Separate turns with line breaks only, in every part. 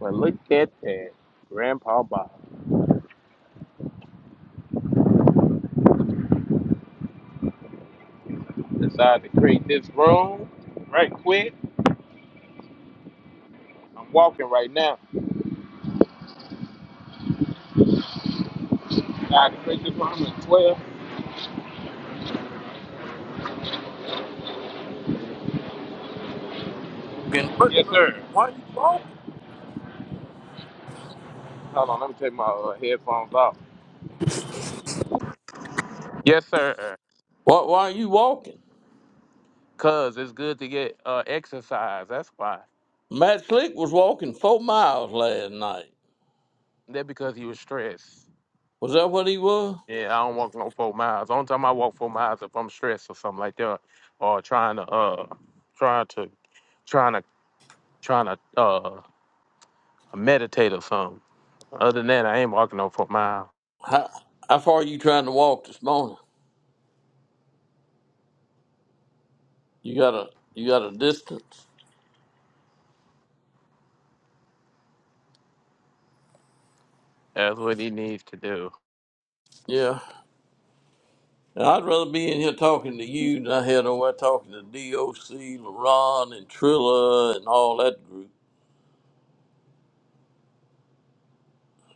But look at that. Grandpa Bob decided to create this room right quick. I'm walking right now. Decided to create this room at 12.
walking. Where-
Yes,
where-
sir.
Why are you walking?
Hold on, let me take my uh, headphones off. Yes, sir.
Why, why are you walking?
Cause it's good to get uh, exercise. That's why.
Matt Slick was walking four miles last night.
That because he was stressed.
Was that what he was?
Yeah, I don't walk no four miles. Only time I walk four miles if I'm stressed or something like that, or trying to uh, trying to, trying to, trying to uh, meditate or something. Other than that, I ain't walking no four miles.
How, how far are you trying to walk this morning? You got a you got a distance.
That's what he needs to do.
Yeah. And I'd rather be in here talking to you than I had over there talking to DOC, LaRon, and Trilla and all that group.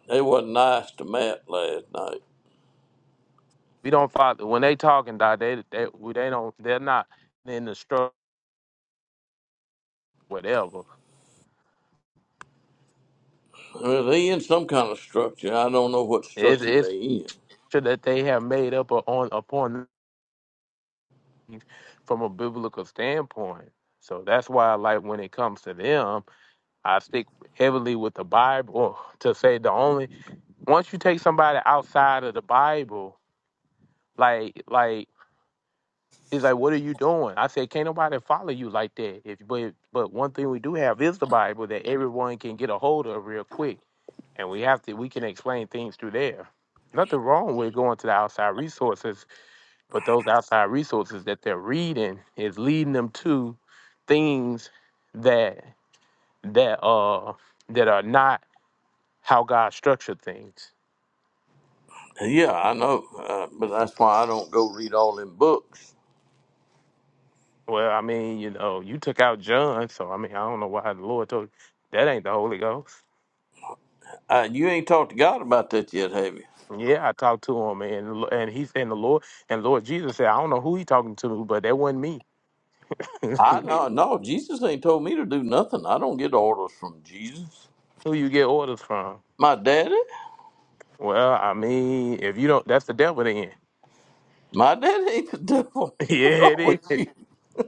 They wasn't nice to Matt last night.
We don't fight when they talking. Dog, they they we- they don't. They're not in the struggle. Whatever.
Well, they in some kind of structure. I don't know what
It's
structure
it's
they in.
sure that they have made up on upon themselves from a biblical standpoint. So that's why, like when it comes to them, I stick heavily with the Bible to say the only once you take somebody outside of the Bible, like like He's like, "What are you doing?" I said, "Can't nobody follow you like that." If but but one thing we do have is the Bible that everyone can get a hold of real quick, and we have to we can explain things through there. Nothing wrong with going to the outside resources, but those outside resources that they're reading is leading them to things that that uh that are not how God structured things.
Yeah, I know, uh, but that's why I don't go read all them books.
Well, I mean, you know, you took out John, so I mean, I don't know why the Lord told you that ain't the Holy Ghost.
Uh, you ain't talked to God about that yet, have you?
Yeah, I talked to him, and and he's and the Lord and Lord Jesus said, I don't know who he talking to, but that wasn't me.
I know, no, Jesus ain't told me to do nothing. I don't get orders from Jesus.
Who you get orders from?
My daddy,
Well, I mean, if you don't, that's the devil then.
my daddy ain't the devil.
yeah,
What's wrong
it
with
is.
you?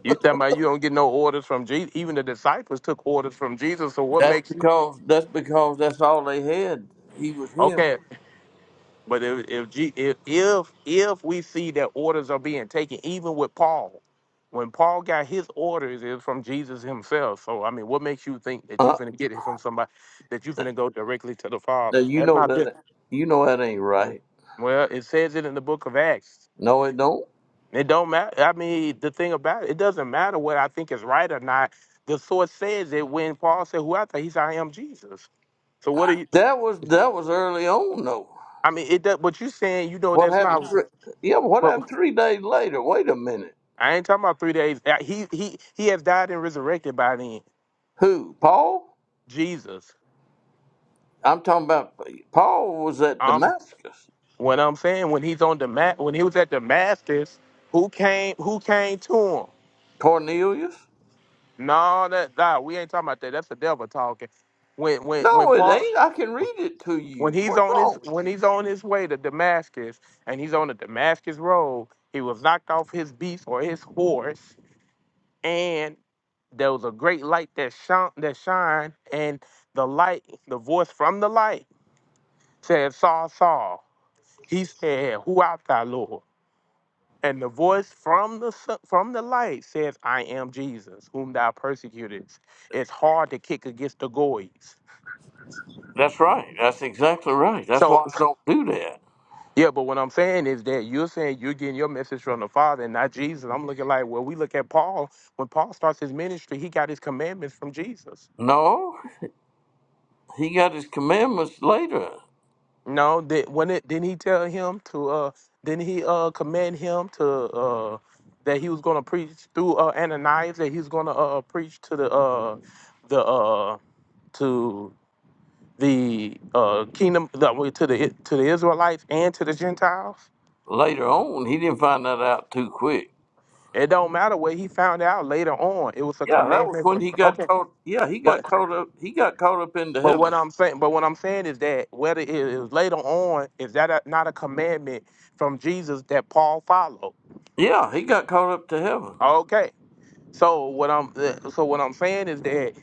You talking about you don't get no orders from Jesus? Even the disciples took orders from Jesus. So what
That's
makes you
because that's because that's all they had. He was him.
okay? But if if G- if if if we see that orders are being taken, even with Paul, when Paul got his orders, it was from Jesus himself. So I mean, what makes you think that you're
Uh,
gonna get it from somebody that you're gonna go directly to the
now
Father?
you
That's
know
not good.
that you know that ain't right.
Well, it says it in the book of Acts.
No, it don't.
It don't matter. I mean, the thing about it, it doesn't matter what I think is right or not. The source says it when Paul said, "Who I think he's I am Jesus." So what are you?
That was that was early on though.
I mean, it. does. But you saying you know
What
that's
happened?
not.
Three, yeah, what happened three days later? Wait a minute.
I ain't talking about three days. Uh, He he he has died and resurrected by then.
Who? Paul?
Jesus.
I'm talking about Paul was at
Um,
Damascus.
what I'm saying when he's on the mat, when he was at Damascus, who came who came to him?
Cornelius?
No, that nah, we ain't talking about that. That's the devil talking. When when when
No, it
Paul
ain't. I can read it to
when
you.
he's
What's
on his
wrong with
when
you?
he's on his way to Damascus and he's on the Damascus road, he was knocked off his beast or his horse, and there was a great light that shone that shined, and the light, the voice from the light said, Saul, Saul. He said, Who art thou, Lord? And the voice from the sun- from the light says, I am Jesus, whom thou persecutest. It's hard to kick against the goys.
That's right. That's exactly right. That's why
So
I don't do that.
yeah, but what I'm saying is that you're saying you're getting your message from the Father and not Jesus. I'm looking like, well, we look at Paul. When Paul starts his ministry, he got his commandments from Jesus.
No, he got his commandments later.
No, did when it didn't he tell him to uh didn't he uh command him to uh that he was gonna preach through uh Ananias that he was gonna uh preach to the uh the uh to the uh kingdom the, well, to the to the Israelites and to the Gentiles?
Later on, he didn't find that out too quick.
It don't matter what he found out later on. It was a
Yeah, that was
commandment.
when
For,
he got
okay,
caught. Yeah, he got
but
caught up. He got caught up into
but what
heaven.
I'm saying, but what I'm saying is that whether it is later on, is that a, not a commandment from Jesus that Paul followed?
Yeah, he got caught up to heaven
Okay, So what I'm uh, so what I'm saying is that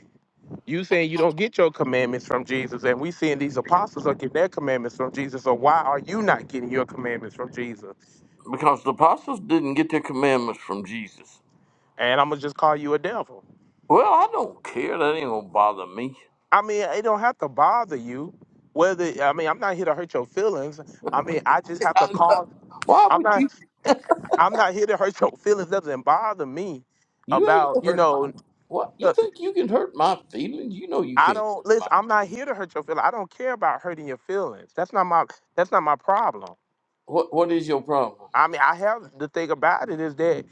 you saying you don't get your commandments from Jesus, and we seeing these apostles are getting their commandments from Jesus. So why are you not getting your commandments from Jesus?
because the apostles didn't get their commandments from Jesus.
And I'm gonna just call you a devil.
Well, I don't care. That ain't gonna bother me.
I mean, it don't have to bother you. Whether I mean, I'm not here to hurt your feelings. I mean, I just have to
I know.
call.
Why
I'm
would
not.
you?
I'm not here to hurt your feelings. Doesn't bother me
You ain't
about
gonna
you
hurt my.
know.
What you
uh,
think you can hurt my feelings? You know you
I
can't hurt
don't listen.
my.
I'm not here to hurt your feelings. I don't care about hurting your feelings. That's not my. That's not my problem.
What What is your problem?
I mean, I have the thing about it is that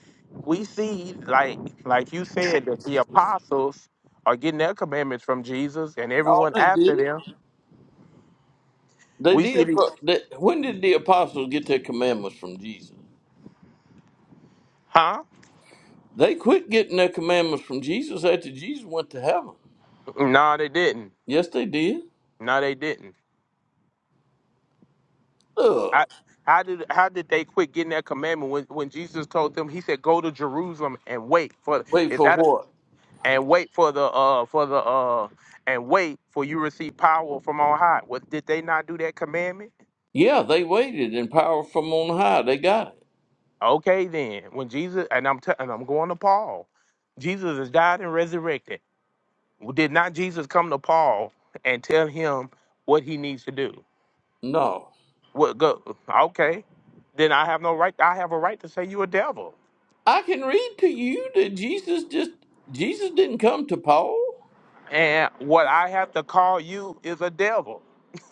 we see, like, like you said, that the apostles are getting their commandments from Jesus, and
No,
everyone
they
after
didn't.
them.
They
We see
did.
these,
For, they, when did the apostles get their commandments from Jesus?
huh?
They quit getting their commandments from Jesus after Jesus went to heaven.
No, they didn't.
Yes, they did.
No, they didn't. I,
Look,
how did how did they quit getting that commandment when, when Jesus told them? He said, "Go to Jerusalem and wait for
wait
is
for
that
what?
and wait for the uh for the uh and wait for you receive power from on high." What did they not do that commandment?
Yeah, they waited in power from on high. They got it.
Okay, then when Jesus and I'm t- and I'm going to Paul, Jesus has died and resurrected. Did not Jesus come to Paul and tell him what he needs to do?
No.
What go? Okay, then I have no right. I have a right to say you a devil,
I can read to you that Jesus just Jesus didn't come to Paul.
and what I have to call you is a devil,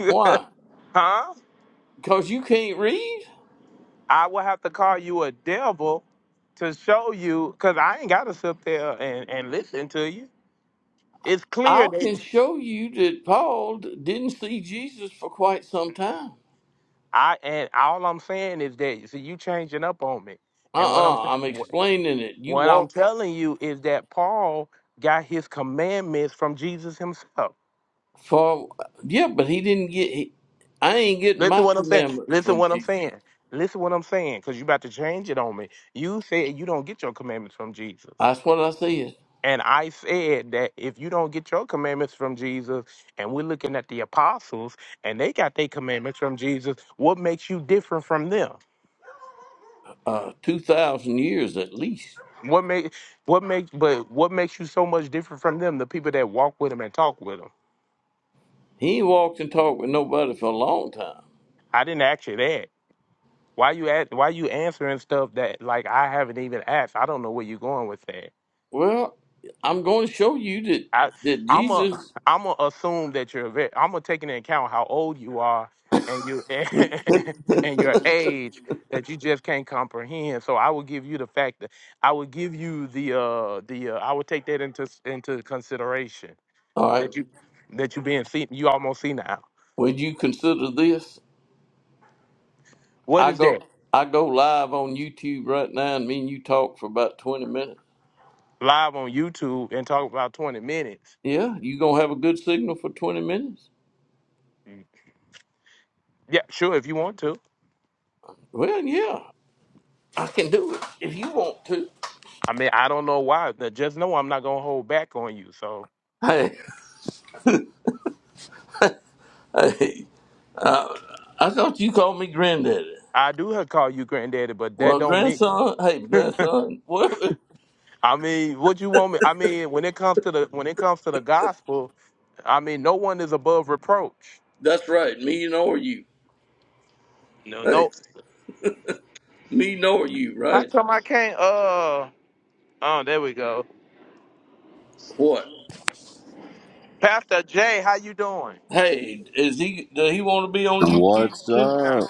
Why?
huh?
Because you can't read.
I will have to call you a devil to show you, cause I ain't gotta sit there and, and listen to you. It's clear
I
that
can show you that Paul d- didn't see Jesus for quite some time.
I and all I'm saying is that see you changing up on me.
Uh
And what
uh
I'm
i am
what
explaining it. You
what I'm
walking
telling you is that Paul got his commandments from Jesus himself.
for yeah, but he didn't get. He, I ain't getting
Listen
my
what I'm saying.
commandments
Listen
from
what I'm
Jesus.
saying. Listen what I'm saying, because you about to change it on me. You said you don't get your commandments from Jesus.
That's what I said.
And I said that if you don't get your commandments from Jesus, and we're looking at the apostles, and they got their commandments from Jesus, what makes you different from them?
Uh, Two thousand years at least.
What make what make but what makes you so much different from them? The people that walk with them and talk with them.
He ain't walked and talked with nobody for a long time.
I didn't ask you that. Why you at, Why you answering stuff that like I haven't even asked? I don't know where you're going with that.
Well, I'm going to show you that
I
that
I'm a
Jesus
I'm gonna assume that you're a vet. I'm gonna take into account how old you are and you and your age that you just can't comprehend. So I will give you the fact that I would give you the uh the uh, I would take that into into consideration
All right.
that you that you being seen you almost senile.
Would you consider this?
What
I
is
go
that?
I go live on YouTube right now and me and you talk for about twenty minutes.
Live on YouTube and talk about 20 minutes.
Yeah, you gonna have a good signal for twenty minutes?
Yeah, sure, if you want to.
Well yeah, I can do it if you want to.
I mean, I don't know why. but Just know I'm not gonna hold back on you. So
Hey, I thought you called me granddaddy.
I do have to call you granddaddy, but that
Well
don't mean.
grandson, hey grandson, well
I mean, what you want me? I mean, when it comes to the when it comes to the gospel, I mean, no one is above reproach.
that's right, me nor you.
No,
Hey,
no.
me nor you,
How
right?
come I can't? Uh, oh, there we go.
What?
Pastor Jay, how you doing?
Hey, is he does he wanna be on YouTube
What's
too?
Nah.
up?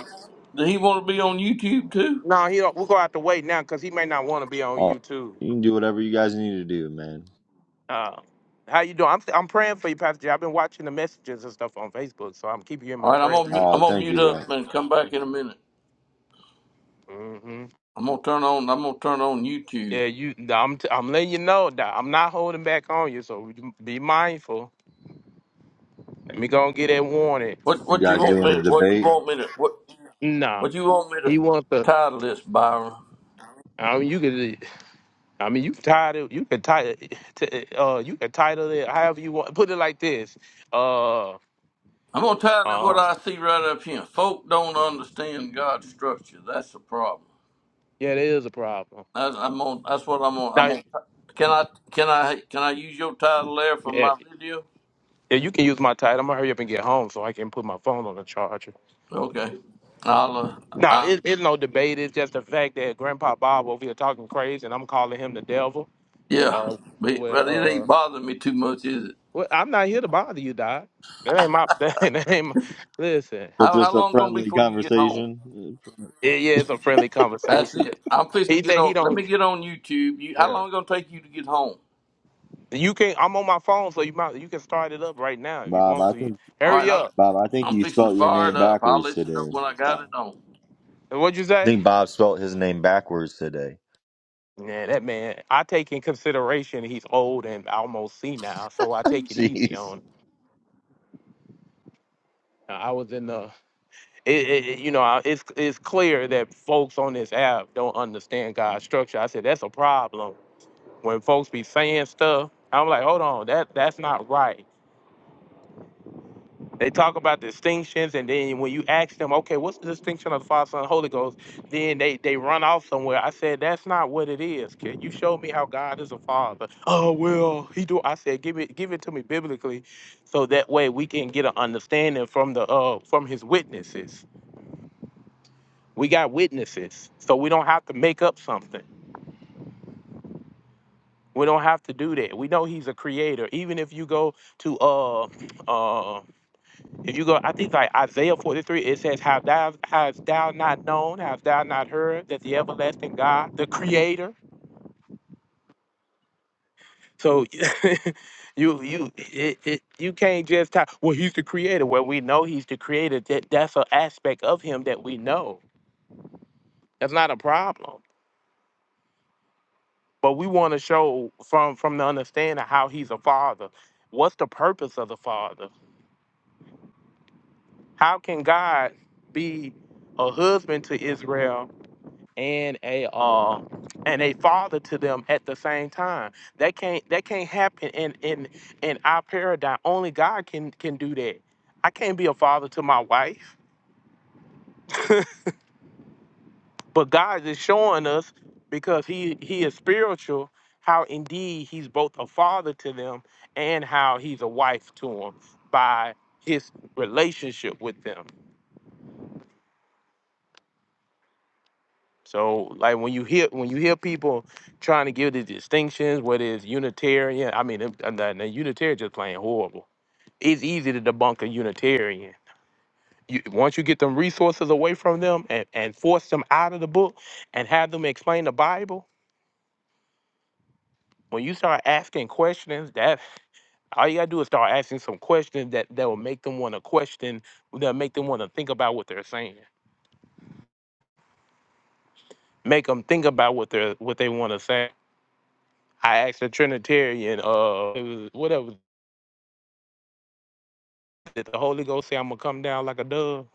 Does he wanna be on YouTube too?
no, he don't. We'll go have to wait now because he may not want to be on
Oh,
YouTube.
you can do whatever you guys need to do, man.
Uh, how you doing? I'm I'm praying for you, Pastor. J. I've been watching the messages and stuff on Facebook, so I'm keeping you in
All
my
right, I'm
prayer.
gonna mu- I'm
Oh,
gonna
thank
mute
you, bro.
up and come back in a minute.
hmm
I'm gonna turn on I'm gonna turn on YouTube.
Yeah, you. nah, I'm t- I'm letting you know that I'm not holding back on you, so be mindful. Let me go and get that warning.
What
You
what you
guys
want
doing a
me what you
debate?
want me to what
Nah,
what you want me to
he wants to.
title this, Byron?
I mean, you could. I mean, you title. You could title. T- Uh, you could title it however you want. Put it like this. Uh,
I'm gonna title it
uh.
what I see right up here. Folk don't understand God's structure. That's the problem.
Yeah, there is a problem.
That's, I'm on. That's what I'm on. I'm
Now,
on. Can I can I can I use your title there for
yeah,
my video?
yeah, you can use my title. I'm gonna hurry up and get home so I can put my phone on the charger.
Okay. I'll uh,
No,
I,
it, it's no debate. It's just the fact that Grandpa Bob over here talking crazy, and I'm calling him the devil.
yeah.
Uh,
But
well,
but it ain't
uh,
bothering me too much, is it?
well, I'm not here to bother you, Doc. That ain't my. That ain't. That ain't my listen,
So
How how
just a
long gonna be
friendly
before you get home?
conversation.
it, yeah, it's a friendly
That's
conversation.
it. I'm fixing to
He
get
said he
on. Let me
don't.
get on YouTube. You, how
Yeah,
long it gonna take you to get home?
you can. I'm on my phone, so you might. You can start it up right now if you
Bob,
want
I
to.
think
All right,
Hurry
I'm,
up.
Bob, I think
I'm
you
fixing to
spelt your
fire
name
it up. I'll
backwards
let you know
today.
when I got
Bob.
it on.
What'd you
I
say?
think Bob spelt his name backwards today.
Yeah, that man. I take in consideration he's old and almost senile, so I take it easy
Jeez.
on. him. I was in the it, it, it- you know, I- it's it's clear that folks on this app don't understand God's structure. I said that's a problem when folks be saying stuff. I'm like, hold on, that that's not right. They talk about distinctions, and then when you ask them, okay, what's the distinction of the Father, Son, and Holy Ghost? Then they they run off somewhere. I said that's not what it is. Can you show me how God is a Father? Oh well, he do. I said give it give it to me biblically, so that way we can get an understanding from the uh from his witnesses We got witnesses, so we don't have to make up something. We don't have to do that. We know he's a creator. Even if you go to uh uh if you go I think like Isaiah 43, it says, Have thou has thou not known, have thou not heard that the everlasting God, the creator? So you you it, it you can't just talk, well, he's the creator. Well, we know he's the creator. That that's an aspect of him that we know. That's not a problem. but we want to show from from the understanding how he's a father what's the purpose of the father how can god be a husband to israel and a uh, and a father to them at the same time that can't that can't happen in in in our paradigm only god can can do that i can't be a father to my wife But God is showing us because he he is spiritual how indeed he's both a father to them and how he's a wife to them by his relationship with them. So like when you hear when you hear people trying to give the distinctions, whether it's Unitarian, I mean, them- and the, the Unitarian just playing horrible. It's easy to debunk a Unitarian. You, once you get them resources away from them and, and force them out of the book and have them explain the Bible, When you start asking questions, that all you gotta do is start asking some questions that that will make them want to question, that make them want to think about what they're saying, make them think about what they're what they want to say. I asked a Trinitarian, uh, it was- whatever, did the Holy Ghost say I'm gonna come down like a dove?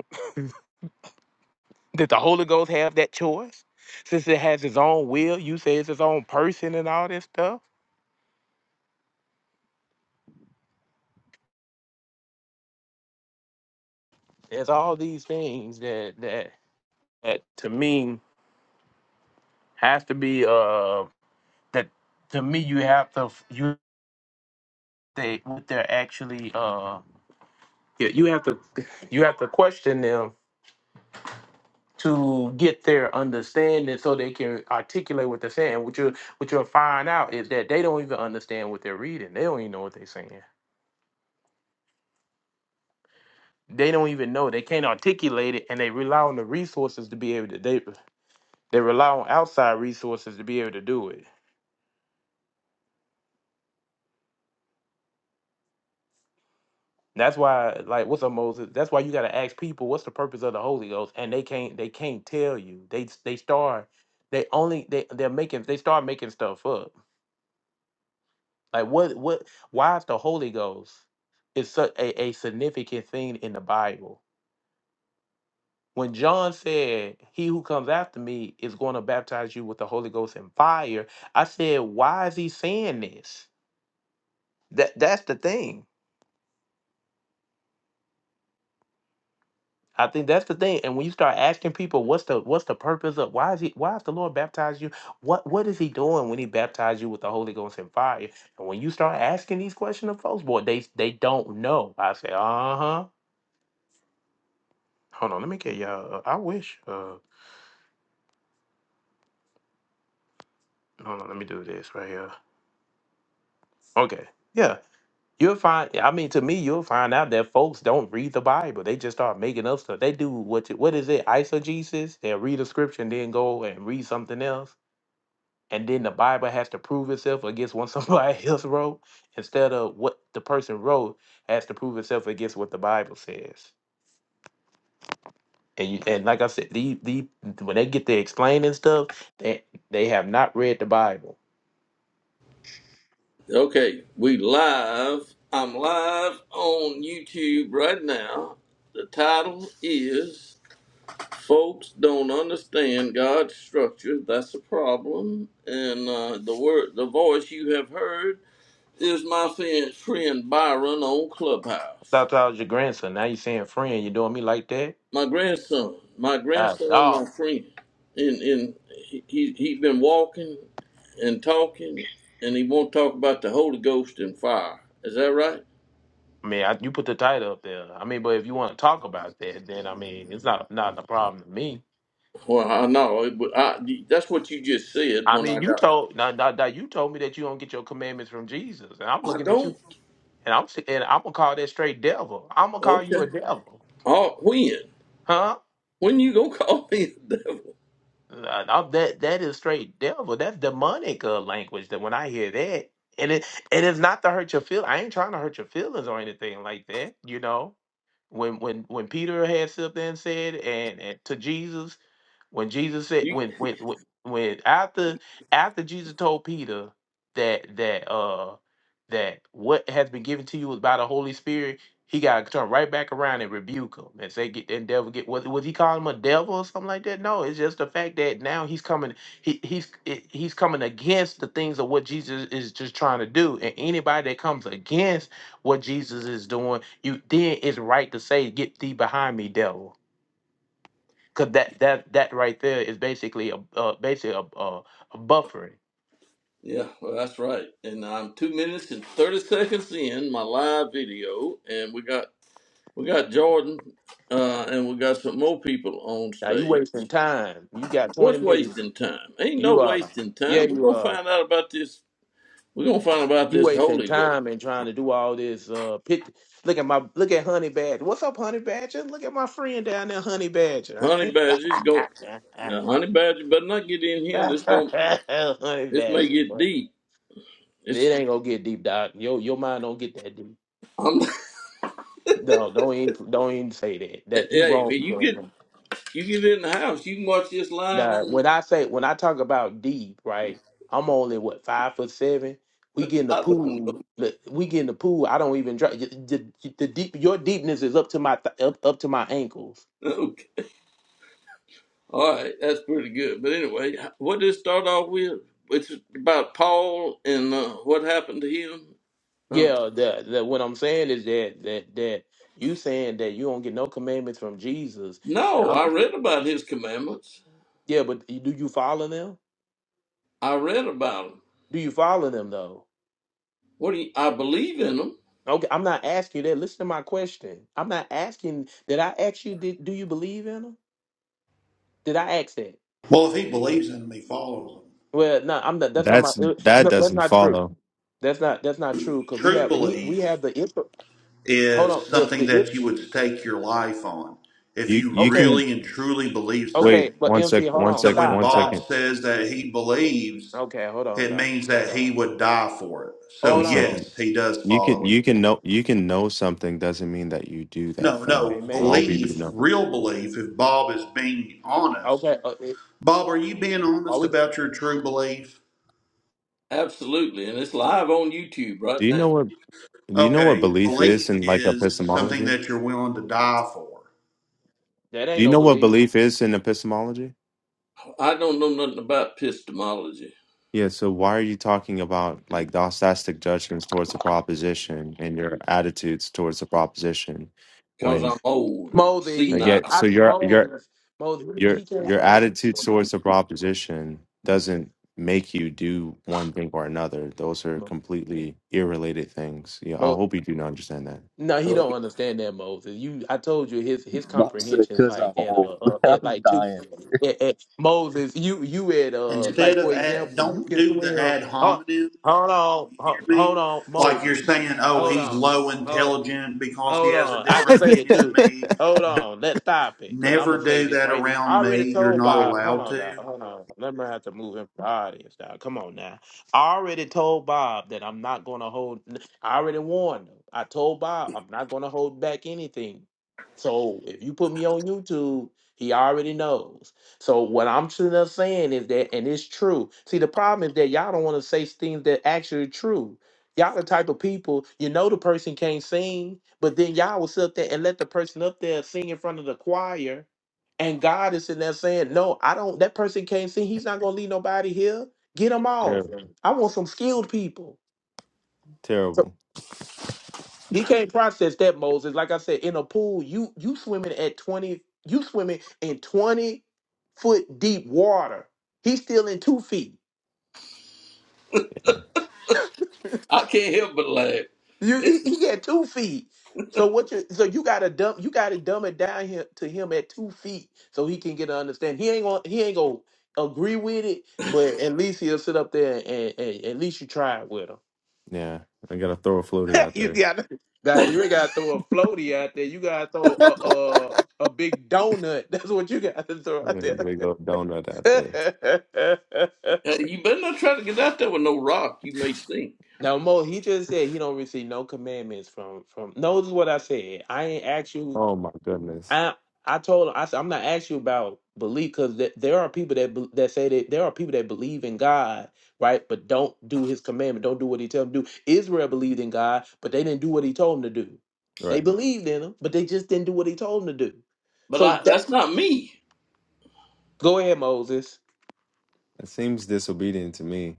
Did the Holy Ghost have that choice? Since it has its own will, you say it's its own person and all this stuff. There's all these things that that that to me has to be uh that to me you have to you they what they're actually uh yeah, you have to you have to question them to get their understanding so they can articulate what they're saying. What you what you'll find out is that they don't even understand what they're reading. They don't even know what they're saying. They don't even know. They can't articulate it and they rely on the resources to be able to they they rely on outside resources to be able to do it. That's why, like, what's up, Moses? That's why you gotta ask people what's the purpose of the Holy Ghost, and they can't they can't tell you. They s- they start they only they they're making they start making stuff up. Like what what why is the Holy Ghost is such a, a significant thing in the Bible? When John said, He who comes after me is going to baptize you with the Holy Ghost and fire, I said, Why is he saying this? That that's the thing I think that's the thing. And when you start asking people what's the what's the purpose of why is he why is the Lord baptize you? What what is he doing when he baptized you with the Holy Ghost and fire? And when you start asking these questions of folks, boy, they they don't know. I say, uh-huh. Hold on, let me get y'all uh, I wish uh hold on, let me do this right here. Okay. Yeah. You'll find I mean to me, you'll find out that folks don't read the Bible. They just start making up stuff. They do what what is it, eisegesis? They'll read a scripture and then go and read something else and then the Bible has to prove itself against what somebody else wrote instead of what the person wrote has to prove itself against what the Bible says. And you, and like I said, the the when they get to explaining stuff, they they have not read the Bible.
Okay, we live. I'm live on YouTube right now. The title is "Folks Don't Understand God's Structure." That's a problem. And uh, the word, the voice you have heard is my friend, friend Byron on Clubhouse.
thought I was your grandson. Now you're saying friend, you doing me like that?
my grandson, my
Uh,
grandson, my
dog.
friend, and and he he he been walking and talking, and he won't talk about the Holy Ghost and fire. Is that right?
I mean, I, you put the title up there. I mean, but if you want to talk about that, then I mean, it's not not a problem to me.
Well, I know. It, but I, that's what you just said
I
when I
mean, you
got.
told now, now, now you told me that you don't get your commandments from Jesus, and I'm
I
looking at you
don't.
And I'm si- and I'm gonna call that straight devil. I'm gonna call you
Okay.
a devil,
Oh, when?
huh?
When you gonna call me a devil?
Uh, I'm- that that is straight devil. That's demonic uh, language. That when I hear that, and it and it's not to hurt your feel. I ain't trying to hurt your feelings or anything like that. You know, When when when Peter had something said and, and to Jesus, when Jesus said
You.
when when when, when after after Jesus told Peter that that uh that what has been given to you is by the Holy Spirit, he got to turn right back around and rebuke him and say, "Get that devil! Get was was he calling him a devil or something like that? No, it's just the fact that now he's coming, he he's it- he's coming against the things of what Jesus is just trying to do, and anybody that comes against what Jesus is doing, you then it's right to say, "Get thee behind me, devil," because that that that right there is basically a uh, basically a, a, a buffering.
Yeah, well, that's right. And I'm two minutes and thirty seconds in my live video, and we got we got Jordan, uh, and we got some more people on
Now you
stage.
wasting time. You got twenty
What's
minutes.
wasting time? Ain't no
You are
wasting
yeah,
time. We're
you
gonna
are
find out about this. We're gonna find about
you
this
wasting
Holy Ghost.
time and trying to do all this. Uh, pit. Look at my look at Honey Badger. What's up, Honey Badger? Look at my friend down there, Honey Badger.
Honey Badger's going. Uh, honey Badger, better not get in here. This going
Honey
This may
Badger,
get
boy.
deep.
It
It's.
ain't gonna get deep, Doc. Your your mind don't get that
I'm.
No, don't even don't even say that. That you
Hey,
wrong
when you
for it,
get
man.
you get in the house. You can watch this live
Now,
on.
when I say when I talk about deep, right? I'm only what five foot seven. We get in the
I don't
pool. look, We get in the pool. I don't even try. The, the, the deep, your deepness is up to my th- up up to my ankles.
know. Okay. All right, that's pretty good. But anyway, what did it start off with? It's about Paul and uh, what happened to him. Uh,
Yeah. The, the what I'm saying is that that that you saying that you don't get no commandments from Jesus. And
no,
I'm,
I read about his commandments.
yeah, but do you follow them?
I read about 'em.
Do you follow them though?
What do you, I believe in them?
Okay, I'm not asking you that. Listen to my question. I'm not asking. Did I ask you? Did do you believe in him? Did I ask that?
Well, if he believes in him, he follows him.
Well, no, I'm not. That's not my.
That's
uh,
that
No, that's
doesn't
not true.
follow.
That's not. That's not true. Because we
True
have we we
belief
have the info. Hold on.
is
The
something
the inf-
that you would stake your life on if
You
you
you
okay
can
really and truly believe
wait
okay.
something.
But
one sec,
MC, hold
one
on.
So
sec,
when
Stop
one
Bob
stop.
second,
says that he believes,
Okay, hold on,
it
doc.
means that
Hold
he
on.
would die for it. So,
one
Hold on.
second.
yes, he does
You can
follow
you
it.
can know you can know something doesn't mean that you do that
No,
thing.
no,
I
Amen.
hope you do
belief,
know.
real belief, if Bob is being honest.
Okay. Uh, it,
Bob, are you being
are
honest
we?
about your true belief?
Absolutely, and it's live on YouTube right
Do you
now.
know what do you know what
Okay,
belief is
belief
in like
is something
epistemology?
that you're willing to die for.
That
Do
ain't
you
no
know what
belief.
belief is in epistemology?
I don't know nothing about epistemology
Yeah, so why are you talking about like dostastic judgments towards the proposition and your attitudes towards the proposition
because
when
I'm old,
Moses, he
uh, yeah,
senile.
don't. I,
so you're you're
Moses, Moses,
your
he can't.
your attitude towards a proposition doesn't make you do one thing or another. Those are completely irrelated things. Yeah, I
Mo,
hope you do not understand that.
No, he don't
Okay.
understand that Moses. You, I told you his his
Bob said,
comprehension is
"Cause I'm
like at
old.
uh, uh at
I'm
like two
dying."
at, at Moses. You you at uh
Instead
like
of
for
ad,
example, you
don't
can
do the
swim.
ad
Hold,
hominem.
hold on,
You
hold,
hear
hold
me?
on,
Like you're
Moses.
saying, oh,
Hold
he's
on,
low
hold.
intelligent because he
Hold
has a
on. I can
different
say it
opinion than
too.
me.
Hold
D-
on. Let's stop it. Cause I'm
Never
gonna say
do
this
that
right. I
around
already
me. You're
told
not
Bob. Hold
allowed
on,
to.
Doc. Hold on. Let me have to move him from the audience, Doc. Come on now. I already told Bob that I'm not gonna hold I already warned him. I told Bob I'm not gonna hold back anything. So if you put me on YouTube, he already knows. So what I'm sitting up saying is that, and it's true. See, the problem is that y'all don't want to say things that actually true. Y'all the type of people, you know the person can't sing, but then y'all will sit up there and let the person up there sing in front of the choir. And God is sitting there saying, No, I don't that person can't sing. He's not gonna leave nobody here. Get him off.
Terrible.
Right. I want some skilled people. So
Terrible.
he can't process that, Moses. Like I said, in a pool, you you swimming at 20, you swimming in 20 foot deep water. He's still in two feet.
I can't help but laugh.
You he,
It's
he had two feet. So what you so you gotta dump you gotta dumb it down him, to him at two feet so he can get an understanding. He ain't gonna he ain't gonna agree with it, but at least he'll sit up there and, and at least you try it with him.
Yeah, I gotta throw a floaty out
you
there.
gotta now you ain't gotta throw a floaty out there. You gotta throw a a, a big donut. That's what you gotta throw out
Yeah,
there.
big old donut out there.
uh, you better not try to get out there with no rock. You may sink,
now Mo, he just said he don't receive no commandments from from. Notice what I said. I ain't ask you
Oh my goodness.
I I told him I said I'm not asking you about belief because th- there are people that be- that say that there are people that believe in God, right? But don't do His commandment, don't do what He tells them to do. Israel believed in God, but they didn't do what He told them to do. They
Right.
believed in Him, but they just didn't do what He told them to do.
but
So
I,
that
that's not me.
go ahead, Moses.
That seems disobedient to me.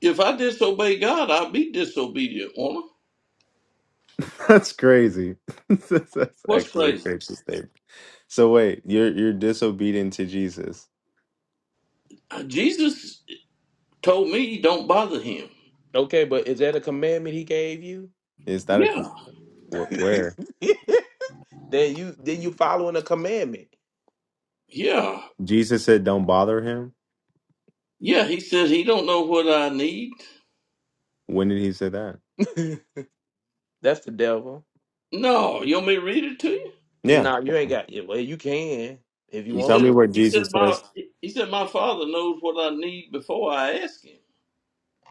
If I disobey God, I'll be disobedient. Won't I?
That's crazy. that's, that's
What's
actually a
crazy?
crazy statement. So wait, you're you're disobedient to Jesus.
Uh, Jesus told me don't bother him.
Okay, but is that a commandment He gave you?
Is that a con-
Yeah,
wh- where?
then you then you following a commandment.
yeah,
Jesus said, "Don't bother him."
yeah. He said he don't know what I need.
When did he say that?
That's the devil.
No, you want me to read it to you?
Yeah,
No, you ain't got it. Well, you can if you
He
want
tell
said,
me
to.
where
he
Jesus
said, my,
says.
he said, my father knows what I need before I ask him.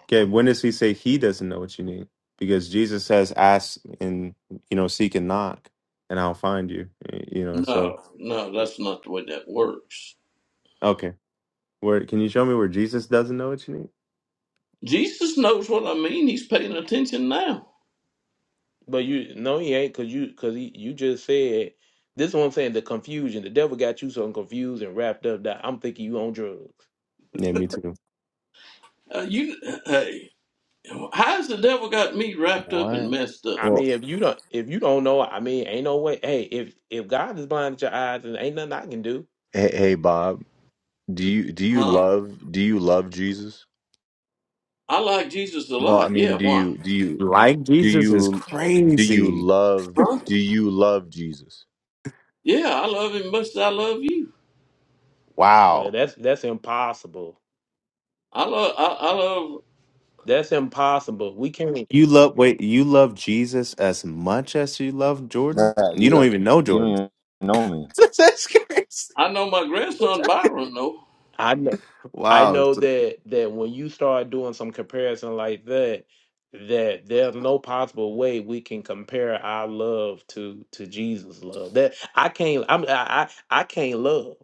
Okay, when does he say he doesn't know what you need? Because Jesus says, "Ask and you know, seek and knock, and I'll find you." You know, so
No, no, that's not the way that works.
okay, where can you show me where Jesus doesn't know what you need?
Jesus knows what I mean. He's paying attention now.
But you no, he ain't because you because he you just said this is what I'm saying. The confusion, the devil got you so confused and wrapped up that I'm thinking you on drugs.
Yeah, me too.
Uh, you, hey, how's the devil got me wrapped up and
What?
messed up?
I
Well,
mean, if you don't if you don't know, I mean, ain't no way. Hey, if if God is blinded your eyes and ain't nothing I can do,
Hey, hey Bob, do you do you
Huh?
love do you love Jesus?
I like Jesus a
No, I
lot.
mean,
Yeah,
do
why?
you do you?
Like
Do
Jesus is
you do you
crazy.
love
Huh?
do you love Jesus?
Yeah, I love him much as I love you.
well,
Wow,
that's that's impossible.
I love, I, I love.
That's impossible. We can't.
you love wait, you love Jesus as much as you love
Nah,
Jordan. You
you
don't
don't,
even know
you don't
Jordan.
even know me.
That's crazy.
I know my grandson Byron though.
I know. I
Wow.
know that that when you start doing some comparison like that, that there's no possible way we can compare our love to to Jesus' love. That I can't. I'm I I, I can't love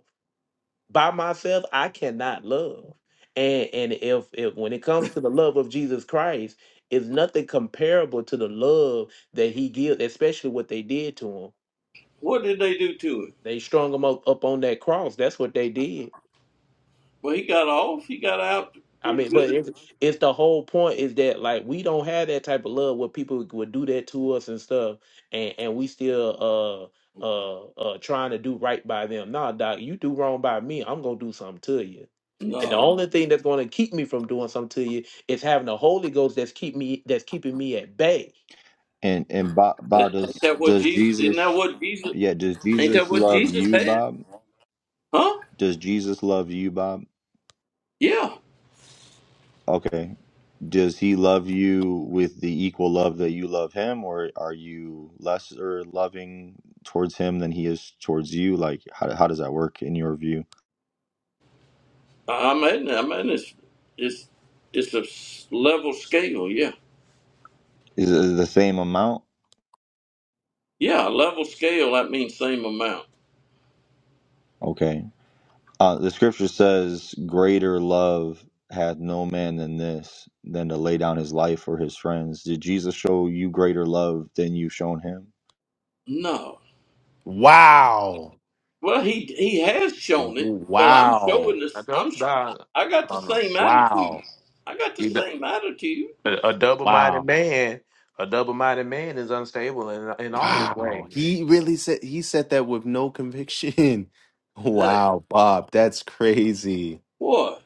by myself. I cannot love. And and if if when it comes to the love of Jesus Christ, is nothing comparable to the love that He gives, especially what they did to Him.
What did they do to him?
They strung Him up, up on that cross. That's what they did
Well, he got off. He got out
I
pretty
mean, but
good.
it's, it's the whole point is that like we don't have that type of love where people would do that to us and stuff, and and we still uh uh uh trying to do right by them. Nah, doc, you do wrong by me, I'm gonna do something to you. And the
No,
only thing that's gonna keep me from doing something to you is having the Holy Ghost that's keep me that's keeping me at bay.
And and Bob,
That,
Bob
ain't
does
that what
does
Jesus? Isn't that
Jesus?
what Jesus?
Yeah, does
Ain't that
Jesus
what
love
Jesus
you,
had?
Bob?
Huh?
Does Jesus love you, Bob?
Yeah.
Okay. Does he love you with the equal love that you love him, or are you lesser loving towards him than he is towards you? Like, how how does that work in your view?
I- I'm at. I'm at this. It's it's a s- level scale. Yeah.
Is it the same amount?
Yeah. Level scale. That means same amount.
Okay. Uh, the scripture says, Greater love hath no man than this, than to lay down his life for his friends. Did Jesus show you greater love than you've shown him?
No.
Wow.
Well, he he has shown it, but I'm showing
Wow.
I
this. I'm.
don't,
sh-
nah,
I
I
got the
don't know.
same attitude.
Wow.
I got the
You d-
same attitude.
A double minded
Wow.
man, a double minded man is unstable in in all his
Wow.
ways.
He really said he said that with no conviction.
Hey,
Wow, Bob, that's crazy.
what?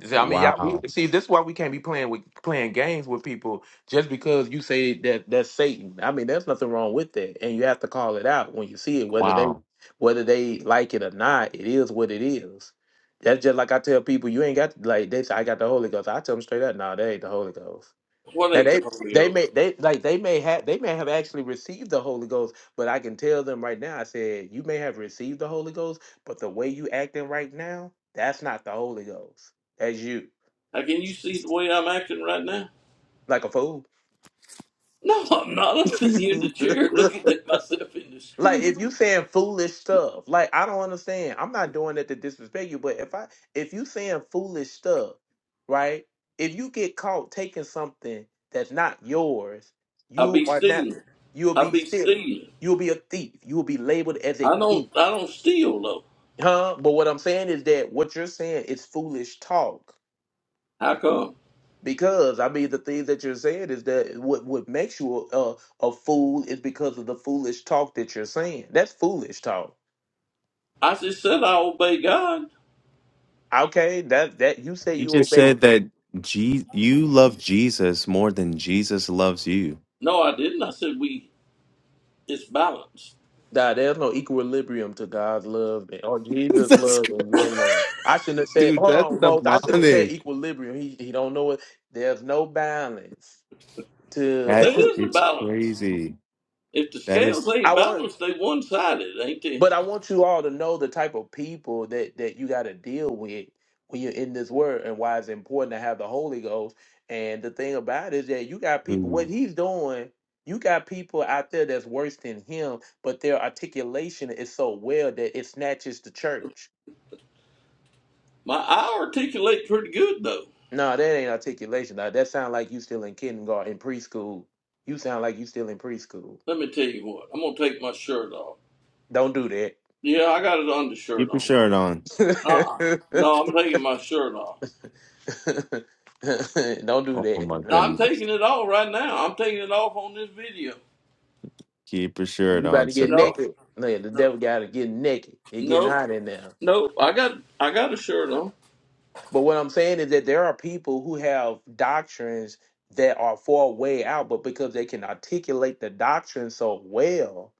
See, I mean, yeah. We,
Wow.
see, this is why we can't be playing with playing games with people just because you say that that's Satan. I mean, there's nothing wrong with that, and you have to call it out when you see it, whether they
Wow.
whether they like it or not. It is what it is. That's just like I tell people, you ain't got like they say I got the Holy Ghost. I tell them straight up, no, nah, that ain't the Holy Ghost.
What
Now
ain't the
they
holy
they
oak?
may they like they may have they may have actually received the Holy Ghost, but I can tell them right now. I said you may have received the Holy Ghost, but the way you acting right now, that's not the Holy Ghost. That's you,
Now, can you see the way I'm acting right now?
like a fool.
No, I'm not. I'm sitting here in the chair looking at myself in the
Like
screen.
if you saying foolish stuff, like I don't understand. I'm not doing it to disrespect you, but if I if you saying foolish stuff, right? If you get caught taking something that's not yours,
I
you
be
are not
stealing.
you'll
I
be
be
stealing.
stealing.
You'll be a thief. You will be labeled as a
I
thief.
don't I don't steal though.
Huh? But what I'm saying is that what you're saying is foolish talk.
How come?
Because I mean the things that you're saying is that what what makes you a, a, a fool is because of the foolish talk that you're saying. That's foolish talk.
I just said I obey God.
Okay, that that you say
He
you
just
obey
said that Je- you love Jesus more than Jesus loves you.
No, I didn't. I said we it's balanced.
God. There's no equilibrium to God's love and- or Jesus'
that's
love
cr-
and your love. I shouldn't have said.
dude,
Hold
that's
on, Moses. I should have said
demonic.
equilibrium. He he don't know it. There's no balance to.
There
That
is a
is
balance.
crazy.
If the
That
scales
is
ain't
I want.
balanced, they one sided, ain't they?
But I want you all to know the type of people that that you got to deal with when you're in this word, and why it's important to have the Holy Ghost. And the thing about it is that you got people. What
ooh.
he's doing, you got people out there that's worse than him, but their articulation is so well that it snatches the church.
My I articulate pretty good though.
No, that ain't articulation. Now, that sound like you still in kindergarten, in preschool. You sound like you still in preschool.
Let me tell you what. I'm gonna take my shirt off.
Don't do
Yeah, I got an undershirt
keep your
on.
shirt on.
Uh-uh.
that.
No, I'm taking my shirt off.
Don't do
Oh
that.
my
No, I'm taking
goodness.
it off right now. I'm taking it off on this video.
Keep your
You
shirt
about
on,
to get
sir.
No,
naked. No, yeah, the
no,
devil got to get naked. He getting
no.
hot in there.
Nope, I got I got a shirt on.
But what I'm saying is that there are people who have doctrines that are far way out, but because they can articulate the doctrine so well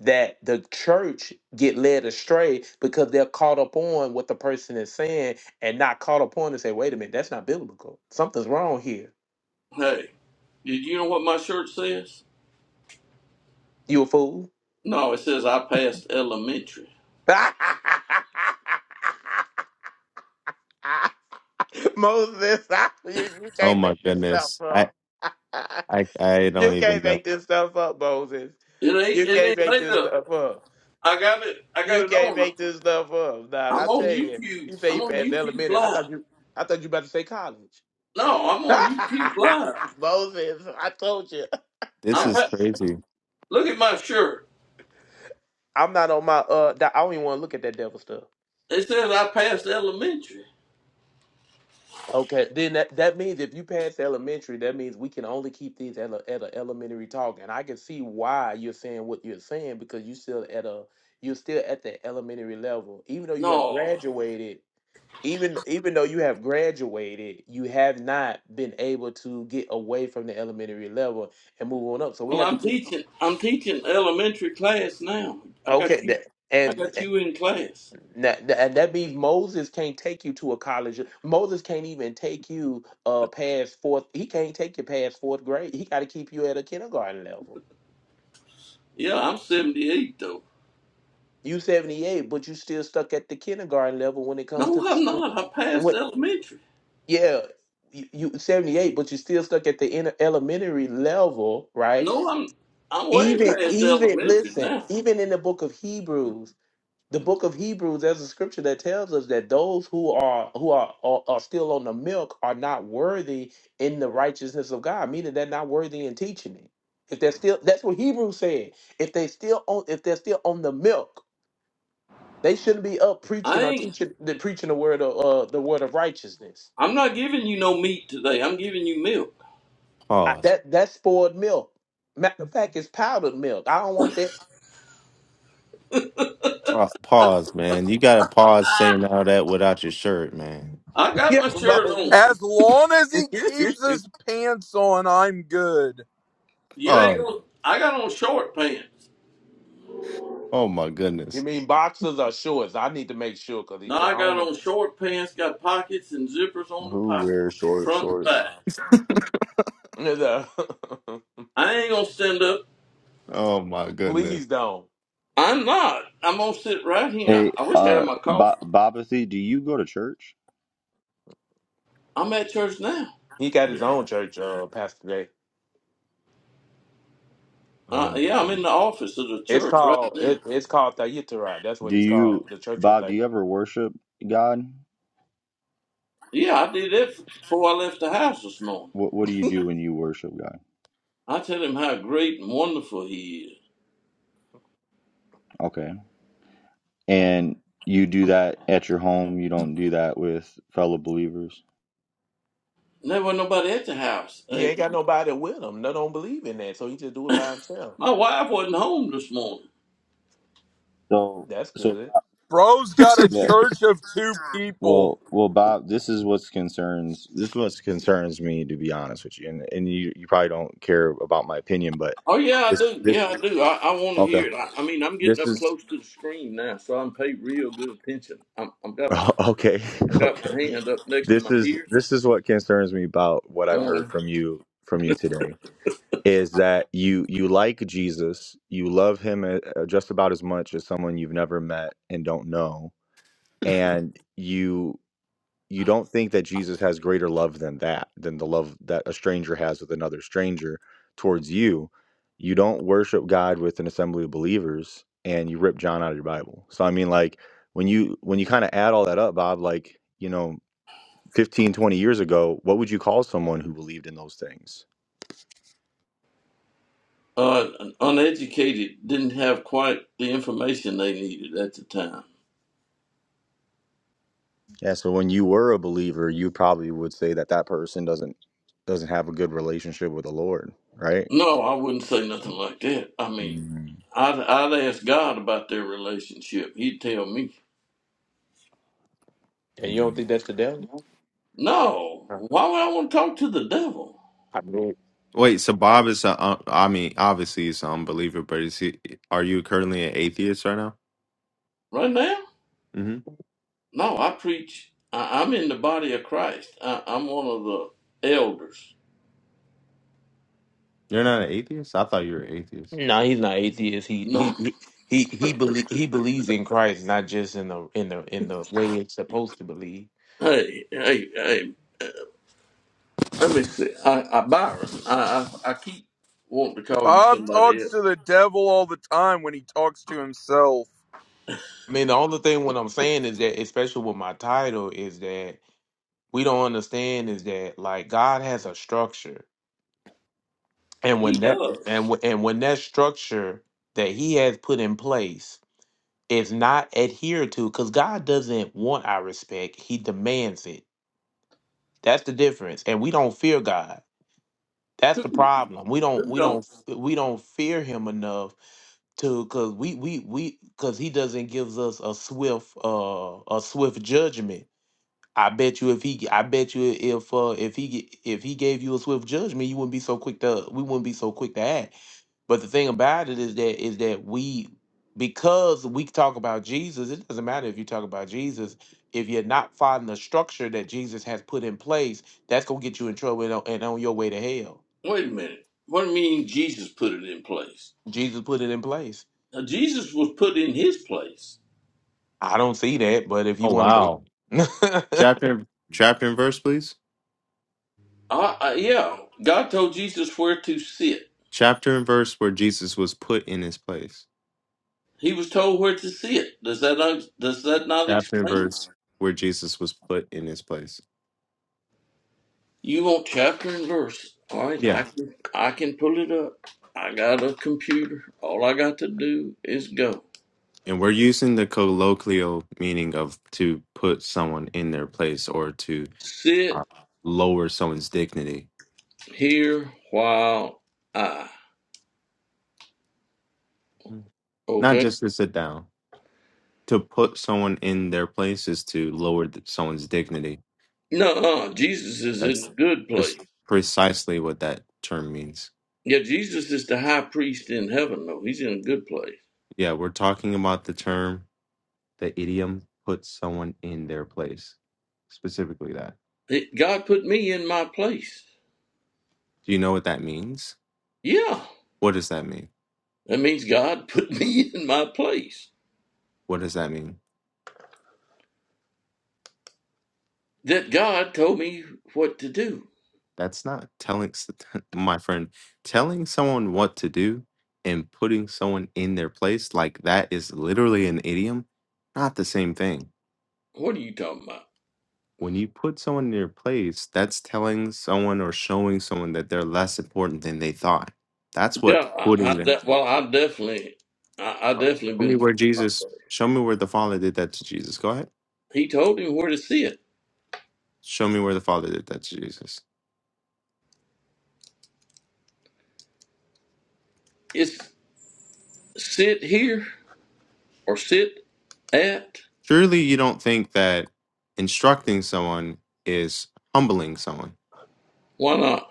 that the church get led astray because they're caught up on what the person is saying and not caught up on and say, wait a minute, that's not biblical. Something's wrong here.
Hey, did you know what my shirt says?
You a fool?
No, it says I passed elementary.
Moses, I, you, you
Oh
can't
my
make this stuff
goodness. I
up.
I I don't
you
even
can't
know.
make this stuff up, Moses.
It ain't
You
it
can't
ain't
make
made
this
up.
stuff up.
I got it. I got
You
it
can't
on.
make this stuff up, dog.
I'm
I
on
tell you,
YouTube.
you say
I'm
you
on
passed
YouTube
elementary. I
live.
thought you, I thought you about to say college.
No, I'm on YouTube live.
Moses, I told you.
This
I'm
is
pa-
crazy.
look at my shirt.
I'm not on my uh. di- I don't even want to look at that devil stuff.
It says I passed elementary.
Okay, then that, that means if you pass elementary, that means we can only keep these at a, at a elementary talk. And I can see why you're saying what you're saying because you still at a you're still at the elementary level, even though you have
No,
graduated. Even even though you have graduated, you have not been able to get away from the elementary level and move on up. So we
well
have to
I'm
keep
teaching. I'm teaching elementary class now. I got
okay.
you.
That,
I
and
got you in class.
Now, th- and that means Moses can't take you to a college. Moses can't even take you uh past fourth. He can't take you past fourth grade. He got to keep you at a kindergarten level.
Yeah, I'm 78 though.
You seventy eight, but you still stuck at the kindergarten level when it comes to
No,
the
I'm
school.
not. I'm
and
past
What?
elementary.
Yeah, you, you seventy eight, but you still stuck at the inter- elementary level, right?
No, I'm I'm way
Even
past
even
elementary
listen,
now.
even in the book of Hebrews, the book of Hebrews, there's a scripture that tells us that those who are who are, are are still on the milk are not worthy in the righteousness of God, meaning they're not worthy in teaching it. If they're still that's what Hebrews said. If they still on if they're still on the milk, they shouldn't be up
I
preaching or
ain't
teaching the preaching the word of uh, the word of righteousness.
I'm not giving you no meat today. I'm giving you milk.
I,
Pause.
that that's spoiled milk. Matter of fact, it's powdered milk. I don't want that.
Pause, pause man. You gotta pause saying all that without your shirt, man.
I got
yeah,
my shirt
bro.
on.
As long as he keeps his
you
pants on, I'm good.
You ain't
Oh,
gonna I got on short pants.
oh my goodness.
mean boxers or shorts? I need to make sure because
No,
I
I got
don't know.
on short pants, got pockets and zippers on the
Who wears
pockets,
short
front and
shorts?
back.
No,
I ain't gonna stand up.
Oh my goodness.
Please don't.
I'm not. I'm gonna sit right here.
Hey,
I wish I
uh,
had my coffee.
Bob, Bobathy, do you go to church?
I'm at church now.
He got his
Yeah.
own church, uh, Pastor Jay.
Oh
Uh,
my
yeah, I'm in
goodness.
the office of the
It's
church right
called
now.
it, it's called Thayitara. That's what
Do
it's
you,
called. The church of
Bob, do
Thay.
you ever worship God?
Yeah, I did that before I left the house this morning.
What, what do you do when you worship God?
I tell him how great and wonderful he is.
Okay. And you do that at your home, you don't do that with fellow believers?
And there wasn't nobody at the house.
He
Hey,
ain't got nobody with him. They don't believe in that, so he just do it by himself.
my wife wasn't home this morning.
So,
That's
so,
good.
Bro's got a
yeah.
church of two people.
Well, well, Bob, this is what's concerns. This is what concerns me, to be honest with you. And and you, you probably don't care about my opinion, but
Oh, yeah, I
this
do.
this
Yeah, I do. I, I want to
okay.
hear it. I, I mean, I'm getting
This
up
is
close to the screen now, so I'm paid real good attention. I'm, I've got
oh,
my
okay.
I got my
Okay.
hand up next to
This
my
is
ear.
this is what concerns me about what I've
Uh,
heard from you from you today is that you you like Jesus, you love him uh, just about as much as someone you've never met and don't know, and you you don't think that Jesus has greater love than that, than the love that a stranger has with another stranger towards you. You don't worship God with an assembly of believers and you rip John out of your Bible. So I mean like when you when you kind of add all that up, Bob, like, you know, 15 20 years ago, what would you call someone who believed in those things?
uh, uneducated didn't have quite the information they needed at the time.
Yeah, so when you were a believer, you probably would say that that person doesn't doesn't have a good relationship with the Lord, right?
No, I wouldn't say nothing like that. I mean,
Mhm.
I'd, I'd ask God about their relationship. He'd tell me.
And you don't think that's the devil?
No,
Huh.
why would I want to talk to the devil
I mean,
Wait, so Bob is a, uh, I mean, obviously he's an unbeliever, but is he are you currently an atheist right now?
right now?
hmm
No, I preach. I, I'm in the body of Christ. I, I'm one of the elders.
You're not an atheist? I thought you were an atheist.
no, he's not atheist. He
No,
he he he believe he believes in Christ, not just in the in the in the way it's supposed to believe.
hey, hey, hey. Let me see. I, I Byron. I, I, I keep wanting to call you
Bob
somebody
talks
else.
to the devil all the time when he talks to himself.
I mean, the only thing what I'm saying is that, especially with my title, is that we don't understand is that like God has a structure, and
He
when that
does.
and wh- and when that structure that He has put in place is not adhered to, because God doesn't want our respect; He demands it. That's the difference, and we don't fear God. That's the problem. We don't
Who
we
don't?
don't f- we don't fear Him enough to because we we we because He doesn't give us a swift uh a swift judgment I bet you if he, I bet you if uh, if he g- if he gave you a swift judgment, you wouldn't be so quick to we wouldn't be so quick to act. But the thing about it is that is that we because we talk about Jesus, it doesn't matter if you talk about Jesus. If you're not following the structure that Jesus has put in place, that's gonna get you in trouble and on, and on your way to hell.
Wait a minute. What do you mean Jesus put it in place?
Jesus put it in place.
Now, Jesus was put in his place.
I don't see that, but if you
Oh
want to
wow.
believe,
Chapter chapter and verse, please.
Uh, uh, yeah, God told Jesus where to sit.
Chapter and verse where Jesus was put in his place.
He was told where to sit. Does that not, does that not
chapter and
explain it?
verse. where Jesus was put in his place.
You want chapter and verse? All right, I
Yeah.
can I can pull it up. I got a computer. All I got to do is go.
And we're using the colloquial meaning of to put someone in their place or to Uh,
Sit
lower someone's dignity,
here while I.
Mhm. not
Okay.
just to sit down. To put someone in their place is to lower th- someone's dignity.
No, uh, Jesus is in a
That's
good place.
That's precisely what that term means.
Yeah, Jesus is the high priest in heaven. though. he's in a good place.
Yeah, we're talking about the term, the idiom, put someone in their place, specifically that.
It, God put me in my place.
Do you know what that means?
Yeah.
What does that mean?
That means God put me in my place.
What does that mean?
That God told me what to do.
That's not telling s- my friend telling someone what to do and putting someone in their place like that is literally an idiom, not the same thing.
What are you talking about?
When you put someone in their place, that's telling someone or showing someone that they're less important than they thought. That's what
Yeah, I,
putting
I,
them.
that, well, I definitely, I, I definitely
Show me
been put
where
in my
Jesus.
place.
Show me where the Father did that to Jesus. Go ahead.
He told him where to sit.
Show me where the Father did that to Jesus.
It's sit here or sit at.
Surely you don't think that instructing someone is humbling someone
Why not?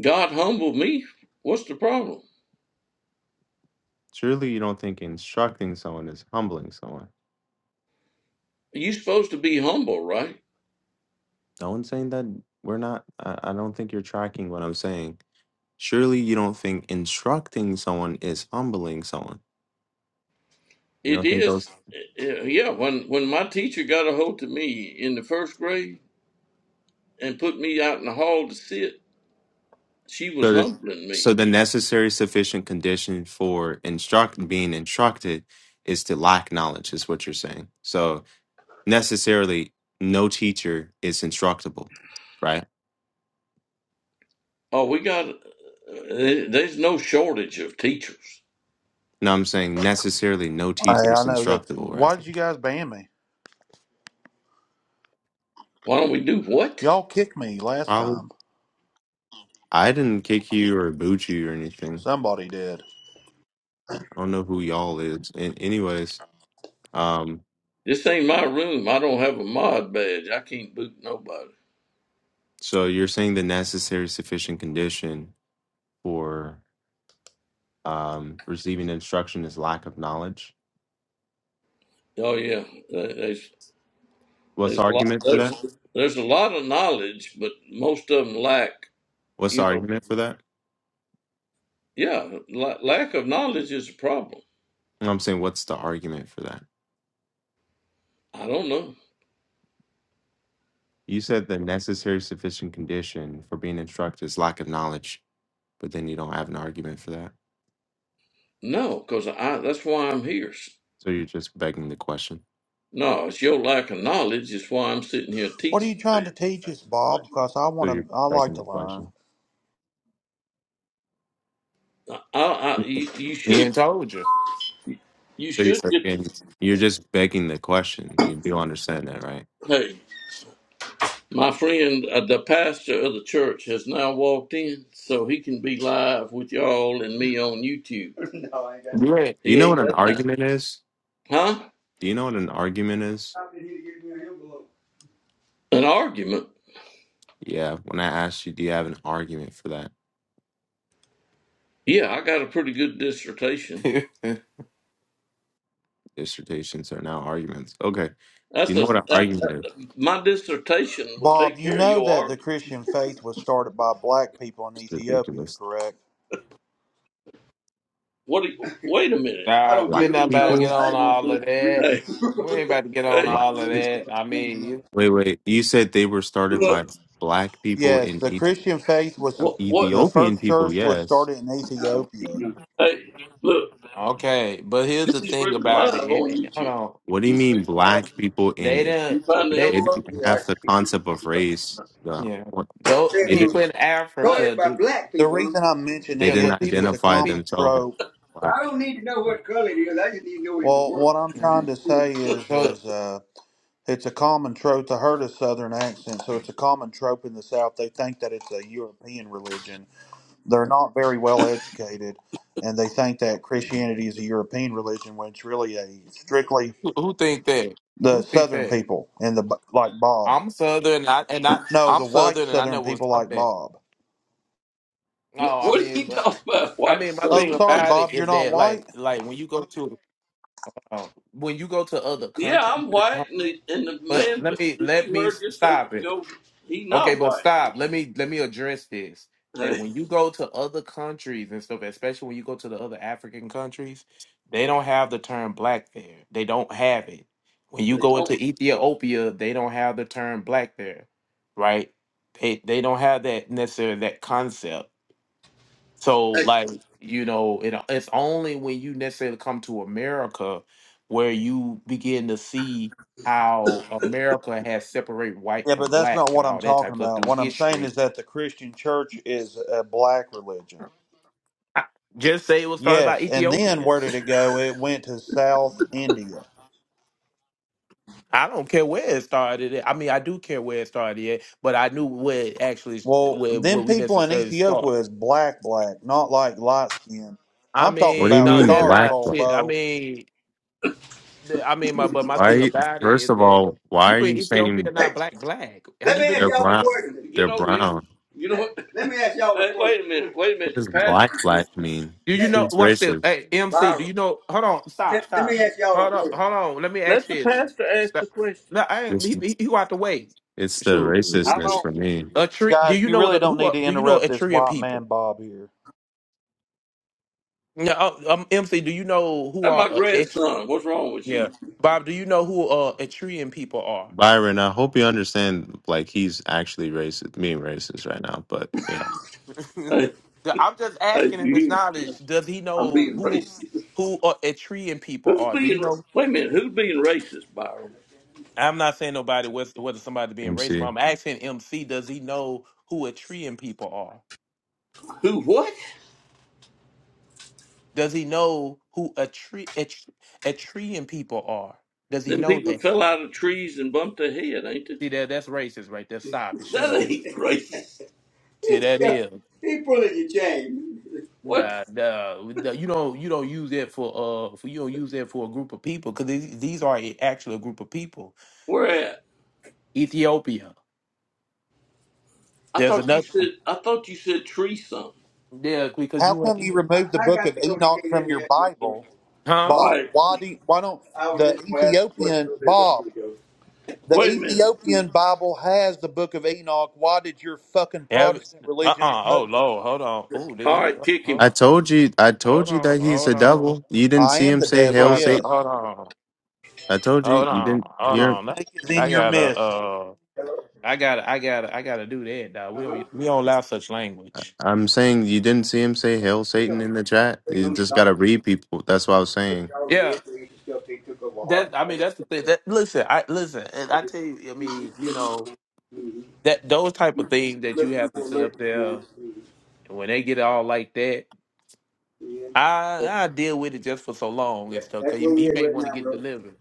God humbled me. What's the problem?
Surely you don't think instructing someone is humbling someone.
you supposed to be humble, right?
No one's saying that we're not, I, I don't think you're tracking what I'm saying. Surely you don't think instructing someone is humbling someone. You
It
don't think
is.
those,
uh, Yeah. When when my teacher got a hold of me in the first grade and put me out in the hall to sit, She was
so, the-
humbling me.
so the necessary sufficient condition for instruct being instructed is to lack knowledge, is what you're saying. So necessarily, no teacher is instructable, right?
Oh, we got, uh, there- there's no shortage of teachers.
No, I'm saying necessarily no
Hey,
teacher
I
is
know that.
instructable, right?
Why did you guys ban me?
Why don't we do what?
Y'all kicked me last
Probably.
time.
I didn't kick you or boot you or anything.
Somebody did.
I don't know who y'all is. And anyways, um,
This ain't my room. I don't have a mod badge. I can't boot nobody.
so you're saying the necessary sufficient condition for um receiving instruction is lack of knowledge.
Oh yeah, there- there's
What's
there's
the
a lot
argument for
there's
that?
there's a lot of knowledge, but most of them lack.
What's
You
the
know,
argument for that?
yeah, la- lack of knowledge is a problem.
And I'm saying what's the argument for that?
I don't know.
You said the necessary sufficient condition for being instructed is lack of knowledge, but then you don't have an argument for that.
No, because I that's why I'm here. S-
So you're just begging the question.
No, it's your lack of knowledge is why I'm sitting here
What are
teaching.
you trying to teach us, Bob? Because I
So
want
you're
to. I like
begging the
to
question.
learn.
I, I, I you, you
he
should
ain't told you.
you
So you're
should get
you're just begging the question. You do understand that, right?
Hey, my friend, uh, the pastor of the church has now walked in, so he can be live with y'all and me on YouTube. no, I ain't got that.
Right.
Do you
He
know
ain't
what an
got time.
argument is?
Huh?
Do you know what an argument is?
How did he get me an envelope. An argument?
Yeah. When I asked you, do you have an argument for that?
Yeah, I got a pretty good dissertation.
Dissertations are now arguments. Okay. Do
That's
you
a
know what an
that,
argument is?
that- my dissertation will
Bob,
take
you
care of
know
your
that the
argument.
Christian faith was started by black people in
It's
Ethiopia,
ridiculous.
correct?
What? do you- Wait a minute. I
Nah,
don't
we're
care
Black
who
not
it
about to
started.
get
people?
I
on
ain't going to
all
do it.
of that.
Hey,
We ain't about to get on
hey,
Black
I'm
all of
looking
people?
for
that.
a
I mean, you-
Wait, wait. You said they were started by
look.
black people
Yes,
in
the
Eth-
Christian faith was
um,
What? What?
the
Ethiopian
first church
people,
was
yes.
started in
I don't see
Ethiopia.
you. Hey, look,
okay, but here's the
this is
thing
really
about it.
live
it,
on
it- hold
YouTube.
on,
What do you
You, see,
mean
uh,
black people in
they
Ethiopia?
you
didn't.
find the
They
They
envelope?
didn't
Yeah, I
have the
see. you.
concept of race. No.
yeah,
What?
though
Say,
They
uh,
didn't
people in
started
Africa
by
do
black
The
people,
reason I'm
They
mentioning
yeah,
didn't
it
but
is it's a
people
identify
common
people.
themselves as
trope.
huh?
black.
I don't need to know what color it is. I just need to know if it
Well,
works.
what I'm trying
Man,
to say is
so
is uh, it's a common trope to heard a Southern accent, so it's a common trope in the South. They think that it's a European religion. They're not very well educated, and they think that Christianity is a European religion when it's really a strictly
who, who think that?
the
Who think
Southern
that?
people and the like Bob.
I'm Southern, and I and I
No,
I'm
the white
Southern, and I
Southern
know what's
people
up
like
there.
Bob.
No,
Wh-
I
What are
mean,
you
but
talking about,
I
white
mean, my
Oh,
thing
southern
sorry,
people?
about it
Bob, you're
is
not
that like
white?
like when you go to uh, when you go to other
Yeah,
countries,
I'm
uh,
white, and the, and the
But
man but
let me
that
let
you
me
heard
s-
just a
stop
second
it.
ago, he
Okay,
not
but
white.
stop. Let me let me address this. That
Hey,
when you go to other countries and stuff, especially when you go to the other African countries, they don't have the term black there. They don't have it. When you
they
go into
don't.
Ethiopia, they don't have the term black there, right? They they don't have that necessarily that concept. So
Hey, oh,
like you know, it, it's only when you necessarily come to America where you begin to see how America has separated white
Yeah, but
from
that's
black
not
and
what I'm
all that type
talking
of stuff
about.
through
What I'm saying
history.
is that the Christian church is a black religion.
I- Just say it was started by
Yes, and then where
Ethiopians.
did it go? It went to South India.
I don't care where it started. at. I mean, I do care where it started at, but I knew where it actually
Well,
where where
them
we
people in
necessarily start.
Ethiopia is black, black, not like light skin.
I
I'm talking
What do you
mean,
about
no,
mean
they're
black
not.
charcoal,
see,
black?
I
Bo.
mean, the- I mean, my but my thing
Why
about it
first
is
of
that
all, why are
people in
you
Ethiopia are
saying
Hey,
not black black. Have
let
you
me ask
been?
they're
y'all a
brown?
question. get
They're
over here.
brown.
You know what? let me ask y'all a Hey, question. wait a minute. Wait a
What
minute. The
does
pastor
black
can.
black mean?
Do you
This
Let,
know?
let,
is
Watch this.
racist.
Hey, MC. Do
Byron,
you know? Hold on.
let,
Stop.
let me
Stop.
ask y'all a
Hold on.
question.
Hold on. Let me ask
Let the
this.
pastor ask the
Stop.
question.
No, I ain't.
This
He,
is-
he, he out the way.
it's the
Sure.
How
racistness
long?
for me.
A tree. Do
Guys,
you
you
know what?
really
A,
don't
who
need
are?
to
Do you know
interrupt this
Etrian
white man,
people?
Bob, here.
Yeah. Uh, um, MC. Do you know who
That's
are?
my
Uh, Et-
grandson. What's wrong with
yeah.
you?
Bob. Do you know who uh Etrian people are?
Byron, I hope you understand like he's actually racist being racist right now, but yeah.
Hey,
The- I'm just
hey,
asking him
you
his
hear?
knowledge. Does he
I'm
know
being
who
racist.
who uh, Etrian people
Who's
are? Do you
being? ra-
know?
Wait a minute. Who's being racist, Byron?
I'm not saying nobody whether, whether somebody being racist, but
MC.
I'm asking MC, does he know who Etrian people are?
Who? What?
Does he know who Etri- Et- Etrian people are? Does he
Them
know
people
that?
fell out of trees and bumped their head, ain't it?
See that that's racist right there. Stop it. Shut
That
up.
ain't racist.
See that is.
he pulling your chain. What?
Nah, nah, nah, you don't you don't use that for uh for you don't use that for a group of people because these, these are a- actually a group of people.
Where at?
Ethiopia.
I
There's
thought you
another
said. I thought you said tree something.
yeah because
How
you
come you
I,
removed the
I
book
got
of
to go to
Enoch
King.
from
Let
your
me ask my question.
Bible,
huh?
All
Bob?
right.
Why do you, why don't
I was
the
just glad to work
Ethiopian
through this the
Bob?
Holy Ghost.
The
Wait a minute.
Ethiopian Bible has the book of Enoch. Why did your fucking
Ev-
Protestant religion
uh-uh. Oh
remove it?
Lord, hold on. Oh, did
All
he?
right, kick him.
I
Hold on.
told you I
Hold
told you
on,
that he's
hold
a
on.
devil. You didn't
I
see
am
him
the
say
We
devil,
gonna
hail
have to
Satan.
yes.
hold on,
I told you
hold
you
on,
didn't
hold
The
hear
on.
snake is in
I
your
gotta,
midst.
uh, I gotta, I gotta, I gotta do that. Dog. We
Uh-huh.
don't, we don't
him.
allow such language.
I'm saying you didn't see him say "Hail
We
Satan"
are
in the chat.
waiting
You
on the
just gotta
doctor to
read people. That's what I was
fix
saying.
all of the
Yeah,
injuries and stuff they took over
that.
heart.
I mean, that's the thing. That listen, I listen, and I tell you, I
Mm-hmm.
mean, you know, that those type of things that you
Looking
have
for
to sit
alert
up
this morning.
there,
Mhm.
and when they get all like that,
Yeah.
I I deal with it just for so long and
That-
stuff.
That's
Cause he,
where
he may
we're at right
want to
now,
get
bro.
delivered,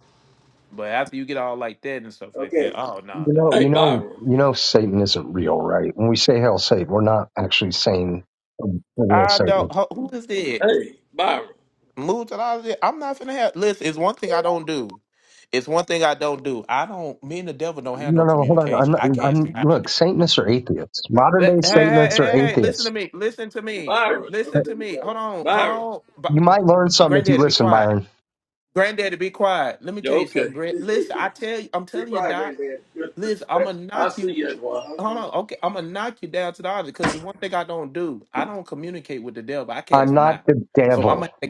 but after you get all like that and stuff like
Okay.
that, oh no, nah,
You know,
dog.
Hey,
you know,
Byron.
you know, Satan isn't real, right? When we say hell, Satan, we're not actually saying a real
I don't.
Satan.
Who who is that?
Hey, Byron.
moved and all of that. I'm not finna have. Listen, it's one thing I don't do. It's one thing I don't do. I don't. Me and the devil don't have
No,
no
no, hold on. I'm
communication.
not.
I can't.
I'm
Stop.
look. Satanists are atheists. Modern
Hey,
day
hey, hey,
Satanists
hey!
are
hey, hey, Listen to
atheists.
me. Listen to me.
Byron. Let's
Listen to
let
me.
go.
Hold on. Hold
Byron.
on.
You
B-
might
b-
learn
b-
something if you
granddaddy, be
listen,
quiet.
Byron.
Granddaddy, be quiet. Let me
Yeah,
tell you something,
okay.
Brett. Listen, I tell you, I'm
Be
telling you,
quiet,
Doc.
granddad.
Listen, I'm gonna
I'll
knock
see
you.
you at one.
Hold
Okay.
on. Okay, I'm gonna knock you down to the audience because it's one thing I don't do. I don't communicate with the devil. I
I'm
cast him
not
out.
the
So I'm
devil.
gonna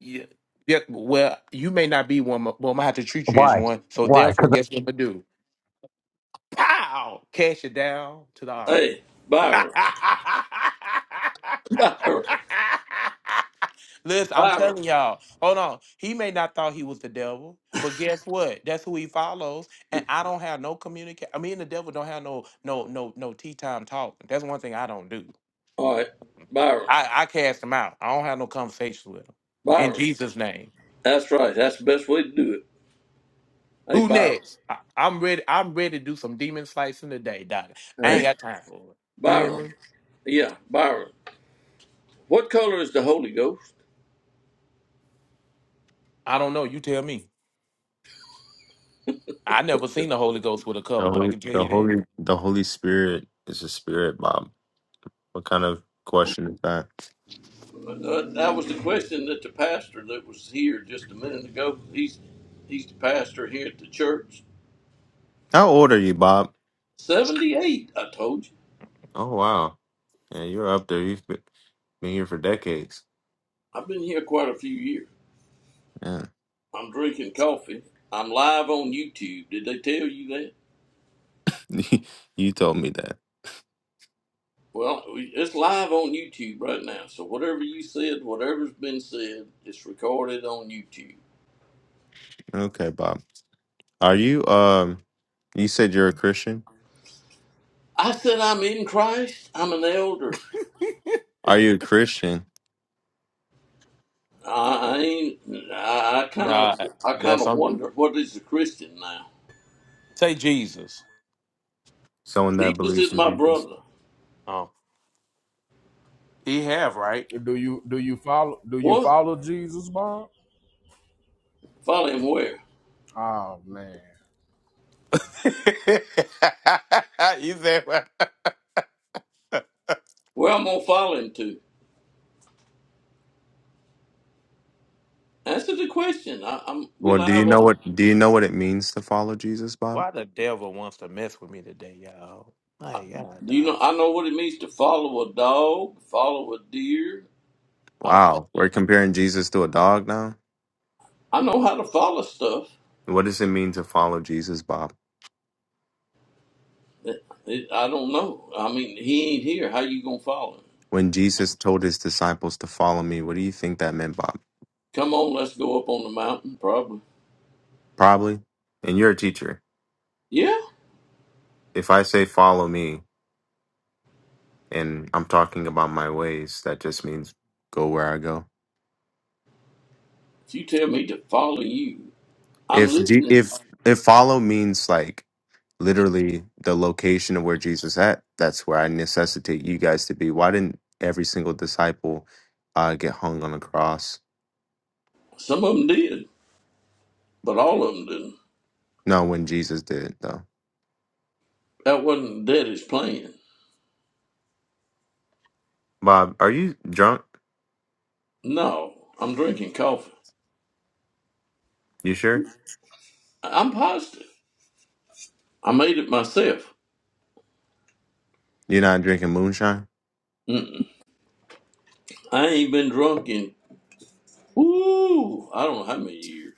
Yeah. Yeah. Well, you may not be one, but but I'm gonna have to treat you as
Why?
one. So
Why?
therefore, guess what I'm gonna do? Pow! Cash it down to the
Hey,
audience.
Byron, Byron,
Listen, I'm
Byron.
telling y'all. Hold on. He may not thought he was the devil, but guess what? That's who he follows. And I don't have no communicate. I mean, the devil don't have no no no no tea time talk. That's one thing I don't do.
All right, Byron,
I I cast him out. I don't have no conversations with him. In
Byron.
Jesus' name.
That's right. That's the best way to do it. Hey,
Who
Byron.
next? I, am ready. I'm ready to do some demon slicing today, Doc. I ain't
Hey,
got time for it. You hear
Byron.
me?
Yeah, Byron. What color is the Holy Ghost?
I don't know. You tell me. I never seen the Holy Ghost with a
The
color. I
holy,
can tell
the
you that.
holy, the Holy Spirit is a spirit, Bob. What kind of question is that?
Uh, that was the question that the pastor that was here just a minute ago. He's he's the pastor here at the church.
How old are you, Bob?
Seventy-eight. I told you.
Oh wow, yeah, you're up there. You've been been here for decades.
I've been here quite a few years.
Yeah,
I'm drinking coffee. I'm live on YouTube. Did they tell you that?
you told me that.
Well, it's live on YouTube right now. So whatever you said, whatever's been said, it's recorded on YouTube.
Okay, Bob. Are you? Um, you said you're a Christian.
I said I'm in Christ. I'm an elder.
Are you a Christian?
I ain't. I kind
Nah,
of. I kind
that's
of
some.
wonder what is a Christian now.
Say Jesus.
Someone that
Jesus
believes
is
in
my
Jesus.
brother.
Oh, he have right.
Do you do you follow do you
What?
follow Jesus, Bob?
Follow him where?
Oh man.
he said,
Where I'm gonna follow him to? Answer the question. I, I'm. We
Well, do you
live
know
on.
what? Do you know what it means to follow Jesus, Bob?
"Why the devil wants to mess with me today, y'all?" My God,
Do you know?
dog.
I know what it means to follow a dog. Follow a deer. I
Wow, we're
follow.
comparing Jesus to a dog now?
I know how to follow stuff.
What does it mean to follow Jesus, Bob?
It, it, I don't know. I mean, he ain't here. How you gonna follow him?
When Jesus told his disciples to follow me, what do you think that meant, Bob?
Come on, let's go up on the mountain. Probably.
Probably. And you're a teacher.
Yeah.
If I say follow me and I'm talking about my ways, that just means go where I go.
If you tell me to follow you, I'm
If G-
listening.
if if follow means like literally the location of where Jesus at, that's where I necessitate you guys to be. Why didn't every single disciple uh, get hung on a cross?
Some of them did, but all of them didn't.
No, when Jesus did though.
That wasn't Daddy's plan.
Bob, are you drunk?
No, I'm drinking coffee.
You sure?
I'm positive. I made it myself.
You're not drinking moonshine?
Mm-mm. I ain't been drunk in ooh, I don't know how many years.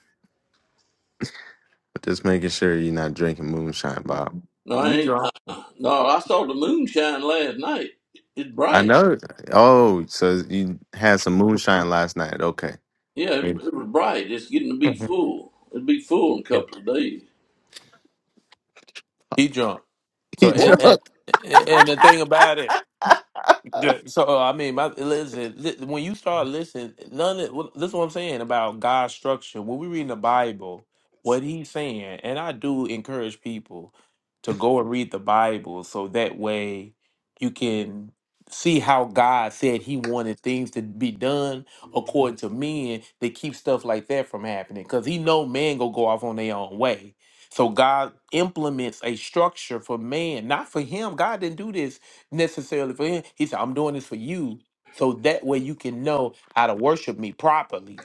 Just making sure you're not drinking moonshine, Bob.
No, I
You
ain't. I,
drunk?
no, I saw the moonshine last night. It's
I
bright.
know. Oh, so you had some moonshine last night. Okay.
Yeah, it,
Mm.
it was bright. It's getting to be full. It'll be full in a couple of days.
he drunk. So
You
and,
What?
and
drunk.
and the thing about it. Yeah, So uh, I mean, my listen. Li, when you start listening, none. Of, well, this is what I'm saying about God's structure. When we read the Bible, what He's saying, and I do encourage people to go and read the Bible, so that way you can see how God said He wanted things to be done according to men to keep stuff like that from happening. Because He know man gonna go off on their own way. So God implements a structure for man, not for Him. God didn't do this necessarily for him. He said, I'm doing this for you so that way you can know how to worship me properly.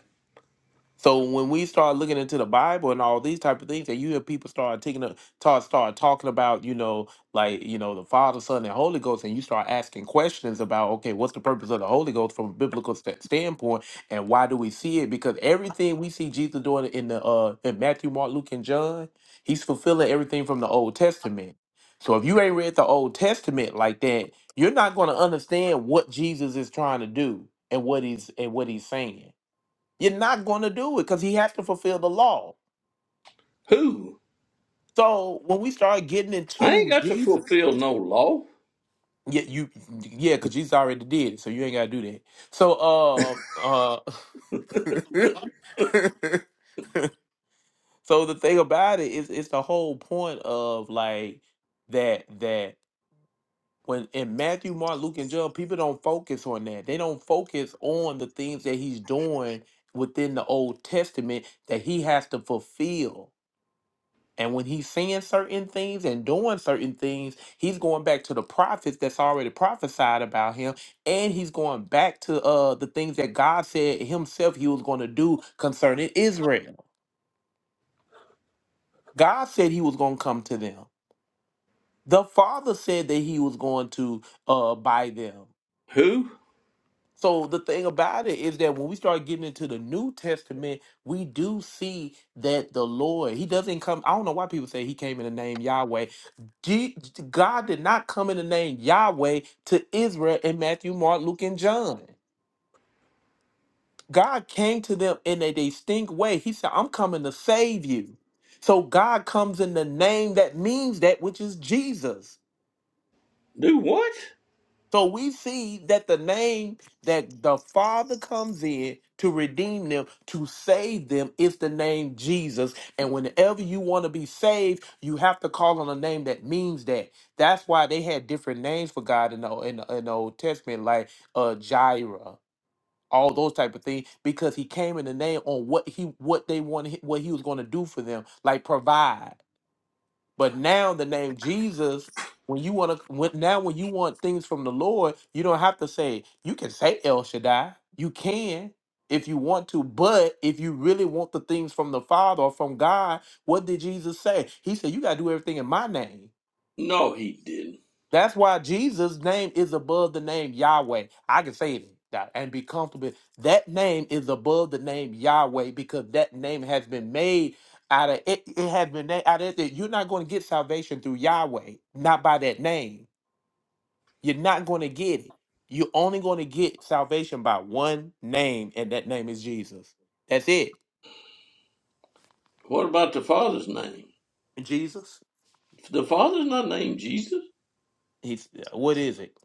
So when we start looking into the Bible and all these type of things, and you hear people start taking up, start start talking about, you know, like you know, the Father, Son, and Holy Ghost, and you start asking questions about, okay, what's the purpose of the Holy Ghost from a biblical st- standpoint, and why do we see it? Because everything we see Jesus doing in the uh in Matthew, Mark, Luke, and John, he's fulfilling everything from the Old Testament. So if you ain't read the Old Testament like that, you're not going to understand what Jesus is trying to do and what he's and what he's saying. You're not going to do it because he has to fulfill the law.
Who?
So when we start getting
I ain't
into
got to
Jesus,
fulfill no law.
yeah, you, yeah, because Jesus already did it, so you ain't got to do that. So, uh, uh, so the thing about it is, it's the whole point of like that that when in Matthew, Mark, Luke, and John, people don't focus on that. They don't focus on the things that he's doing within the Old Testament that he has to fulfill. And when he's saying certain things and doing certain things, he's going back to the prophets that's already prophesied about him. And he's going back to uh, the things that God said himself he was going to do concerning Israel. God said he was going to come to them. The Father said that he was going to uh, buy them.
Who?
So the thing about it is that when we start getting into the New Testament, we do see that the Lord, He doesn't come. I don't know why people say He came in the name Yahweh. Je- God did not come in the name Yahweh to Israel in Matthew, Mark, Luke, and John. God came to them in a distinct way. He said, I'm coming to save you. So God comes in the name that means that, which is Jesus.
Do what?
So we see that the name that the Father comes in to redeem them, to save them, is the name Jesus. And whenever you want to be saved, you have to call on a name that means that. That's why they had different names for God in the, in the, in the Old Testament, like uh, Jireh. All those type of things because he came in the name on what he what they wanted what he was going to do for them like provide but now the name Jesus, when you want to, when, now when you want things from the Lord, you don't have to say. You can say El Shaddai. You can if you want to. But if you really want the things from the Father or from God, what did Jesus say? He said, "You got to do everything in my name."
No, he didn't.
That's why Jesus' name is above the name Yahweh. I can say it that and be comfortable. That name is above the name Yahweh because that name has been made out of it. It has been made out of it. You're not going to get salvation through Yahweh, not by that name. You're not going to get it. You're only going to get salvation by one name, and that name is Jesus. That's it.
What about the Father's name?
Jesus.
The Father's not named Jesus.
He's what is it?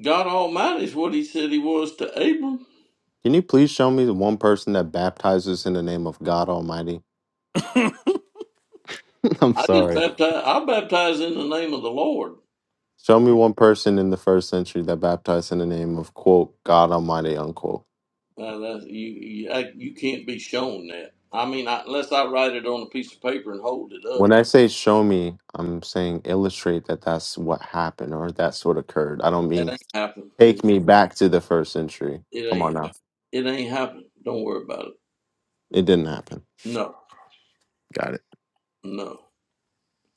God Almighty is what he said he was to Abram.
Can you please show me the one person that baptizes in the name of God Almighty? I'm
I just
sorry.
baptize. I baptize in the name of the Lord.
Show me one person in the first century that baptized in the name of, quote, God Almighty, unquote.
Uh, that's, you you, I, you can't be shown that. I mean, I, unless I write it on a piece of paper and hold it
When I
up,
say show me, I'm saying illustrate that that's what happened or that's what occurred. I don't
that
mean
ain't happened. It,
take me back to the first century.
it
Come
ain't
on now.
It ain't happening. Don't worry about it.
It didn't happen.
No,
Got it.
no.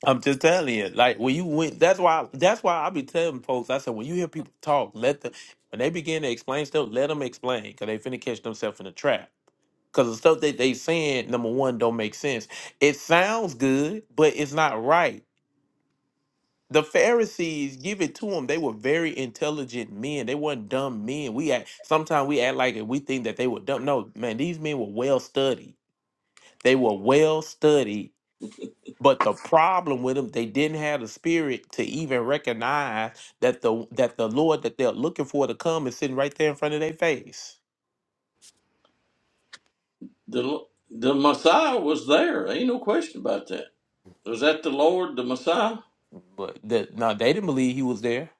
I'm just telling you, like when you went, that's why that's why I be telling folks. I said when you hear people talk, let them when they begin to explain stuff, let them explain because they finna catch themselves in a trap. Because the stuff that they saying, number one, don't make sense. It sounds good, but it's not right. The Pharisees, give it to them. They were very intelligent men. They weren't dumb men. We act sometimes we act like we think that they were dumb. No, man, these men were well studied. They were well studied but the problem with them, they didn't have the spirit to even recognize that the that the Lord that they're looking for to come is sitting right there in front of their face.
The the Messiah was there. Ain't no question about that. Was that the Lord, the Messiah?
But that now they didn't believe he was there.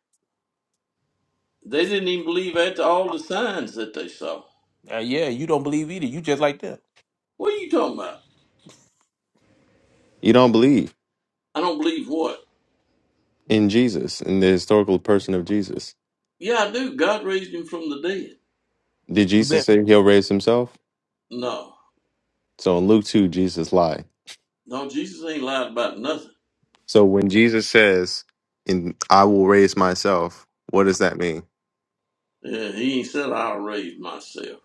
They didn't even believe after all the signs that they saw.
Uh, yeah, you don't believe either. You just like them.
What are you talking about?
You don't believe
I don't believe what?
in Jesus, in the historical person of Jesus.
Yeah, I do. God raised him from the dead.
Did Jesus
But
say he'll raise himself?
No,
So in Luke 2, Jesus lied.
no. Jesus ain't lied about nothing.
So when Jesus says, in, I will raise myself, what does that mean?
Yeah, he ain't said I'll raise myself.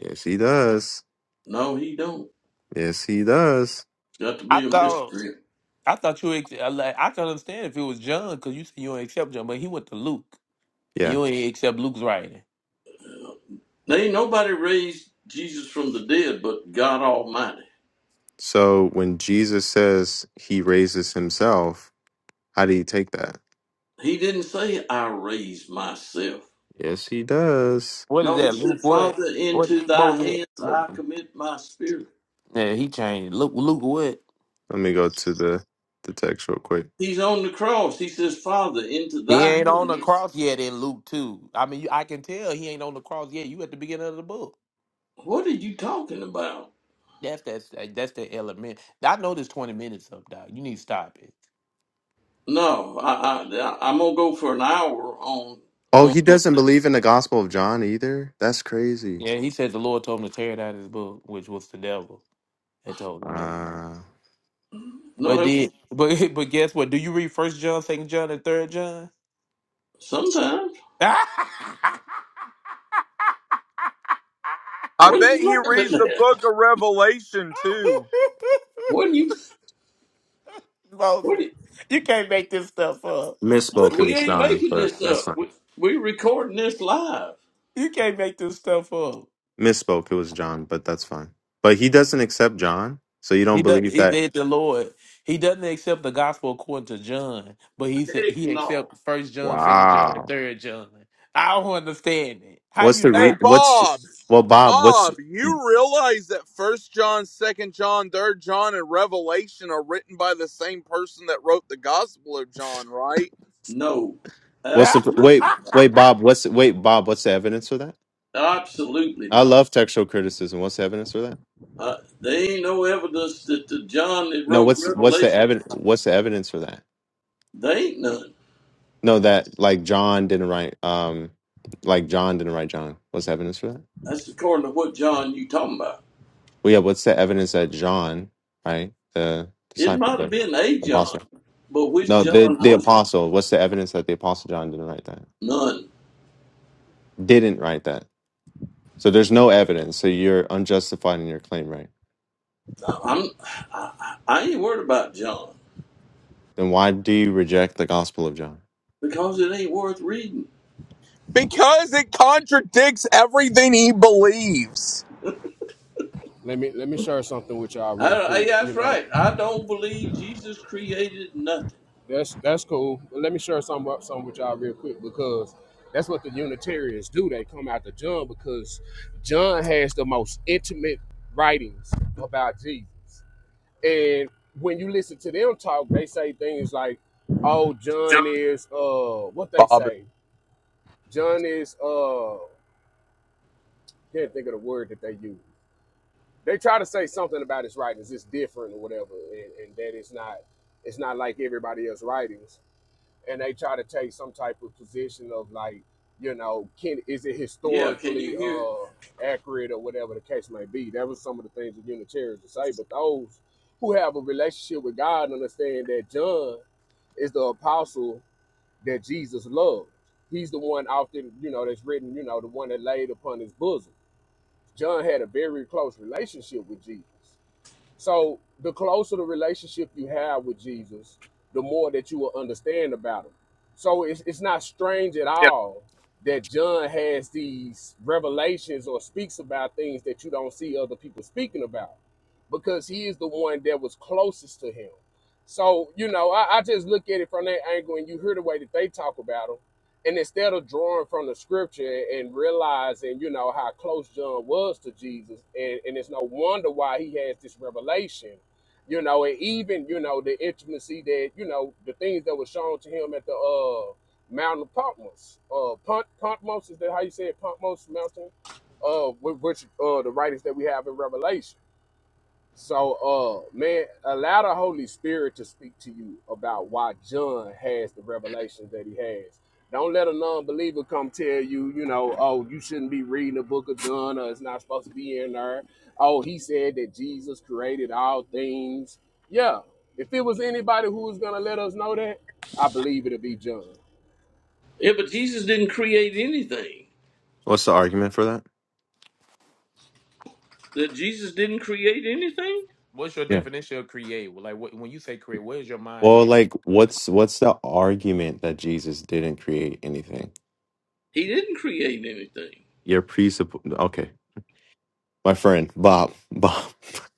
Yes, he does.
No, he don't.
Yes, he does.
It's got to
I
be a
thought
mystery.
I thought you ex- I like I can understand if it was John because you said you don't accept John, but he went to Luke and
Yeah.
you ain't accept Luke's writing.
There ain't nobody raised Jesus from the dead but God Almighty.
So when Jesus says he raises himself, How do you take that?
He didn't say, I raise myself.
Yes, he does.
What is
No, he
that?
said,
Luke what?
Father,
What?
into
what
thy
was
hands
it?
I commit my spirit.
Yeah, he changed. Luke Luke what?
Let me go to the the text real quick.
He's on the cross. He says, Father, into
He
thy
ain't on the
hands.
cross yet in Luke 2. I mean, you- I can tell he ain't on the cross yet. You at the beginning of the book.
What are you talking about?
That's that's that's the element. I know this 20 minutes up, dog. You need to stop it.
No, I, I, I'm going to go for an hour on,
Oh,
on
he
the,
doesn't believe in the Gospel of John either. That's crazy.
Yeah, he said the Lord told him to tear down his book, which was the devil, and told him that.
Uh,
no,
But
it-
did but but guess what? Do you read First John, Second John, and Third John?
sometimes.
I
What are
bet he
you laughing
reads the book
at?
of Revelation too.
What are you, what are
Moses,
you,
you can't make this stuff up.
misspoke. It
we
was
ain't
John,
making
but
this
that's
up.
fine.
We, we recording this live.
You can't make this stuff up.
Misspoke. It was John, but that's fine. But he doesn't accept John, so you don't
He does.
believe
He
that.
said the Lord. He doesn't accept the gospel according to John, but he said
Heck
he
no.
accepts First John, Second John, and
Wow.
Third John. I don't understand it. How
What's
you
the
Hey
re?
not?
What's
Bob,
well, Bob? What's
Bob, you realize that First John, Second John, Third John, and Revelation are written by the same person that wrote the Gospel of John, right?
No,
what's the wait?
absolutely,
Wait, Bob. What's wait, Bob? What's the evidence for that?
absolutely not.
I love textual criticism. What's the evidence for that?
Uh, there ain't no evidence that the John that
No,
wrote
what's what's the
Revelation,
evidence? What's the evidence for that?
they ain't none.
No, that like John didn't write. Um, like John didn't write John. What's the evidence for that?
That's according to what John you talking about.
Well, yeah. What's the evidence that John, right, the
It
disciple,
might have
the
been a John,
apostle?
but which
No, the
John
the
was it?
apostle. What's the evidence that the apostle John didn't write that?
none?
Didn't write that. So there's no evidence. So you're unjustified in your claim, right?
I- I'm I, I I ain't worried about John
Then why do you reject the gospel of John?
because it ain't worth reading.
Because it contradicts everything he believes.
Let me let me share something with y'all
I,
real
I,
quick. You
that's
know,
right. I don't believe Jesus created nothing.
that's that's cool. But let me share something up something with y'all real quick because that's what the Unitarians do. They come out to John because John has the most intimate writings about Jesus. And when you listen to them talk, they say things like, Oh,
John.
John is uh what they
Bob
say? John is uh can't think of the word that they use. they try to say something about his writings it's different or whatever and, and that it's not it's not like everybody else's writings and they try to take some type of position of like you know can is it
Yeah, can
historically
you hear? it?
uh accurate or whatever the case may be that was some of the things that unitarians would say but those who have a relationship with god understand that john is the apostle that jesus loved he's the one often you know that's written you know the one that laid upon his bosom john had a very close relationship with jesus so the closer the relationship you have with Jesus, the more that you will understand about him. So it's it's not strange at all that John has these revelations or speaks about things that you don't see other people speaking about because he is the one that was closest to him. So, you know, I, I just look at it from that angle and you hear the way that they talk about him. And instead of drawing from the scripture and realizing, you know, how close John was to Jesus, and, and it's no wonder why he has this revelation, you know, and even, you know, the intimacy that, you know, the things that were shown to him at the uh Mount of Patmos. Uh Punt Pontmos, is that how you say it? Pontmos Mountain? Uh with which uh the writings that we have in Revelation. So, uh, man, allow the Holy Spirit to speak to you about why John has the revelations that he has. Don't let a non-believer come tell you, you know, oh, you shouldn't be reading the book of John, or it's not supposed to be in there. Oh, he said that Jesus created all things. Yeah, if it was anybody who was gonna let us know that, I believe it'd be John.
Yeah, but Jesus didn't create anything.
What's the argument for that?
That Jesus didn't create anything.
What's your
Yeah.
definition of create? Like what, when you say create, where's your mind
Well,
at?
like, what's what's the argument that Jesus didn't create anything?
He didn't create anything.
Your presupp. Okay. my friend Bob, Bob,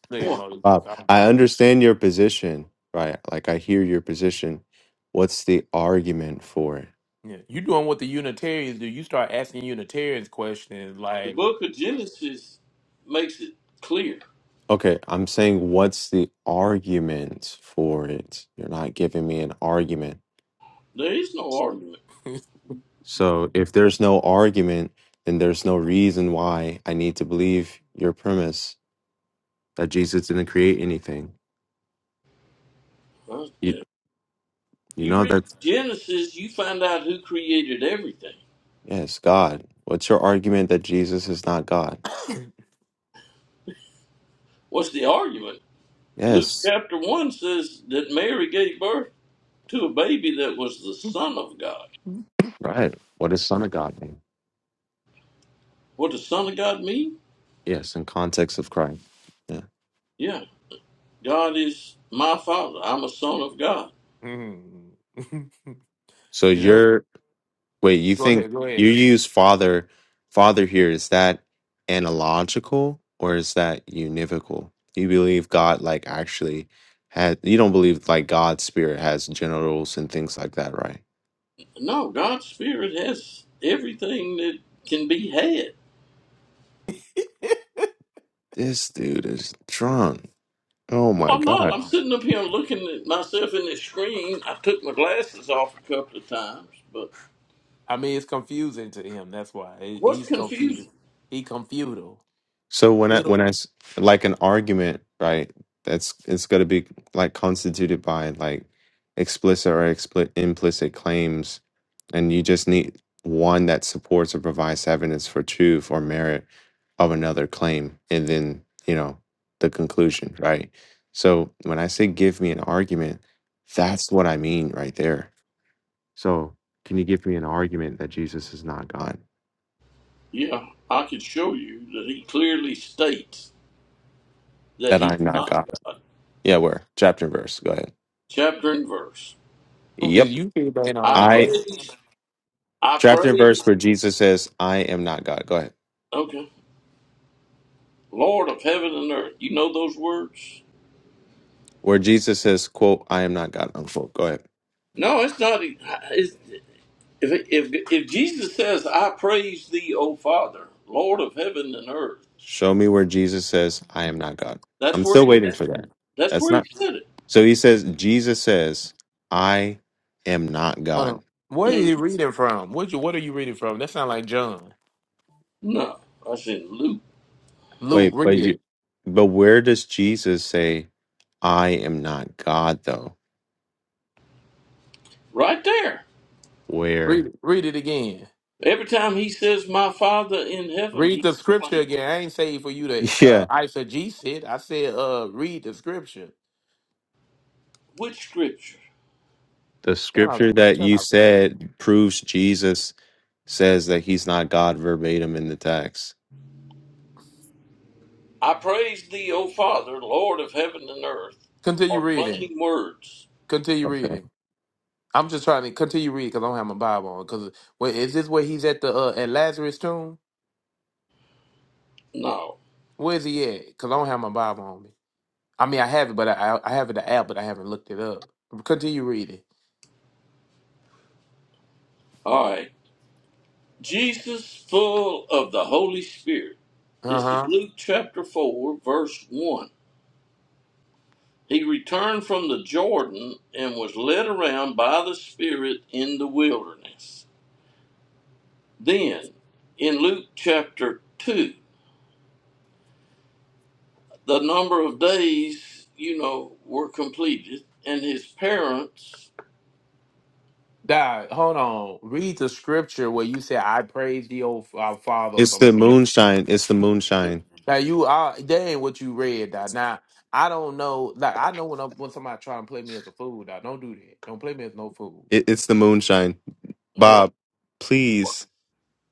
Look at Moses,
Bob,
I don't
I
remember.
understand your position, right? Like I hear your position. What's the argument for it?
Yeah, you doing what the Unitarians do. You start asking Unitarians questions
The
like,
book of Genesis makes it clear.
Okay, I'm saying what's the argument for it? You're not giving me an argument.
There is no argument.
So if there's no argument, then there's no reason why I need to believe your premise that Jesus didn't create anything.
Huh?
You you
You
know
read
that's
Genesis, you find out who created everything.
yes, God. What's your argument that Jesus is not God?
What's the argument? Luke
Yes,
chapter 1 says that Mary gave birth to a baby that was the Son of God.
right. What is Son of God mean?
What does Son of God mean?
Yes, in context of Christ. Yeah.
Yeah, God is my Father. I'm a Son of God.
mm.
So
You know?
you're wait, you
go
think
ahead, go ahead.
you use father father here, is that analogical or is that univocal? You believe God like actually had you don't believe like God's spirit has genitals and things like that, right?
No, God's Spirit has everything that can be had.
This dude is drunk. Oh my
I'm
god.
not. I'm sitting up here looking at myself in the screen. I took my glasses off a couple of times, but
I mean, it's confusing to him. That's why He-
what's
he's confused.
confusing?
He confused.
So when I
Fiddle-
when I s- like an argument, right? That's it's going to be like constituted by like explicit or expli implicit claims, and you just need one that supports or provides evidence for truth or merit of another claim, and then you know the conclusion, right? So when I say give me an argument, that's what I mean right there. So can you give me an argument that Jesus is not God,
Yeah, I could show you that he clearly states that
that
he's
I'm not
not
God?
God.
Yeah, where chapter and verse. Go ahead.
Chapter and verse.
Oh,
Yep.
did you read that
I
on
I
again?
praise, I
chapter and verse
praise,
where Jesus says, "I am not God." Go ahead.
okay, Lord of heaven and earth. You know those words?
Where Jesus says, "quote I am not God." Unquote. Go ahead.
No, it's not. It's, if, if, if Jesus says, I praise thee, O Father, Lord of heaven and earth,
Show me where Jesus says, "I am not God."
that's
I'm
where
still
he
waiting
said
for
it.
that.
That's
That's
where he
not.
said it.
So he says, Jesus says, "I am not
Hold
God."
on. What are
Mhm.
you reading from? What you What are you reading from? That sounds like John.
No. I said, Luke,
Luke,
Wait,
read
but you,
it.
but where does Jesus say, "I am not God"? Though
right there.
Read
where?
it. Read it again.
Every time he says, My Father in heaven,
Read the
he's
scripture
claiming.
again. I ain't saying for you to uh,
Yeah,
eisegesis it. I said, uh, read the scripture.
Which scripture?
the
Shut up.
scripture that
Shut
you
up. You.
said proves Jesus says that he's not God verbatim in the text.
I praise thee, O Father, Lord of heaven and earth,
Continue
are
reading.
plain words.
Continue
Okay.
reading. I'm just trying to continue reading because I don't have my Bible on. Because wait, is this where he's at the uh, at Lazarus' tomb?
No.
Where's he at? Because I don't have my Bible on me. I mean, I have it, but I I have it the app, but I haven't looked it up. Continue reading.
All right. Jesus full of the Holy Spirit.
Uh
This is
huh.
Luke chapter 4, verse 1. He returned from the Jordan and was led around by the Spirit in the wilderness. Then, in Luke chapter 2. the number of days, you know, were completed, and his parents,
Dad, hold on. Read the scripture where you said, "I praise thee, O our Father," or
It's
something
the
like that.
moonshine. It's the moonshine.
Now you are that ain't what you read, dog. Now I don't know. Like I know when I, when somebody trying to play me as a fool, dog. Don't do that. Don't play me as no fool.
It, it's the moonshine.
what?
Bob, please,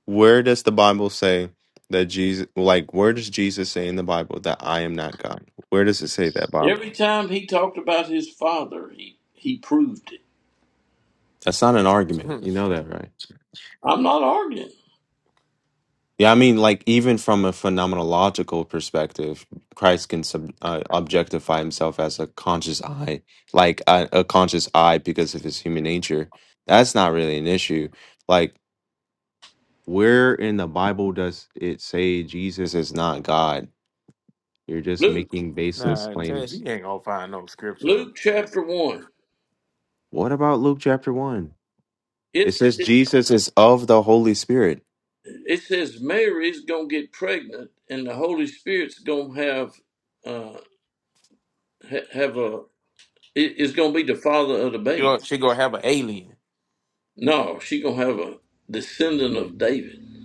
where does the Bible say that Jesus, like, where does Jesus say in the Bible that I am not God? Where does it say that, Bob?
Every time he talked about his father, he, he proved it.
That's not an argument.
nah,
You know that, right?
I'm not arguing.
Yeah, I mean, like, even from a phenomenological perspective, Christ can sub, uh, objectify himself as a conscious I, like a, a conscious I because of his human nature. That's not really an issue. Like, Where in the Bible does it say Jesus is not God? You're just
Luke,
making baseless
that- he
claims.
ain't gonna find no scripture.
Luke
Like
chapter
that.
1.
What about Luke chapter 1? It
It's,
says
it,
Jesus is of the Holy Spirit.
it says Mary's going to get pregnant, and the Holy Spirit's going to have, uh, ha- have a, i- is going to be the father of the
you,
baby.
know, she gonna have an alien.
No, she going to have a descendant of David.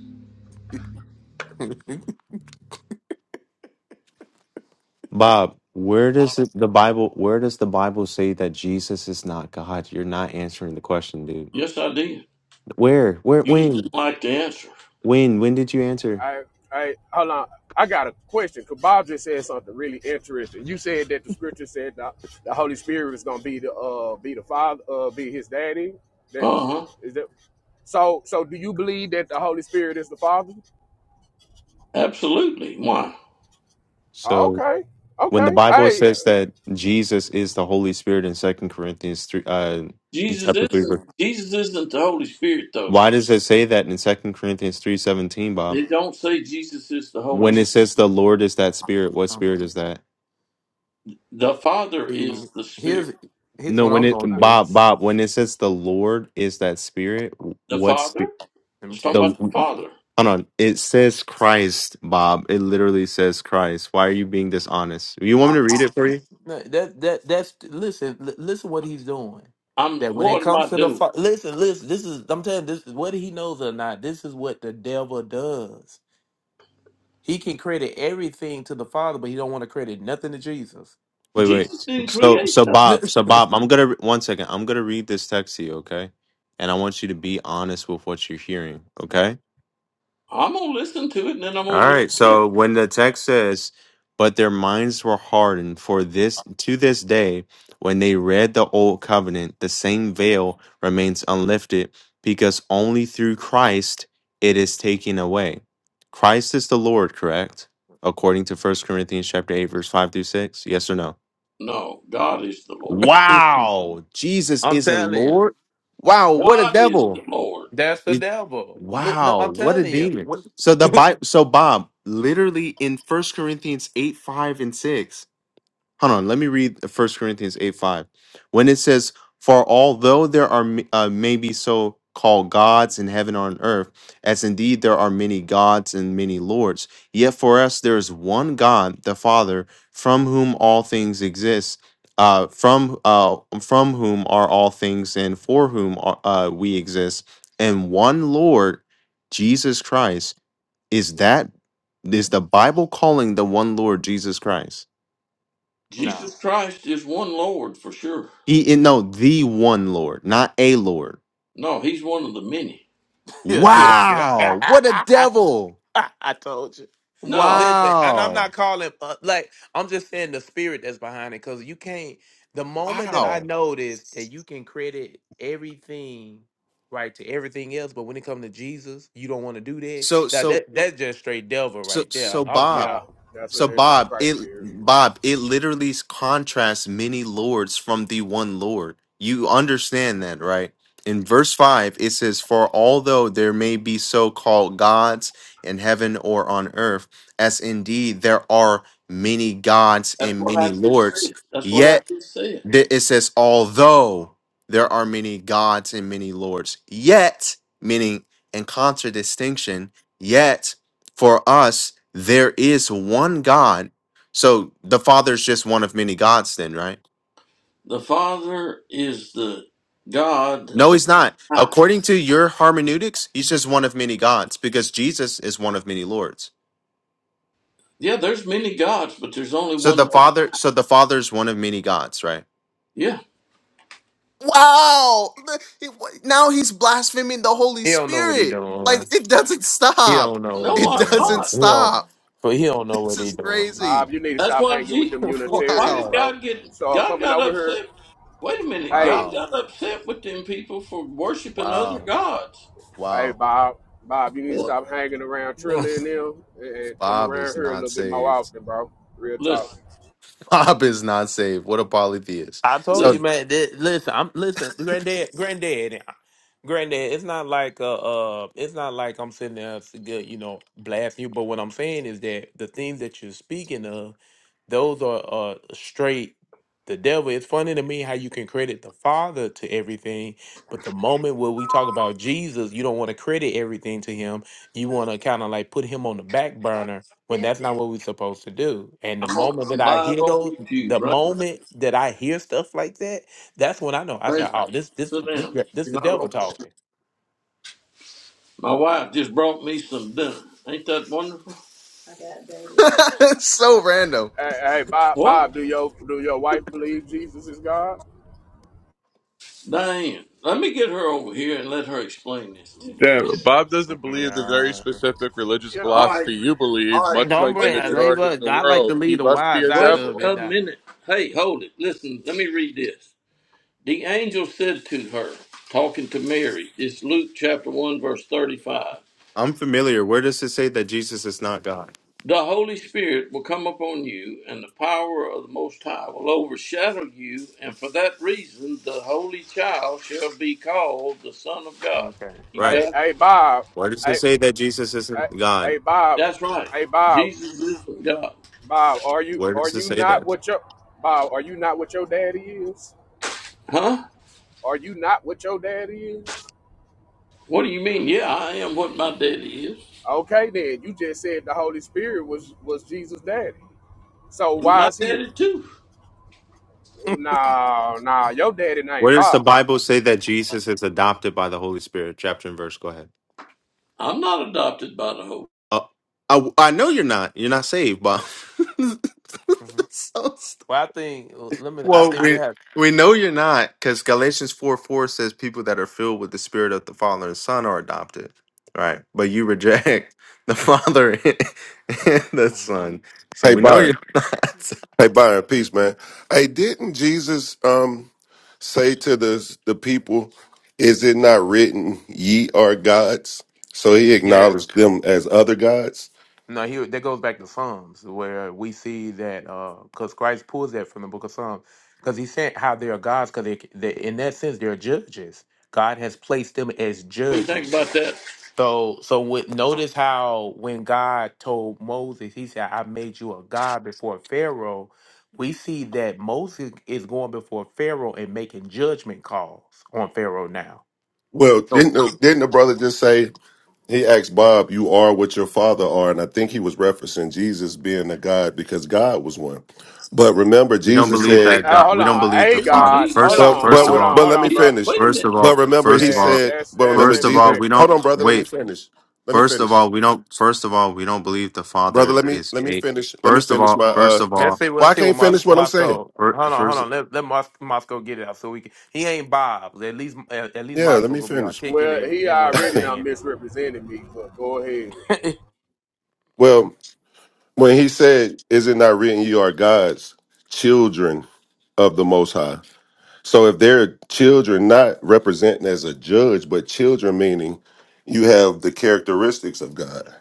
Bob, where does it, the Bible where does the Bible say that Jesus is not God? You're not answering the question, dude.
Yes, I did.
Where? Where
You just
when?
didn't like the answer.
When when did you answer?
I, I, hold on. I got a question. Cause Bob just said something really interesting. You said that the scripture said that the Holy Spirit is gonna be the uh be the father uh be his daddy. That
Uh huh.
is that. So so do you believe that the Holy Spirit is the Father?
Absolutely. Why?
So
Okay,
when the
okay.
Bible
Hey,
says that Jesus is the Holy Spirit in Second Corinthians three, uh, in
Jesus
chapter three, verse-
isn't Jesus isn't the Holy Spirit though.
why does it say that in Second Corinthians three seventeen, Bob?
It don't say Jesus is the Holy
When it
Spirit.
says the Lord is that Spirit, what Spirit is that?
The Father
See,
is the Spirit.
here's here's
No,
what
when
I'm
it
gonna do.
Bob Bob when it says the Lord is that Spirit, w-
The
what's
Father?
the,
Let me
It's
tell
talking
the
you
about
something.
the
hold
Father.
on? It says Christ, Bob. It literally says Christ. Why are you being dishonest? You want me
I'm,
to read it for you?
No, That that that's listen. L- listen, what he's doing.
I'm
That when it
what am
comes
I
to the
doing?
fa- listen, listen. This is I'm telling you, this is whether he knows or not. This is what the devil does. He can credit everything to the Father, but he don't want to credit nothing to Jesus.
Wait, wait.
Jesus didn't
So
create
so
nothing.
Bob, so Bob, I'm gonna one second. I'm gonna read this text to you, okay? And I want you to be honest with what you're hearing, okay?
I'm gonna listen to it and then I'm gonna
All
read
right.
it.
So when the text says, but their minds were hardened for this to this day, when they read the old covenant, the same veil remains unlifted because only through Christ it is taken away. Christ is the Lord, correct? According to First Corinthians chapter 8, verse 5 through 6. Yes or no?
No, God is the Lord.
Wow. Jesus
I'm
isn't
telling you,
Lord. Wow, what a
God is
devil.
the Lord.
that's the
It,
devil. Li- No,
wow,
I'm
what a
telling you.
demon.
What-
So the Bible, so Bob, literally in First Corinthians 8, 5 and 6 hold on let me read uh, first corinthians 8 5 when it says for although there are m- uh, maybe so called gods in heaven or on earth as indeed there are many gods and many lords yet for us there is one god the father from whom all things exist uh, from uh, from whom are all things and for whom are, uh, we exist and one lord jesus christ is that is the bible calling the one lord jesus christ
no.
Jesus Christ is one Lord for sure.
He no, the one Lord, not a Lord.
No, he's one of the many.
Yes, yes.
Wow, what a devil!
I told you.
No,
Listen, and I'm
Wow,
not calling uh, like I'm just saying the spirit that's behind it because you can't. The moment that I
wow.
noticed that you can credit everything right to everything else, but when it comes to Jesus, you don't want to do that.
So
Now
so
that that's just straight devil
so
right there.
so
I'm
Bob,
yeah,
sorry.
that's
so
an
Bob,
antichrist
it
spirit.
Bob, it literally contrasts many lords from the one Lord. You understand that, right? In verse five, it says, "For although there may be so-called gods in heaven or on earth, as indeed there are many gods
that's
and
what
many
I just
lords."
said. That's what I
Yet
just said.
Th- It says, although there are many gods and many lords, yet, meaning in contradistinction, yet for us there is one God. So the Father is just one of many gods, then, right?
The Father is the God,
No,
the
he's not.
Path.
According to your hermeneutics, he's just one of many gods because Jesus is one of many lords.
Yeah, there's many gods, but there's only
So the
one.
Father, so the Father is one of many gods, right?
Yeah.
Wow! The- he- wh- Now he's blaspheming the Holy
He don't know what he
Spirit. Like
doing.
it doesn't
He
stop.
don't know what he
No,
It
I'm
doesn't
doing.
not.
He don't,
stop.
but he don't know
This
what he
is
doing.
crazy.
Bob, you need to
That's
stop
why
hanging with
Jesus.
them
Why
Unitarians,
did
Wow.
bro.
God get?
So
God
coming
got
over here.
upset. Wait a minute.
Hey.
God
Wow.
got upset with them people for worshiping other
Wow.
gods.
Hey
Wow.
Bob, Bob, you need to
What?
stop hanging around Trilla and them and and come
Bob
around
is
here a little
not
bit more
saved.
often, bro. Real talk.
Listen,
Bob is not saved. What a polytheist.
I told you,
listen.
So
man. That, listen, I'm listen, granddad, granddad, granddad. It's not like uh, uh, it's not like I'm sitting there, to get, you know, blasting you. But what I'm saying is that the things that you're speaking of, those are uh straight. The devil. It's funny to me how you can credit the Father to everything, but the moment where we talk about Jesus, you don't want to credit everything to him. You want to kind of like put him on the back burner when that's not what we're supposed to do. And the
I'm, on,
moment
I'm
that I
live
hear
on
those,
YouTube,
the
right?
moment that I hear stuff like that, that's when I know. I say,
Thank you.
"Oh, this, this,
Sit
this,
down.
this,
You're
the
not
devil
on.
talking."
My wife just brought me some dinner. Ain't that wonderful?
so random.
Hey, hey Bob,
What?
Bob, do your do your wife believe Jesus is God?
Diane, let me get her over here and let her explain this to you.
Damn,
Yeah,
Bob doesn't believe the very
Nah.
specific religious
yeah.
All right,
philosophy you
all
believe,
right.
much
Now,
Don't
like the
bring.
wait a
I
minute.
leave
majority of
us.
the
I like to
world.
leave
He
the
must be
wise
a
out
Wait
of
devil.
it.
a
Now.
minute. Hey, hold it. Listen, let me read this. The angel said to her, talking to Mary, it's Luke chapter 1, verse 35.
I'm familiar. Where does it say that Jesus is not God?
The Holy Spirit will come upon you, and the power of the Most High will overshadow you, and for that reason, the Holy Child shall be called the Son of God.
Okay.
You
Right.
Hey,
got it?
hey Bob,
Where does it
hey,
say that Jesus
hey,
isn't God?
hey Bob,
That's right.
hey Bob,
Jesus is God.
Bob, are you
Where
are
does it
you
say
not
that?
what your Bob? Are you not what your daddy is?
Huh?
Are you not what your daddy is?
What do you mean? Yeah, I am what my daddy is.
Okay, then you just said the Holy Spirit was was Jesus' daddy. So
And
why
my
is he?
daddy too.
Nah, nah, your daddy name
Where does the
Bob.
Bible say that Jesus is adopted by the Holy Spirit? Chapter and verse. Go ahead.
I'm not adopted by the Holy.
Uh, I I know you're not. You're not saved, but
hmm
So st-
Well, I think. Let me. I
well,
think we
we
have.
we know you're not because Galatians four four says people that are filled with the Spirit of the Father and Son are adopted, right? But you reject the Father and the Son, so
Hey
we know
Byron.
you're not.
Hey Byron, peace, man. Hey, didn't Jesus um say to the the people, "Is it not written, ye are gods"? So he
Yeah.
acknowledged them as other gods.
No, he that goes back to Psalms where we see that because Christ pulls that from the book of Psalms because he said how they are gods because they, they in that sense they're judges. God has placed them as
What do you think
judges.
about that?
So so with, notice how when God told Moses, he said, "I made you a god before Pharaoh." We see that Moses is going before Pharaoh and making judgment calls on Pharaoh now.
Well,
So
didn't the, didn't the brother just say he asked Bob, "You are what your father are," and I think he was referencing Jesus being a god because God was one. But remember,
We don't
Jesus
believe
said,
that
Uh,
God.
hold
We don't
on,
believe
hey
the
Me and
Father.
God,
Jesus
hold
First,
have
"But
on,
the
first
same.
of
hold
but
all,
on,
but
hold
let me
on,
Jesus,
bro.
finish."
wait a
First
minute.
of
But
all,
remember,
first
he
of
Yeah,
all,
said,
that's
"But
that's
remember,
first of all,
Jesus."
we
incorrect,
Hold
don't
brother.
on, brother. Let me
wait.
finish. Let me
First of
finish.
all, we don't. First of all, we don't believe the
brother.
Father
Let me
is
let me
a.
finish. Let me
First of
finish my.
all, first
uh
of
Let's
all,
see.
Well,
Let's
I
see what
can't
Mos-
finish what I'm saying.
Moscow.
fir-
Hold on, hold
first
on. Let let Mos- Moscow get it out so we can. He ain't Bob. At least at, at least
Yeah, let
Moscow
me
gonna be
finish.
Well,
articulate
he
in what he's
already done
saying.
misrepresented me, but go ahead.
hmm
Well, when he said, "Is it not written, you are God's children of the Most High"? So if they're children, not representing as a judge, but children meaning you have the characteristics of God,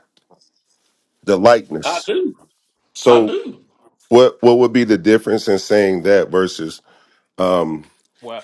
the
I
likeness.
do. I
So
do.
what what would be the difference in saying that versus? um
Well,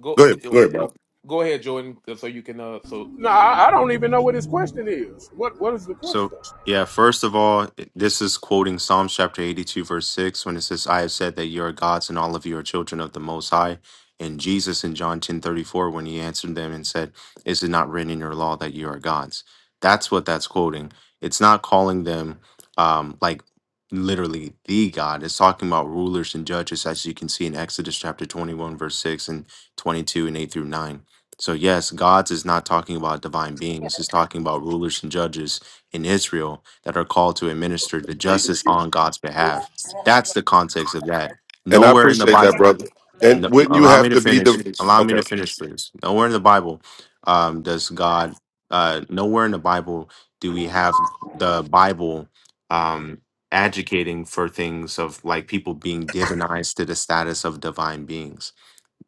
go
Go ahead,
eh,
go ahead, bro.
go ahead, Jordan, uh, so you can uh so,
Nah,
so
I I don't even know what his question is. What what is the
So,
question?
yeah, first of all, this is quoting Psalms chapter 82, verse 6, when it says, I have said that you are gods and all of you are children of the Most High. And Jesus in John 10 34 when he answered them and said, Is it not written in your law that you are gods? That's what that's quoting. It's not calling them um, like literally the God. It's talking about rulers and judges, as you can see in Exodus chapter 21, verse 6 and 22 and 8 through 9. So, yes, gods is not talking about divine beings, it's talking about rulers and judges in Israel that are called to administer the justice on God's behalf. That's the context of that.
And I
Nowhere in the
appreciate
Bible,
that, brother. And
no-
wouldn't you
allow me
have
to
to be
finish.
the
Allow me
okay?
to finish, please. Nowhere in the Bible um, does God, uh, nowhere in the Bible do we have the Bible um, advocating for things of like people being divinized to the status of divine beings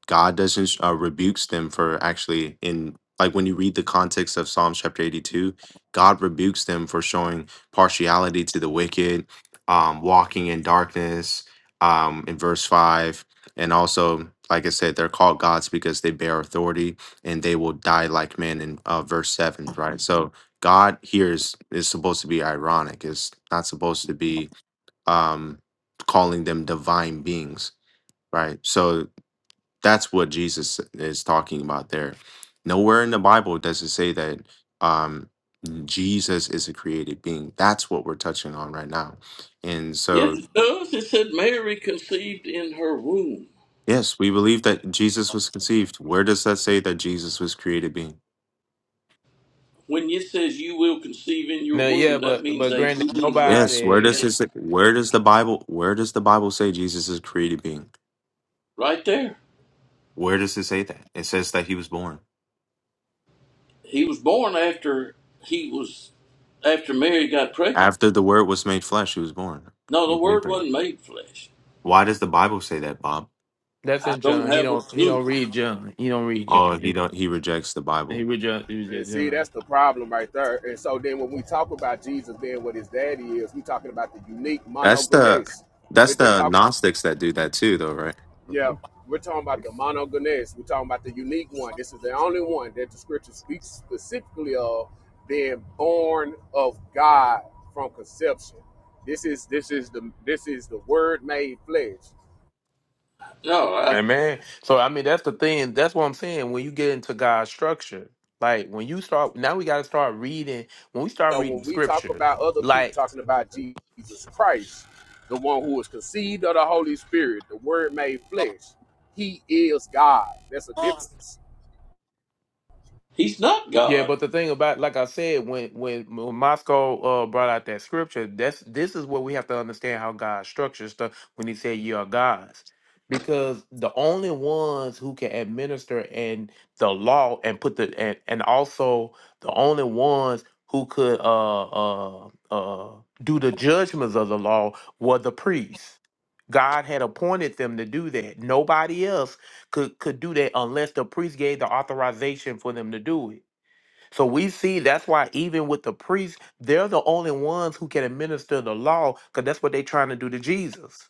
God doesn't uh, rebukes them for actually in like when you read the context of Psalms chapter 82, God rebukes them for showing partiality to the wicked, um, walking in darkness, um, in verse five, and also like I said, they're called gods because they bear authority and they will die like men in uh, verse seven, right? So God here is is supposed to be ironic. It's not supposed to be um, calling them divine beings, right? So that's what Jesus is talking about there. Nowhere in the Bible does it say that um, Jesus is a created being. That's what we're touching on right now. And
Yes,
so,
it does. It said Mary conceived in her womb.
yes, we believe that Jesus was conceived. Where does that say that Jesus was created being?
When it says you will conceive in your
no yeah,
womb, that
but
means
but
a
granted,
being will be
Yes, where does
nobody.
created.
this where does the Bible where does the Bible say Jesus is a created being?
Right there.
Where does it say that? It says that he was born.
He was born after he was after Mary got pregnant.
After the word was made flesh, he was born.
No,
We
the
believe
Word
that.
wasn't made flesh.
Why does the Bible say that, Bob?
That's
I
in
don't
John. He
have a
don't he
clue.
don't read John. He don't read
Oh, he
John.
don't he rejects the
He,
Bible.
he read John. He
And
read
see,
John.
that's the problem right there. And so then when we talk about Jesus being what his daddy is, we talking about the unique
That's the
monogenes. We're
that's
they're
the
talking
Gnostics that do that too, though, right?
Yeah, we're talking about the monogenes. We're talking about the unique one. This is the only one that the scripture speaks specifically of being born of God from conception. This is this is the this is the word made flesh.
No, I,
Amen. So I mean, that's the thing. That's what I'm saying. When you get into God's structure, like when you start now, we got to start reading. When we start
So
reading the
when we talk
scriptures,
about other people
like.
talking about Jesus Christ, the one who was conceived of the Holy Spirit, the word made flesh, he is God. That's a difference.
He's not
Yeah,
God.
but the thing about, like I said, when when, when Moscow uh, brought out that scripture, that's this is what we have to understand how God structures stuff when He said you are gods, because the only ones who can administer and the law and put the and, and also the only ones who could uh uh uh do the judgments of the law were the priests. God had appointed them to do that. Nobody else could could do that unless the priest gave the authorization for them to do it. So we see that's why even with the priests, they're the only ones who can administer the law because that's what they're trying to do to Jesus.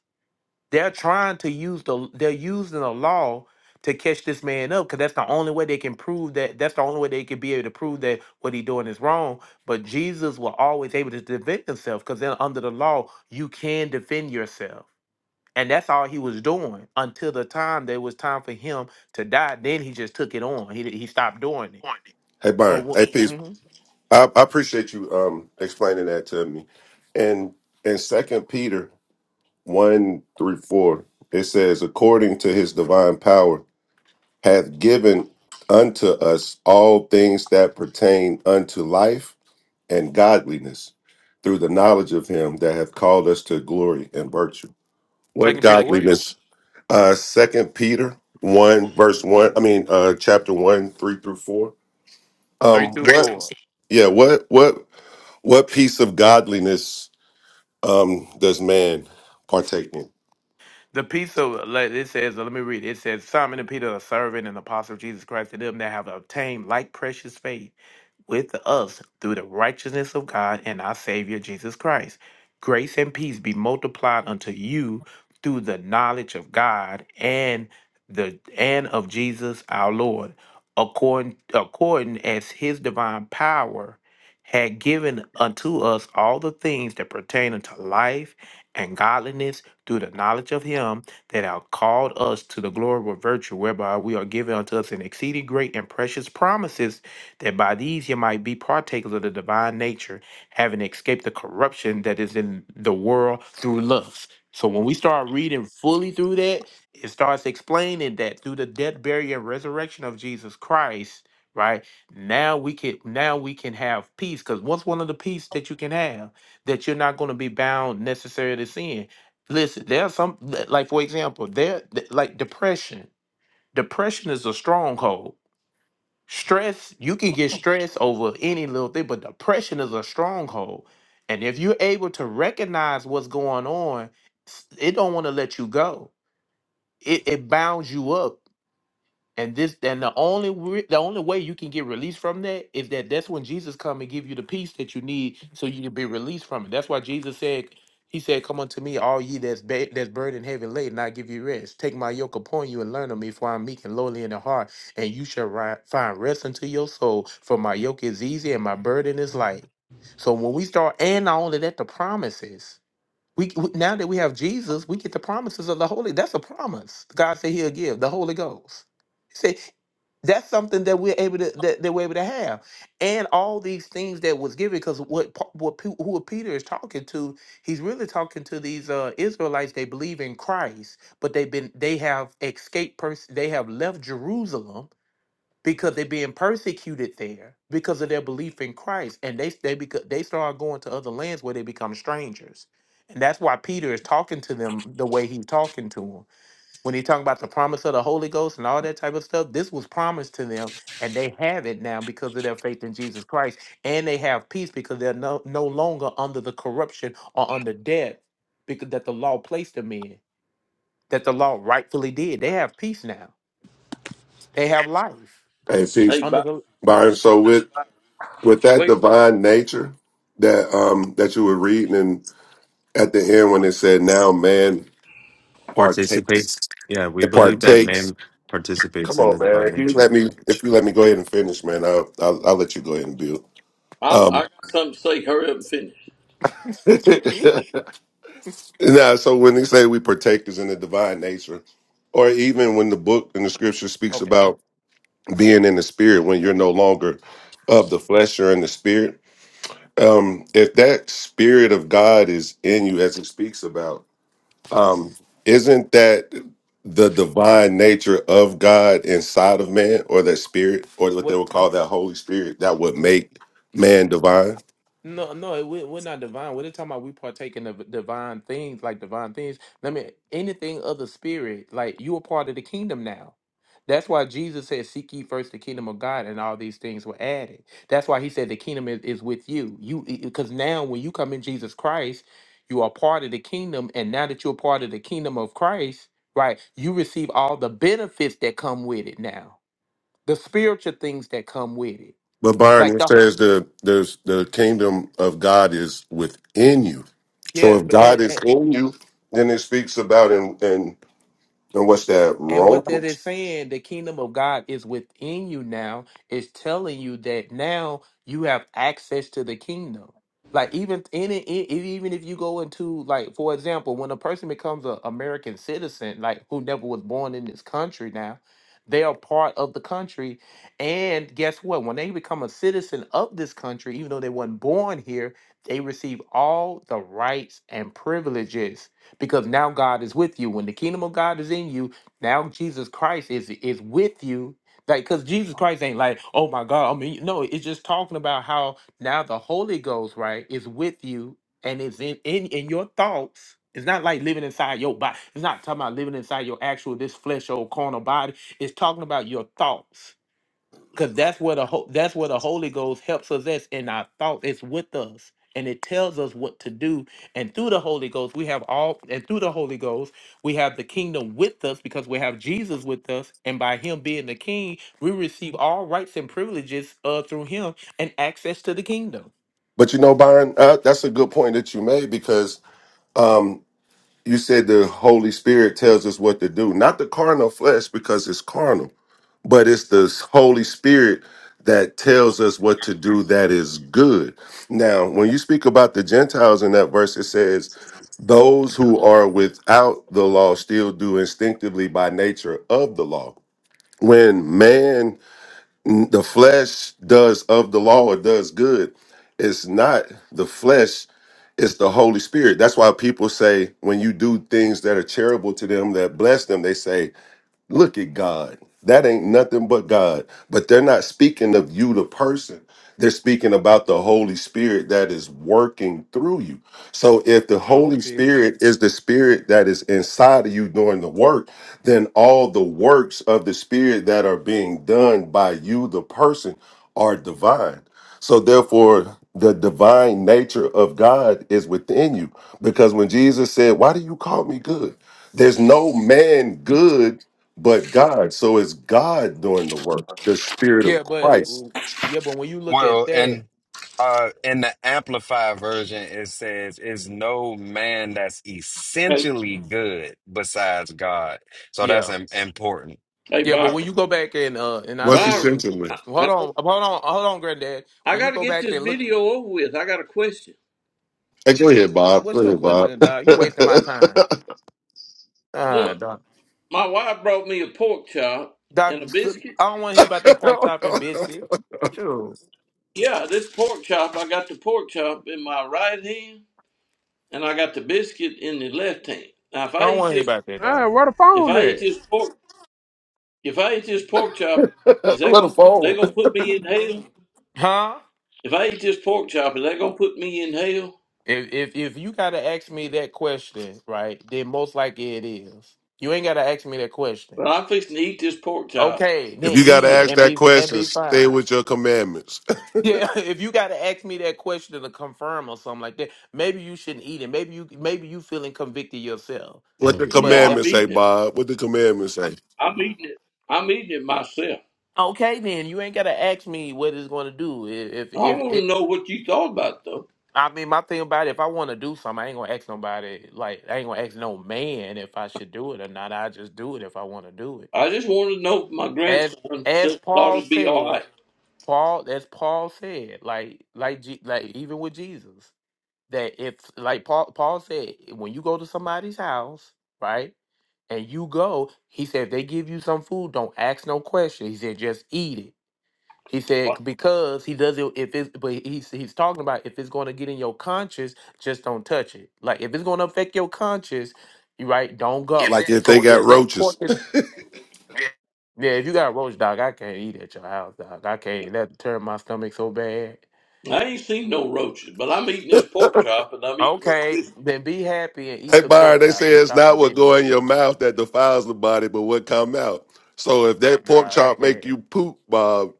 They're trying to use the they're using the law to catch this man up because that's the only way they can prove that that's the only way they can be able to prove that what he's doing is wrong. But Jesus was always able to defend himself because then under the law you can defend yourself. And that's all he was doing until the time there was time for him to die. Then he just took it on. He he stopped doing it.
Hey,
So
Byron. Hey, peace,
what?
I, I appreciate you um explaining that to me. And in Second Peter one through four, it says, "According to His divine power, hath given unto us all things that pertain unto life and godliness, through the knowledge of Him that hath called us to glory and virtue." What
Second Peter what?
godliness? Uh, Second Peter one verse one. I mean, uh, chapter one three through four.
Three
Um,
two
what?
four.
Yeah, what? What? What piece of godliness um, does man partake in?
The peace of let it says, let me read it. It says, Simon and Peter, a servant and apostle of Jesus Christ, to them that have obtained like precious faith with us through the righteousness of God and our Savior Jesus Christ. Grace and peace be multiplied unto you through the knowledge of God and the and of Jesus our Lord, according according as his divine power had given unto us all the things that pertain unto life and godliness through the knowledge of him that have called us to the glory of virtue, whereby we are given unto us an exceeding great and precious promises that by these ye might be partakers of the divine nature, having escaped the corruption that is in the world through lust. So when we start reading fully through that, it starts explaining that through the death, burial, and resurrection of Jesus Christ, right? Now we can now we can have peace. Because what's one of the peace that you can have? That you're not going to be bound necessarily to sin. Listen, there are some like for example, there like depression. Depression is a stronghold Stress, you can get stressed over any little thing, but depression is a stronghold. And if you're able to recognize what's going on, s- it don't want to let you go. It it bounds you up and this, and the only re- the only way you can get released from that is that that's when Jesus come and give you the peace that you need, so you can be released from it. That's why Jesus said, He said, "Come unto me, all ye that's ba- that's burdened heavy laden, and I give you rest. Take my yoke upon you and learn of me, for I'm meek and lowly in the heart, and you shall ri- find rest unto your soul. For my yoke is easy and my burden is light." So when we start, and not only that, the promises. We, we now that we have Jesus, we get the promises of the Holy. That's a promise. God said He'll give the Holy Ghost. He said that's something that we're able to that, that we're able to have, and all these things that was given. Because what Pa- what Pe- who Peter is talking to, he's really talking to these uh, Israelites. They believe in Christ, but they've been they have escaped. Pers- they have left Jerusalem because they're being persecuted there because of their belief in Christ, and they they because they start going to other lands where they become strangers, and that's why Peter is talking to them the way he's talking to them when he talking about the promise of the Holy Ghost and all that type of stuff. This was promised to them, and they have it now because of their faith in Jesus Christ, and they have peace because they're no no longer under the corruption or under death because that the law placed them in, that the law rightfully did. They have peace now. They have life
And
Hey,
he's
Byron.
under
Byron, so with with that
Wait,
divine nature that um that you were reading and at the end when it said now man
Participates.
partakes
Yeah, we
it
believe that
partakes.
man participates
Come
in
on,
the
man.
divine
If you
nature.
let me if you let me go ahead and finish, man, I'll I'll, I'll let you go ahead and build.
I,
Um
I got something to say. Hurry up and finish.
the
now so when they say we partakers in the divine nature, or even when the book and the scripture speaks
Okay.
about being in the spirit when you're no longer of the flesh or in the spirit. Um, if that spirit of God is in you, as it speaks about, um, isn't that the divine nature of God inside of man, or that spirit, or what they
What?
would call that Holy Spirit, that would
what
make man divine?
no, no, we, we're not divine. We're just talking about we partaking of divine things, like divine things. I mean, anything of the spirit, like you are part of the kingdom now. That's why Jesus said, "Seek ye first the kingdom of God, and all these things were added." That's why He said, "The kingdom is, is with you." You, because now when you come in Jesus Christ, you are part of the kingdom, and now that you're part of the kingdom of Christ, right? You receive all the benefits that come with it now, the spiritual things that come with it,
But Byron,
like
it
the
says the there's the kingdom of God is within you. So
Yes,
if
but
God
and,
is
and,
in you, then it speaks about and and and what's that
And what that
Romans?
is saying, the kingdom of God is within you now, is telling you that now you have access to the kingdom. Like even in it, e- e- even if you go into like, for example, when a person becomes an American citizen, like who never was born in this country now, they are part of the country. And guess what? When they become a citizen of this country, even though they weren't born here, they receive all the rights and privileges because now God is with you. When the kingdom of God is in you, now Jesus Christ is is with you. Like, cause Jesus Christ ain't like, oh my God. I mean, no, it's just talking about how now the Holy Ghost, right, is with you and is in in, in your thoughts. It's not like living inside your body. It's not talking about living inside your actual this flesh old carnal body. It's talking about your thoughts because that's where the ho- that's where the Holy Ghost helps us. That's in our thoughts. It's with us, and it tells us what to do. And through the Holy Ghost, we have all. And through the Holy Ghost, we have the kingdom with us because we have Jesus with us. And by Him being the King, we receive all rights and privileges uh, through Him and access to the kingdom.
But you know, Byron, uh, that's a good point that you made because um, you said the Holy Spirit tells us what to do, not the carnal flesh because it's carnal, but it's the Holy Spirit that tells us what to do that is good. Now, when you speak about the Gentiles in that verse, it says, Those who are without the law still do instinctively by nature of the law. When man, the flesh, does of the law or does good, it's not the flesh it's the Holy Spirit. That's why people say when you do things that are charitable to them, that bless them, they say, Look at God. That ain't nothing but God. But they're not speaking of you, the person. They're speaking about the Holy Spirit that is working through you. So if the
I
Holy
hope you.
Spirit is the spirit that is inside of you doing the work, then all the works of the spirit that are being done by you, the person, are divine. So therefore, the divine nature of God is within you. Because when Jesus said, Why do you call me good? There's no man good but God. So it's God doing the work, the Spirit of
Yeah, but
Christ.
mm, yeah, but when you look at
Well,
that,
and uh, in the Amplified version, it says, "Is no man that's
Hey,
essentially good besides God." So that's
yeah,
im- important.
hey,
yeah, but when
Byron.
you go back and uh, and I
What's
say
your
this,
Byron, I,
sentiment?
I,
hold on, hold on, hold on, Granddad
I
when you
got to
go
get
back
this
and look
video over with. I got a question.
Hey, go ahead, Bob. Go
What's your
ahead, Bob.
question, dog? You wasting my time. Ah,
Look,
dog.
my wife brought me a pork chop
Doc,
and a biscuit.
I don't want to hear about that pork chopping bitch shit. Dude,
Yeah, this pork chop, I got the pork chop in my right hand, and I got the biscuit in the left hand. Now, if
I
I
don't
eat
want to hear
this,
about that, dog.
Man, where the
if
phone
I eat
at?
this pork If I eat this pork chop, is that
What a
gonna they
phone.
gonna put me in hell?
Huh?
If I eat this pork chop, is that gonna put me in hell?
If if if you gotta ask me that question, right? Then most likely it is. You ain't gotta ask me that question.
But I'm fixing to eat this pork chop.
Okay, then
If you got to
eat it
ask
and
that
be and
question,
be
stay
fine.
with your commandments.
Yeah, if you gotta ask me that question to confirm or something like that, maybe you shouldn't eat it. Maybe you maybe you feeling convicted yourself.
What the
No,
But if
I'm
commandments say,
eating it.
Bob? What the commandments say?
I'm eating it. I'm eating it myself.
Okay, then you ain't gotta ask me what it's gonna do. If if,
I
if
want to
it,
know what you thought about it, though.
I mean, my thing about it, if I want to do something, I ain't gonna ask nobody. Like I ain't gonna ask no man if I should do it or not. I just do it if I want to do it.
I just wanted to know if my
As
grandson
as
said, thought
Paul
it'd be all
said, Paul as Paul said, like like Je- like even with Jesus, that if like Paul Paul said, when you go to somebody's house, right, and you go, he said if they give you some food, don't ask no question. He said just eat it. He said
right.
"C- because he doesn't if it's but he's he's talking about if it's going to get in your conscience, just don't touch it. Like if it's going to affect your conscience, you right, don't go.
Like if they
So
got
if that pork
roaches.
is yeah, if you got a roach dog, I can't eat at your house, dog. I can't. That turn my stomach so bad.
I ain't seen no roaches, but I'm eating this pork chop and I'm eating this.
Okay, then be happy and
Hey,
eat the pork
Byron, they
chop
say
and
it's
stop the
not what go
video,
in your mouth that defiles the body, but what come out. So if that pork
dog. I
chop make you
can't.
poop, Bob,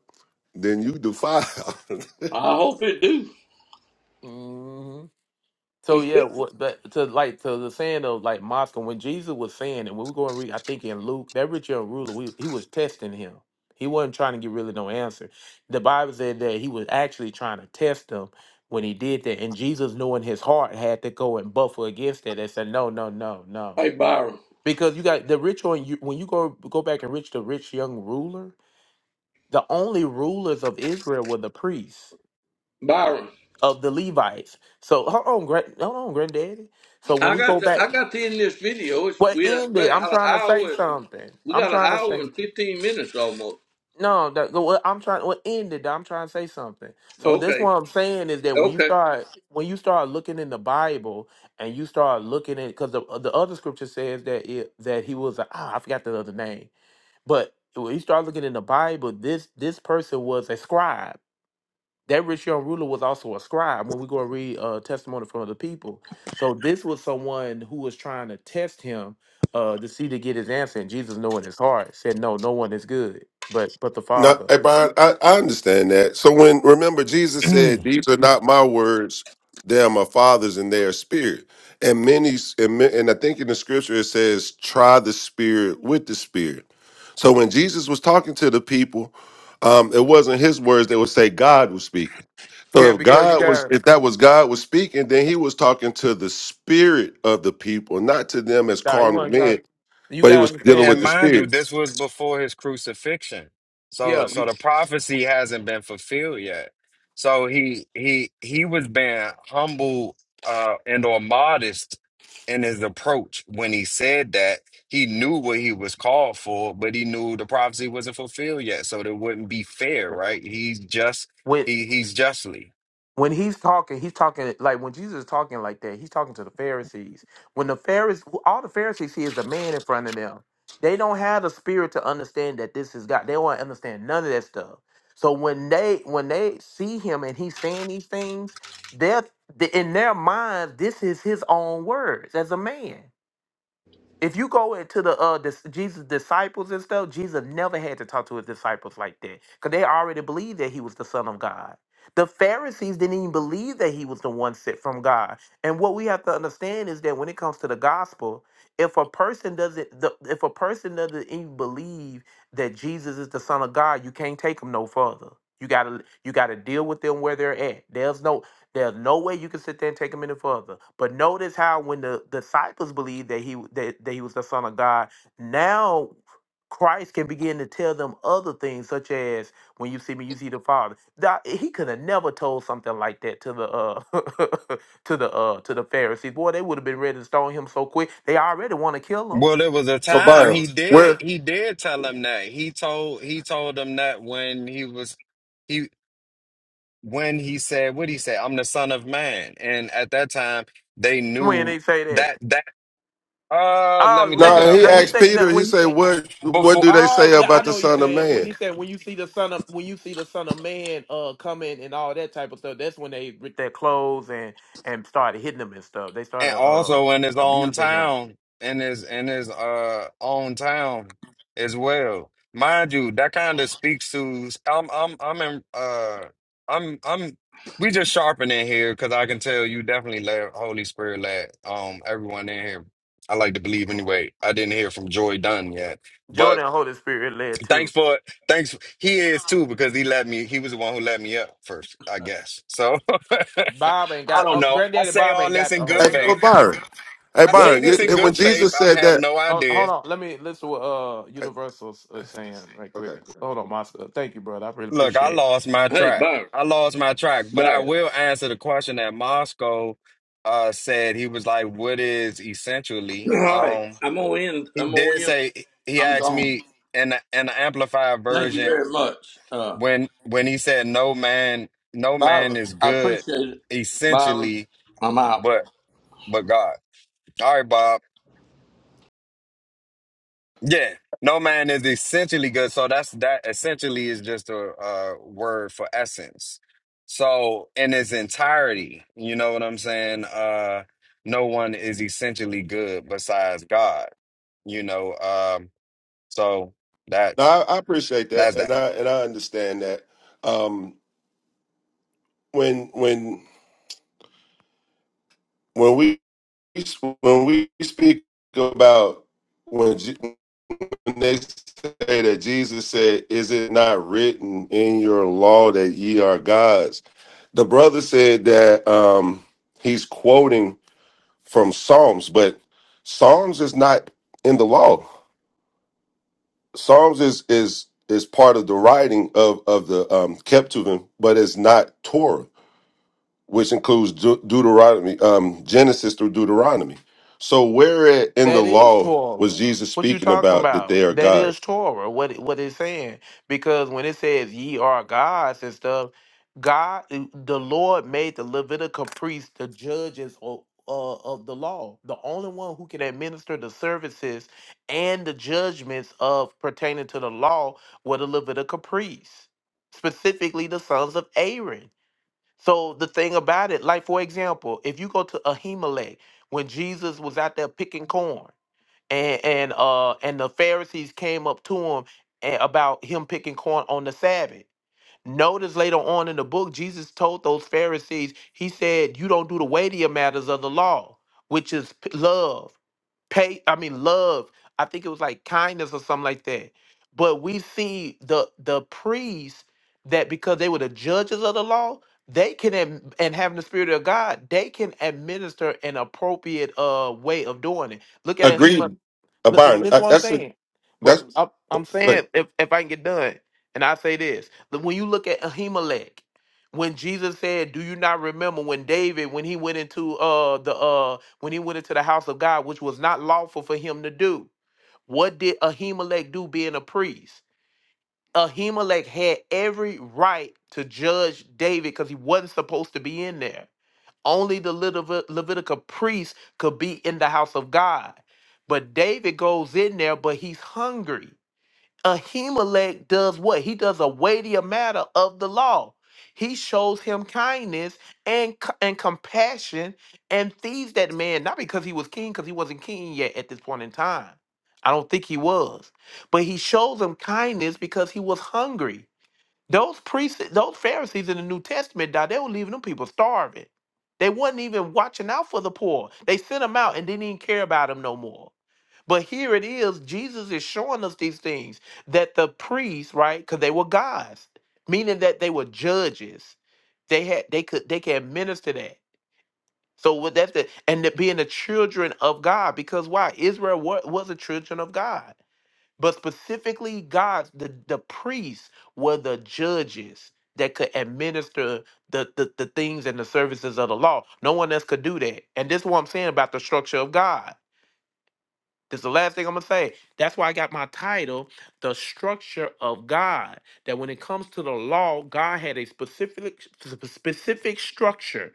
then you defile.
I hope it do.
Mm-hmm. So
It's
yeah,
good.
what that to like to the saying of like Moscow when Jesus was saying, and when we go and read, I think in Luke, that rich young ruler, we, he was testing him. He wasn't trying to get really no answer. The Bible said that he was actually trying to test him when he did that, and Jesus, knowing his heart, had to go and buffer against that and said, no, no, no, no,
Hey Byron,
because you got the rich on you when you go go back and reach the rich young ruler. The only rulers of Israel were the priests
Byron.
of the Levites. So hold on, grand, hold on, granddaddy. So when
I
we
got
go
the
back,
I got the English video. It's
What
we uh, we
ended? I'm
got an
trying to say
hour.
something.
We
I'm
got an
trying to
hour
say
and fifteen minutes almost.
no. That the- what I'm trying. What ended? I'm trying to say something. So this
Okay,
what I'm saying is that when you
okay.
start when you start looking in the Bible and you start looking at because the the other scripture says that it that he was a, ah I forgot the other name, but when you start looking in the Bible, this this person was a scribe that rich young ruler was also a scribe when we go and read uh testimony from other people so this was someone who was trying to test him uh to see to get his answer and jesus knowing his heart said no no one is good but but the
No,
father
hey, Brian, I, I understand that. So when remember Jesus said, "These are not my words; they are my Father's, and they are spirit." And many, and, ma- and I think in the scripture it says, "Try the spirit with the spirit." So when Jesus was talking to the people, um, it wasn't his words; they would say God was speaking. So
yeah
if
because you
God was,
got
if that was God was speaking, then he was talking to the spirit of the people, not to them as
nah, you
carnal
want
men,
to you
but he
got to
was dealing with
And
the
understand
mind you,
spirit.
this was before his crucifixion. So
yeah you-
so the prophecy hasn't been fulfilled yet. So he he he was being humble uh and or modest in his approach when he said that he knew what he was called for, but he knew the prophecy wasn't fulfilled yet. So that wouldn't be fair, right? He's just
when
he he's justly.
when he's talking, he's talking like when Jesus is talking like that, he's talking to the Pharisees. When the Pharisees, all the Pharisees see is a man in front of them. They don't have the spirit to understand that this is God. They will not understand none of that stuff. So when they when they see him and he's saying these things, they're in their minds, this is his own words as a man. If you go into the uh dis- Jesus disciples and stuff, Jesus never had to talk to his disciples like that because they already believed that he was the son of God. The Pharisees didn't even believe that he was the one sent from God. And what we have to understand is that when it comes to the gospel, if a person doesn't, the, if a person doesn't even believe that Jesus is the Son of God, you can't take them no further. You gotta, you gotta deal with them where they're at. There's no, there's no way you can sit there and take him any further. But notice how when the disciples believed that he that, that he was the son of God, now Christ can begin to tell them other things, such as when you see me, you see the Father. That he could have never told something like that to the uh to the uh to the Pharisees. Boy, they would have been ready to stone him so quick. They already want to kill
Well, there was a
So,
time
Byron,
he did
where
he did tell him that. He told he told him that when he was he. when he said, what did he say? I'm the son of man. And at that time, they
him when they
knew
say that.
that that uh let me
Oh,
look
you,
it
No,
up
he
no,
for
he
you.
asked
said
Peter.
no,
He
when he
said,
said.
"What what
Before
do they
Oh
say
yeah, I
about the
know what you're
Son of
saying. When
Man?"
he said when you see the son of when you see the son of man uh coming and all that type of stuff, that's when they ripped their clothes and and started hitting them and stuff. They
and
started uh
also in his own
abusing them.
town, in his in his uh own town as well. Mind you, that kind of speaks to I'm I'm I'm in uh I'm I'm we just sharpening here because I can tell you definitely let Holy Spirit let um everyone in here. I like to believe anyway. I didn't hear from Joy Dunn yet. But
Jordan Holy Spirit led
Thanks
too.
for thanks. He is too because he let me. He was the one who let me up first, I guess. So
Bob ain't
I
got
don't
uh,
know. I
granddaddy
say
Bob
all
ain't
this
got
in
the
good
Hey,
Holy
well,
faith.
Ghost.
Byron. Hey,
I say
Wait
Byron.
a
You,
this
minute.
in
and when
good faith.
Jesus
I
said
have
that,
no
Hold, hold
idea.
on, let me listen to what uh Universal's uh, saying right quick.
okay.
Hold on, Master. Thank you, brother. I really
Look, I
appreciate it.
lost my
Hey,
track.
Byron,
I lost my track, but I
Byron.
will answer the question that Moscow uh, said. He was like, "What is essentially?"
All right,
Um,
I'm gonna end.
he
I'm gonna
did
end.
say he
I'm
asked
gone.
me in the, in the amplified
Thank you
version.
very much, uh,
when when he said no man no man
Byron.
is
I
good
appreciate it, Byron.
essentially
I'm out.
but but god all right bob yeah no man is essentially good so that's that essentially is just a, uh word for essence so in its entirety you know what i'm saying uh no one is essentially good besides god you know um so
No,
that's
I, I appreciate that,
that's
and
that
I and I understand that. Um, when when when we when we speak about when, Je- when they say that Jesus said, "Is it not written in your law that ye are gods?" The brother said that um, he's quoting. from Psalms, but Psalms is not in the law. Psalms is is is part of the writing of of the um, Ketuvim, but it's not Torah, which includes De- Deuteronomy, um, Genesis through Deuteronomy. So where in the
That is
law was
Torah.
Jesus
What you
speaking
talking
about that they are
about? That
God?
is Torah. What it, what it's saying? Because when it says ye are gods and stuff, God, eh, the Lord made the Levitical priest the judges of uh, of the law, the only one who can administer the services and the judgments of pertaining to the law were the Levitical priests, specifically the sons of Aaron. So the thing about it, like for example, if you go to Ahimelech when Jesus was out there picking corn and and uh and the Pharisees came up to him a- about him picking corn on the Sabbath. Notice later on in the book, Jesus told those Pharisees, he said, "You don't do the weightier matters of the law, which is p- love, pay. I mean, love. I think it was like kindness or something like that." But we see the the priests that because they were the judges of the law, they can ad- and having the spirit of God, they can administer an appropriate uh way of doing it. Look at it.
Agreed, uh,
Th- th-
Byron.
This is
uh,
what I'm
That's a,
saying. But
that's
I'm, I'm
like
saying if, if I can get done, and I say this, that when you look at Ahimelech, when Jesus said, "Do you not remember when David, when he went into uh the uh when he went into the house of God, which was not lawful for him to do? What did Ahimelech do, being a priest? Ahimelech had every right to judge David because he wasn't supposed to be in there only the Levit- Levitical priest could be in the house of God. But David goes in there, but he's hungry. Ahimelech does what? He does a weightier matter of the law. He shows him kindness and, c- and compassion and feeds that man, not because he was king, because he wasn't king yet at this point in time. I don't think he was. But he shows him kindness because he was hungry. Those priests, those Pharisees in the New Testament, died. They were leaving them people starving. They wasn't even watching out for the poor. They sent them out and didn't even care about them no more. But here it is, Jesus is showing us these things that the priests, right? Because they were gods, meaning that they were judges. They had they could they can administer that. So with that, the, and the, being the children of God, because why? Israel wa- was the children of God. But specifically, God, the, the priests were the judges that could administer the, the, the things and the services of the law. No one else could do that. And this is what I'm saying about the structure of God. This is the last thing I'm gonna say. That's why I got my title, The Structure of God. That when it comes to the law, God had a specific sp- specific structure.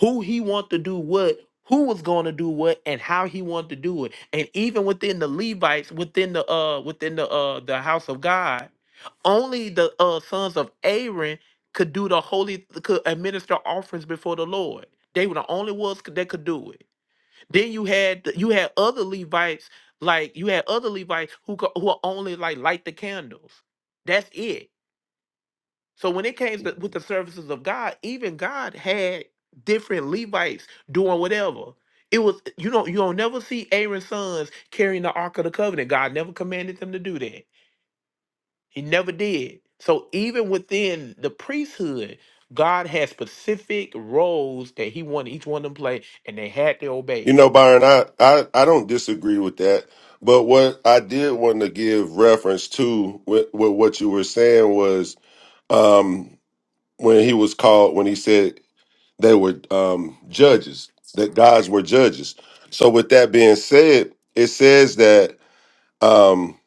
Who he wanted to do what, who was gonna do what, and how he wanted to do it. And even within the Levites, within the uh within the uh the house of God, only the uh sons of Aaron could do the holy could administer offerings before the Lord. They were the only ones that could do it. Then you had the- you had other Levites like you had other Levites who co- who are only like light the candles. That's it. So when it came to, with the services of God, even God had different Levites doing whatever. It was you don't you don't never see Aaron's sons carrying the Ark of the Covenant. God never commanded them to do that. He never did. So even within the priesthood, God had specific roles that He wanted each one of them to play, and they had to obey it.
you know, Byron. I, I I don't disagree with that. But what I did want to give reference to with, with what you were saying was um, when he was called when he said they were um, judges that gods were judges so with that being said it says that um,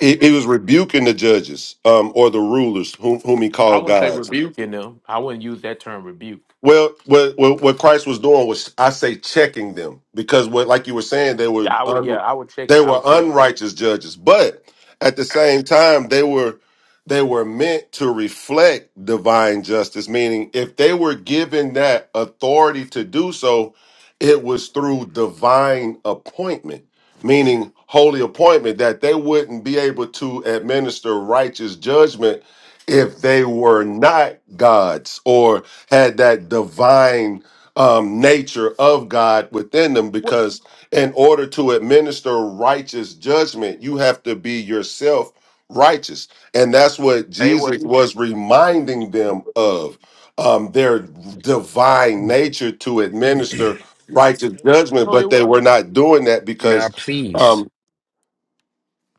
he, he was rebuking the judges um, or the rulers whom, whom he
I
called
wouldn't say
gods
rebuking them. I wouldn't use that term rebuke.
Well, what, what what Christ was doing was, I say, checking them because, what like you were saying, they were
Yeah, I would. Yeah,
un,
I would check.
they
I
were
would. Yeah.
unrighteous judges, but at the same time, they were they were meant to reflect divine justice. Meaning, if they were given that authority to do so, it was through divine appointment, meaning holy appointment, that they wouldn't be able to administer righteous judgment if they were not gods or had that divine um, nature of God within them
What?
because, in order to administer righteous judgment, you have to be yourself righteous. And that's what
They were.
Jesus was reminding them of um, their divine nature to administer righteous judgment,
No, it
but they
wasn't.
were not doing that
now
because.
please
Um,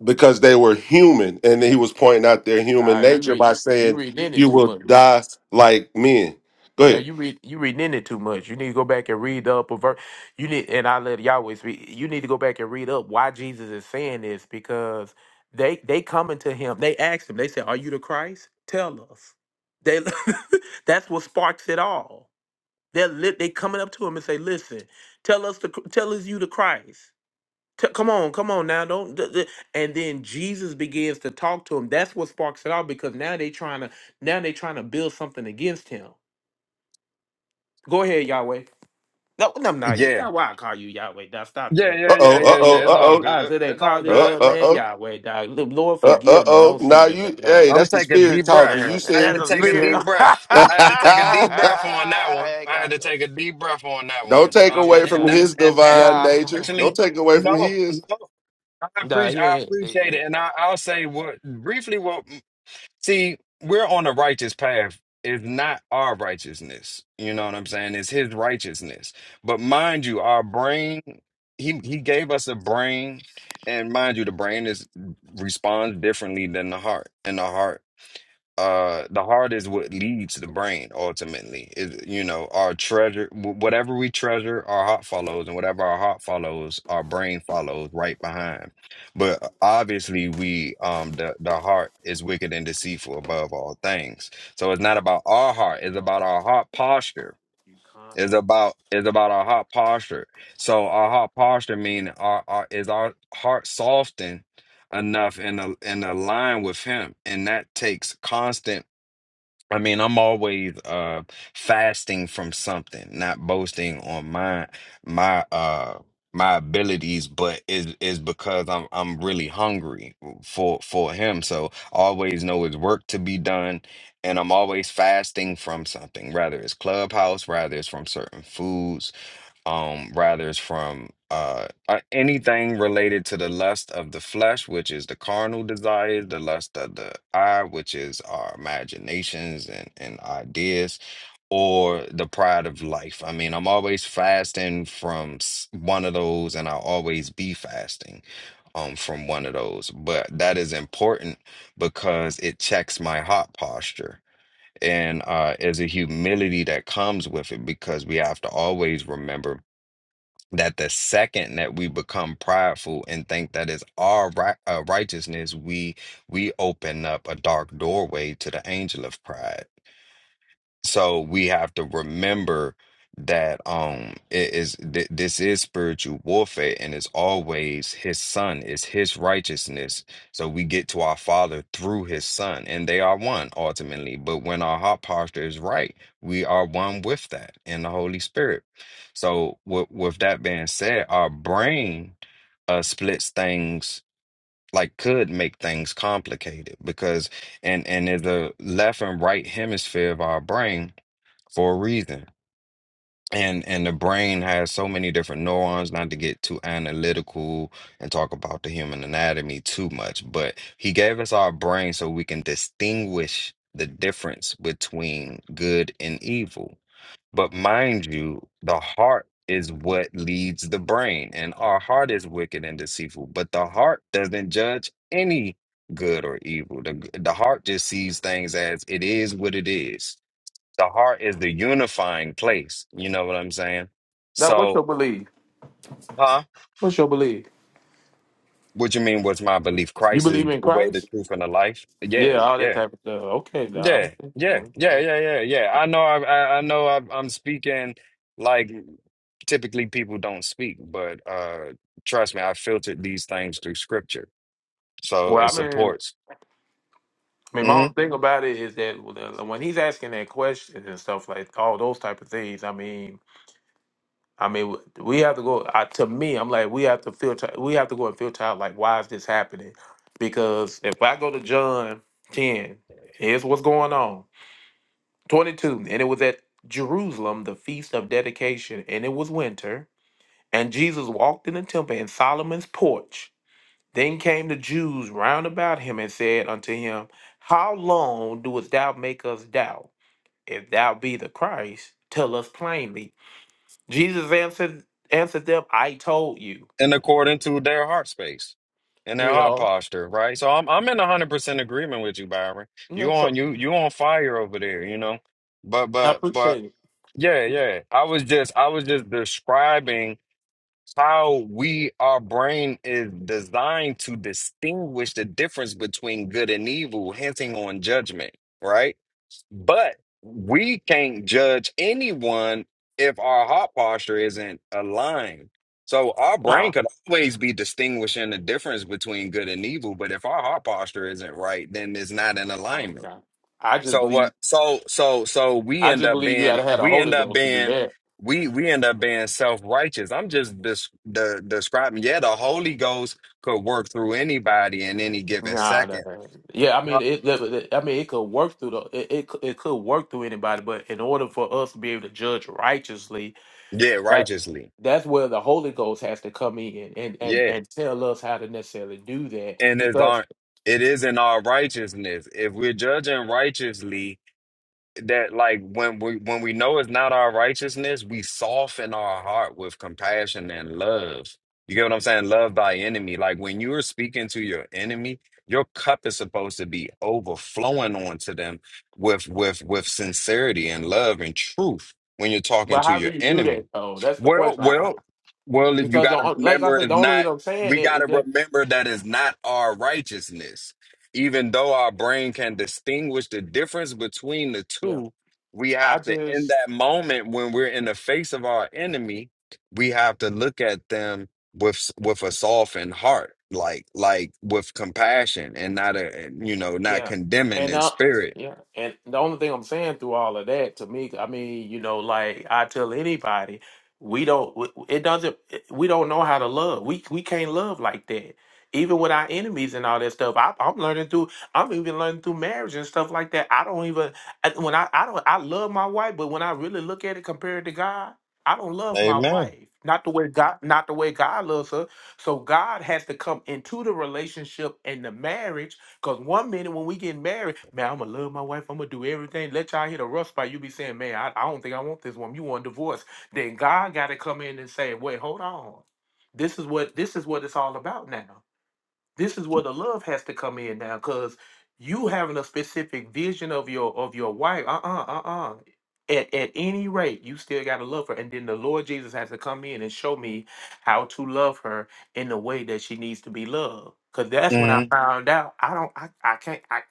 because they were human, and he was pointing out their human
Nah, you
nature by
read. You
saying,
read in it
"You
too
will
much.
die like men." Go
Now
ahead.
you read. You reading in it too much. You need to go back and read up a verse. You need, and I let Yahweh speak. You need to go back and read up why Jesus is saying this because they they coming to him. They asked him. They said, "Are you the Christ? Tell us." They. that's what sparks it all. They're lit. They coming up to him and say, "Listen, tell us the tell us you the Christ. T- come on, come on now, don't." d- d-" And then Jesus begins to talk to him. That's what sparks it out because now they trying to now they trying to build something against him. Go ahead, Yahweh. No, no, not yet.
yeah
That's why I call you Yahweh. Now stop
yeah
that.
Uh
yeah
oh,
yeah
uh
yeah
oh,
yeah it's
uh
all
Oh,
oh,
I
good
said they
it's
call
all
this
good
up,
uh
man.
oh,
Yahweh, dog. Look, Lord,
uh uh
forgive me.
oh.
Don't see
Now
me. that,
you,
Uh,
hey,
I'm
that's the
taking a
spirit
deep
talking.
breath.
You
man,
I had
said,
that's
to
it,
a
you
take a
spirit.
said.
deep breath. I had to take a
it.
deep breath on that one.
Hey,
I had
God.
to take a deep breath on that
Don't
one.
take
Uh,
yeah,
away from
and
dog.
that's
his
and, and
divine
and
Yeah.
nature.
actually,
Don't take away from
no,
his.
no. I
Nah,
appreciate
he
I
ain't. They,
appreciate
yeah.
it, and I, I'll say what briefly. What see, we're on a righteous path. It's not our righteousness. You know what I'm saying? It's His righteousness. But mind you, our brain. He he gave us a brain, and mind you, the brain is responds differently than the heart, and the heart uh the heart is what leads the brain ultimately it, you know our treasure wh- whatever we treasure our heart follows and whatever our heart follows our brain follows right behind but uh, obviously we um the, the heart is wicked and deceitful above all things so it's not about our heart it's about our heart posture it's about it's about our heart posture so our heart posture mean our, our is our heart softened enough and uh, and align with him and that takes constant I mean, I'm always uh fasting from something, not boasting on my my uh my abilities, but is is because I'm I'm really hungry for for him. So I always know it's work to be done, and I'm always fasting from something, rather it's clubhouse, rather it's from certain foods um rather is from uh uh, anything related to the lust of the flesh which is the carnal desires the lust of the eye which is our imaginations and, and ideas or the pride of life i mean i'm always fasting from s- one of those and i'll always be fasting um from one of those but that is important because it checks my heart posture and uh, there's a humility that comes with it because we have to always remember that the second that we become prideful and think that is our right, uh, righteousness, we we open up a dark doorway to the angel of pride. So we have to remember that um it is th this is spiritual warfare and it's always his son is his righteousness. So we get to our father through his son and they are one ultimately. But when our heart posture is right, we are one with that in the Holy Spirit. So with with that being said, our brain uh splits things like could make things complicated because and and in the left and right hemisphere of our brain for a reason. And and the brain has so many different neurons, not to get too analytical and talk about the human anatomy too much, but he gave us our brain so we can distinguish the difference between good and evil. But mind you, the heart is what leads the brain, and our heart is wicked and deceitful, but the heart doesn't judge any good or evil. The, the heart just sees things as it is what it is the heart is the unifying place. You know what I'm saying?
Now, what's your
So,
belief?
huh?
What's your belief?
What you mean? What's my belief?
You
Christ is
believe in
the way, the
Christ?
truth, and the life.
Yeah,
Yeah,
all that
yeah,
type of stuff. Okay, nah,
yeah,
I'm
yeah,
thinking. uh,
yeah, yeah, yeah, yeah. I know. I, I, I know. I, I'm speaking like typically people don't speak, but uh, trust me, I filtered these things through Scripture, so
Well,
it
I mean,
supports.
I mean, my
Mm-hmm.
own thing about it is that when he's asking that question and stuff like all those type of things, I mean, I mean, we have to go. I, to me, I'm like, we have to filter. We have to go and filter out like, why is this happening? Because if I go to John ten, here's what's going on. 22 and it was at jerusalem the feast of dedication and it was winter and jesus walked in the temple in solomon's porch then came the jews round about him and said unto him how long doest thou make us doubt if thou be the christ tell us plainly jesus answered answered them i told you
and according to their heart space and their
you
heart
know
posture, right? So I'm I'm in hundred percent agreement with you, Byron.
yeah
You on
so
you you on fire over there, you know. But
i
but but
appreciate it
yeah, yeah. I was just I was just describing how we our brain is designed to distinguish the difference between good and evil, hinting on judgment, right? But we can't judge anyone if our heart posture isn't aligned. So our
oh,
brain could always be distinguishing the difference between good and evil, but if our heart posture isn't right, then it's not in
i don't
alignment.
know. I just
So what
believe
so so so we
i
end
just
up
believe you
being
gotta have the
we end
holy
up
ghost to do
being
that
we we end up being self-righteous. I'm just dis- the describing yeah, the Holy Ghost could work through anybody in any given
Nah, nah,
second.
nah. yeah. I
Huh?
mean, it, that- that- I mean, it could work through the. It, it could- it could work through anybody, but in order for us to be able to judge righteously,
Yeah,
that
righteously.
that's where the Holy Ghost has to come in and and
Yeah.
and tell us how to necessarily do that.
and it's
Because,
our it is in our righteousness. If we're judging righteously, that like when we when we know it's not our righteousness, we soften our heart with compassion and love. You get what I'm saying? Love thy enemy. Like when you are speaking to your enemy, your cup is supposed to be overflowing onto them with with with sincerity and love and truth when you're talking
but
to
how do
your
you do
enemy.
that though? That's the
Well,
question. I, I-
well, well, you
because the,
gotta
on- like I
remember
said, the
it's
only
not
reason I'm saying
we
it is
gotta
that
remember that it's not our righteousness even though our brain can distinguish the difference between the
yeah,
two, we
I
have to, in
just
that moment when we're in the face of our enemy, we have to look at them with with a softened heart, like like with compassion and not a you know not
Yeah.
condemning
And
in
uh
spirit.
yeah. And the only thing I'm saying through all of that to me, I mean, you know, like I tell anybody, we don't w- it doesn't we don't know how to love. We we can't love like that. Even with our enemies and all that stuff, I, I'm learning through. I'm even learning through marriage and stuff like that. I don't even I- when I I don't I love my wife, but when I really look at it compared to God, I don't love my
Amen.
wife. Not the way God, not the way God loves her. So God has to come into the relationship and the marriage Cause one minute when we get married, man, I'm gonna love my wife. I'm gonna do everything. Let y'all hit a rough spot. You be saying, man, I, I don't think I want this woman. You want a divorce? Then God got to come in and say, wait, hold on. This is what this is what it's all about now this is where the love has to come in now because you having a specific vision of your of your wife uh-uh uh-uh at, at any rate you still got to love her and then the lord jesus has to come in and show me how to love her in the way that she needs to be loved because that's when i
hmm
Mhm. found out i don't i, I can't I,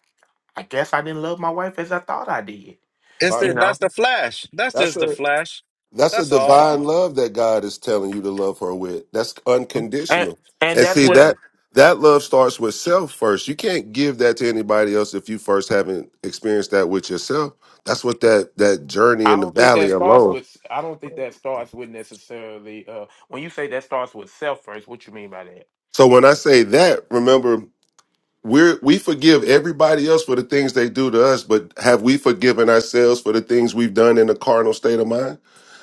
I guess i didn't love my wife as i thought i did
It's
you
the
Right.
that's
know
the flash. That's
That's
just the
a
flash.
that's a
That's all.
divine love that God is telling you to love her with. That's
and
unconditional.
and
And
that's
see
what
Yeah.
that that love starts with self first. You can't give that to anybody else if you first haven't experienced that with yourself. That's what that that journey
i
in the
don't think that
valley
starts
alone.
with i don't think that starts with necessarily uh when you say that starts with self first what you mean by that
So when I say that, remember we're we forgive everybody else for the things they do to us, but have we forgiven ourselves for the things we've done in a carnal state of mind?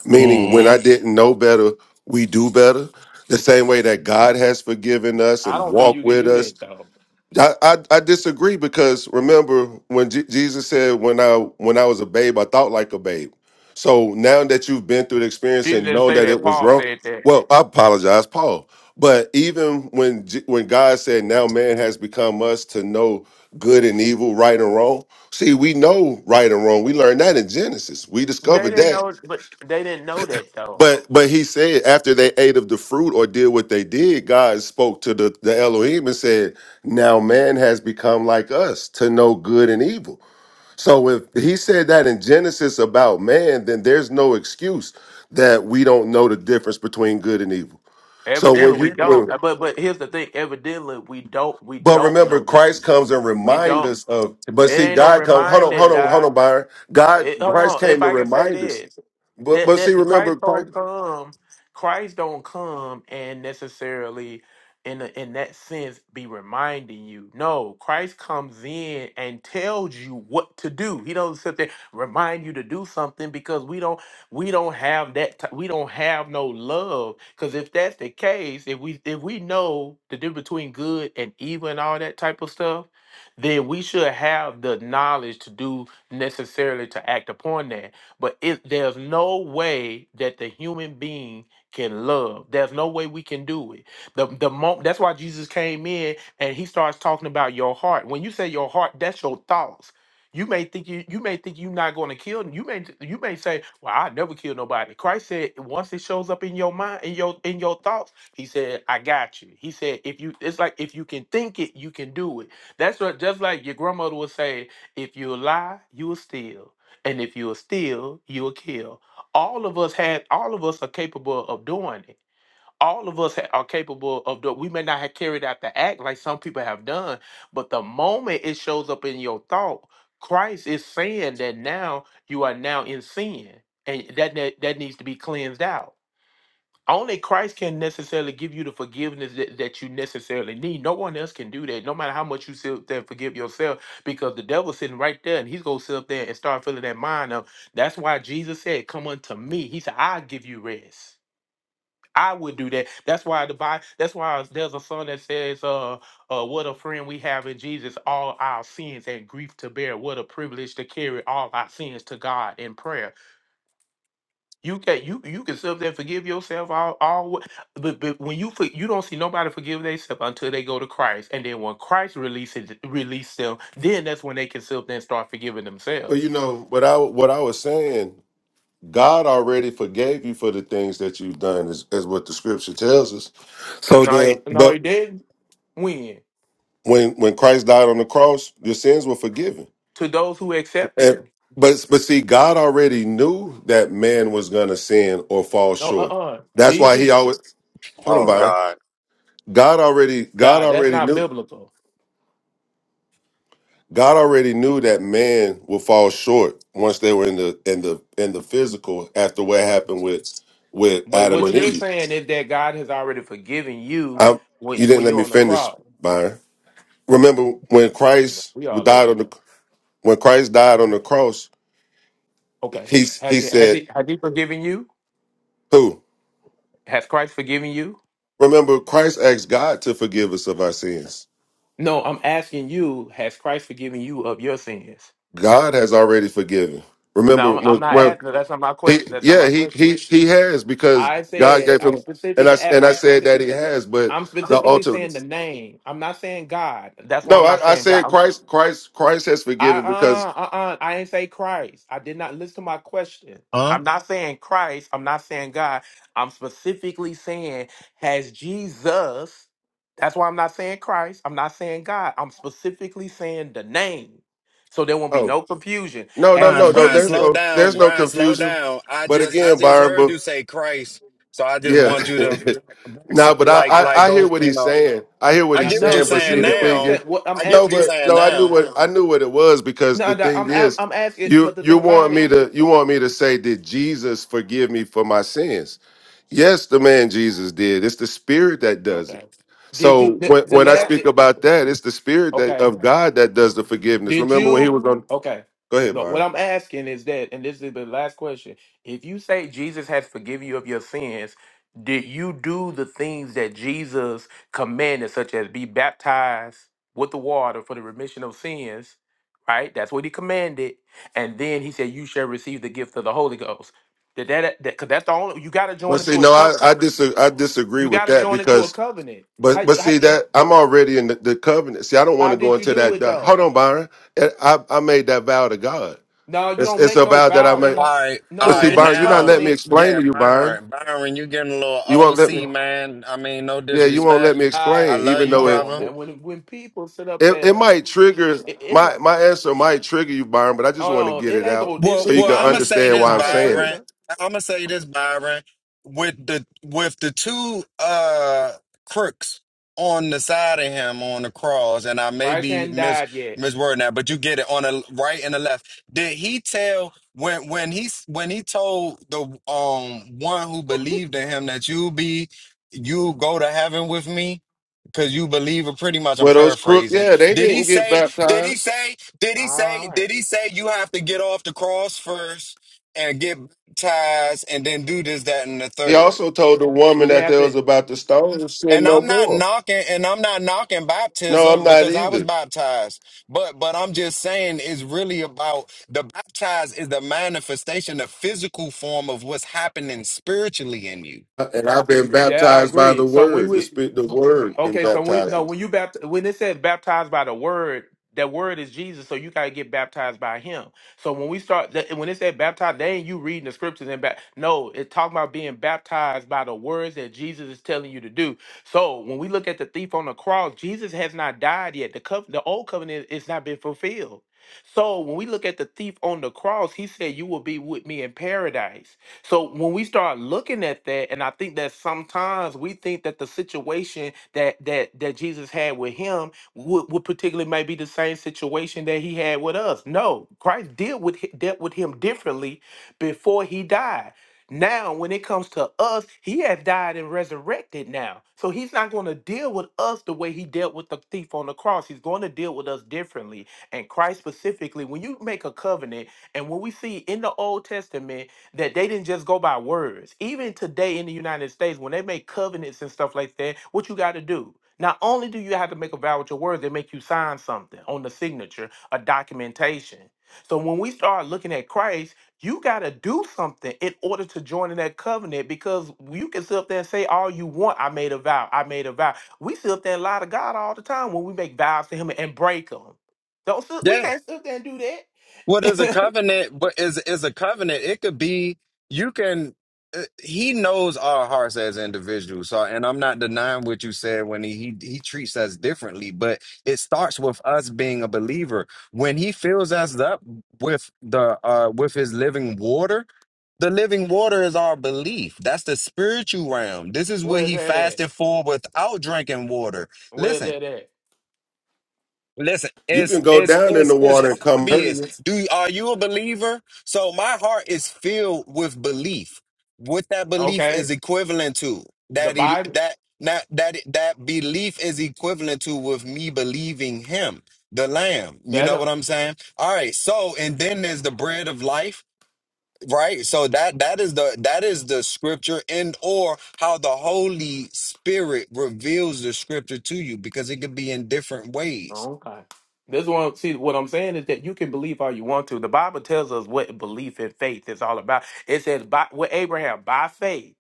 Meaning when
hmm
I didn't know better, we do better. The same way that God has forgiven us
I
and
don't think
walked
you can
with
do
us
that though.
I, I I disagree because remember when Je- Jesus said when I when I was a babe I thought like a babe. So now that you've been through the experience
Jesus
and
didn't
known
say
that
that.
it was
Paul
wrong,
said that.
well, I apologize, Paul. But even when Je- when God said now man has become us to know good and evil, right and wrong. See, we know right and wrong. We learned that in Genesis. We
They
discovered
didn't
that
know, but they didn't know that though.
but but he said after they ate of the fruit or did what they did, God spoke to the, the Elohim and said, Now man has become like us to know good and evil. So if he said that in Genesis about man, then there's no excuse that we don't know the difference between good and evil. So when
Evidently, we
you
don't.
when
Uh, But but here's the thing. Evidently, we don't. We
but
don't
remember
know that.
Christ comes and
We
remind us
don't.
of but
It
see
ain't no
God comes hold on, hold
reminding,
on,
Doc.
hold on, Byron. God
It, hold
Christ
on, if
came to
I can say
remind us.
this,
But
that
but see,
that the
remember
Christ don't
Christ
come, Christ don't come and necessarily in a, in that sense be reminding you. No, Christ comes in and tells you what to do. He doesn't sit there remind you to do something because we don't we don't have that t- we don't have no love. Because if that's the case, if we if we know the difference between good and evil and all that type of stuff, then we should have the knowledge to do necessarily to act upon that. But it, there's no way that the human being can love. There's no way we can do it. The the moment that's why Jesus came in and he starts talking about your heart. When you say your heart, that's your thoughts. You may think you you may think you're not going to kill. You may you may say, "Well, I never kill nobody." Christ said, once it shows up in your mind, in your in your thoughts, He said, "I got you." He said, "If you, it's like if you can think it, you can do it." That's what just like your grandmother would say. If you lie, you will steal. And if you will steal, you will kill. All of us had all of us are capable of doing it. All of us ha- are capable of doing we may not have carried out the act like some people have done, but the moment it shows up in your thought, Christ is saying that now you are now in sin. And that that, that needs to be cleansed out. Only Christ can necessarily give you the forgiveness that, that you necessarily need. No one else can do that, no matter how much you sit there and forgive yourself, because the devil's sitting right there and he's going to sit up there and start filling that mind up. That's why Jesus said, Come unto me. He said, I'll give you rest. I would do that. That's why the Bible, that's why there's a song that says, uh, uh, What a friend we have in Jesus, all our sins and grief to bear. What a privilege to carry all our sins to God in prayer. You can you you can sit up there and forgive yourself all all wh- but, but when you for, you don't see nobody forgive themselves until they go to Christ and then when Christ releases release them then that's when they can sit up there and start forgiving
well,
themselves.
you know, what I what I was saying God already forgave you for the things that you've done, is, is what the scripture tells us. So
No, he-
then,
no,
but
he didn't. When
when when Christ died on the cross, your sins were forgiven.
to those who accept it,
And but but see, God already knew that man was gonna sin or fall
no, uh,
short.
uh
That's why he
Jesus,
always hold on,
Oh
Byron.
God.
God already God
nah, that's
already
not
knew
biblical.
God already knew that man would fall short once they were in the in the in the physical after what happened with with
But
Adam
what
and
you're
Eve.
saying is that God has already forgiven you
I,
when
you didn't
when
let
you're
me
on the
finish,
cross.
Byron. remember when
Nah,
Christ
We all over
died
the
on
place.
the when Christ died on the cross,
Okay,
he
has
he
he has
said,
he has he forgiven you?
"Who?"
Has Christ forgiven you?
Remember, Christ asked God to forgive us of our sins.
No, I'm asking you, has Christ forgiven you of your sins?
God has already forgiven.
No,
Remember
I'm, I'm
when
not
when
asking. That's not my
he
question. That's not
yeah
my
he
question.
he he has because
I
God
said
gave
I'm
him and I
specifically.
and I
I'm
said that
specific.
he has, but
I'm
the
specifically
ultimate
saying the name. I'm not saying God. That's why
no,
I'm not
I, I
saying God.
said
I'm
Christ Christ Christ has
I
forgiven
uh
because
uh uh I ain't say Christ. I did not listen to my question.
Huh?
I'm not saying Christ. I'm not saying God. I'm specifically saying has Jesus. That's why I'm not saying Christ. I'm not saying God. I'm specifically saying the name. So there won't be
oh
no confusion.
no no
Has
Brian,
no no
Brian,
there's
slow
Jesus
no there's
down.
no
Brian, slow
confusion.
down. I
But
just I
again,
just heard
Byron,
you say Christ. So I just
Yeah.
want you to back, back,
no, but I,
like like
I I hear
go,
what
you
he's
know.
saying. I hear what
I
now?
he's
get what you're
saying.
No,
But
if you
saying
see, the
hear what I'm
thing is,
now.
saying, what I'm
I get
no,
what
asking
you're
you.
but
saying
no, I knew
now.
what I knew what it was because
No,
the
no
thing
I'm
is,
I'm asking. But
you
the
you
thing about
want
it,
me to you want me to say, did Jesus forgive me for my sins? Yes, the man Jesus did. It's the Spirit that does it.
okay. Did you
So
the,
when
the
when I
last?
speak about that, it's the Spirit that
Okay.
of God that does the forgiveness.
Did
Remember when he
you?
was on?
Okay.
Go ahead,
But what
Byron.
I'm asking is that, and this is the last question. If you say Jesus has forgiven you of your sins, did you do the things that Jesus commanded, such as be baptized with the water for the remission of sins? Right? That's what he commanded. And then he said, You shall receive the gift of the Holy Ghost. Did that, that cause that's the only you gotta join
But see,
into a
no, I
covenant.
I, dis- I disagree
You
with
gotta
that
join into
because
a covenant.
But
How,
but
how,
see that I'm already in the, the covenant. See, I don't want
how
to go
did you
into
do
that.
it
uh,
though?
hold on, Byron. I, I I made that vow to God.
No, you
It's
don't
it's
make
a
no
vow that I
vow in
made.
All
a
right. All
But
no
see,
right.
in a
Byron, you're not
Now,
letting me
covenant.
explain
yeah,
to you, Byron.
Byron. Byron, you getting a little
You won't let me.
OC, man. I mean, no
Yeah, you won't
disrespect.
let me
Uh,
I
explain,
love
even
th-
you,
though
come
it
on
brother.
now. When when people sit up
it, it
there,
might trigger
it, it
my
not-
my answer might trigger you, Byron. But I just
hold
want to
on.
get
It
it
ain't
out
go. It,
Well,
so you
it's
well,
can
not
I'm
a.
gonna
tr-
say
understand
It's
this,
why I'm
not a
saying it.
Byron.
trigger.
I'm gonna say this, Byron. With the with the two uh crooks on the side of him on the cross, and I may
Christ
be
hadn't
mis
died yet.
miswording that, but you get it on the right and the left. Did he tell when when he s- when he told the um one who believed in him that you be you go to heaven with me? Cause you believe it pretty much, I'm
Well, those crook,
paraphrasing.
yeah, they
Did he
didn't get
say, did he
baptized.
say, did he
All
say,
right.
did he say you have to get off the cross first and get baptized and then do this, that, and the
He
third?
also told the
He
woman
did
that
have
there was
to.
about to stone and sin
And
no
I'm not
more.
knocking, and I'm not knocking
No, I'm
baptism
not
because I was
either.
baptized. But, but I'm just saying it's really about the baptized is the manifestation, the physical form of what's happening spiritually in you.
and I've been
That I
baptized by the
agree. So when
word. The
we
spirit, the word can
Okay, so when
baptize
no,
me.
when you bapt when it says baptized by the word, that word is Jesus, so you gotta get baptized by him. So when we start that when it said baptized, they ain't you reading the scriptures and back. No, it's talking about being baptized by the words that Jesus is telling you to do. So when we look at the thief on the cross, Jesus has not died yet. The cov- the old covenant is not been fulfilled. So when we look at the thief on the cross, he said, You will be with me in paradise. So when we start looking at that, and I think that sometimes we think that the situation that that that Jesus had with him would, would particularly may be the same situation that he had with us. No, Christ dealt with hi- dealt with him differently before he died. Now, when it comes to us, he has died and resurrected now. So he's not going to deal with us the way he dealt with the thief on the cross. He's going to deal with us differently. And Christ specifically, when you make a covenant, and when we see in the Old Testament that they didn't just go by words. Even today in the United States, when they make covenants and stuff like that, what you got to do? Not only do you have to make a vow with your words, they make you sign something on the signature, a documentation. So when we start looking at Christ, you got to do something in order to join in that covenant because you can sit up there and say all you want. I made a vow. I made a vow. We sit up there and lie to God all the time when we make vows to Him and break them. Don't sit, we can't sit up there and do
What is a
that.
covenant? But is is a covenant? It could be you can. uh, He knows our hearts as individuals. So, and I'm not denying what you said when he he, he treats us differently, but it starts with us being a believer. When he fills us up with the uh with his living water. The living water is our belief. That's the spiritual realm. This is what
Where's
he
that at?
fasted for without drinking water.
Where's
Listen,
that at?
Listen,
You
it's
can go
it's
down in
it's
the
it's
water and come
obvious.
hurting.
Do are you a believer? So my heart is filled with belief. What that belief
Okay.
is equivalent to
The
that he,
Bible
that not that that belief is equivalent to with me believing him, the Lamb. You know what
that
I'm saying? All right. So and then there's the bread of life, right? So that that is the that is the scripture and or how the Holy Spirit reveals the scripture to you because it could be in different ways
okay. This one see what I'm saying is that you can believe all you want to. The Bible tells us what belief and faith is all about. It says by with Abraham, by faith.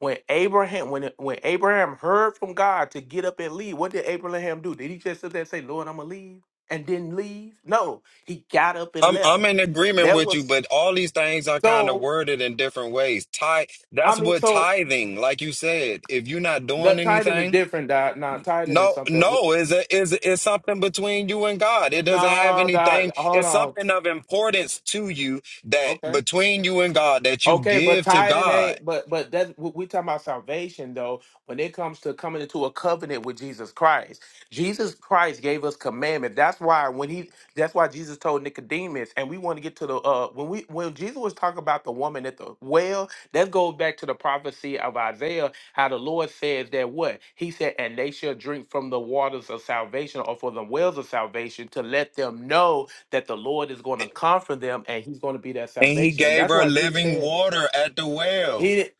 When Abraham when when Abraham heard from God to get up and leave, what did Abraham do? Did he just sit there and say, Lord, I'm gonna leave? And didn't leave? No, he got up and
I'm I'm
left.
in agreement
That
with you,
was
but all these things are kind of
so
worded in different ways. Tithe,
I
that's
mean,
what
so
tithing, like you said, if you're not
the
doing
tithing is
anything,
different, That now tithing is
no,
something we,
no, is it is is something between you and God. It doesn't have
nah, Dot,
anything.
hold
It's
on.
something of importance to you that
Okay.
between you and God that you
Okay, but
give to
tithing
God.
ain't. But but that we we talking about salvation though. When it comes to coming into a covenant with Jesus Christ, Jesus Christ gave us commandment. That's why when he, that's why Jesus told Nicodemus, and we want to get to the uh when we when Jesus was talking about the woman at the well, that goes back to the prophecy of Isaiah, how the Lord says that what he said, and they shall drink from the waters of salvation or from the wells of salvation to let them know that the Lord is going to comfort them and He's going to be their
And He
salvation. And
gave
that's
her
why Jesus
living
said
water at the well.
he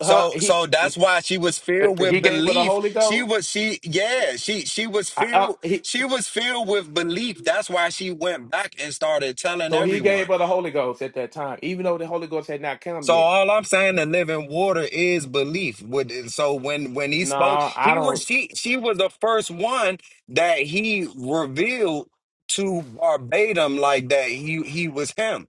her,
So
he
so that's why she was filled with
he gave her the
belief.
Holy
She
Ghost.
was she yeah, she she was
I, uh,
filled
he,
she was filled with belief. That's why she went back and started telling
so he
everyone.
gave her the Holy Ghost at that time, even though the Holy Ghost had not come
So
yet.
all I'm saying the living water is belief. With and so when when he spoke,
No, I
he was
don't.
she she was the first one that he revealed to Barbadum like that he he was him.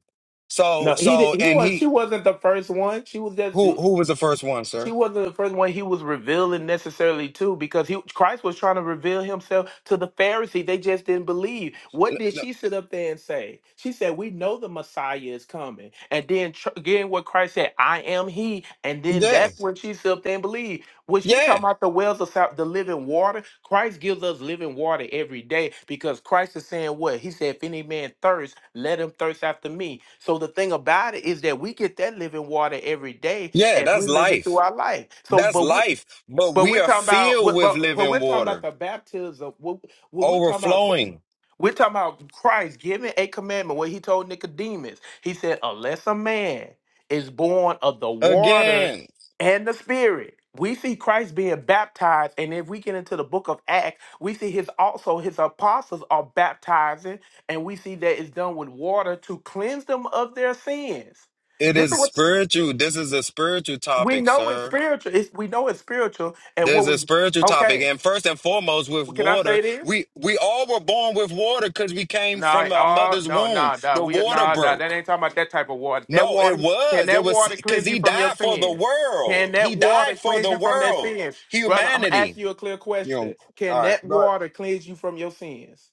So
No, he did,
so
he
and
was.
he
She wasn't the first one. She was just.
who who was the first one,
She
sir?
wasn't the first one he was revealing necessarily to because he Christ was trying to reveal himself to the Pharisees. They just didn't believe.
N-
What did
n-
she sit up there and say? She said, "We know the Messiah is coming." And then tr- again, what Christ said, "I am He." And then
Yeah.
that's when she sit up there and believed. When she
Yeah.
talking about the wells of sal- the living water, Christ gives us living water every day because Christ is saying what He said: "If any man thirst, let him thirst after Me." So the thing about it is that we get that living water every day
Yeah,
as
that's
we living through
life.
our life. So,
That's
but we,
life. But
but
we
we're
are
talking about,
filled
but,
with
but but
living
we're talking about
water,
the baptism. What what we're talking about,
overflowing.
we're talking about Christ giving a commandment. What he told Nicodemus, he said, unless a man is born of the water
Again,
and the Spirit. We see Christ being baptized, and if we get into the book of Acts, we see his also his apostles are baptizing, and we see that it's done with water to cleanse them of their sins.
it
This
is
is what
spiritual. This is a spiritual
we
topic,
know it's
sir.
spiritual. It's, we know it's spiritual, and
There's
what
a
we
spiritual topic.
okay?
And first and foremost, with
Well, Can I
water,
say this?
we, we all were born with water because we came
Nah,
from our
uh,
mother's
no,
womb.
nah, nah,
The
we,
water
nah, nah, that
broke.
ain't talking about that type of water. That
No, it
water can
was. It
that
was
water
because
cleanse you
he
from your
died for the
sins?
world.
Can
He
that water
died for
cleanse
the
you from that
world,
sins, brother? I'm
humanity.
asking you a clear
You know,
question.
all
Can
right.
that
Go
water cleanse you from your sins?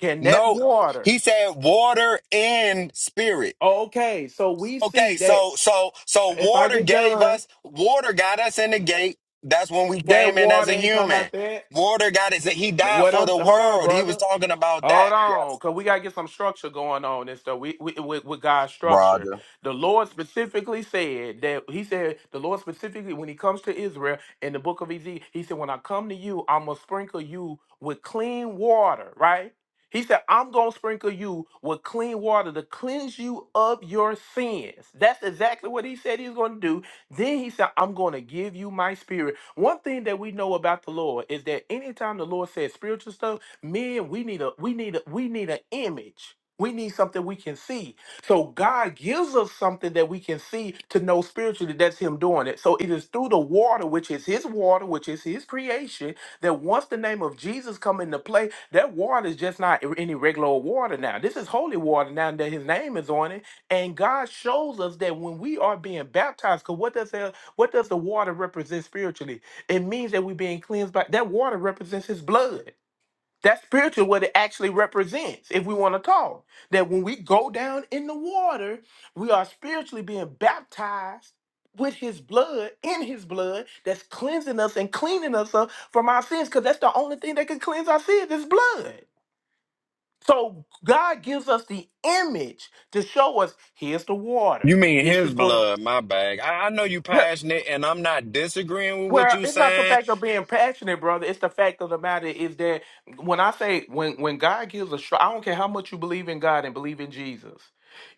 Can that
No,
water?
he said water and spirit.
Oh, okay, so we see
Okay,
that
so so so
if I
water
get
gave
done,
us water got us in the gate. That's when we
that
came in as
water
a
ain't talking
human.
about that.
Water got us. He died
What
for
I'm
the
hold on,
world. He was
brother.
talking about
Hold
that.
on,
Yes,
cause we gotta get some structure going on and stuff. We, we with, with God's structure,
Roger.
the Lord specifically said that He said the Lord specifically when He comes to Israel in the book of Ezekiel, He said, "When I come to you, I'm gonna sprinkle you with clean water." Right? He said, "I'm gonna sprinkle you with clean water to cleanse you of your sins." That's exactly what He said He's gonna do. Then He said, "I'm gonna give you My Spirit." One thing that we know about the Lord is that anytime the Lord says spiritual stuff Men, we need a we need a we need an image. We need something we can see. So God gives us something that we can see to know spiritually that's Him doing it. So it is through the water, which is His water, which is His creation, that once the name of Jesus come into play, that water is just not any regular water now. This is holy water now that His name is on it. And God shows us that when we are being baptized, because what does the, what does the water represent spiritually? It means that we're being cleansed by that water represents His blood. That's spiritual what it actually represents, if we want to talk. That when we go down in the water, we are spiritually being baptized with his blood, in his blood, that's cleansing us and cleaning us up from our sins, because that's the only thing that can cleanse our sins is blood. So God gives us the image to show us here's the water.
You mean
This
his
is going
blood? My bag. I, I know you
to
passionate, and I'm not disagreeing with what
Well,
you
it's not the
saying.
fact of being passionate, brother. It's the fact of the matter is that when I say when when God gives a strike, I don't care how much you believe in God and believe in Jesus.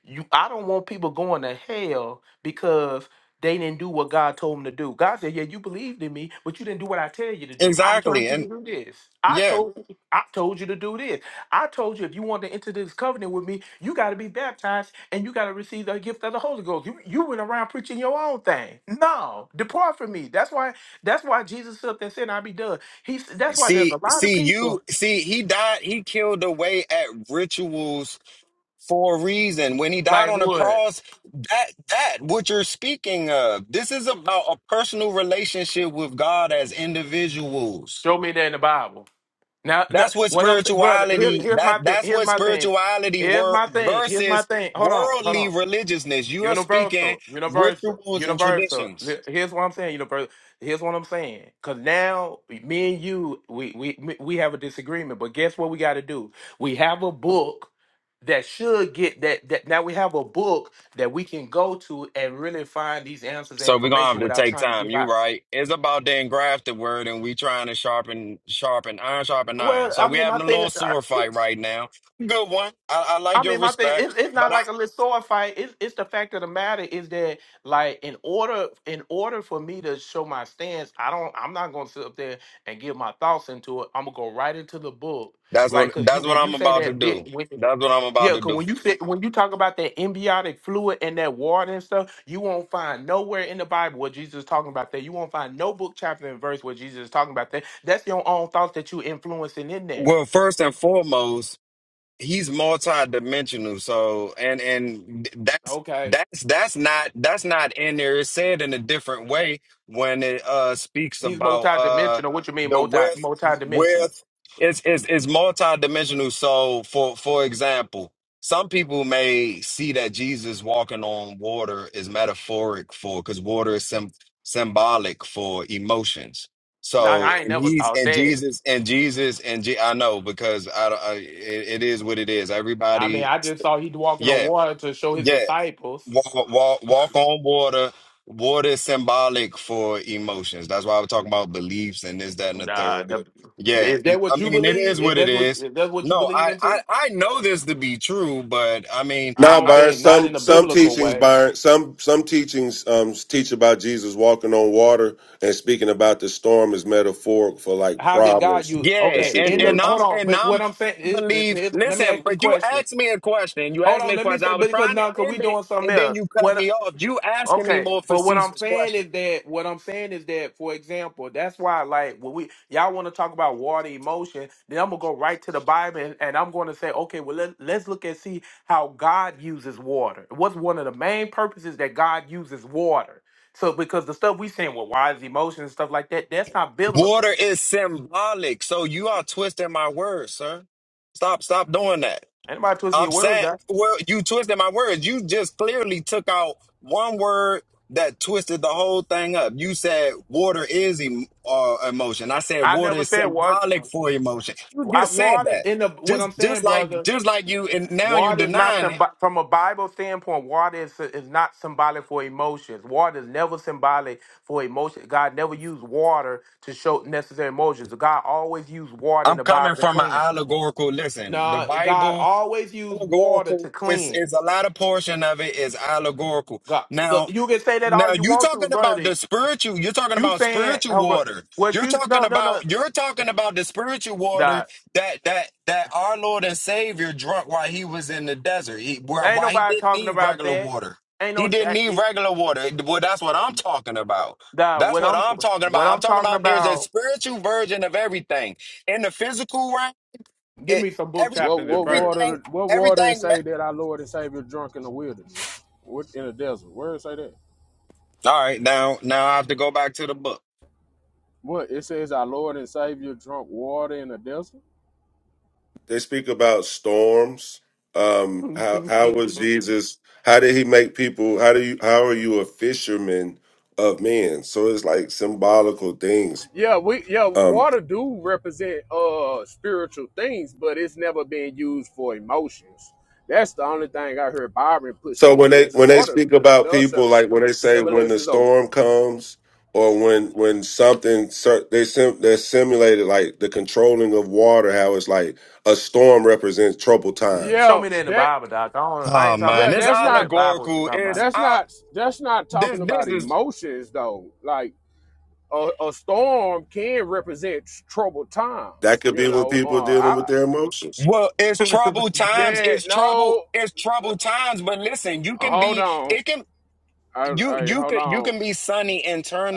You, I don't want people going to hell because they didn't do what God told them to do. God said, "Yeah, you believed in me, but you didn't do what I tell you to do. I told
Exactly,
you to
and
do this. I
yeah.
told I told you to do this. I told you if you want to enter this covenant with me, you got to be baptized and you got to receive the gift of the Holy Ghost. You, you went around preaching your own thing. No, depart from me. That's why that's why Jesus stood up and said, I'll be done. He's that's why there's a
See,
lot of
see,
people
you see, he died. He killed away at rituals for a reason. When he died
like
on the
what?
cross, that that what you're speaking of, this is about a personal relationship with God as individuals.
Show me that in the Bible. Now, no,
That's what
what I'm th- brother, here,
spirituality
here's my
that
thing.
that's
Here's
what
my thing.
spirituality
Here's
were
my thing. Here's my
versus
thing. Hold on, hold
worldly
on.
religiousness. You are speaking
Universal, universal,
rituals and
universal.
traditions.
Li- Here's what I'm saying. Universal. Here's what I'm saying. Cause now me and you, we we we have a disagreement. But guess what we got to do? We have a book that should get that that. Now we have a book that we can go to and really find these answers and
So we're gonna have
information
to
without
take
trying to
time.
give
You
out.
right. It's about the engrafted word, and we trying to sharpen, sharpen iron, sharpen iron.
Well,
So
I
we
mean, my
having a
thing.
little sword fight right now. Good one. I, I
I
like your
mean, my thing
respect,
it's, it's not
but I
like a little sword fight. It's, it's the fact of the matter is that like in order in order for me to show my stance, I don't I'm not gonna sit up there and give my thoughts into it. I'm gonna go right into the book,
that's
right?
what
Because you
that's what
when you
I'm
say
about to
that
do.
bit when
That's what I'm about
yeah,
to
cause
do
when
for
you
you.
say when you talk about that embiotic fluid and that water and stuff, you won't find nowhere in the Bible what Jesus is talking about that. You won't find no book, chapter, and verse where Jesus is talking about that. That's your own thoughts that you influencing in there.
Well, first and foremost, he's multi-dimensional so and and that's
Okay.
that's that's not that's not in there it's said in a different way when it uh speaks
He's
about uh
multi-dimensional. What you mean
the
multi
width
multi-dimensional?
width it's it's, it's multi-dimensional so for for example some people may see that jesus walking on water is metaphoric for because water is sym symbolic for emotions
Dog,
so
I ain't
and
never
he's
thought
and
that.
Jesus and Jesus and Je- I know because I, don't- I it, it is what it is.
I mean,
Everybody,
I just saw he walking on
yeah,
water to show his
yeah.
disciples.
Walk, walk, walk on water. Water is symbolic for emotions. That's why I was talking about beliefs and this, that, and the
Nah,
third.
the,
Yeah,
is that
I
what you
mean it is
believe? Is
what it
that what
is.
is that what you
No,
believe
I
in? T?
I, I know this to be true, but I mean
Nah,
I don't
Byron.
think not in
Some
a
some
biblical
teachings,
way.
Byron. Some some teachings um, teach about Jesus walking on water and speaking about the storm is metaphoric for like
How did God
problems
use?
and
Yeah,
Okay,
and
in the
and
hold
I'm
situations.
on,
and
but
I'm
what I'm saying
I
is, is,
believe.
is- let me
Listen,
ask this
but you
question.
asked me a question. You
Hold
asked me
on,
a
let me
question.
say,
I was
but because
trying
now, because
to
we
end it,
doing something
and then you cut
else.
me off. You asking me
Okay,
more
but what I'm
facetious
saying
questions.
is that what I'm saying is that, for example, that's why like when we y'all want to talk about water emotion, then I'm gonna go right to the Bible and, and I'm gonna say, okay, well let let's look and see how God uses water. What's one of the main purposes that God uses water? So because the stuff we saying, well, why is emotion and stuff like that? That's not biblical.
Water is symbolic, so you are twisting my words, sir. Stop, stop doing that.
Anybody twisting
I'm
your words?
saying,
Doc?
well, you twisted my words. You just clearly took out one word that twisted the whole thing up. You said water is em- uh, emotion. I said
I
water
never
is
said what
symbolic for emotion. You
I
just said
water
that.
in the what
Just,
I'm
just
saying,
like,
brother.
just like you, and now you
Water is not
denying it.
symb- from a Bible standpoint. Water is, is not symbolic for emotions. Water is never symbolic for emotion. God never used water to show necessary emotions. God always used water in
I'm
the
coming
Bible to
from an
cleanse.
allegorical. Listen, the
No, God
Bible.
always used water
allegorical.
to
It's
cleanse.
it's a lot of portion of it is allegorical.
God, look,
Now,
you can say that all
now
you
you
want to,
talking about
brother.
the spiritual. You're talking
You
about
saying,
spiritual
oh, bro,
water.
what
You're
you?
talking
No, no, no,
about you're talking about the spiritual water
nah.
that that that our Lord and Savior drunk while he was in the desert. He, why
Ain't
why he
nobody
didn't
talking
need
about
regular
that.
water.
Ain't
He
no,
didn't
eh,
need
it,
regular water. Well, that's what I'm talking about.
nah.
That's
What
what
I'm,
I'm talking
what
about. I'm
I'm
talking
talking
about there's a
about.
spiritual version of everything. In the physical realm,
Give
it
me some book
every
What
chapters and
what
verse.
everything
water what water it
everything
say
ma-
that our Lord and Savior drunk in the wilderness? What in the desert? Where it say that?
all right now now i have to go back to the book
What it says our Lord and Savior drunk water in the desert?
They speak about storms. Um, how how was Jesus? How did he make people? How do you? How are you a fisherman of men? So it's like symbolical things.
Yeah, we yeah,
Um,
water do represent uh spiritual things, but it's never been used for emotions. That's the only thing I heard Byron pushing
So when they
against.
when they
Water
speak
d-
about
does have
people, like when they say when the
similences of
storm comes or when when something cer- they sim, they're simulated like the controlling of water, how it's like a storm represents troubled times.
Show
yeah,
me that in the
that
Bible, Doc. I don't. I
oh
ain't talking
yeah,
man
about
it's
that.
that's
Show me in
not
the Bible what you're
allegorical it's
that's
talking
out
not that's not
this
talking
this
about
is
emotions though. Like a, a storm can represent troubled
That
times.
could be
You
when
know,
people are
uh,
dealing
I,
with their emotions.
well it's troubled
about.
times
yeah,
it's trouble
no,
it's troubled times but listen you can
okay.
hold
be
on,
it can
I,
you
I,
you
hold
could you
on,
can be sunny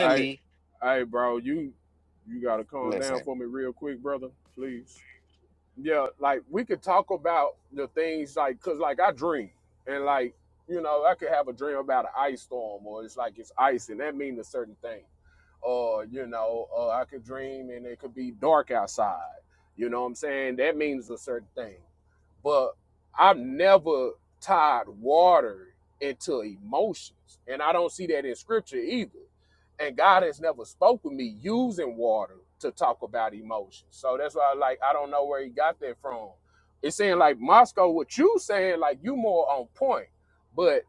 I, I, bro, you, you gotta calm down
listen
for me real quick, brother, please. yeah, like we could talk about the things like, cause like I dream and like, you know, I could have a dream about an ice storm or it's like it's ice and that means a certain thing. Or, you know, uh, I could dream and it could be dark outside. You know what I'm saying? That means a certain thing but I've never tied water into emotions. And I don't see that in scripture either. And God has never spoke with me using water to talk about emotions. So that's why like I don't know where he got that from. It's saying like Moscow, what you saying, like you more on point, but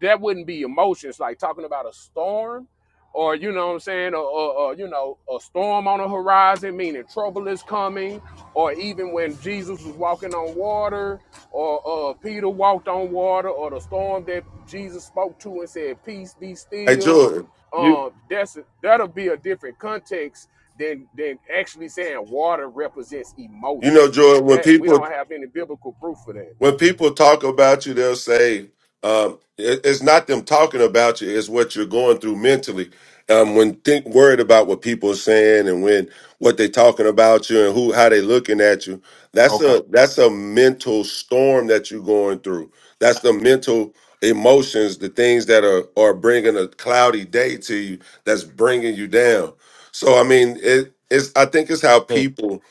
that wouldn't be emotions, like talking about a storm or you know what I'm saying, or, or, or you know, a storm on the horizon, meaning trouble is coming or even when Jesus was walking on water, or uh, Peter walked on water, or the storm that Jesus spoke to and said, "Peace, be
Hey
still."
Jordan, you
Um, that's that'll be a different context than than actually saying water represents
you know
emotions.
Jordan, when
That we
people
don't have any biblical proof for that.
when people talk about you, they'll say um, it- it's not them talking about you; it's what you're going through mentally. Um, when think worried about what people are saying and when what they talking about you and who how they looking at you, that's
Okay.
a that's a mental storm that you're going through. That's the mental emotions, the things that are are bringing a cloudy day to you. That's bringing you down. So I mean, it, it's I think it's how
Good.
people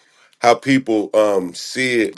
how people um see it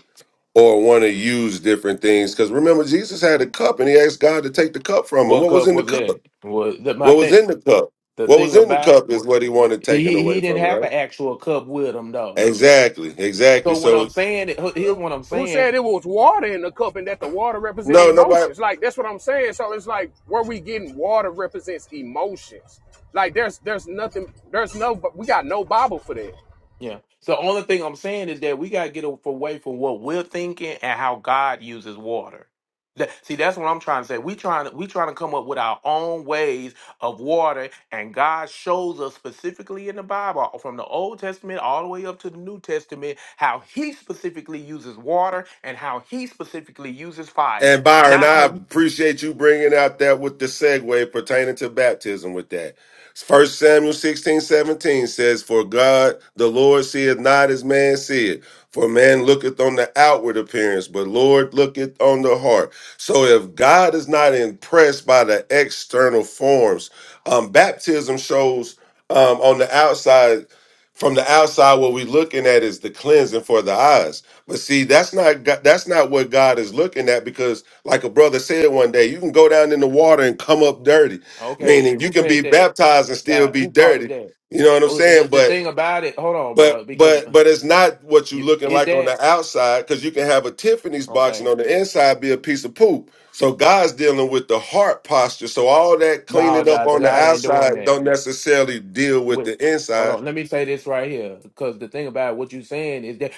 or want to use different things. Because remember, Jesus had a cup and he asked God to take the cup from him.
What
What was
cup
in the
was
cup?
that? Was that my
What was
thing?
in the cup?
The
What was
thing
in the
about
cup
it,
is
wa-
what he wanted taken
he he
away from
didn't
him,
have
right?
an actual cup with him though.
Exactly, exactly.
So what I'm
So
saying, here's what I'm
Who
saying.
said it was water in the cup and that the water represent
no, nobody.
emotions? Like that's what I'm saying. So it's like where we getting water represents emotions. Like there's there's nothing there's no we got no Bible for that.
Yeah. So the only thing I'm saying is that we gotta get a- away from what we're thinking and how God uses water. That, see, that's what I'm trying to say. We trying to we trying to come up with our own ways of water, and God shows us specifically in the Bible, from the Old Testament all the way up to the New Testament, how He specifically uses water and how He specifically uses
And
fire.
Byron,
Not how
I
you.
appreciate you bringing out that with the segue pertaining to baptism with that. First Samuel 16 17 says, For God, the Lord seeth not as man seeth. For man looketh on the outward appearance, but Lord looketh on the heart. So if God is not impressed by the external forms, um, baptism shows um, on the outside, from the outside, what we're looking at is the cleansing for the eyes. But see, that's not go- that's not what God is looking at because, like a brother said one day, you can go down in the water and come up dirty,
Okay,
meaning you
who
can
said
be
that?
baptized and still
That
be
who fathered
dirty.
that?
You know what I'm
Oh, the,
saying?
the
But
thing about it. Hold on,
but
bro. Because
but
uh,
but it's not what you
you
looking
is
like on
that
the outside because you can have a Tiffany's box
okay?
and on the inside be a piece of poop. So God's dealing with the heart posture. So all that
No,
cleaning up
God,
on the
God ain't doing
outside
that.
don't necessarily deal with
With
the
hold
inside.
on. Let me say this right here, because the thing about what you saying is that,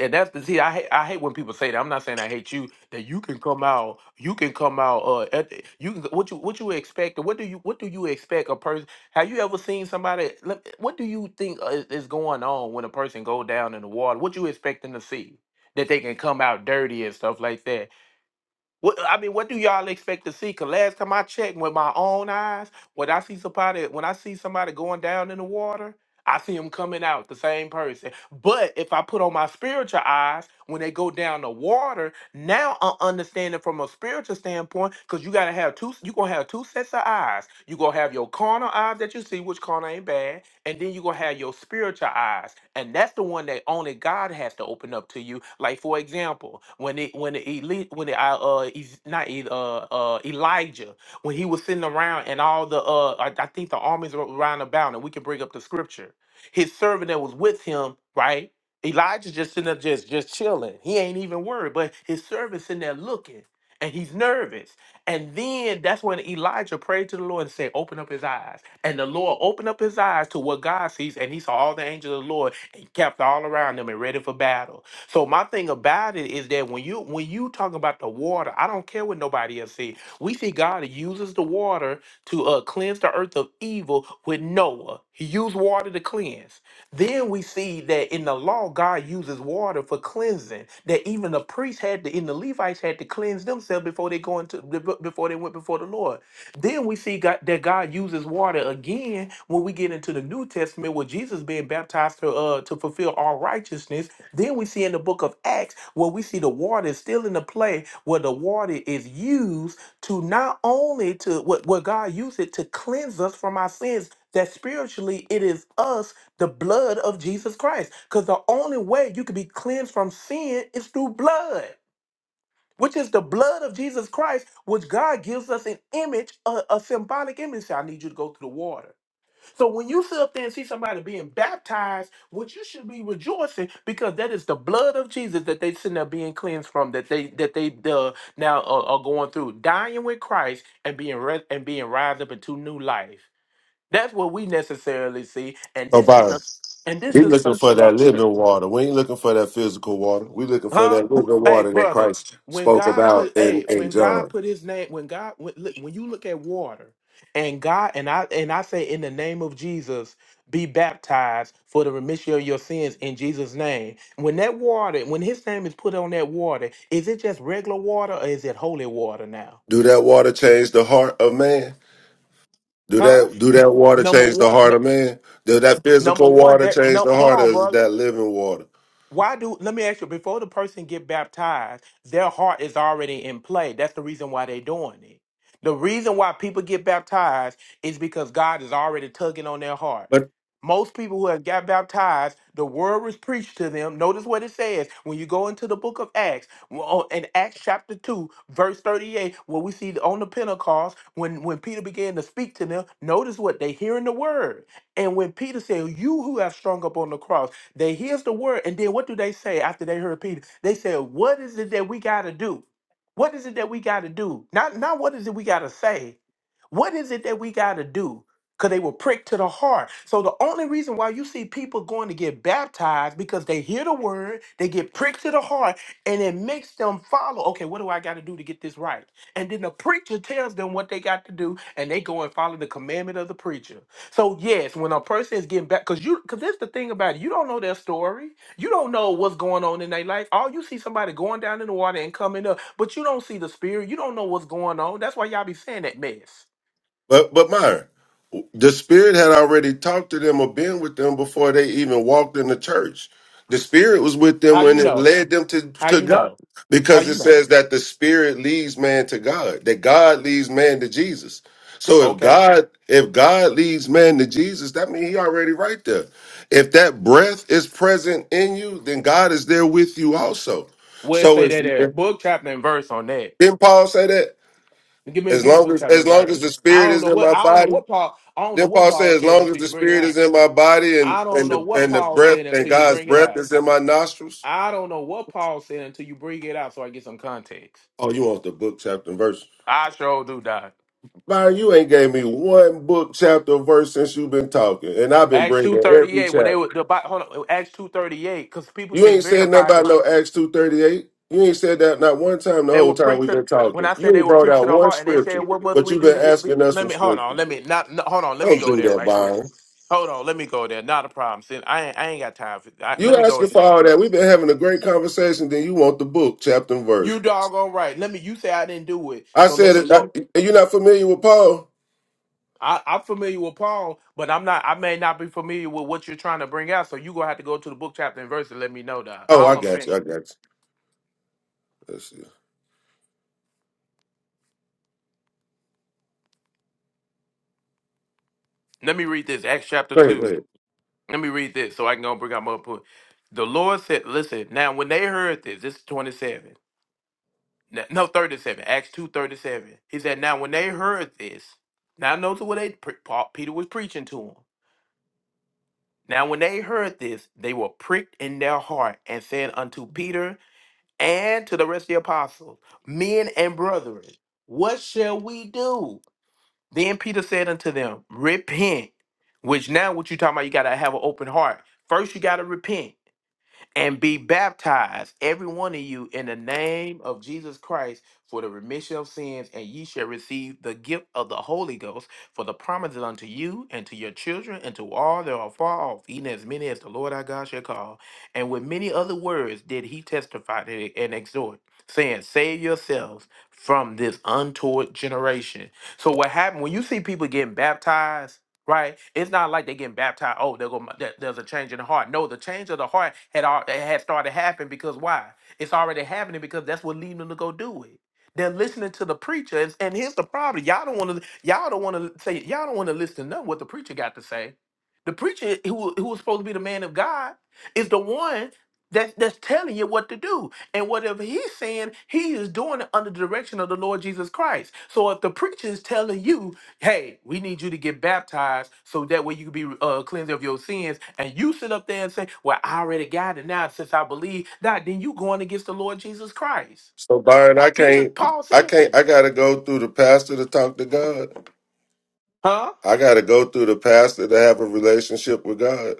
and that's the see. I hate, I hate when people say that. I'm not saying I hate you. That you can come out, you can come out. Uh, at, you can what you what you expect? What do you what do you expect a person? Have you ever seen somebody? let- What do you think uh, is is going on when a person go down in the water? What you expecting to see? That they can come out dirty and stuff like that what I mean, what do y'all expect to see? Cause last time I checked with my own eyes, when I see somebody, when I see somebody going down in the water, I see them coming out the same person. But if I put on my spiritual eyes, when they go down the water, now I'm understanding from a spiritual standpoint, because you gotta have two, you gonna have two sets of eyes. You gonna have your carnal eyes that you see, which carnal ain't bad and then you're going to have your spiritual eyes. And that's the one that only God has to open up to you. Like, for example, when it, when the elite, when the, uh, uh, Ez- not, E- uh, uh, Elijah, when he was sitting around and all the, uh, I, I think the armies were around about, and we can bring up the scripture. His servant that was with him, right? Elijah's just sitting there just, just chilling. He ain't even worried, but his servant's sitting there looking and he's nervous. And then that's when Elijah prayed to the Lord and said, Open up his eyes. And the Lord opened up his eyes to what God sees, and he saw all the angels of the Lord and kept all around them and ready for battle. So my thing about it is that when you when you talk about the water, I don't care what nobody else see. We see God uses the water to uh, cleanse the earth of evil with Noah. He used water to cleanse. Then we see that in the law, God uses water for cleansing. That even the priests had to, in the Levites had to cleanse themselves before they go into be- before they went before the Lord. Then we see God, that God uses water again when we get into the New Testament, where Jesus being baptized to uh, to fulfill all righteousness. Then we see in the book of Acts where we see the water is still in the play where the water is used to not only to what where where God used it to cleanse us from our sins. That spiritually it is us the blood of Jesus Christ. Because the only way you can be cleansed from sin is through blood, which is the blood of Jesus Christ, which God gives us an image, a, a symbolic image. Say, I need you to go through the water. So when you sit up there and see somebody being baptized, what you should be rejoicing because that is the blood of Jesus that they sitting there being cleansed from, that they that they uh, now are, are going through, dying with Christ and being re- and being raised up into new life. That's what we necessarily see, and
So,
this is
Byron.
the and this
We
is
looking
the
for that
structure,
living water. We ain't looking for that physical water. We looking for
huh?
that
Who,
living
hey,
water that
brother,
Christ
when
spoke
God
about
put,
in,
hey,
in
when God
John.
put His name, when God, when, look, when you look at water, and God, and I, and I say, in the name of Jesus, be baptized for the remission of your sins in Jesus' name. When that water, when His name is put on that water, is it just regular water or is it holy water now,
Do that water change the heart of man? Do
huh?
that do that water
Number
change the
one,
heart
no,
of man? Does that
number
physical
one,
water
that
change
no,
the
hold
heart
on,
of
brother.
that living water?
why do let me ask you before the person get baptized their heart is already in play that's the reason why they are doing it the reason why people get baptized is because god is already tugging on their heart
But
most people who have got baptized the word was preached to them notice what it says when you go into the book of acts well, in acts chapter 2 verse 38 where we see on the pentecost when when peter began to speak to them notice what they hearing the word and when peter said you who have strung up on the cross they hears the word, and then what do they say after they heard Peter? They said, "What is it that we got to do? What is it that we got to do? Not not what is it we got to say? What is it that we got to do?" Because they were pricked to the heart. So the only reason why you see people going to get baptized because they hear the word, they get pricked to the heart, and it makes them follow. Okay, what do I got to do to get this right? And then the preacher tells them what they got to do, and they go and follow the commandment of the preacher. So yes, when a person is getting back, because you, because that's the thing about it, you don't know their story, you don't know what's going on in their life. All you see somebody going down in the water and coming up, but you don't see the spirit. You don't know what's going on. That's why y'all be saying that mess.
but but Myron, The spirit had already talked to them or been with them before they even walked in the church. The spirit was with them
How
when
you
it
know?
led them to,
How
to
you
God.
know? How
Because it
you know?
says that the spirit leads man to God, that God leads man to Jesus. So if
Okay,
God, if God leads man to Jesus, that means he already right there. If that breath is present in you, then God is there with you also.
where it
So
say
it's
that at? Book chapter and verse on that.
didn't Paul say that?
Give me,
As
give me
long
book
as
chapter
as
and
long as
verse.
the
I
spirit
don't
is
know
in my
what I don't know
body,
what Paul I don't know
then
what
Paul
Paul
said, as
said
long as
until
the
you bring it
spirit is
out.
in my body
I
and,
don't
and
know
the
what
and the
Paul
breath
said
and
until you
God's
bring it
breath
out.
is in my nostrils.
I don't know what Paul said until you bring it out so I get some context.
Oh, you want the book, chapter, and verse.
I sure do, Doc.
Byron, you ain't gave me one book, chapter, and verse since you've been talking. And I've been
Acts
bringing
two thirty
every
eight when they
chapter.
were the Bi- hold on Acts two thirty eight because people
You
can
ain't said nothing
verify
about
this.
no Acts 238. You ain't said that not one time the
They
whole
will
time
preach
we've
to
been
the, when
talking.
I said
You
they
ain't
will
brought
preach to
out
the
one
heart and they said
scripture,
what must
but
we
you've
do
been
to get re-"
asking us
let
from
me hold on
scripture.
let me not no, hold on let me
Don't
go
do
there
that,
right quick
Byron.
hold on let me go there not a problem Sin. I ain't, I ain't got time for I,
You
let me go
asking for
there
all that. We've been having a great conversation, then you want the book, chapter, and verse.
you doggone right let me you say I didn't do it
I
so let
said,
me
it-
go
I, you're not familiar with Paul?
I, I'm familiar with Paul, but I'm not. I may not be familiar with what you're trying to bring out. So you gonna have to go to the book chapter and verse and let me know that.
Oh,
All
I
I'm
got
saying.
you. I got you. Let's see.
Let me read this. Acts chapter
Go ahead, go
two.
ahead.
Let me read this so I can go bring out my point. The Lord said, "Listen now. When they heard this, this is 27. n- No, 37. Acts two thirty-seven. He said, "Now when they heard this, now notice what they pre- Paul, Peter was preaching to them. Now when they heard this, they were pricked in their heart and said unto Peter." and to the rest of the apostles, men and brethren, what shall we do? Then Peter said unto them, Repent. Which now, what you talking about? You gotta have an open heart. First, you gotta repent and be baptized, every one of you, in the name of Jesus Christ for the remission of sins, and ye shall receive the gift of the Holy Ghost. For the promise is unto you and to your children and to all that are far off, even as many as the Lord our God shall call. And with many other words did he testify to- and exhort, saying, Save yourselves from this untoward generation. So, what happened when you see people getting baptized? Right? It's not like they getting baptized. Oh, they're going there's a change in the heart. No, the change of the heart had al- it had started happening because why? It's already happening because that's what leading them to go do it. They're listening to the preacher, and, and here's the problem: y'all don't want to, y'all don't want to say, y'all don't want to listen to none what the preacher got to say. The preacher who who was supposed to be the man of God is the one that that's telling you what to do, and whatever he's saying, he is doing it under the direction of the Lord Jesus Christ. So if the preacher is telling you hey, we need you to get baptized so that way you can be uh, cleansed of your sins. And you sit up there and say, well, I already got it now since I believe. Now, then you going against the Lord Jesus Christ.
So, Byron, I
Peter,
can't,
Paul
I
said
can't,
that.
I got to go through the pastor to talk to God.
Huh?
I got to go through the pastor to have a relationship with God.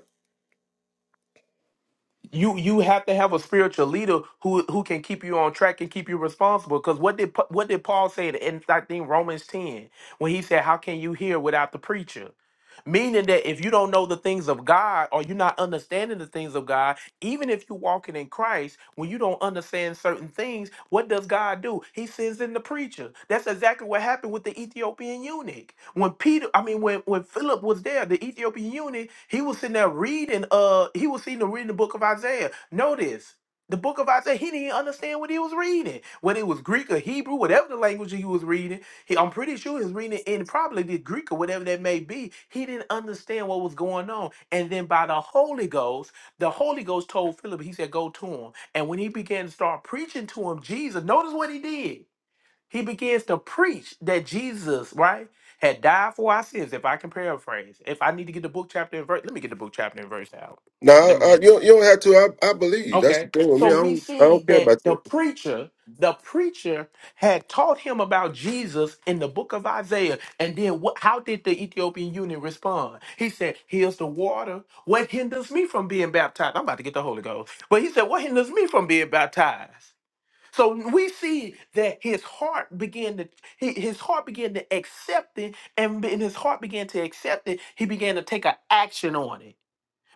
You you have to have a spiritual leader who who can keep you on track and keep you responsible. Because what did Pa- what did Paul say in I think Romans ten when he said, "How can you hear without the preacher?" Meaning that if you don't know the things of God or you're not understanding the things of God, even if you're walking in Christ, when you don't understand certain things, what does God do? He sends in the preacher. That's exactly what happened with the Ethiopian eunuch. When Peter, I mean, when, when Philip was there, the Ethiopian eunuch, he was sitting there reading, uh, he was sitting there reading the book of Isaiah. Notice. The book of Isaiah, he didn't understand what he was reading, whether it was Greek or Hebrew, whatever the language he was reading he, I'm pretty sure he was reading it in probably the Greek or whatever that may be. He didn't understand what was going on. And then by the Holy Ghost, the Holy Ghost told Philip, he said, go to him. And when he began to start preaching to him, Jesus, notice what he did. He begins to preach that Jesus, right, had died for our sins. If I can paraphrase, if I need to get the book chapter and verse, let me get the book chapter and verse out.
No,
Let
I,
me.
I, you, don't- you don't have to. I, I believe. That's the
Okay.
thing with me.
So
I
we
don't, I
see
don't care
that
about
the
that.
preacher, the preacher had taught him about Jesus in the book of Isaiah. And then what, how did the Ethiopian eunuch respond? He said, Here's the water. What hinders me from being baptized? I'm about to get the Holy Ghost. But he said, What hinders me from being baptized? So we see that his heart began to he, his heart began to accept it, and in his heart began to accept it, he began to take an action on it.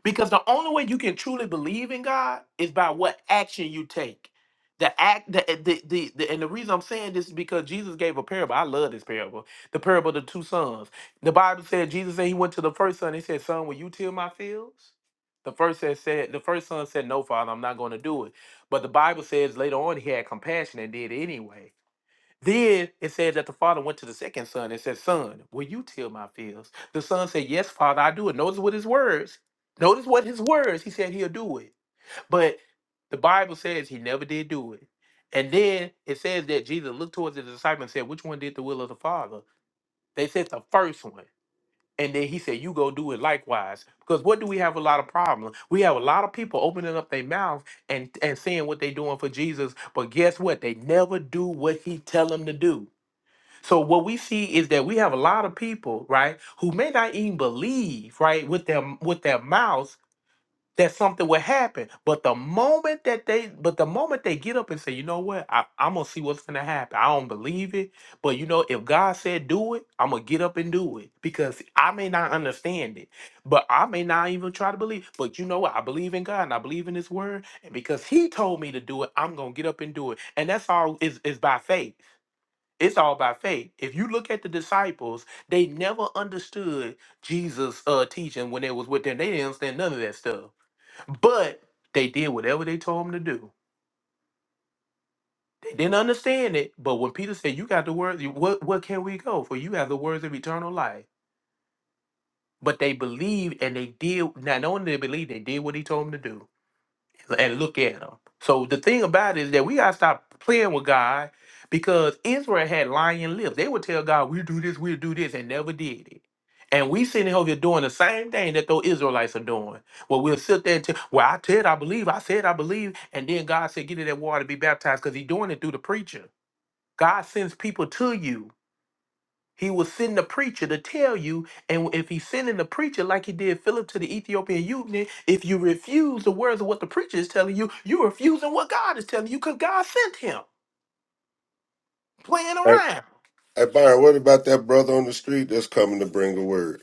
Because the only way you can truly believe in God is by what action you take. The act, the, eh, the, the, the- and the reason I'm saying this is because Jesus gave a parable. I love this parable, the parable of the two sons. The Bible said Jesus said he went to the first son. He said, "Son, will you till my fields?" The first son said, "The first son said, no, Father, I'm not going to do it." But the Bible says later on he had compassion and did it anyway. Then it said that the father went to the second son and said, Son, will you till my fields? The son said, Yes, father, I do it. Notice what his words. Notice what his words. He said he'll do it. But the Bible says he never did do it. And then it says that Jesus looked towards the disciples and said, Which one did the will of the father? They said the first one. And then he said, You go do it likewise. Because what do we have a lot of problems? We have a lot of people opening up their mouth and, and saying what they're doing for Jesus. But guess what? They never do what he tell them to do. So what we see is that we have a lot of people, right, who may not even believe, right, with their with their mouths that something will happen. But the moment that they but the moment they get up and say, you know what, I, I'm gonna see what's gonna happen. I don't believe it. But you know, if God said do it, I'm gonna get up and do it. Because I may not understand it. But I may not even try to believe. But you know what? I believe in God and I believe in his word. And because he told me to do it, I'm gonna get up and do it. And that's all is is by faith. It's all by faith. If you look at the disciples, they never understood Jesus' uh, teaching when they was with them. They didn't understand none of that stuff. But they did whatever they told them to do. They didn't understand it. But when Peter said, "You got the words. you- What what can we go for? You have the words of eternal life." But they believed and they did. Not only did they believe, they did what he told them to do. and look at them. So the thing about it is that we gotta stop playing with God because Israel had lying lips. They would tell God, "We will do this, we will do this," and never did it. And we sitting over here doing the same thing that those Israelites are doing. Well, we'll sit there and tell, "Well, I said I believe, I said I believe," and then God said, "Get in that water, be baptized," because He's doing it through the preacher. God sends people to you. He will send the preacher to tell you, and if he's sending the preacher like he did Philip to the Ethiopian eunuch, if you refuse the words of what the preacher is telling you, you're refusing what God is telling you because God sent him playing
Hey,
around.
hey, Byron, what about that brother on the street that's coming to bring a word?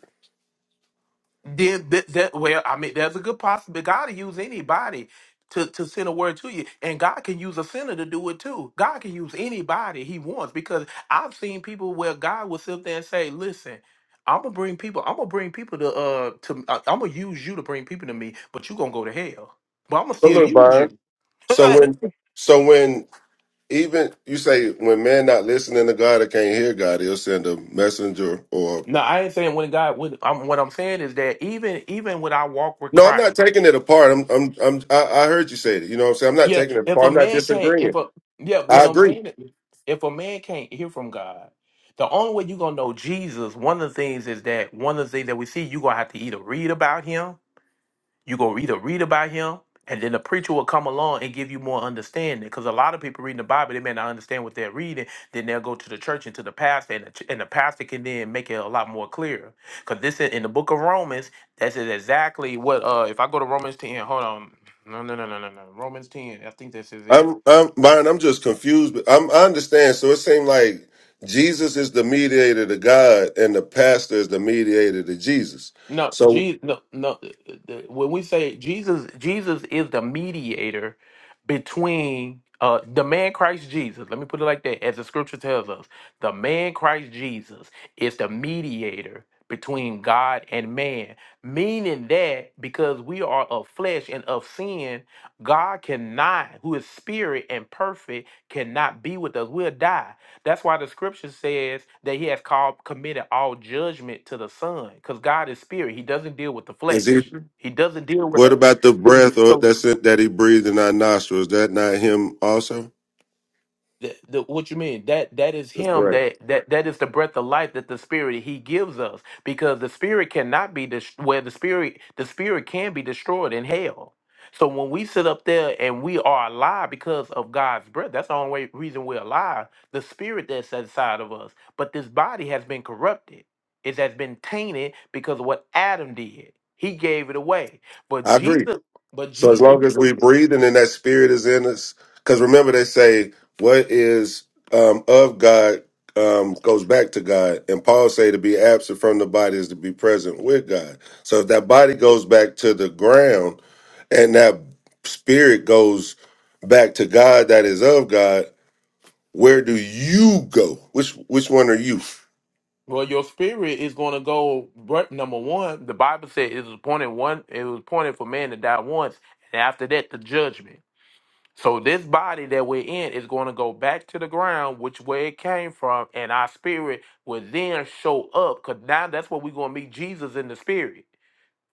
then that, that well, I mean, there's a good possibility. God will use anybody to to send a word to you, and God can use a sinner to do it too. God can use anybody He wants because I've seen people where God will sit there and say, "Listen." I'm gonna bring people. I'm gonna bring people to uh to. Uh, I'm gonna use you to bring people to me, but you gonna go to hell. But I'm gonna
So,
still
look,
use
Byron.
you.
So when, so when even you say when man not listening to God or can't hear God, he'll send a messenger or
no, I ain't saying when God. When I'm, what I'm saying is that even even when I walk with
No, I'm
Christ.
not taking it apart. I'm, I'm, I'm I, I heard you say it. You know what I'm saying? I'm not
Yeah,
taking it
if
apart.
a
I'm not
man can't, if
disagreeing.
a yeah,
I
what I'm
agree.
saying is, if a man can't hear from God, the only way you're gonna know Jesus, one of the things is that one of the things that we see, you're gonna have to either read about him you go either read about him and then the preacher will come along and give you more understanding because a lot of people reading the bible they may not understand what they're reading then they'll go to the church and to the pastor and the, ch- and the pastor can then make it a lot more clear because this is in the book of romans that's is exactly what uh if i go to romans 10 hold on no no no no no no romans 10 i think this is it
I'm, I'm, Byron, I'm just confused. But I'm, I understand. So it seemed like Jesus is the mediator to God and the pastor is the mediator to Jesus.
No,
So
Jesus, no, no. uh, the- When we say Jesus, Jesus is the mediator between uh, the man Christ Jesus. Let me put it like that, as the scripture tells us, the man Christ Jesus is the mediator between God and man. Meaning that because we are of flesh and of sin, God cannot, who is spirit and perfect, cannot be with us. We'll die. That's why the scripture says that he has called committed all judgment to the Son, because God is spirit. He doesn't deal with the
is he,
flesh. He doesn't deal with
what
us.
about the breath or
So
that's it that he breathed in our nostrils? Is that not him also?
The, the, what you mean? That that is
The
him.
breath.
That that that is the breath of life that the spirit he gives us. Because the spirit cannot be dest- where the spirit the spirit can be destroyed in hell. So when we sit up there and we are alive because of God's breath, that's the only way, reason we're alive. The spirit that's inside of us, but this body has been corrupted. It has been tainted because of what Adam did. He gave it away. But
I agree.
Jesus, but
So as
Jesus.
long as we breathing and that spirit is in us, because remember they say what is um, of God um, goes back to God, and Paul say to be absent from the body is to be present with God. So if that body goes back to the ground and that spirit goes back to God that is of God, where do you go? Which which one are you?
Well, your spirit is going to go. right- Number one, the Bible said it was appointed one. It was appointed for man to die once, and after that, the judgment. So this body that we're in is going to go back to the ground, which where it came from, and our spirit will then show up. Cause now that's where we're going to meet Jesus in the spirit.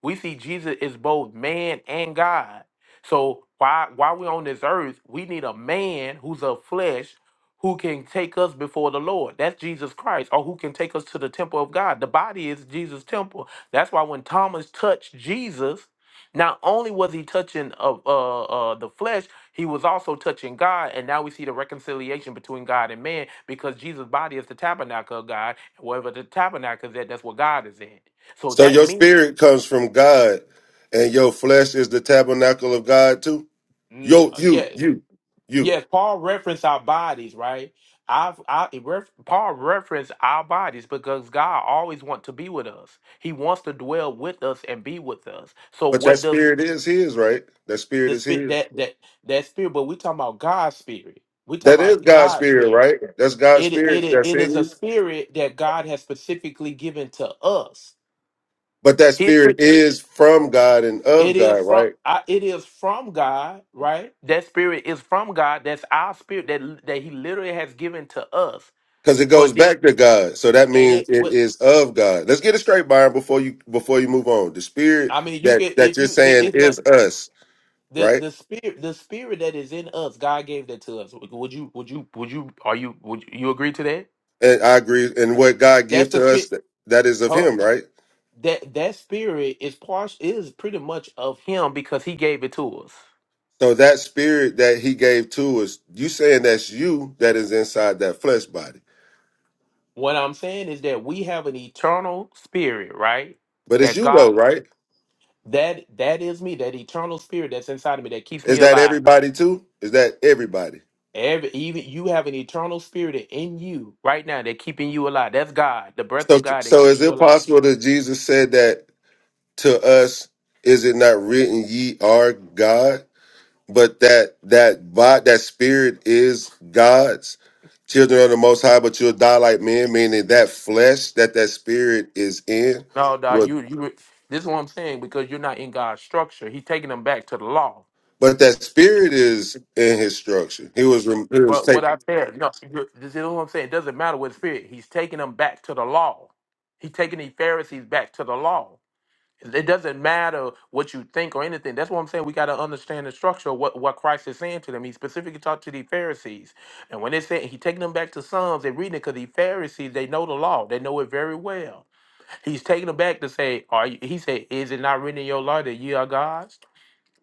We see Jesus is both man and God. So why while we're on this earth, we need a man who's of flesh who can take us before the Lord. That's Jesus Christ, or who can take us to the temple of God. The body is Jesus' temple. That's why when Thomas touched Jesus, not only was he touching of uh, uh, the flesh, he was also touching God, and now we see the reconciliation between God and man because Jesus' body is the tabernacle of God. Wherever the tabernacle is at, that's where God is in. So
So
that
your
means
spirit comes from God, and your flesh is the tabernacle of God too.
Mm,
Yo,
uh,
you,
yeah,
you, you.
yes. Paul referenced our bodies, right? I've, I it ref, Paul referenced our bodies because God always wants to be with us. He wants to dwell with us and be with us. So
But that
what does
spirit is his, right? That spirit
the
is
spirit
his.
that that that spirit? But we talking about God's spirit. We talking
That is
about
God's
God's
spirit,
spirit.
right? That's God's
It
spirit
it
that's
it is
in
a
you.
spirit that God has specifically given to us.
But that
His
spirit
spirit.
is from God and of
It is
God,
from
right?
I- it is from God, right? That spirit is from God. That's our spirit that that He literally has given to us.
Because it goes
But it,
back to God. So that
and
means
it
it
what
is of God. Let's get it straight, Byron, before you before you move on. The spirit
I mean, you
that
can
that
if
you're
you the-
saying
it's not
is us,
the
right?
the spirit the spirit that is in us. God gave that to us. Would you would you would you are you would you agree to that?
And I agree. And what God give
That's the
to us,
spirit.
that, that is of
Hold on.
him, right?
That that spirit is part is pretty much of Him because He gave it to us.
So that spirit that he gave to us, you saying that's you that is inside that flesh body.
What I'm saying is that we have an eternal spirit, right?
But it's
That
you though,
God
right?
That that is me, that eternal spirit that's inside of me that keeps
Is
me
that
alive.
everybody too? Is that everybody?
Every even you have an eternal spirit in you right now that keeping you alive. That's God, the breath
So,
of God that
so is
keeps you
it
alive.
possible that Jesus said that to us? Is it not written, "Ye are God," but that that vi- that spirit is God's children of the Most High, but you'll die like men, meaning that flesh that that spirit is in,
No, dog,
but
you you this is what I'm saying because you're not in God's structure. He's taking them back to the law.
but that spirit is in His structure. He was rem- he was
Well,
taken.
what I said, no, you- this is what I'm saying. It doesn't matter what spirit. He's taking them back to the law. He's taking the Pharisees back to the law. It doesn't matter what you think or anything. That's what I'm saying. We got to understand the structure of what, what Christ is saying to them. He specifically talked to the Pharisees. And when they said he taking them back to Psalms, they're reading it because the Pharisees, they know the law. They know it very well. He's taking them back to say, Are you, he said, Is it not written in your law that ye are gods?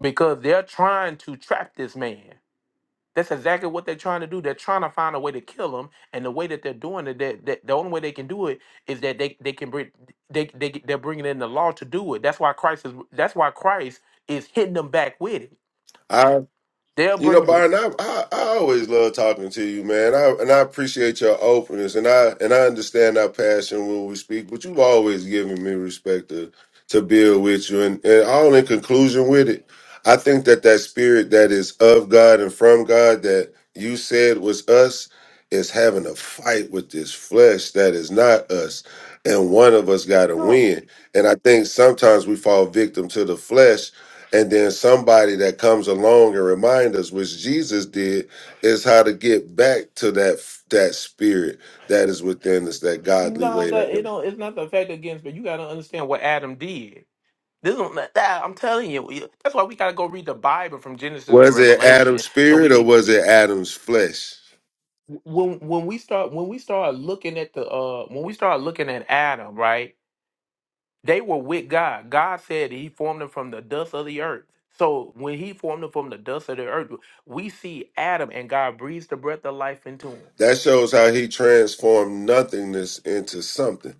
Because they're trying to trap this man. That's exactly what they're trying to do. They're trying to find a way to kill him, and the way that they're doing it, that, that the only way they can do it is that they they can bring they they they're bringing in the law to do it. That's why Christ is that's why Christ is hitting them back with it. They'll
You know,
bring the
Byron, I, I I always love talking to you, man. I and I appreciate your openness, and I and I understand our passion when we speak. But you've always given me respect to to build with you, and and all in conclusion with it, I think that that spirit that is of God and from God that you said was us is having a fight with this flesh that is not us, and one of us got to
no
win. And I think sometimes we fall victim to the flesh and then somebody that comes along and reminds us which jesus did is how to get back to that that spirit that is within us that godly
no
way that
that you know it's not the fact against, but you got to understand what Adam did. This is that I'm telling you. we- That's why we got to go read the Bible from Genesis to
was it adam's
Revelation, so we
spirit or
can
was it adam's flesh
when when we start when we start looking at the uh when we start looking at Adam, right? They were with God. God said he formed them from the dust of the earth. So when he formed them from the dust of the earth, we see Adam and God breathes the breath of life into him.
that shows how he transformed nothingness into something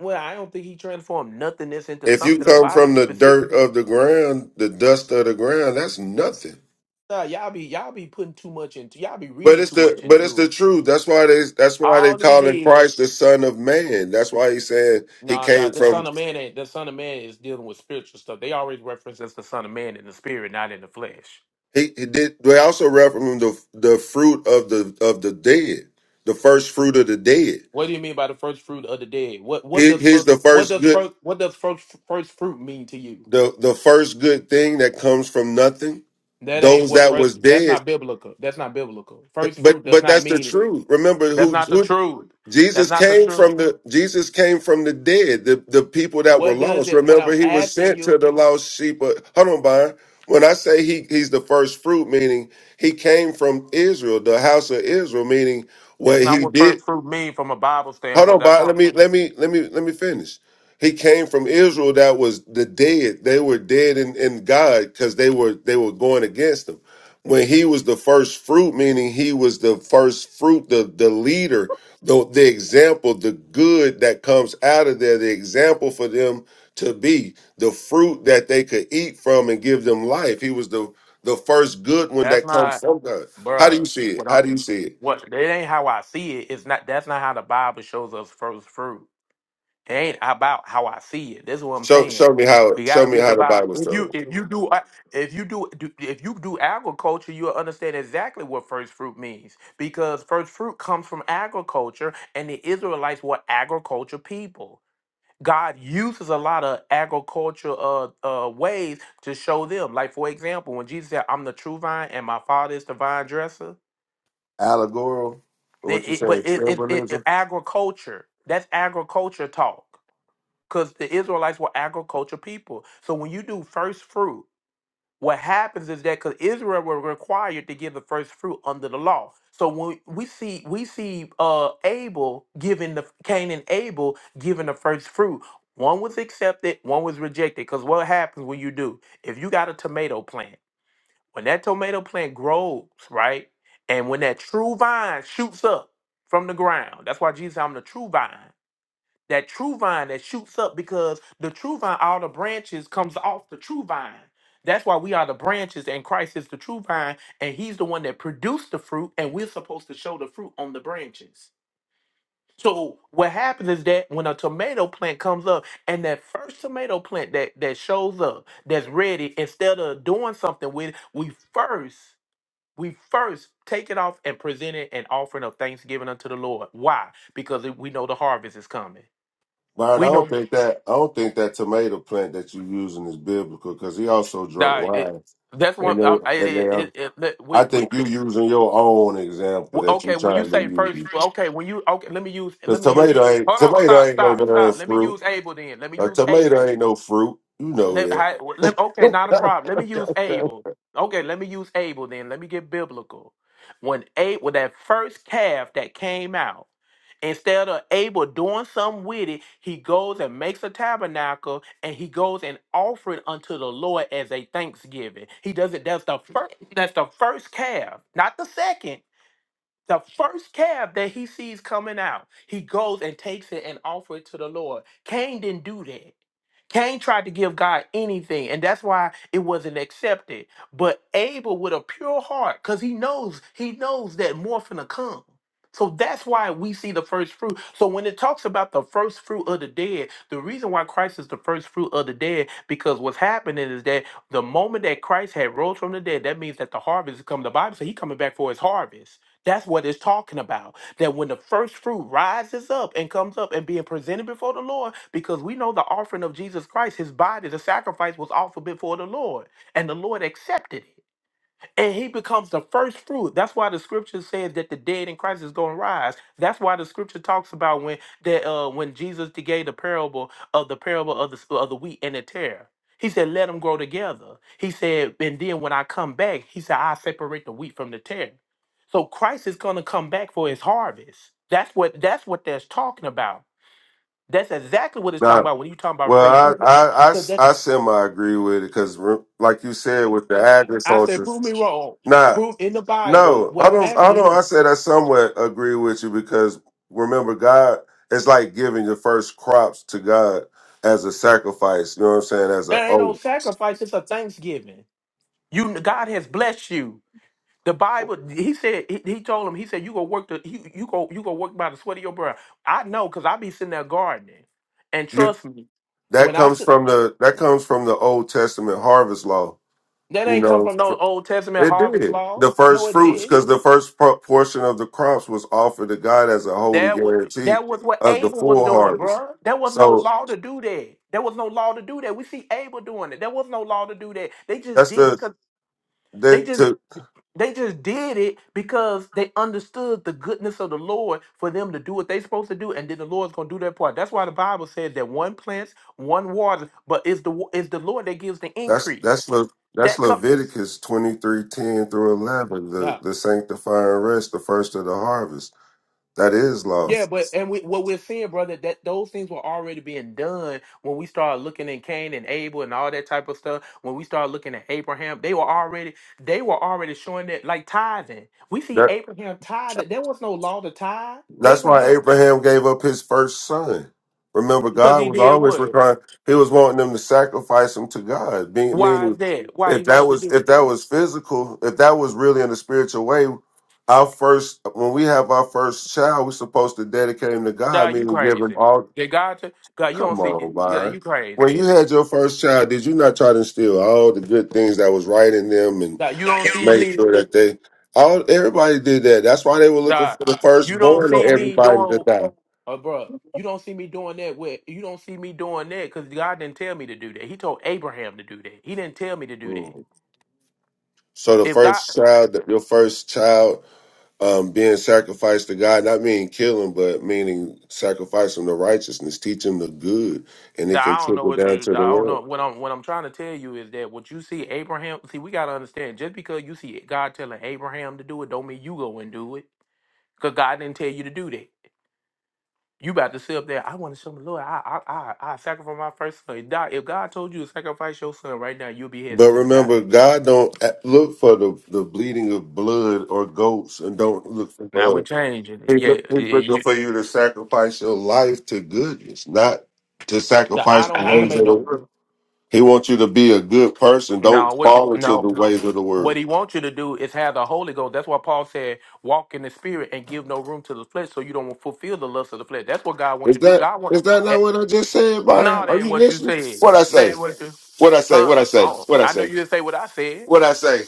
Well, I don't think he transformed nothingness into
if you
something. The
come
Bible
from the dirt
specifically.
of the ground the dust of the ground that's nothing
Nah, y'all be y'all be putting too much into y'all be
but
reading
it's
too
the
much
but it's
into
the
it.
truth. That's why they that's why they
All he
calling
did,
Christ the Son of Man. That's why he's saying he
no, nah,
came
the
from
Son of Man ain't the Son of Man is dealing with spiritual stuff. They always reference as the Son of Man in the spirit, not in the flesh.
He, he did. They also reference the the fruit of the of the dead, the first fruit of the dead.
What do you mean by the first fruit of the dead? What what
Here-
does
here's the
first what
first
does
good
first what does first first fruit mean to you?
the the first good thing that comes from nothing.
That ain't
Those
what
that was
first. That's
dead,
not biblical. That's not biblical. First
but
fruit does
but
not
that's the
mean.
truth. Remember
That's
who,
not the
who
truth. That's
Jesus
not the
came
truth.
from the Jesus came from the dead, the the people that were
What does
lost.
it? What
Remember
I'm
he was
asking
sent to
you.
the lost sheep. Of, hold on, Byron. When I say he he's the first fruit, meaning he came from Israel, the house of Israel, meaning what
That's not
he
what
did
first fruit mean from a Bible
Hold
standpoint.
on,
That's
Bob. Let
not.
me let me let me let me finish. He came from Israel that was the dead. They were dead in, in God because they were they were going against him. When he was the first fruit, meaning he was the first fruit, the the leader, the the example, the good that comes out of there, the example for them to be, the fruit that they could eat from and give them life. He was the the first good one
That's
that comes
not,
from God. How do you
bruh.
see it?
What I'm.
How do you see it?
What that ain't how I see it. It's not. That's not how the Bible shows us first fruit. It ain't about how I see it. This is what I'm
Show
saying.
show me how
We
show
gotta
me
read
how
the
the
Bible.
Bible
If you
shows.
if you do uh, if you do do- if you do agriculture, you'll understand exactly what first fruit means because first fruit comes from agriculture, and the Israelites were agriculture people. God uses a lot of agriculture uh, uh, ways to show them. Like for example, when Jesus said, "I'm the true vine, and my Father is the vine dresser,"
allegorical or
it,
what you
it-
saying
but it, it, it it-
symbolism.
agriculture. That's agriculture talk because the Israelites were agriculture people. So when you do first fruit, what happens is that because Israel were required to give the first fruit under the law. So when we see we see uh Abel giving the Cain and Abel giving the first fruit. One was accepted, one was rejected. Because what happens when you do? If you got a tomato plant, when that tomato plant grows, right? And when that true vine shoots up from the ground, that's why Jesus, said, I'm the true vine that true vine that shoots up because the true vine, all the branches comes off the true vine. That's why we are the branches and Christ is the true vine and he's the one that produced the fruit and we're supposed to show the fruit on the branches. So what happens is that when a tomato plant comes up and that first tomato plant that that shows up, that's ready, instead of doing something with it, we first we first take it off and present it an offering of thanksgiving unto the Lord. Why? Because we know the harvest is coming.
Byron, I
We know
don't think that I don't think that tomato plant that you using is biblical because he also drunk
Nah, it,
wine.
that's one.
And
Um, I-
they, and
it,
they,
it, it, let-
I
we, we,
think you using your own example
we-
that you
okay, when you
trying to
say first,
use
okay, when you okay, let me use,
because
let me use.
tomato ain't
Hold on,
tomato
stop,
ain't no
stop,
darn
stop. Let me
fruit.
use Abel then. Let me
A
use
tomato
Abel.
ain't no fruit. You know
Let,
that.
hi- let- okay, not a problem. Let me use Abel. Okay, let me use Abel then. Let me get biblical. When Abel, that first calf that came out, instead of Abel doing something with it, he goes and makes a tabernacle and he goes and offer it unto the Lord as a thanksgiving. He does it. That's the first. That's the first calf, not the second. The first calf that he sees coming out, he goes and takes it and offers it to the Lord. Cain didn't do that. Cain tried to give God anything, and that's why it wasn't accepted. But Abel, with a pure heart, because he knows he knows that more finna come. So that's why we see the first fruit. So when it talks about the first fruit of the dead, the reason why Christ is the first fruit of the dead, because what's happening is that the moment that Christ had rose from the dead, that means that the harvest is coming. The Bible says he's coming back for his harvest. That's what it's talking about that when the first fruit rises up and comes up and being presented before the Lord, because we know the offering of Jesus Christ, his body, the sacrifice was offered before the Lord, and the Lord accepted it and he becomes the first fruit. That's why the scripture says that the dead in Christ is going to rise. That's why the scripture talks about when that uh, when Jesus gave the parable of the parable of the of the wheat and the tare. He said, "Let them grow together." He said, "And then when I come back, he said, I separate the wheat from the tare." So Christ is going to come back for his harvest. That's what that's what that's talking about. That's exactly what it's talking
nah,
about when you talking about first
well,
fruit.
I I,
Because that
I, semi agree with it because like you said with the
I said,
agriculture,
prove me wrong.
nah.
Prove in the Bible
No,
what
I
I'm
don't. I
asking
don't.
you.
I said I somewhat agree with you because remember, God, it's like giving your first crops to God as a sacrifice. You know what I'm saying? As a
There ain't no
oath.
sacrifice. It's a thanksgiving. You, God has blessed you. The Bible, He said, He, he told him, He said, you go work the, you, you go, you go work by the sweat of your brow. I know, cause I be sitting there gardening, and
You-
trust me,
that
when I
comes
sit,
from the that comes from the Old Testament harvest law.
that
You
ain't come
know,
from no
for-
Old Testament
it
harvest
did
law.
the first
No, it
fruits
didn't.
because the first pro- portion of the crops was offered to God as a holy
That was
guarantee
that was what
of the
Abel was
full
doing,
harvest.
bruh. There was no
So
law to do that. There was no law to do that. We see Abel doing it. There was no law to do that. They just
that's
did it
the
because they just.
that
They just did it because they understood the goodness of the Lord for them to do what they supposed to do, and then the Lord's gonna do their part. That's why the Bible says that one plants, one waters, but it's the wa- it's the Lord that gives the
That's that's
increase.
Le, that's
That comes
Leviticus twenty three ten through eleven, the
now.
the sanctifying rest, the first of the harvest. That is law.
Yeah, but and we, what we're seeing, brother, that those things were already being done when we started looking at Cain and Abel and all that type of stuff. When we started looking at Abraham, they were already they were already showing that like tithing. We see
That
Abraham tithing. There was no law to tithe.
that's why
Abraham
Abraham gave up his first son. Remember,
Because
God
he
was
did
always
what?
requiring. He was wanting them to sacrifice him to God. Being,
Why is
meaning,
that? Why he
if that
wants to
was
do
if that
it?
was physical, if that was really in a spiritual way, our first when we have our first child, we're supposed to dedicate him to God.
Dog, you
Meaning, give him
crazy.
all
Did God, t- God, you
Come
don't see,
on,
God,
Byron.
you
When
crazy.
you had your first child, did you not try to instill all the good things that was right in them and
Dog, you don't see
make
me,
sure that they all everybody did that. That's why they were looking
dog,
for the
you don't
firstborn of
see me
everybody to
doing,
die.
uh, bro, you don't see me doing that with, you don't see me doing that because God didn't tell me to do that. He told Abraham to do that. He didn't tell me to do that.
Mm. So the
If God,
first child, your first child, um, being sacrificed to God, not meaning killing, but meaning sacrifice him to righteousness, teach him the good, and
dawg,
it can
I don't know
trickle
what
down
you, dawg,
to the
I don't
world.
know. What I'm, what I'm trying to tell you is that what you see Abraham, see, we got to understand, just because you see God telling Abraham to do it, don't mean you go and do it. Cause God didn't tell you to do that. You about to sit up there. I want to show the Lord. I I I, I sacrifice my first son. God, if God told you to sacrifice your son right now, you'll be
But
hesitant about
remember,
it.
God don't a- look for the, the bleeding of blood or goats, and don't look for
Now we're
blood.
changing it.
He
Yeah,
look, he's
yeah.
looking
You,
for you to sacrifice your life to goodness, not to
the, I
sacrifice
don't
the
have to
ways
make
of the
no.
world. He wants you to be a good person. Don't
No, what you
fall into
no.
the ways of the
What
world.
he wants you to do is have the Holy Ghost. That's why Paul said, "Walk in the Spirit and give no room to the flesh, so you don't fulfill the lust of the flesh." That's what God wants
Is
you to do.
that
God wants.
is that not what I just said, Byron?
No, that
Are
ain't
you
what you
listening?
said.
What I
That
say?
ain't what you.
What I say?
Huh?
What I say?
Oh,
What I
I know
say?
you didn't say what I said.
What I say?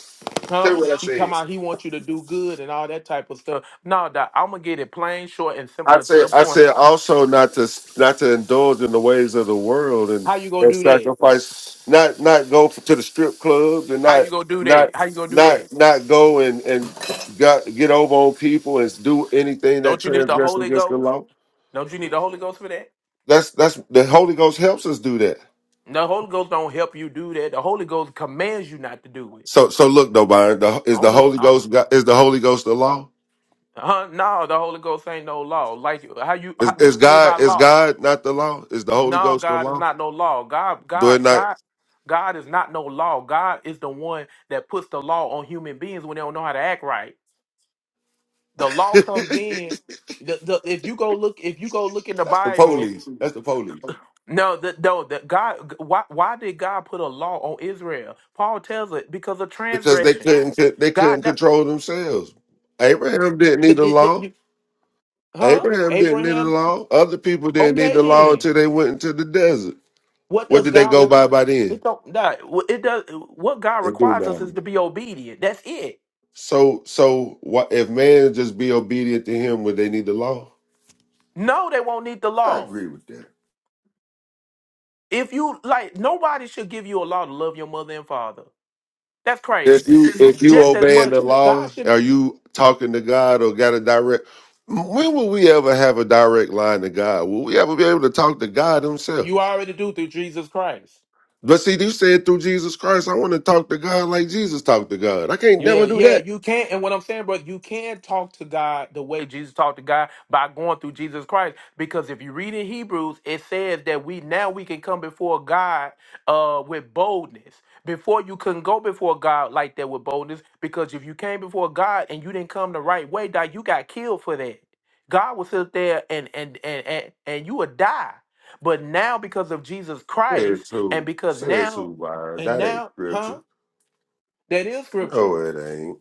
Tell me
Huh?
what I
You
said.
talking about he wants you to do good and all that type of stuff. No, doc, I'm gonna get it plain, short, and simple
I
and to
said,
the
I
point.
said also not to not to indulge in the ways of the world and,
How you gonna
and
do that?
sacrifice, not not go to the strip clubs and
How
not
you gonna do that?
not
How you gonna do that?
not not go and and got, get over on people and do anything that
Don't you need the
transgresses
Holy
against the
Ghost?
law.
Don't you need the Holy Ghost for that?
That's that's the Holy Ghost helps us do that.
The Holy Ghost don't help you do that. The Holy Ghost commands you not to do it.
So so look though, Byron, the,
I
is
don't
the
look.
Holy
I'm,
Ghost God, is the Holy Ghost the law?
huh? No, the Holy Ghost ain't no law. Like how you?
Is
How, what
is
you mean
God
by
is
law?
God not the law? Is the Holy
No,
Ghost the
God is
law?
not no law. God,
Do it
God,
not?
God, God is not no law. God is the one that puts the law on human beings when they don't know how to act right. The law
that's
comes in. The, the, if you go look, if you go look in the
the
Bible,
police. That's the police.
no, the, no, the God. Why, why did God put a law on Israel? Paul tells it because of
because they
transgressions.
couldn't they couldn't
God, ne-
control themselves. Abraham didn't need
th-
the
th- th-
law.
you- huh?
Abraham didn't need the
Abraham.
law. Other people didn't need
Okay,
the law
then
until they went into the desert.
what
What
does
did they
God?
go
Re-
by by then?
it don't. Nah, it does. What God
They do
requires us is
nothing.
to be obedient. That's it.
So so what if man just be obedient to him when they need the law?
No, they won't need the
I
law.
agree with that.
If you like, nobody should give you a law to love your mother and father. That's
If
crazy.
you if you
Just as
obeying
much
the
God
law,
should.
are you talking to God or got a direct when will we ever have a direct line to God? Will we ever be able to talk to God himself?
You already do through Jesus Christ.
But see, you said through Jesus Christ, I want to talk to God like Jesus talked to God. I can't
Yeah,
never do
yeah,
that.
you can. not And what I'm saying, brother, you can talk to God the way Jesus talked to God by going through Jesus Christ. Because if you read in Hebrews, it says that we now we can come before God uh with boldness. Before you couldn't go before God like that with boldness, because if you came before God and you didn't come the right way, dog, you got killed for that. God will sit there and and and and, and you would die. But now because of Jesus Christ,
Says
and
who?
because
Says
now
who, Byron?
and
That ain't
now, huh?
scripture.
That is scripture.
No, it ain't.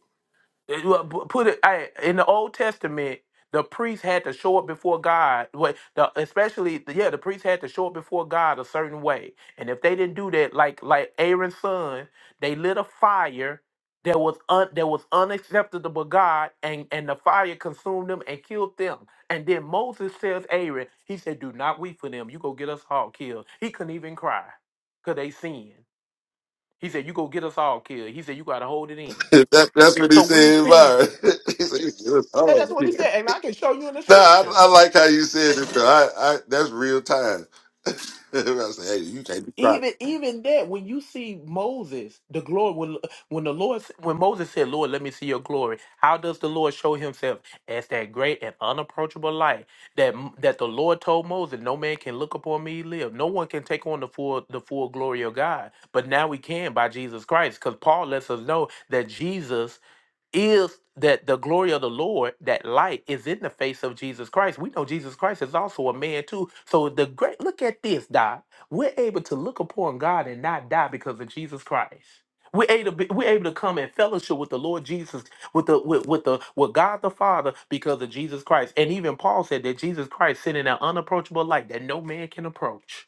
Uh, well, pu- put it I, in the Old Testament. The priest had to show up before God. What the especially the- yeah, the priest had to show up before God a certain way. And if they didn't do that, like like Aaron's son, they lit a fire that was un, that was unacceptable to God, and and the fire consumed them and killed them. And then Moses tells Aaron, he said, "Do not weep for them. You go get us all killed." He couldn't even cry, cause they sinned. He said, "You go get us all killed." He said, "You got to hold it in."
that, that's what he
So we
said,
see
Byron. he said, "It's
yeah, that's what he
hard."
said. And I can show you in the
Nah, I,
scripture.
I like how you said it. though. I, I, that's real time. I say, hey, you can't be proud.
Even even that, when you see Moses, the glory when when the Lord when Moses said, Lord, let me see your glory, how does the Lord show himself as that great and unapproachable light that that the Lord told Moses, no man can look upon me live. No one can take on the full the full glory of God. But now we can by Jesus Christ, because Paul lets us know that Jesus is that the glory of the Lord, that light is in the face of Jesus Christ. We know Jesus Christ is also a man too. So the great look at this, Doc. We're able to look upon God and not die because of Jesus Christ. We're able, to be, we're able to come in fellowship with the Lord Jesus, with the with, with the with God the Father because of Jesus Christ. And even Paul said that Jesus Christ sent in an unapproachable light that no man can approach.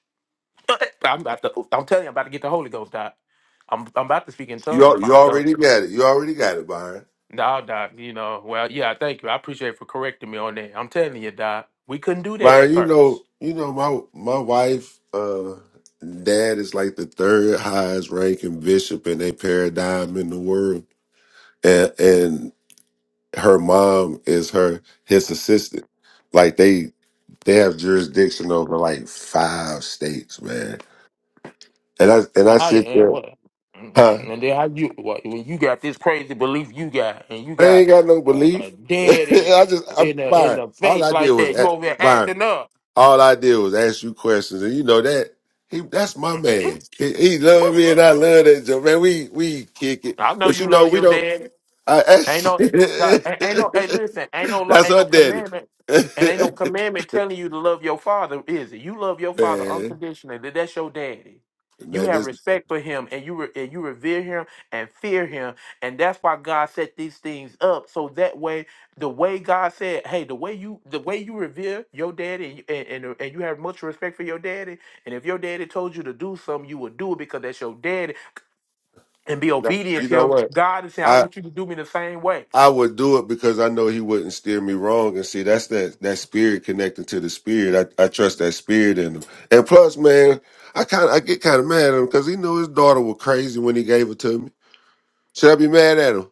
I'm about to, I'm telling you, I'm about to get the Holy Ghost, Doc. I'm, I'm about to speak in
You, al-
tongues.
you already got it. You already got it, Byron.
No, Doc, you know, well, yeah, thank you. I appreciate for correcting me on that. I'm telling you, Doc, we couldn't do that at
Byron, you know,
first.
you know, my my wife, uh, dad is like the third highest ranking bishop in a paradigm in the world, and and her mom is her his assistant. Like they they have jurisdiction over like five states, man. And I and
Well,
I
I
sit
yeah,
there,
what?
huh?
Mm, And then how you what, when you got this crazy belief you got, and you
I
got
ain't got no
uh, a
belief.
daddy
I just I
in the in
Byron,
the
all
faith
I did
like
was
that, you
ask
over there
Byron.
acting up.
All I did was ask you questions, and you know that he that's my man. He, he loved me, and I love that joke, man. We we kick it,
I know
but you
you
know
love
we
your
don't.
dad.
I
Ain't
ask,
no, nah, ain't ain't no. Hey, listen, ain't no, lo-
that's
ain't
our
no
daddy,
commandment, and ain't no commandment telling you to love your father, is it? You love your father
man.
unconditionally. That- That's your daddy. You
Man,
have
this
respect for him, and you re, and you revere him and fear him, and that's why God set these things up so that way, the way God said, hey, the way you the way you revere your daddy, and you- and and, and you have much respect for your daddy, and if your daddy told you to do something, you would do it because that's your daddy, and be
no,
obedient
you
to
know
him.
what
God is saying, I
I.
want you to do me the same way.
I would do it because I know he wouldn't steer me wrong, and see that's that that spirit connecting to the spirit. I, I trust that spirit in him, and plus, man, I kind of I get kind of mad at him because he knew his daughter was crazy when he gave it to me. Should I be mad at him?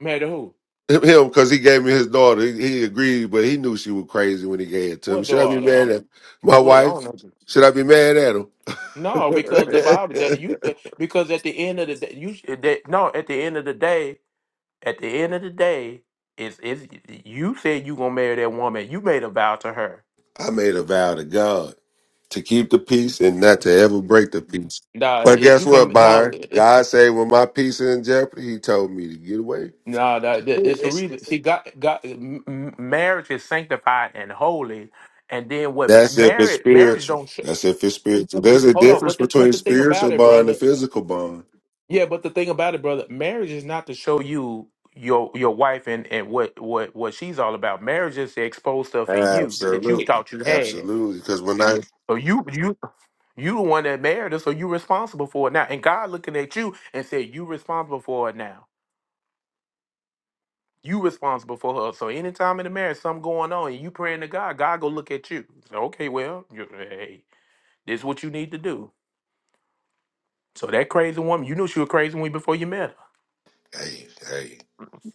Married to who?
Him, because he gave me his daughter. He, he agreed, but he knew she was crazy when he gave it to him.
What
Should I be
daughter? I,
mad at my
what, I don't
wife?
know.
Should I be mad at him?
No, because the Bible that you because at the end of the day you that, no at the end of the day at the end of the day is is you said you gonna marry that woman you made a vow to her.
I made a vow to God to keep the peace and not to ever break the peace.
Nah,
But
it,
guess
you
what,
can no
Byron? God said when my peace is in jeopardy, he told me to get away.
no that, that- it's a reason. See, God, God, m- m- marriage is sanctified and holy, and then what
That's if it's
marriage marriage
spiritual.
don't sh-
That's if it's spiritual. There's a
hold on.
difference
But the but
between
the thing about
spiritual
it,
bond
brother.
and physical bond.
Yeah, but the thing about it, brother, marriage is not to show you your your wife and, and what, what what she's all about. Marriage is to expose stuff in you that you
Absolutely.
thought you had.
Absolutely. Because when I
So you you you the one that married her, so you responsible for it now. And God looking at you and said, You responsible for it now. You responsible for her. So anytime in the marriage something going on and you praying to God, God go look at you. So, okay, well, you- hey, this is what you need to do. So that crazy woman, you knew she was crazy when before you met her.
Hey, hey,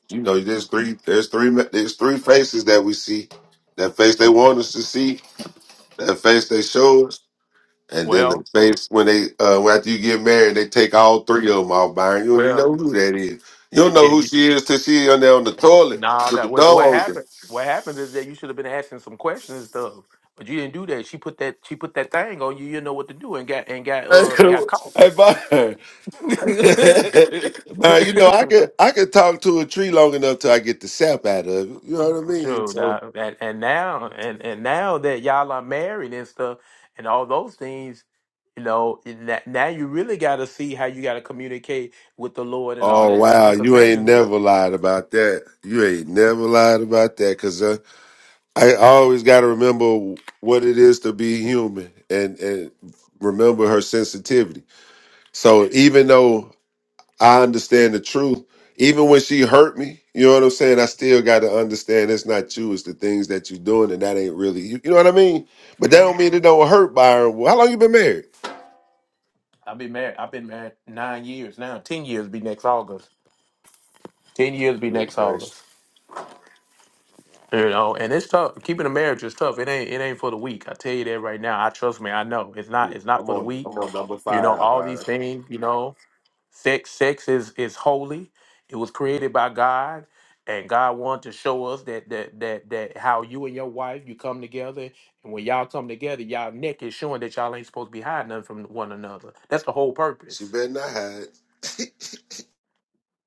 you know, there's three, there's three, there's three faces that we see. That face they want us to see, that face they show us, and then the
Well,
face when they, uh, after you get married, they take all three of them off, Byron. You don't even
well,
know who that is. You don't know who she is till she on there on the toilet
Nah,
with the
that what
door
what
open.
happened? What happened is that you should have been asking some questions and stuff, but you didn't do that. She put that she put that thing on you. You didn't know what to do and got and got uh got caught.
hey, Byron, Byron, you know I could I could talk to a tree long enough till I get the sap out of it. You know what I mean?
True,
So
dog. and and now and and now that y'all are married and stuff and all those things, you know, and that- now you really got to see how you got to communicate with the Lord and all
Oh
that type of
wow,
thing. Because
you
marriage
ain't
is real.
never lied about that. You ain't never lied about that because uh, I always got to remember what it is to be human and and remember her sensitivity. So even though I understand the truth, even when she hurt me, you know what I'm saying. I still got to understand it's not you. It's the things that you're doing, and that ain't really you. You know what I mean? But that
Mhm.
don't mean it don't hurt, Byron. How long you been married?
I've been married. I've been married nine years now. Ten years be next August. Ten years be
Good
next
gracious,
August. You know, and it's tough. Keeping a marriage is tough. It ain't it ain't for the weak. I tell you that right now. I trust me, I know. It's not
Ooh,
it's not
I'm
for the
on I'm
weak.
on number
You know,
five,
all these things, you know, sex sex is is holy. It was created by God. And God wanted to show us that that that that how you and your wife you come together and when y'all come together, y'all neck is showing that y'all ain't supposed to be hiding nothing from one another. That's the whole
She
purpose.
better not hide.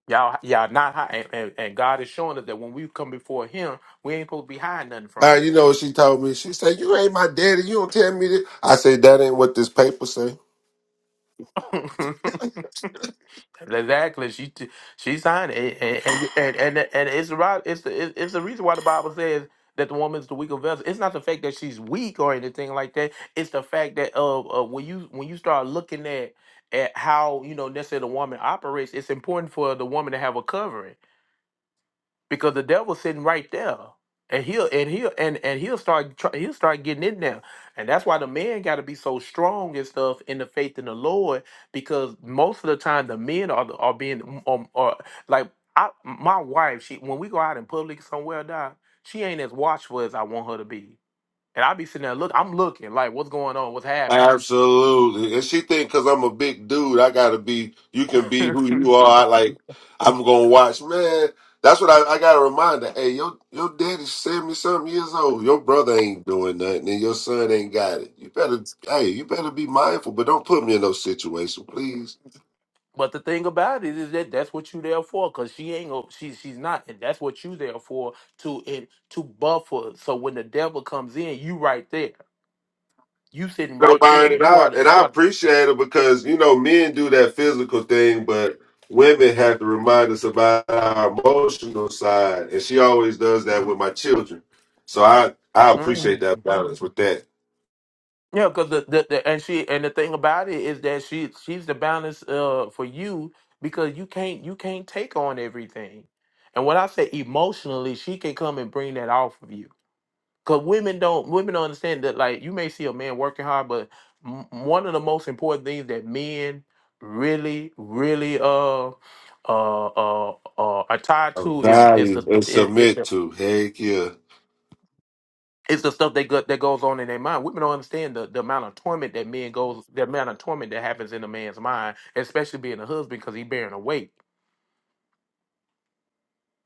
Y'all y'all not hiding and, and and God is showing us that when we come before him, we ain't supposed to be hiding nothing from
Byron, you know what she told me? She said, You ain't my daddy. You don't tell me this. I said, That ain't what this paper say.
him. Exactly. She t- she signed it, and and and, and, and it's the right. It's the it- it's the reason why the Bible says that the woman's the weaker vessel. It's not the fact that she's weak or anything like that. It's the fact that uh, uh when you when you start looking at at how you know necessarily the woman operates, it's important for the woman to have a covering because the devil's sitting right there, and he'll and he'll and and he'll start try, he'll start getting in there, and that's why the man got to be so strong and stuff in the faith in the Lord because most of the time the men are are being um are like I my wife she when we go out in public somewhere doc she ain't as watchful as I want her to be, and I be sitting there look I'm looking like what's going on what's happening
Absolutely. And she think because I'm a big dude, I got to be, you can be who you are. I, like, I'm going to watch. Man, that's what I, I got to remind her. Hey, your, your daddy's 70 something years old. Your brother ain't doing nothing and your son ain't got it. You better, hey, you better be mindful, but don't put me in those situation, please.
But the thing about it is that that's what you there for, cause she ain't go, she she's not, and that's what you there for to it to buffer. So when the devil comes in, you right there, you sitting
know,
right
Byron,
there.
and
You
I
are the
and
you
I
are. The,
appreciate it because you know men do that physical thing, but women have to remind us about our emotional side, and she always does that with my children. So I I appreciate that
Mhm.
balance with that.
Yeah, cause the, the, the and she and the thing about it is that she she's the balance uh for you because you can't you can't take on everything. And when I say emotionally, she can come and bring that off of you Cause women don't women don't understand that like you may see a man working hard, but m- one of the most important things that men really really uh uh uh, uh are tied to is is the
Value and
th- i- is
submit
the
to. Heck yeah.
it's the stuff that go, that goes on in their mind. Women don't understand the, the amount of torment that men goes, the amount of torment that happens in a man's mind, especially being a husband because he bearing a weight.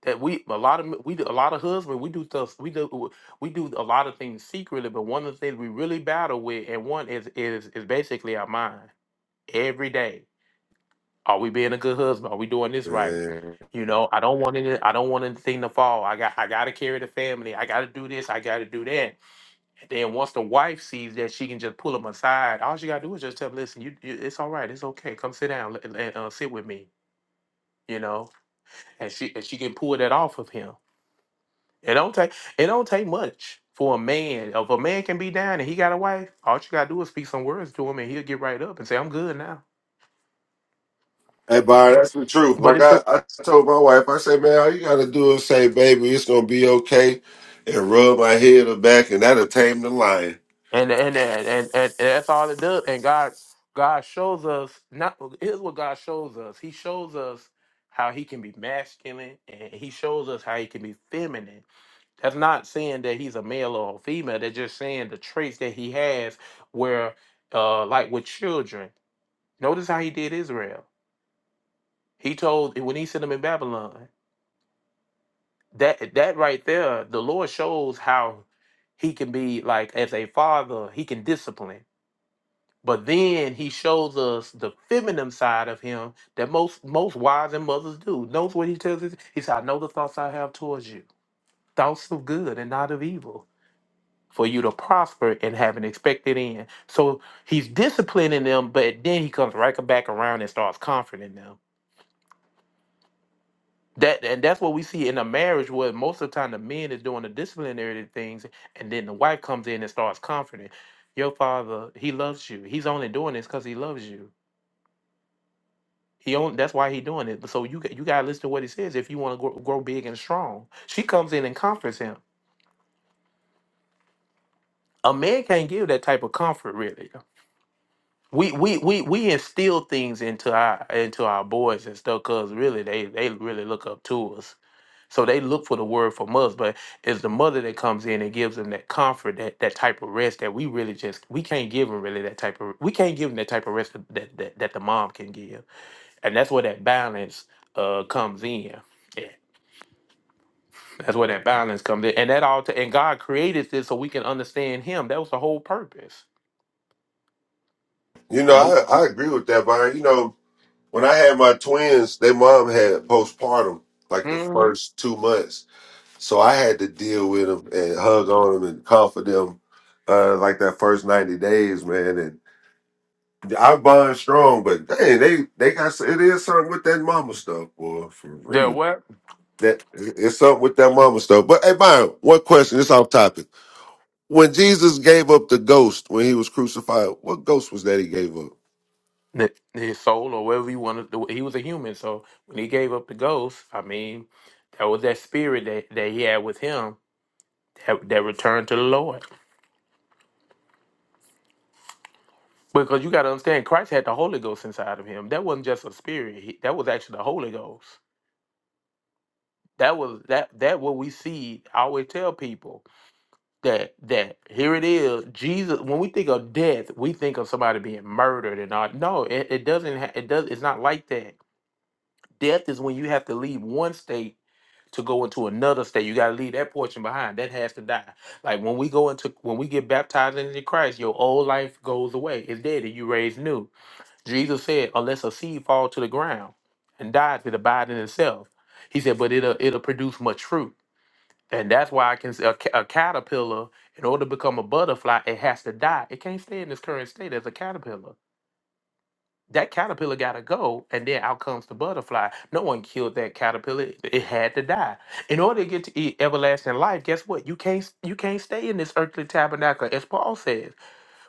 that we a lot of we do a lot of husbands we do stuff we do we do a lot of things secretly but one of the things we really battle with and one is is is basically our mind every day are we being a good husband are we doing this right
Man.
you know i don't want any i don't want anything to fall i got i gotta carry the family i gotta do this i gotta do that and then once the wife sees that she can just pull them aside all she gotta do is just tell them listen you, you it's all right it's okay come sit down and uh, sit with me you know and she and she can pull that off of him It don't take it don't take much for a man. If a man can be down and he got a wife, all you gotta do is speak some words to him and he'll get right up and say, "I'm good now."
Hey, Byron, that's the truth.
But
Like
it's
I, I told my wife, I said, man, all you gotta do is say, baby, it's gonna be okay, and rub my head or back, and that'll tame the lion.
and and and and, and, and that's all it does. And God God shows us not here's what God shows us. He shows us how he can be masculine and he shows us how he can be feminine. That's not saying that he's a male or a female. That's just saying the traits that he has where uh like with children. Notice how he did Israel. He told when he sent them in Babylon, that that right there, the Lord shows how he can be like as a father, he can discipline. But then he shows us the feminine side of him that most most wives and mothers do. Knows what he tells us. He said, I know the thoughts I have towards you. Thoughts of good and not of evil. For you to prosper and have an expected end. So he's disciplining them, but then he comes right back around and starts comforting them That and that's what we see in a marriage where most of the time the man is doing the disciplinary things and then the wife comes in and starts comforting. Your father, he loves you. He's only doing this because he loves you. He only that's why he doing it. So you got- you gotta listen to what he says if you want to grow, grow big and strong. She comes in and comforts him. A man can't give that type of comfort really. We we we we instill things into our into our boys and stuff because really they they really look up to us So they look for the word from us, but it's the mother that comes in and gives them that comfort, that that type of rest that we really just we can't give them really that type of we can't give them that type of rest that that, that the mom can give, and that's where that balance uh comes in. Yeah, that's where that balance comes in, and that all to, and God created this so we can understand Him. That was the whole purpose.
You know, I, I agree with that, Byron. You know, When I had my twins, their mom had postpartum like the
Mm-hmm.
first two months, so I had to deal with them and hug on them and comfort them uh, like that first ninety days, man. And I bond strong, but dang, they they got s- it is something with that mama stuff, boy, for
Yeah,
real.
what
That it's something with that mama stuff. But hey, Byron, one question. It's off topic. When Jesus gave up the ghost when he was crucified, what ghost was that he gave up?
the, his soul or whatever he wanted. To, he was a human, so when he gave up the ghost, I mean, that was that spirit that that he had with him That, that return to the Lord. Because you got to understand, Christ had the Holy Ghost inside of him. That wasn't just a spirit. He, that was actually the Holy Ghost. That was that that what we see. I always tell people that that here it is. Jesus. When we think of death, we think of somebody being murdered and all. No, it, it doesn't. Ha- it does. It's not like that. Death is when you have to leave one state to go into another state. You got to leave that portion behind. That has to die. Like when we go into when we get baptized into Christ, your old life goes away. It's dead, and you raised new. Jesus said, unless a seed fall to the ground and dies, it abide in itself. He said, but it'll it'll produce much fruit. And that's why I can say a, ca- a caterpillar, in order to become a butterfly, it has to die. It can't stay in its current state as a caterpillar. That caterpillar gotta go, and then out comes the butterfly. No one killed that caterpillar. It it had to die. In order to get to e- everlasting life, guess what? You can't you can't stay in this earthly tabernacle, as Paul says.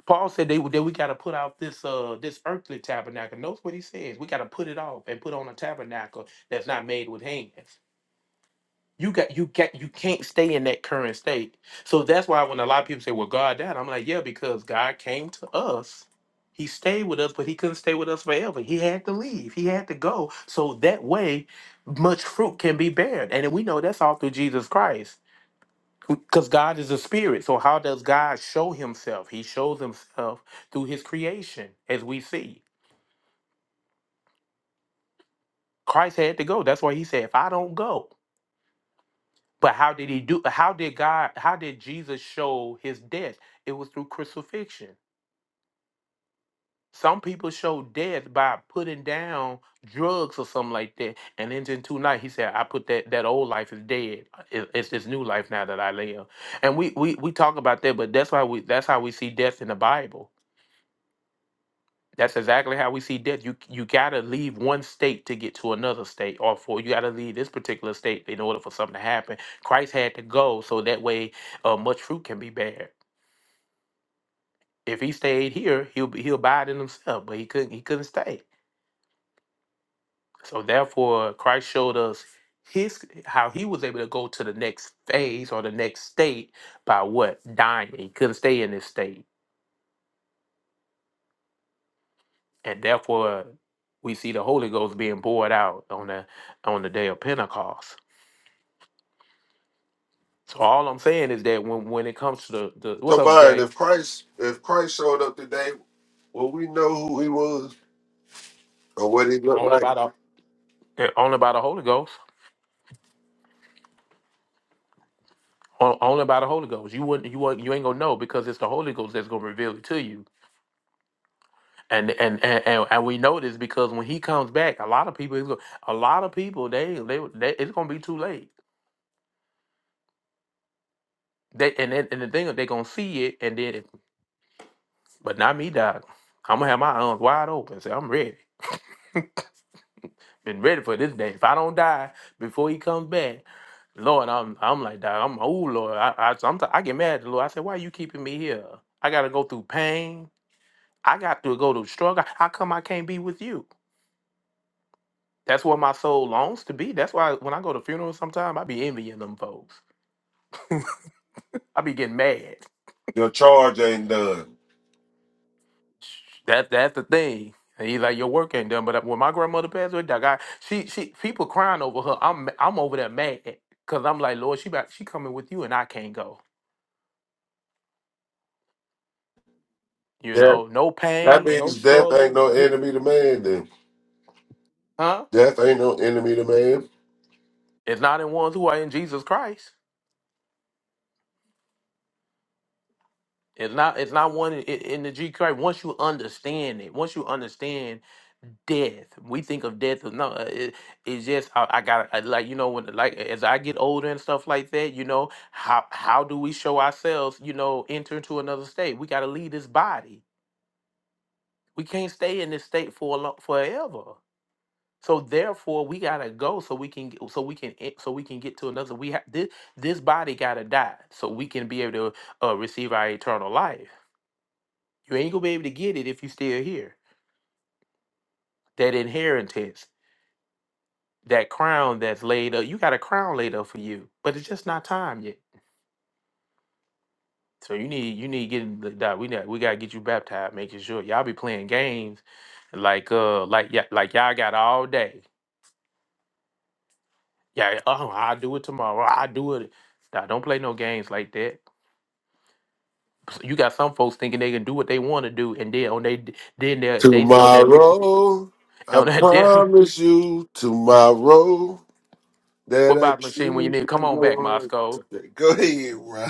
Paul said they, that we got to put off this uh this earthly tabernacle. Notice what he says. We got to put it off and put on a tabernacle that's not made with hands. You got you got you can't stay in that current state. So that's why when a lot of people say, "Well, God died," I'm like, "Yeah," because God came to us. He stayed with us, but he couldn't stay with us forever. He had to leave. He had to go. So that way, much fruit can be bared, and we know that's all through Jesus Christ. Because God is a spirit. So how does God show himself? He shows himself through his creation, as we see. Christ had to go. That's why he said, if I don't go. But how did he do how did God how did Jesus show his death? It was through crucifixion. Some people show death by putting down drugs or something like that. And then in two night he said, I put that that old life is dead. It- It's this new life now that I live. And we we, we talk about that, but that's why we that's how we see death in the Bible That's exactly how we see death. You you gotta leave one state to get to another state, or for you gotta leave this particular state in order for something to happen. Christ had to go so that way uh, much fruit can be bared. If he stayed here, he'll be, he'll abide in himself, but he couldn't he couldn't stay. So therefore, Christ showed us his how he was able to go to the next phase or the next state by what dying. He couldn't stay in this state, and therefore we see the Holy Ghost being poured out on the on the day of Pentecost. So all I'm saying is that when when it comes to the, the what's
So
up,
Byron,
Jay?
if Christ if Christ showed up today Well, we know who he was or what he looked
Only
like.
by the yeah, only by the Holy Ghost. On- Only by the Holy Ghost. You wouldn't you wouldn't, you ain't gonna know because it's the Holy Ghost that's gonna reveal it to you. And and and, and, and we know this because when he comes back, a lot of people is go- a lot of people they they, they it's gonna be too late. They and then, and the thing is they gonna see it and then but not me, Doc. I'm gonna have my arms wide open. Say I'm ready. Been ready for this day. If I don't die before he comes back, Lord, I'm I'm like that. I'm oh Lord, I I I'm t- I get mad at the Lord. I said, why you keeping me here? I gotta go through pain. I got to go through struggle. How come I can't be with you? That's where my soul longs to be. That's why when I go to funerals, sometimes I be envying them folks. I be getting mad.
Your charge ain't done.
That that's the thing. And he's like, your work ain't done. But when my grandmother passed away, dog, I, she she people crying over her. I'm I'm over there mad because I'm like, Lord, she about, she coming with you and I can't go. You
That
know, no
that
pain, no
means death ain't
struggle,
no enemy to man. Then
huh?
death ain't no enemy to man.
It's not in ones who are in Jesus Christ. It's not. It's not one in, in the G Christ. Once you understand it, once you understand death, we think of death. as- No, uh, it, it's just I, I got I, like you know when like as I get older and stuff like that. You know how how do we show ourselves? You know, enter into another state. We got to leave this body. We can't stay in this state for a long, forever. So therefore, we gotta go so we can so we can e- so we can get to another. We have this this body gotta die so we can be able to uh, receive our eternal life. You ain't gonna be able to get it if you still here. That inheritance, that crown that's laid up. You got a crown laid up for you, but it's just not time yet. So you need you need getting the die. We got we gotta get you baptized, making sure y'all be playing games like uh like yeah like y'all got all day. Yeah, oh I'll do it tomorrow. I'll do it. Nah, don't play no games like that. you got some folks thinking they can do what they want to do, and then on they then they they on that
Tomorrow, I
on that damn
promise you, tomorrow
what
that I
about machine when you
choose
need
to
come on
go
back
on
Moscow,
today. Go ahead, bro.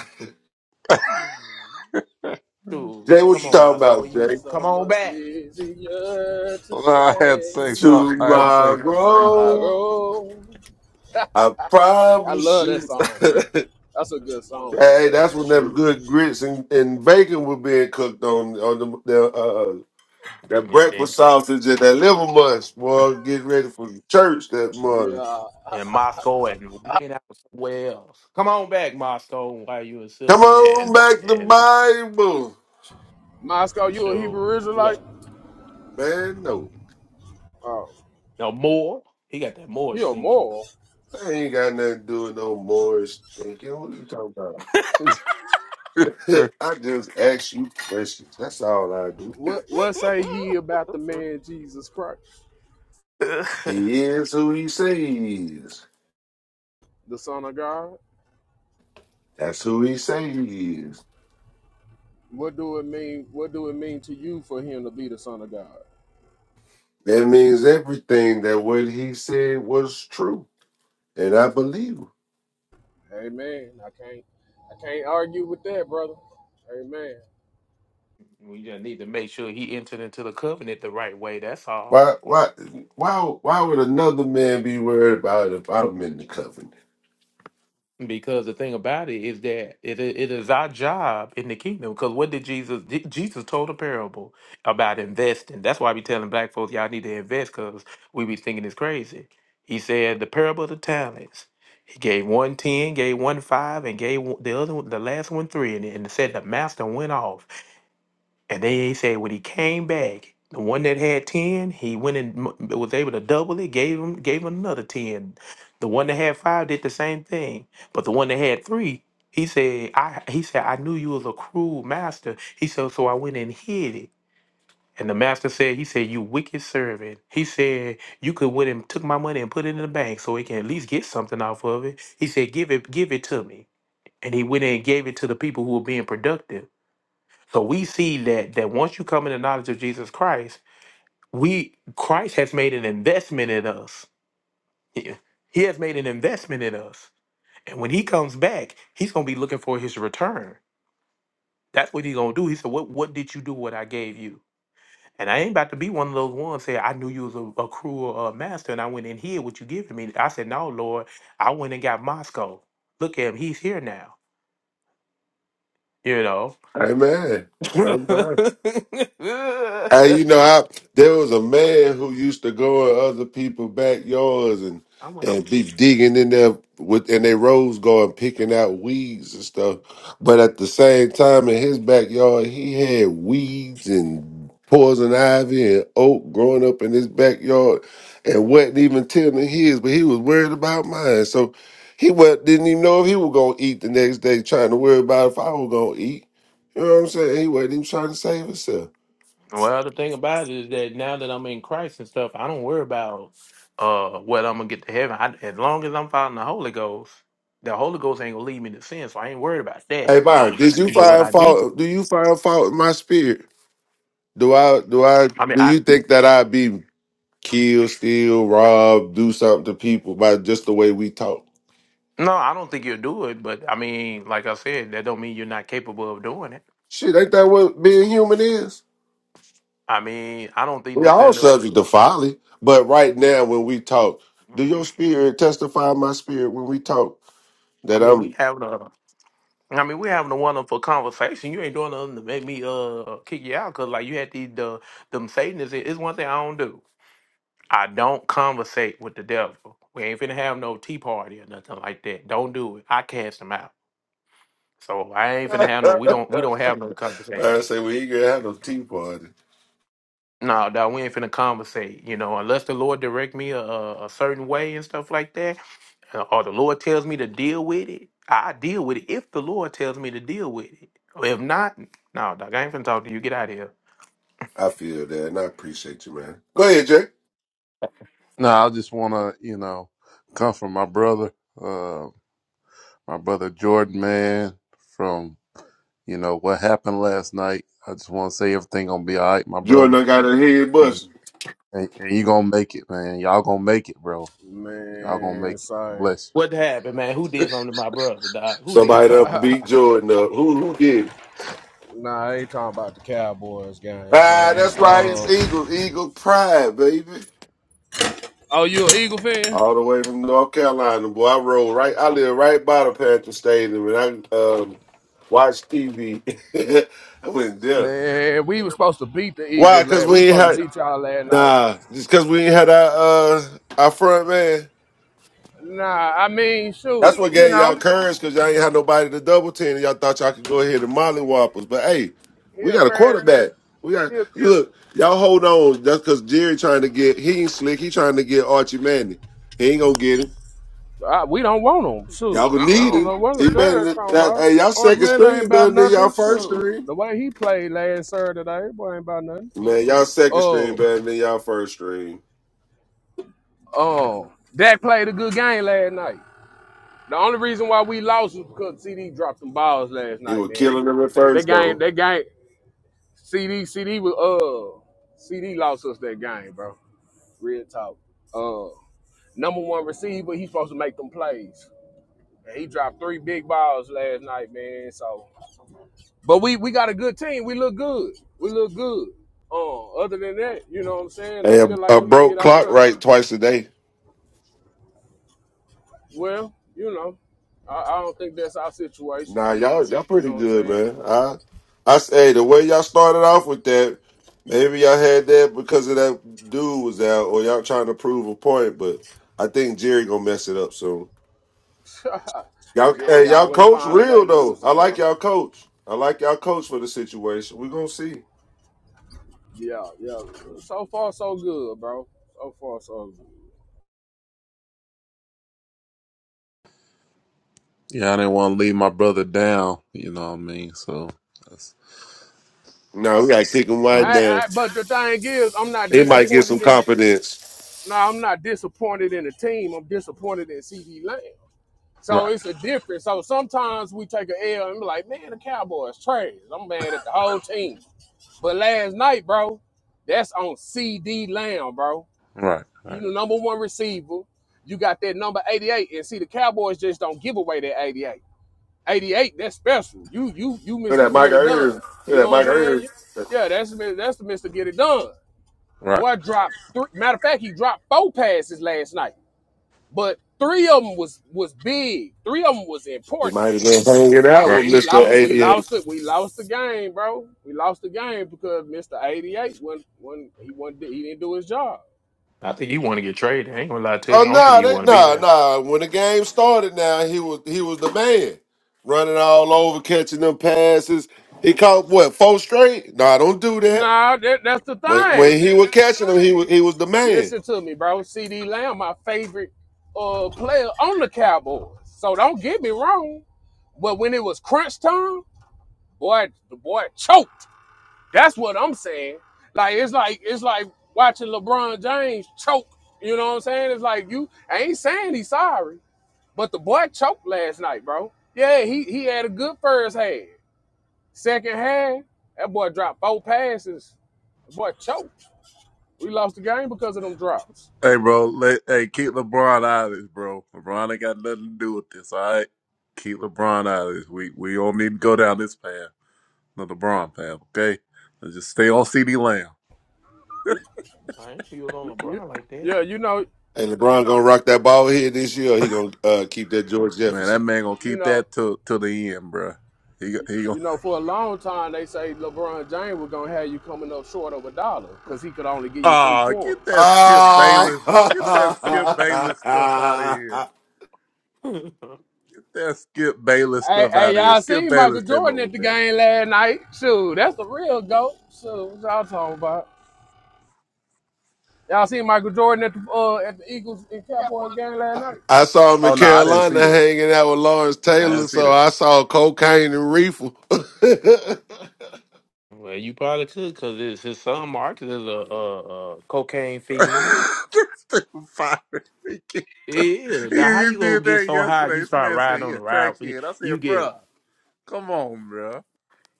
Shoot,
Jay, what
come
you
on
talking
Moscow, where
about,
you
Jay?
come
So
on
much
back?
easier to
Well, I had to
say
say so. I had to
Tomorrow,
tomorrow.
I
I
promise
love that
you.
song, man. That's a good song right
Hey,
there,
that's
man.
when
That's
them
Sure,
deep.
good grits and, and bacon were being cooked on on the, the uh that
and, they-
breakfast sausage and that liver munch, boy. Get ready for the church that
The
morning.
uh,
and Moscow and laying out somewhere else. Come on back Moscow, while you was
Come
up
Yeah.
there,
on back to
and
Bible,
Moscow, you a
sure,
Hebrew
you
Israelite?
got
man. No,
Oh,
no more. He got that
he
Moorish
a
thinking.
moral.
I ain't got nothing to do with no Morris thinking. What you talking about?
say.
I just ask you questions. That's all I do.
What what say ye about the man Jesus Christ,
He is who he says.
the Son of God?
That's who he says.
What do it mean? What do it mean to you for him to be the Son of God?
That means everything that what he said was true. and I believe him.
Amen. I can't I can't argue with that, brother. Amen.
we just need to make sure he entered into the covenant the right way. That's all.
Why, why, why, why would another man be worried about if I'm in the covenant?
Because the thing about it is that it, it is our job in the kingdom. Because what did Jesus? Je- Jesus told a parable about investing. That's why we telling black folks y'all need to invest because we be thinking it's crazy. He said the parable of the talents. He gave one ten, gave one five, and gave one- the other one- the last one three, and, and said the master went off. And they said when he came back, the one that had ten, he went and m- was able to double it. Gave him gave him another ten. The one that had five did the same thing. But the one that had three, he said, I he said I knew you was a cruel master. He said so I went and hid it. And the master said, he said, you wicked servant. He said, you could went and took my money and put it in the bank so it can at least get something off of it. He said, give it, give it to me. And he went in and gave it to the people who were being productive. So we see that that once you come in the knowledge of Jesus Christ, we Christ has made an investment in us. He he has made an investment in us. And when he comes back, he's gonna be looking for his return. That's what he's gonna do. He said, What what did you do what I gave you? And I ain't about to be one of those ones say, I knew you was a, a cruel uh, master and I went in here what you give to me. I said, No, Lord, I went and got Moscow. Look at him, he's here now. You know.
Amen. Amen. Hey, you know, I there was a man who used to go in other people's backyards and
I want
and be digging in there with in their rose garden, picking out weeds and stuff. But at the same time, in his backyard, he had weeds and poison ivy and oak growing up in his backyard, and wasn't even tending his, but he was worried about mine. So he wa didn't even know if he was gonna eat the next day, trying to worry about if I was gonna eat. You know what I'm saying? He wasn't even trying to save himself.
Well, the thing about it is that now that I'm in Christ and stuff, I don't worry about uh whether I'm gonna get to heaven. I, as long as I'm following the Holy Ghost, the Holy Ghost ain't gonna lead me to sin, so I ain't worried about that.
Hey Byron, did you
But what
find
I need, to,
fault? Do you find fault in my spirit? Do I? Do I?
I mean,
Do
I
you think that I'd be killed, steal, robbed, do something to people by just the way we talk?
no, I don't think you'll do it. But I mean, like I said, that don't mean you're not capable of doing it.
Shit, ain't that what being human is?
I mean, I don't think
We all
necessarily.
subject to folly, but right now when we talk, do your
mm,
spirit testify my spirit when we talk
I
that
mean, we
I'm?
having a. I mean, we having a wonderful conversation. You ain't doing nothing to make me uh kick you out because like you had these the them Satanists. It's one thing I don't do. I don't conversate with the devil. We ain't finna have no tea party or nothing like that. Don't do it. I cast him out. So I ain't finna have no. We don't. We don't have no
I
conversation.
say we ain't gonna have no tea party.
No, no, we ain't finna conversate. You know, unless the Lord direct me a, a a certain way and stuff like that, uh, or the Lord tells me to deal with it. I deal with it if the Lord tells me to deal with it. If not, no, dog, I ain't finna talk to you. Get out of here.
I feel that, and I appreciate you, man. Go ahead, Jay.
no, I just want to, you know, come from my brother, uh, my brother Jordan, man. From you know what happened last night. I just want to say everything gonna be all right, my brother,
Jordan, I got a head
and,
bust.
and and you gonna make it, man. Y'all gonna make it, bro. Y'all gonna
Man,
make it.
sorry.
Bless
What happened, man? Who did something to my brother, dog? Who did
Somebody done
something?
beat Jordan up. Who who did? it?
Nah, I ain't talking about the Cowboys game,
Ah,
man.
that's right. It's
Uh,
Eagles. Eagle pride, baby.
oh, you an Eagle fan?
All the way from North Carolina, boy. I rode right. I live right by the Panther Stadium, and I um, watched TV. I went there.
Man, we was supposed to beat the
Why?
Eagles
Cause
last. We was
we ain't
supposed to
had
beat y'all last night.
nah. Just cause we ain't had our uh, our front man.
Nah, I mean,
That's
shoot,
what
you
gave y'all
know,
courage because y'all ain't had nobody to double team. And y'all thought y'all could go ahead and molly whoppers. But hey, we
he'll
got a
crash.
quarterback. We got
He'll,
you look, y'all hold on. That's cause Jerry trying to get he ain't slick. He trying to get Archie Manning. He ain't gonna get him.
uh, we don't want him.
Y'all
Shoot,
gonna
I
need
don't
him.
know what the
He better
they're
than
talking
that,
about.
hey, y'all
Orange
second
Man ain't
string better
about
than y'all
nothing.
first
Shoot,
string.
the way he played last Saturday, boy, ain't about nothing.
Man, y'all second string better
Oh,
than y'all first string.
oh, Dak played a good game last night. The only reason why we lost was because CD dropped some balls last
He
night,
was
man.
killing them at
That
first
game,
though.
that game, CD, CD was uh, CD lost us that game, bro. Real talk. Uh, number one receiver, he's supposed to make them plays. And he dropped three big balls last night, man. So, but we we got a good team. We look good. We look good. Uh, other than that, you know what I'm saying? I
Hey, a,
feel like
a
we did
broke
our
clock
thing.
right twice a day.
Well, you know, I, I don't think that's our situation.
Nah, y'all y'all
You
pretty
know what I'm
good,
saying?
man. I I say the way y'all started off with that, maybe y'all had that because of that dude was out, or y'all trying to prove a point. But I think Jerry gonna mess it up soon. Y'all, hey,
Jerry
y'all
always
coach
find a way
real
to do
though. I
so.
like
Huh?
y'all coach. I like y'all coach for the situation. We gonna see.
Yeah, yeah. So far, so good, bro. So far, so good.
you. Yeah, I didn't want to leave my brother down. You know what I mean? So that's
No, we gotta kick him
I
right
I,
understand.
down.
I, but the thing is, I'm not
He might get some
disappointed in the.
confidence.
No, I'm not disappointed in the team. I'm disappointed in CD Lamb. So
Right,
it's a difference. So sometimes we take an L and be like, man, the Cowboys trash. I'm mad at the whole team. But last night, bro, that's on CD Lamb, bro.
right,
You
right,
the number one receiver. You got that number 88, and see the Cowboys just don't give away that 88. 88, that's special. You you you
Look at
Mr.
Mike
Get It Done.
Irvin. Look
You
at
know what I'm
Mike
saying?
Irvin.
Yeah, that's the that's the Mr. Get It Done.
right,
Boy dropped three. Matter of fact, he dropped four passes last night, but three of them was was big. Three of them was
He
important.
might have been hanging out
right.
with
We
Mister
lost we
88.
lost it. We lost the game, bro. We lost the game because Mr. 88 when when he wasn't he didn't do his job.
I think you want to get traded. I ain't gonna lie to you.
Oh
I don't think
no,
you
they
want to be
no,
there.
no. When the game started now, he was he was the man. Running all over, catching them passes. He caught what, four straight? No, Nah, don't do that.
Nah, that, that's the
When when
thing.
he was catching them, he was he was the man.
Listen to me, bro. CD Lamb, my favorite uh player on the Cowboys. So don't get me wrong. But when it was crunch time, boy, the boy choked. That's what I'm saying. Like it's like it's like watching LeBron James choke. You know what I'm saying? It's like you I ain't saying he's sorry, but the boy choked last night, bro. Yeah, he he had a good first half. Second half, that boy dropped four passes. The boy choked. We lost the game because of them drops.
Hey, bro. Let, hey, keep LeBron out of this, bro. LeBron ain't got nothing to do with this. All right, keep LeBron out of this. We we don't need to go down this path, the LeBron path. Okay, Let's just stay on CD Lamb.
I ain't feel
You-
on
you-
LeBron like that.
yeah, you know,
And LeBron gonna rock that ball here this year. He gonna uh, keep that George
Man, that
Jefferson.
man gonna
you
keep
know.
that till till the end, bro. He go- he gonna
You know, for a long time, they say LeBron James was gonna have you coming up short of a dollar because he could only give you three
ah get
quarters.
that Skip
Ah,
Bayless, get that Skip Bayless stuff out of here. Get that Skip Bayless
Hey,
stuff
hey,
out of here.
y'all
Skip
seen Michael
Bayless came
Jordan
up
at
with
the
that.
game last night? Shoot, that's the real goat. Shoot, what y'all talking about? Y'all seen Michael Jordan at the uh, at the Eagles and Cowboys game last night?
I saw him in
Oh no, I didn't see
Carolina
that.
hanging out with Lawrence
I didn't
Taylor,
see that.
so I saw cocaine and reefer.
Well, you probably could, cause it's his son Marcus is a, a, a cocaine fiend.
This dude fired. He kicked him.
Yeah,
You
now how
you
you gonna
did
get
that
so high?
yesterday.
You
This
start
man said
riding
he
on
a
the ride, but
crackhead. I
you
said,
get
bruh, come on, bruh.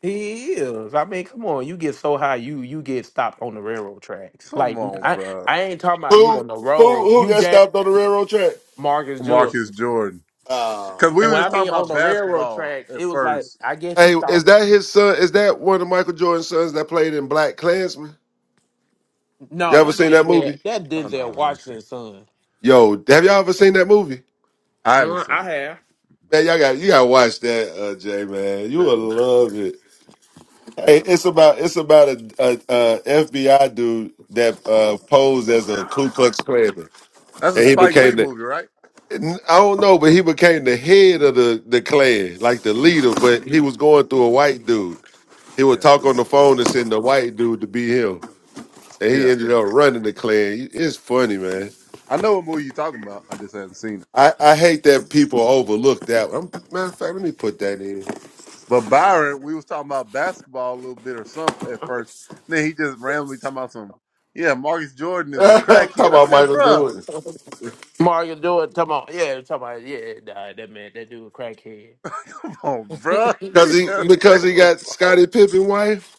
he is. I mean, come on, you get so high, you you get stopped on the railroad tracks.
Come
Like
on,
I
bruh.
I ain't talking about you
Who
on the
who
road.
who
You
got
that
stopped on the railroad track?
Marcus Jordan,
Marcus Jordan. Because
Oh,
we
and
were
when I
just talking
mean
God.
on
about
the railroad
basketball
tracks,
at
it was like
first.
I guess he
hey, is
thought
that his son? Is that one of Michael Jordan's sons that played in Black Klansman? You
no,
ever
that
seen that
Denzel
movie?
that
Oh, no,
Denzel
I ain't seen
Washington son.
Yo, have y'all ever seen that movie?
I haven't
Uh,
seen it.
I
Man, y'all got you gotta watch that, uh, Jay. Man, you will
have.
love it. Hey,
Yeah.
it's about it's about a, FBI dude that uh, posed as a Ku Klux Klanman,
That's a
and he
Spike Lee
became the
movie, right?
I don't know, but he became the head of the the Klan, like the leader. But he was going through a white dude. He would
Yeah.
talk on the phone and send the white dude to be him, and he
Yeah.
ended up running the Klan. It's funny, man.
I know what movie you're talking about. I just haven't seen it.
I, I hate that people overlook that. i matter of fact, let me put that in.
But Byron, we was talking about basketball a little bit or something at first. Then he just randomly talking about some, yeah, Marcus Jordan is a
Talk
crackhead. I
about
said,
Michael
bruh,
Jordan
Mario do it. Come on, yeah, talking about yeah, nah, that man, that dude crackhead.
come on, bruh.
because
Leave
he
that man
because he got
alone.
Scottie Pippen wife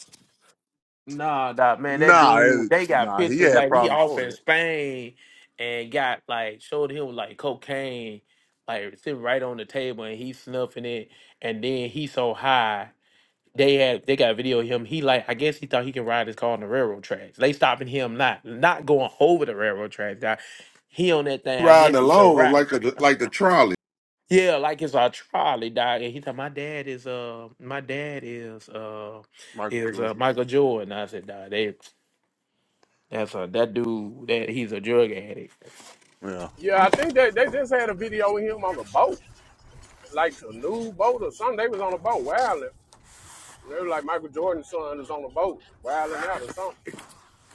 Nah, nah, man, that
Nah,
dude.
it,
They got
nah, he
pictures
had
like he
problems
off
before
in
that.
Spain and got like showed him like cocaine, like sitting right on the table and he snuffing it, and then he so high. They had they got video of him. He like I guess he thought he can ride his car on the railroad tracks. They stopping him not not going over the railroad tracks. Now, He on that thing. I
riding
guess he can
along him
ride.
like a like the trolley.
Yeah, like it's our trial. He died, and he thought "My dad is uh, my dad is uh,
Michael
is
Jordan.
uh, Michael Jordan." I said, "Nah, they, that's a that dude. That he's a drug addict."
Yeah.
Yeah, I think they they just had a video of him on the boat, like a new boat or something. They was on a boat wilding. They were like Michael Jordan's son was on the boat wilding out or something.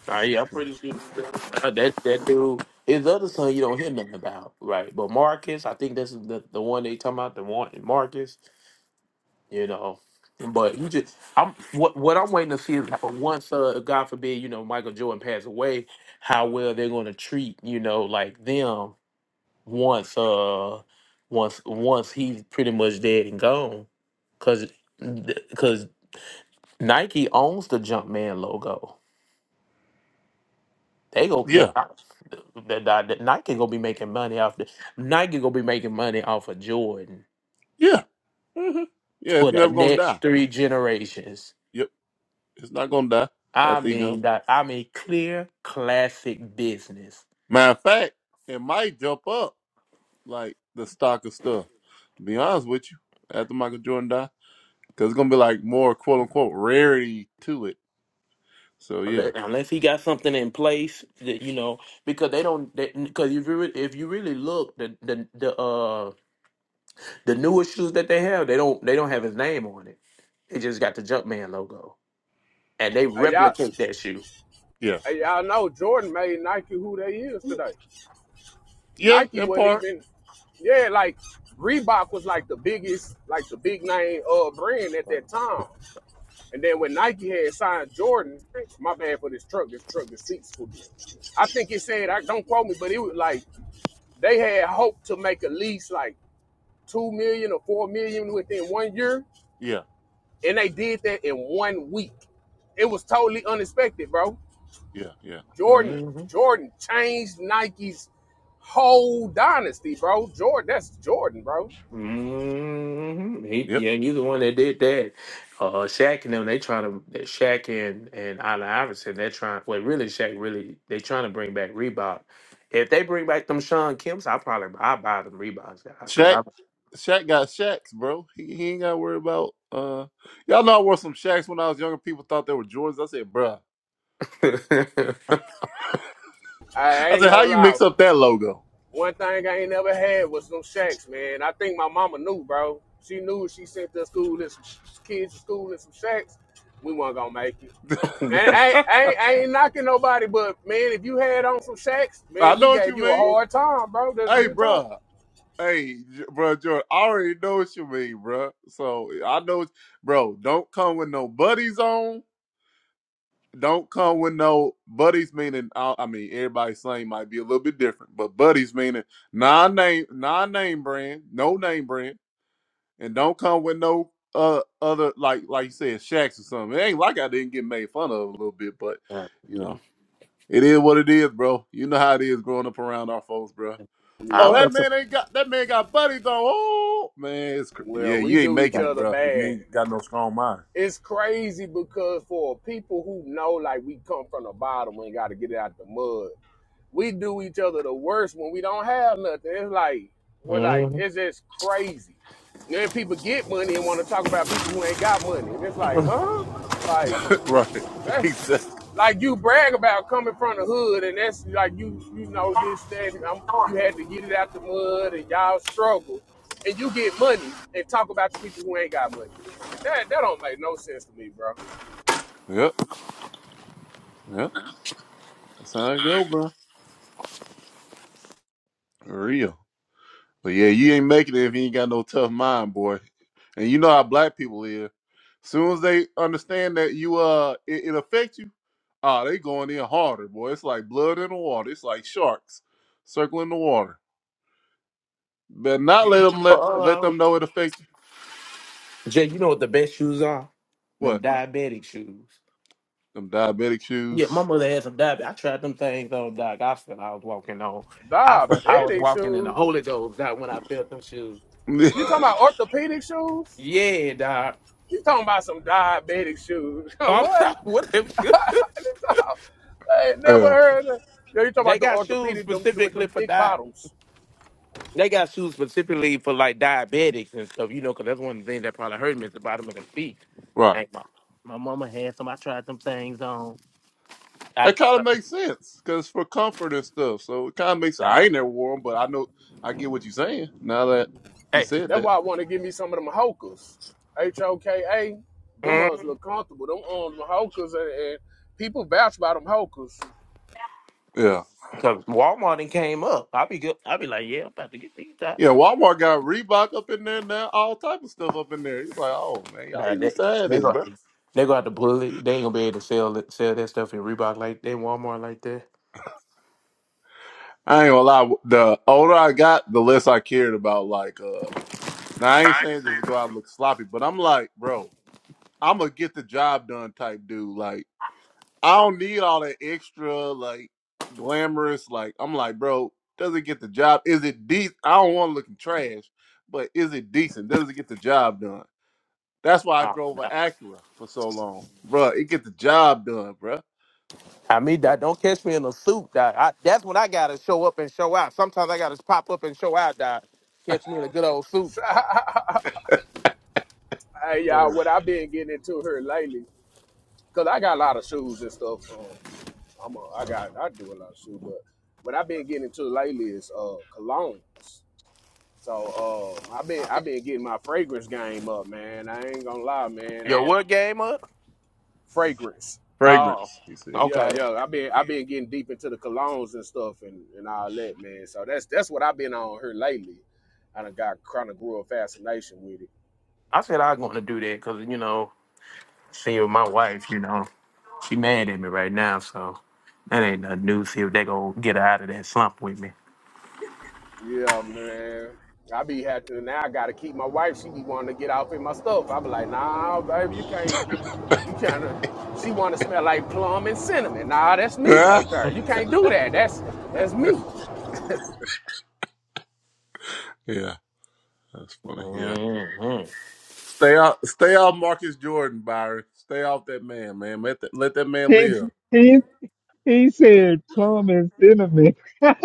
Nah, yeah, I'm pretty sure uh, that that dude. His other son, you don't hear nothing about, right? But Marcus, I think that's the the one they talking about. The one Marcus, you know. But you just, I'm what what I'm waiting to see is how once, uh, God forbid, you know, Michael Jordan passed away, how well they're going to treat, you know, like them once uh once once he's pretty much dead and gone because because nike owns the jumpman logo they go that
Yeah.
that, that, that nike gonna be making money off the nike gonna be making money off of jordan
Yeah. hmm Yeah, it's
for the
never going to
next
die.
three generations
Yep. It's not going to die
i
after he go.
mean that i mean clear classic business
Matter of fact, it might jump up like the stock of stuff. Be honest with you, after Michael Jordan die. because it's gonna be like more quote unquote rarity to it. So yeah,
Unle- unless he got something in place that you know because they don't because if you re- if you really look the the the uh, The newest shoes that they have, they don't they don't have his name on it. They just got the Jumpman logo, and they
Hey, y'all,
replicate that shoe.
yeah,
hey, y'all know Jordan made Nike who they is today.
yeah,
Nike
in
wasn't
part,
even yeah, like Reebok was like the biggest, like the big name uh brand at that time. And then when Nike had signed Jordan, my bad for this truck, this truck, the seats for me. I think it said, I don't quote me, but it was like they had hoped to make at least like two million or four million within one year,
yeah,
and they did that in one week. It was totally unexpected, bro.
yeah, yeah,
Jordan,
hmm
Jordan changed Nike's whole dynasty, bro. Jordan, that's Jordan, bro.
hmm He,
yep.
yeah, he's the one that did that. Uh, Shaq and them, they trying to that Shaq and and Allen Iverson, they're trying. Well, really, Shaq really they trying to bring back Reebok. If they bring back them Sean Kemp's, I probably I buy them Reeboks because
Shaq,
I.
Shaq got Shaqs, bro. He, he ain't got to worry about. uh Y'all know I wore some Shaqs when I was younger. People thought they were Jordans. I said, bruh.
I
I
ain't
said, how
gonna
you
lie.
mix up that logo?
One thing I ain't never had was some shacks, man. I think my mama knew, bro. She knew if she sent us school and some kids to school in some shacks, we weren't gonna make it. And I, I, I ain't knocking nobody, but man, if you had on some shacks,
I
man, we
know what
gave
you
you a
mean.
hard time, bro. That's
Hey,
real talk.
bruh. Hey, J- bruh, Jordan. I already know what you mean, bruh. So I know, what- bro. Don't come with no buddies on. don't come with no buddies meaning I, I mean everybody's slang might be a little bit different, but buddies meaning non name non name brand, no name brand, and don't come with no uh other like like you said shacks or something. It ain't like I didn't get made fun of a little bit, but you know it is what it is, bro. You know how it is growing up around our folks, bro.
I
Oh,
Yep.
that
was.
man ain't got that man got buddies though. Oh man, it's cr- yeah,
Well, we
you ain't
do each
making it,
other
bro. If you
bad.
ain't got no strong mind,
It's crazy because for people who know, like we come from the bottom, we ain't got to get it out the mud. we do each other the worst when we don't have nothing. It's like we're like
Mhm.
it's just crazy. And then people get money and want to talk about people who ain't got money. And it's like, huh? Like
right?
that's
exactly.
like you brag about coming from the hood, and that's like you you know this that and I'm, you had to get it out the mud and y'all struggle, and you get money and talk about the people who ain't got money. That that don't make no sense to me, bro.
Yep. Yep. That's how it go, bro. For real. But yeah, you ain't making it if you ain't got no tough mind, boy. And you know how black people is. Soon as they understand that you uh it, it affects you, ah, they going in harder, boy. It's like blood in the water. It's like sharks circling the water. Better not let them let let them know it affects you.
Jay, you know what the best shoes are? Them
What?
diabetic shoes.
Them diabetic shoes.
Yeah, my mother had some diabetic. I tried them things on, Doc. I felt I was walking on. I felt I was
Diabetic
walking in the
shoes.
Holy Ghost, Doc, when I felt them shoes.
You talking
yeah,
about orthopedic shoes?
Yeah, Doc.
You talking about some diabetic shoes.
I'm
what?
sorry, what them shoes?
I ain't never heard of Yo, you talking
They
about the
got shoes
orthopedic them, with
specifically
them
for
thick
diet.
bottoms.
They got shoes specifically for like diabetics and stuff, you know, because that's one of the things that probably hurt me is the bottom of the feet.
right.
And my, my mama had some. I tried them things on. I,
That kind of makes sense because for comfort and stuff. So it kind of makes. I
nah.
ain't never wore them, but I know I get what you're saying now that you said
That's
that.
why I want to give me some of them hokas. H-O-K-A. Them
Hey.
ones look comfortable. Them on them hokas and, and people vouch about them hokas.
Yeah.
Cause Walmart and came up. I'll be good. I'll be like, yeah, I'm about to get these out.
Yeah, Walmart got Reebok up in there now, all type of stuff up in there. He's like, oh man, y'all
Nah,
done
they
used to have
they
this,
gonna
bro.
they gonna have to pull it. They ain't gonna be able to sell it, sell that stuff in Reebok like that, Walmart like that.
I ain't gonna lie. The older I got, the less I cared about like. uh Now I ain't
I ain't
saying
saying
just
that.
go out and look sloppy, but I'm like, bro, I'm gonna get the job done type dude. Like, I don't need all that extra like glamorous. Like, I'm like, bro, does it get the job? Is it decent? I don't want to looking trash, but is it decent? Does it get the job done? That's why I
Uh,
drove an
nah.
Acura for so long, bruh. It get the job done, bruh.
I mean,
So
that don't catch me in a suit. That I, that's when I gotta show up and show out. Sometimes I gotta pop up and show out. That catch me in a good old suit.
hey y'all,
So,
what I've been getting into here lately, cause I got a lot of shoes and stuff. Um, I'm a, I got I do a lot of shoes, but what I've been getting into lately is uh colognes. So um, I've been
I
I've
be-
been getting my fragrance game up, man. I ain't gonna lie, man. I
Yo,
don't
what game up?
fragrance.
fragrance,
Oh,
he said.
Yeah,
okay.
yeah. I've been I've been getting deep into the colognes and stuff and, and all that, man. So that's that's what I've been on here lately. I done got kind of grew a fascination with it.
I said I was going to do that because you know, seeing my wife, you know. She mad at me right now, so that ain't nothing new. See if they gonna get her out of that slump with me.
Yeah, man. I be happy now. I gotta keep my wife. She be wanting to get off in my stuff. I be like, nah, baby, you can't. You trying to? She want to smell like plum and cinnamon. Nah, that's me
yeah,
right there. You can't do that. That's that's me.
that's funny. Yeah,
Mhm.
stay out, stay off Marcus Jordan, Byron. Stay off that man, man. Let that, let that man
He
live.
he he said plum and cinnamon."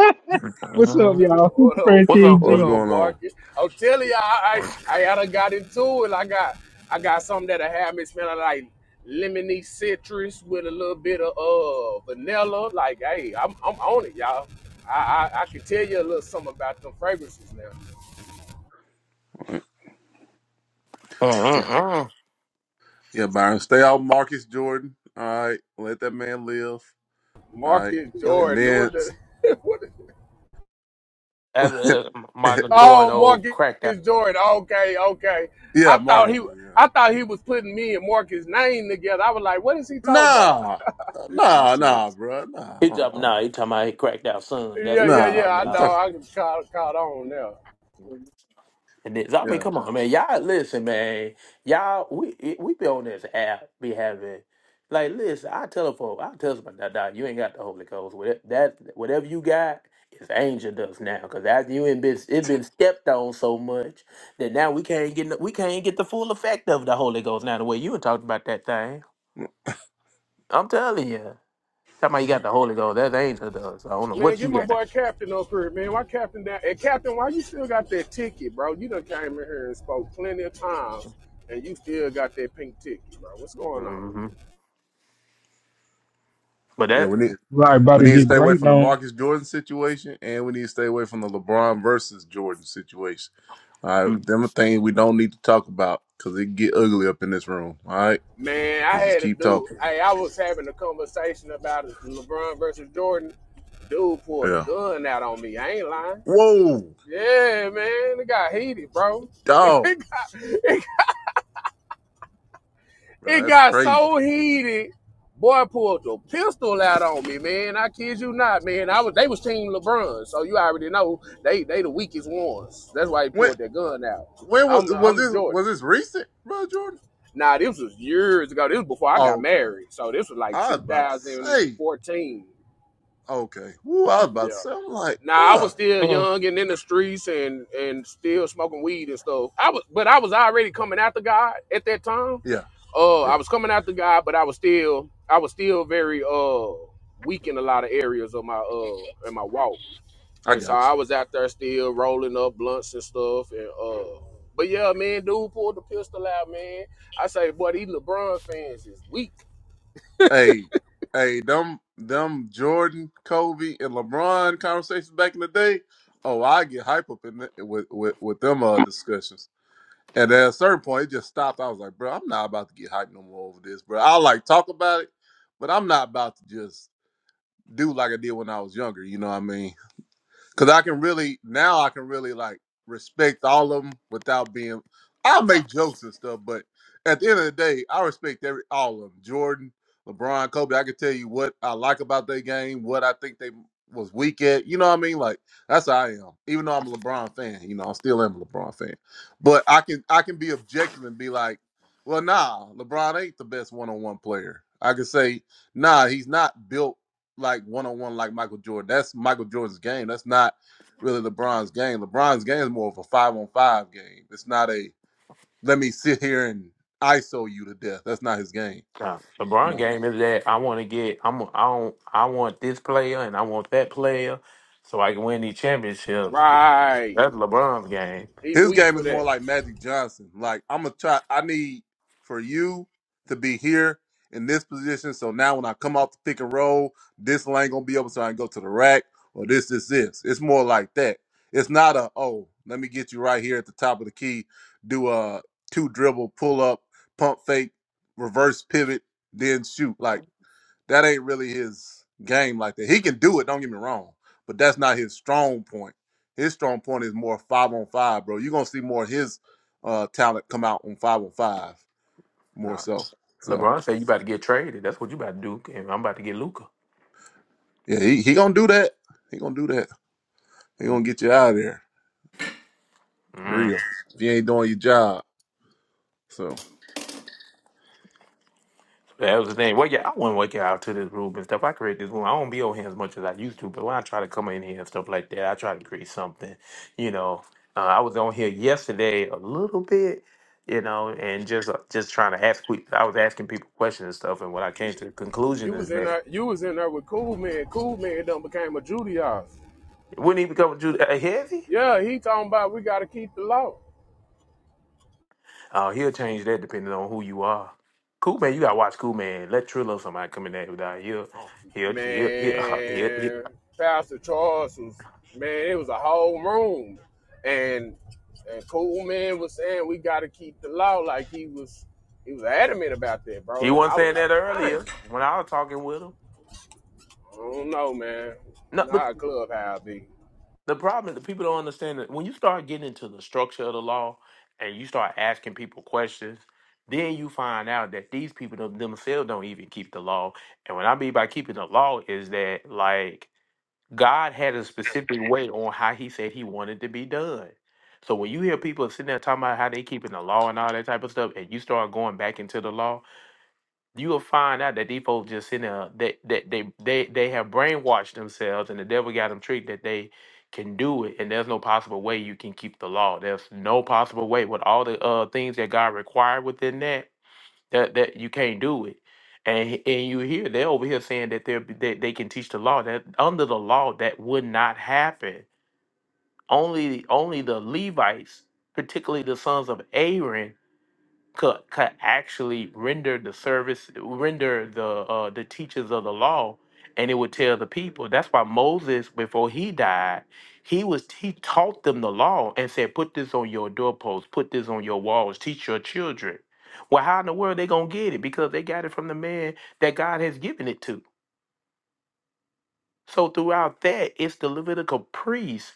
What's up, y'all?
What up?
Praise
What's
King
up?
What
What's
Jesus.
up,
going on,
Marcus? I'm telling y'all, I
Marcus?
I, I done got into it. I got I got something that'll have me smelling like lemony citrus with a little bit of uh vanilla. Like, hey, I'm I'm on it, y'all. I I, I can tell you a little something about them fragrances now.
right. Yeah,
Mhm.
yeah, Byron, stay off Marcus Jordan. All right, let that man live. All right,
Marcus
Yeah.
and
Jordan,
then
what the what? The,
That's, uh, Michael Jordan,
oh,
old
Marcus
cracked out.
Jordan. Okay, okay.
yeah,
I thought
Marcus
he
Jordan. Yeah,
I thought he was putting me and Marcus' name together. I was like, what is he talking about?
nah, nah, nah, bruh. nah.
He talking,
Uh-uh.
nah, he talking about he cracked out son. That's
Yeah,
what he
yeah,
Nah,
yeah.
talking
I
I'm
about.
know.
talking.
I caught caught on now.
And this, I mean,
Yeah,
come on, man. Y'all listen, man. Y'all, we it- we be on this app, be having like, listen. I tell them, folk, I tell them, nah, nah, you ain't got the Holy Ghost. Whatever, that whatever you got is angel dust now, because after you ain't been it been stepped on so much that now we can't get no- we can't get the full effect of the Holy Ghost. Now the way you were talking about that thing, I'm telling you, talking about you got the Holy Ghost, that's angel dust. I don't know
Man,
what you
get my
got,
boy Captain up here, man. Why Captain down? And Captain, why you still got that ticket, bro? You done came in here and spoke plenty of times, and you still got that pink ticket, bro. What's going on?
hmm but
yeah. We need
that.
Right, about
we
to
need to
get
stay away
blanked
from the
on.
Marcus Jordan situation, and we need to stay away from the LeBron versus Jordan situation. All right, them a thing we don't need to talk about because it get ugly up in this room. All right,
Man, I
let's just
had a
keep
dude.
talking.
Hey, I was having a conversation about it, LeBron versus Jordan. Dude pulled a
Yeah.
gun out on me. I ain't lying.
Whoa,
Yeah, man, it got heated, bro.
dog,
It.
bro,
It
that's
got
crazy.
so heated. Boy pulled the pistol out on me, man. I kid you not, man. I was they was team LeBron, so you already know they they the weakest ones. That's why he
When
pulled that gun out.
when was
I'm
was
I'm
this
Jordan.
was this recent, bro, Jordan?
Now nah, this was years ago. This was before I
Oh,
got
okay.
married, so this was like
I was about to say,
2014.
okay. Woo, I was about
Yeah,
to say, I'm like,
Now I was
bruh.
still young and in the streets and and still smoking weed and stuff. I was, but I was already coming after God at that time.
Yeah,
Uh, I
yeah.
was coming after God, but I was still I was still very uh weak in a lot of areas of my uh in my walk,
I
and so
got you.
I was out there still rolling up blunts and stuff and uh. But yeah, man, dude pulled the pistol out, man. I say, boy, these LeBron fans is weak.
Hey, hey, them them Jordan, Kobe, and LeBron conversations back in the day. Oh, I get hype up in the, with, with with them uh discussions. And at a certain point, it just stopped. I was like, bro, I'm not about to get hyped no more over this, bro. I like talk about it, but I'm not about to just do like I did when I was younger. You know what I mean? Cause I can really now I can really like respect all of them without being. I'll make jokes and stuff, but at the end of the day, I respect every all of them. Jordan, LeBron, Kobe. I can tell you what I like about their game, what I think they was weak at. You know what I mean? Like that's how I am. Even though I'm a LeBron fan, you know I still am a LeBron fan. But I can I can be objective and be like, well, nah, LeBron ain't the best one on one player. I can say, nah, he's not built like one on one like Michael Jordan. That's Michael Jordan's game. That's not really LeBron's game. LeBron's game is more of a five on five game. It's not a let me sit here and ISO you to death. That's not his game.
Nah, LeBron
No.
game is that I want to get I'm I don't I want this player and I want that player, so I can win these championships.
Right,
That's LeBron's game.
he
His
weak
game
for
is more
that.
like Magic Johnson. Like I'm gonna try. I need for you to be here in this position. So now when I come off the pick and roll, this lane gonna be open, so I can go to the rack or this, this, this. It's more like that. It's not a oh, let me get you right here at the top of the key. Do a two dribble, pull up, pump fake, reverse pivot, then shoot. Like that ain't really his game like that. He can do it, don't get me wrong, but that's not his strong point. His strong point is more five on five, bro. You're gonna see more of his uh talent come out on five on five more
Nah,
so. So
LeBron said you about to get traded. That's what you about to do, and I'm about to get Luca.
yeah, he, he gonna do that. He gonna do that. He gonna get you out of there. for Real. If you ain't doing your job. so.
That was the thing. Well, yeah, I wouldn't work out to this room and stuff. I create this room. I don't be on here as much as I used to, but when I try to come in here and stuff like that, I try to create something. You know, uh, I was on here yesterday a little bit, you know, and just uh, just trying to ask. que- I was asking people questions and stuff, and when I came to the conclusion
You
is
was in
that
there. You was in there with Cool Man. Cool Man done became a Judaizer.
it wouldn't even come to uh, heavy.
Yeah, he talking about we got to keep the law.
Uh, he'll change that depending on who you are. Cool man, you gotta watch Cool man. Let Trillo somebody come in there without he'll he'll he'll he'll, he'll, uh, he'll
Man, Pastor Charles was man. It was a whole room, and and Cool Man was saying we got to keep the law. Like he was he was adamant about that,
he
bro. And
wasn't
I was
saying that
like, dang,
earlier when I was talking with him.
I don't know, man.
No, but
Not a clubhouse be.
the problem is that people don't understand that when you start getting into the structure of the law and you start asking people questions, then you find out that these people them- themselves don't even keep the law. And what I mean by keeping the law is that like God had a specific way on how He said He wanted to be done. So when you hear people sitting there talking about how they keeping the law and all that type of stuff, and you start going back into the law, you will find out that these folks just sitting there that that they, they they have brainwashed themselves and the devil got them tricked that they can do it and there's no possible way you can keep the law. There's no possible way with all the uh things that God required within that that that you can't do it. And he- and you hear they're over here saying that they're they, they can teach the law that under the law that would not happen. Only only the Levites, particularly the sons of Aaron could could actually render the service, render the uh, the teachers of the law, and it would tell the people. That's why Moses, before he died, he was he taught them the law and said, "Put this on your doorposts, put this on your walls, teach your children." Well, how in the world they gonna get it? Because they got it from the man that God has given it to. So throughout that, it's the Levitical priests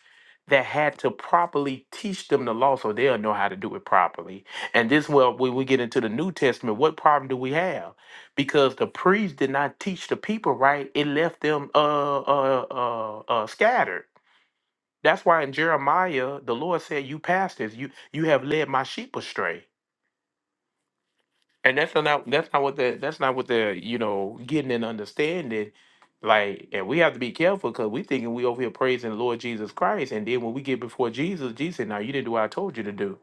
that had to properly teach them the law so they'll know how to do it properly. And this well, when we get into the New Testament, what problem do we have? Because the priests did not teach the people right, it left them uh uh uh, uh scattered. That's why in Jeremiah, the Lord said, You pastors, you you have led my sheep astray. And that's not that's not what the that's not what the you know getting and understanding. Like, and we have to be careful because we thinking we over here praising the Lord Jesus Christ, and then when we get before Jesus, Jesus said, "Now you didn't do what I told you to do.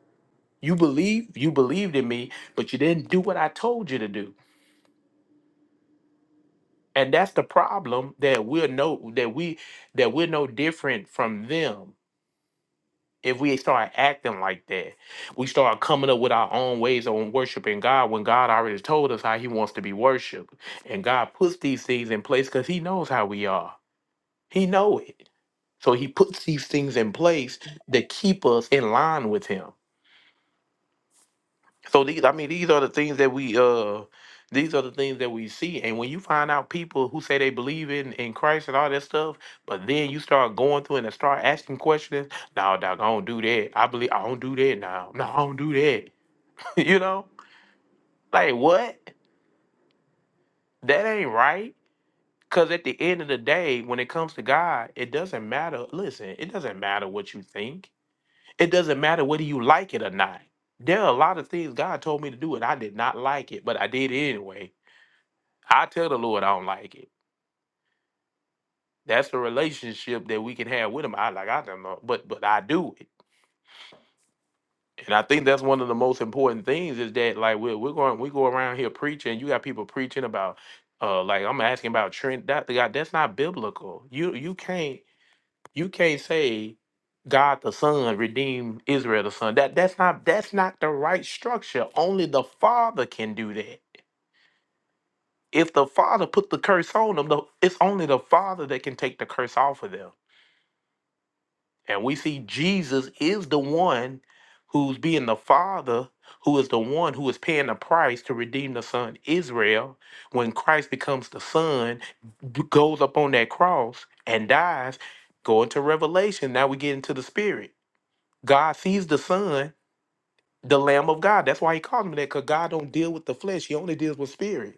You believe you believed in me, but you didn't do what I told you to do." And that's the problem that we're no that we that we're no different from them if we start acting like that, we start coming up with our own ways on worshiping God when God already told us how He wants to be worshiped. And God puts these things in place because He knows how we are. He know it. So He puts these things in place that keep us in line with Him. So these, I mean, these are the things that we uh, these are the things that we see. And when you find out people who say they believe in in Christ and all that stuff, but then you start going through and start asking questions. No, dog, I don't do that. I believe I don't do that now. No, I don't do that. you know, like what? That ain't right. Cause at the end of the day, when it comes to God, it doesn't matter. Listen, it doesn't matter what you think. It doesn't matter whether you like it or not. There are a lot of things God told me to do, and I did not like it, but I did it anyway I tell the Lord I don't like it. That's the relationship that we can have with Him. I like I don't know, but but I do it, and I think that's one of the most important things is that like we're we're going we go around here preaching. You got people preaching about uh like I'm asking about Trent. That God, that's not biblical. You you can't you can't say God the Son redeemed Israel the Son. That that's not that's not the right structure. Only the Father can do that. If the Father put the curse on them, the, it's only the Father that can take the curse off of them And we see Jesus is the one who's being the Father, who is the one who is paying the price to redeem the Son Israel. When Christ becomes the Son, g- goes up on that cross and dies, go into Revelation. Now we get into the Spirit. God sees the Son, the Lamb of God. That's why he calls him that, because God don't deal with the flesh. He only deals with spirit.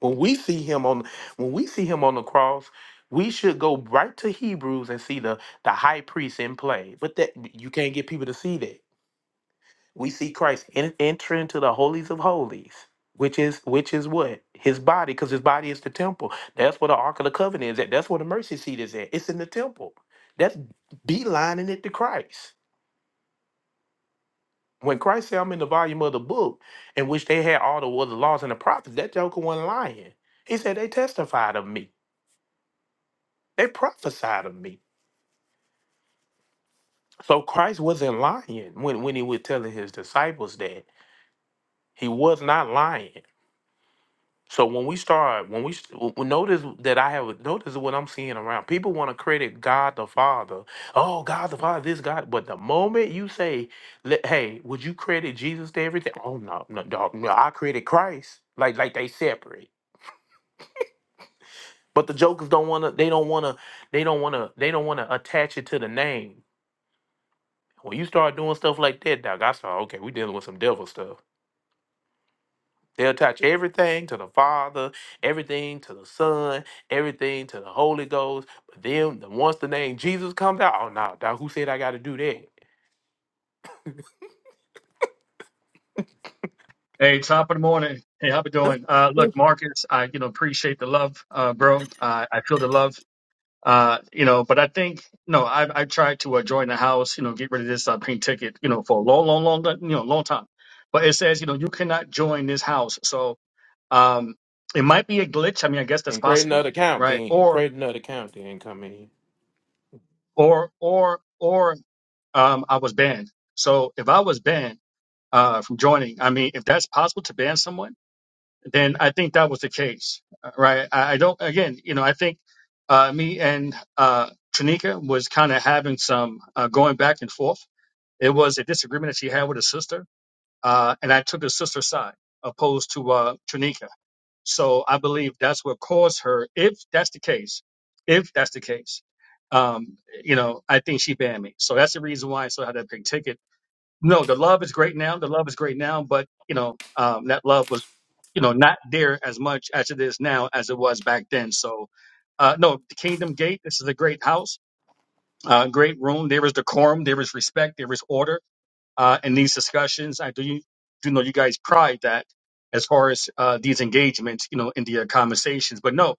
When we see him on when we see him on the cross, we should go right to Hebrews and see the the high priest in play. But that you can't get people to see that. We see Christ en- enter into the holies of holies, which is which is what his body, because his body is the temple. That's where the ark of the covenant is at. That's where the mercy seat is at. It's in the temple. That's beelining it to Christ. When Christ said, "I'm in the volume of the book," in which they had all the, well, the laws and the prophets, that Joker wasn't lying. He said they testified of me. They prophesied of me. So Christ wasn't lying when, when he was telling his disciples that. He was not lying. So when we start, when we s- w- w- notice that I have notice what I'm seeing around, people want to credit God the Father. Oh, God the Father, this God. But the moment you say, le- "Hey, would you credit Jesus to everything?" Oh no, no, dog, no, I credit Christ. Like, like they separate. But the jokers don't want to. They don't want to. They don't want to. They don't want to attach it to the name. When you start doing stuff like that, Doc, I saw, okay, we dealing with some devil stuff. They'll attach everything to the Father, everything to the Son, everything to the Holy Ghost. But then the, once the name Jesus comes out, oh no, Doc, who said I gotta do that?
Hey, top of the morning. Hey, how we doing? Uh,
Mm.
look, Marcus, I you know appreciate the love, uh, bro. Uh, I feel the love, uh, you know. But I think no, I I tried to uh, join the house, you know, get rid of this uh, pink ticket, you know, for a long, long, long, you know, long time. But it says you know you cannot join this house, so um, it might be a glitch. I mean, I guess that's
And create
possible,
another account
right?
then.
Or
Create another account then come in.
or or or um, I was banned. So if I was banned uh from joining, I mean, if that's possible to ban someone. then I think that was the case, uh, right? I, I don't. Again, you know, I think uh, me and uh, Tranika was kind of having some uh, going back and forth. It was a disagreement that she had with her sister, uh, and I took the sister's side opposed to uh, Tranika. So I believe that's what caused her. If that's the case, if that's the case, um, you know, I think she banned me. So that's the reason why I still had that big ticket no, the love is great now. The love is great now, but you know, um, that love was, you know, not there as much as it is now as it was back then. So, uh, no, the Kingdom Gate. This is a great house, uh, great room. There is decorum, there is respect, there is order uh, in these discussions. I do you do know you guys pride that as far as uh, these engagements, you know, in the uh, conversations. But no.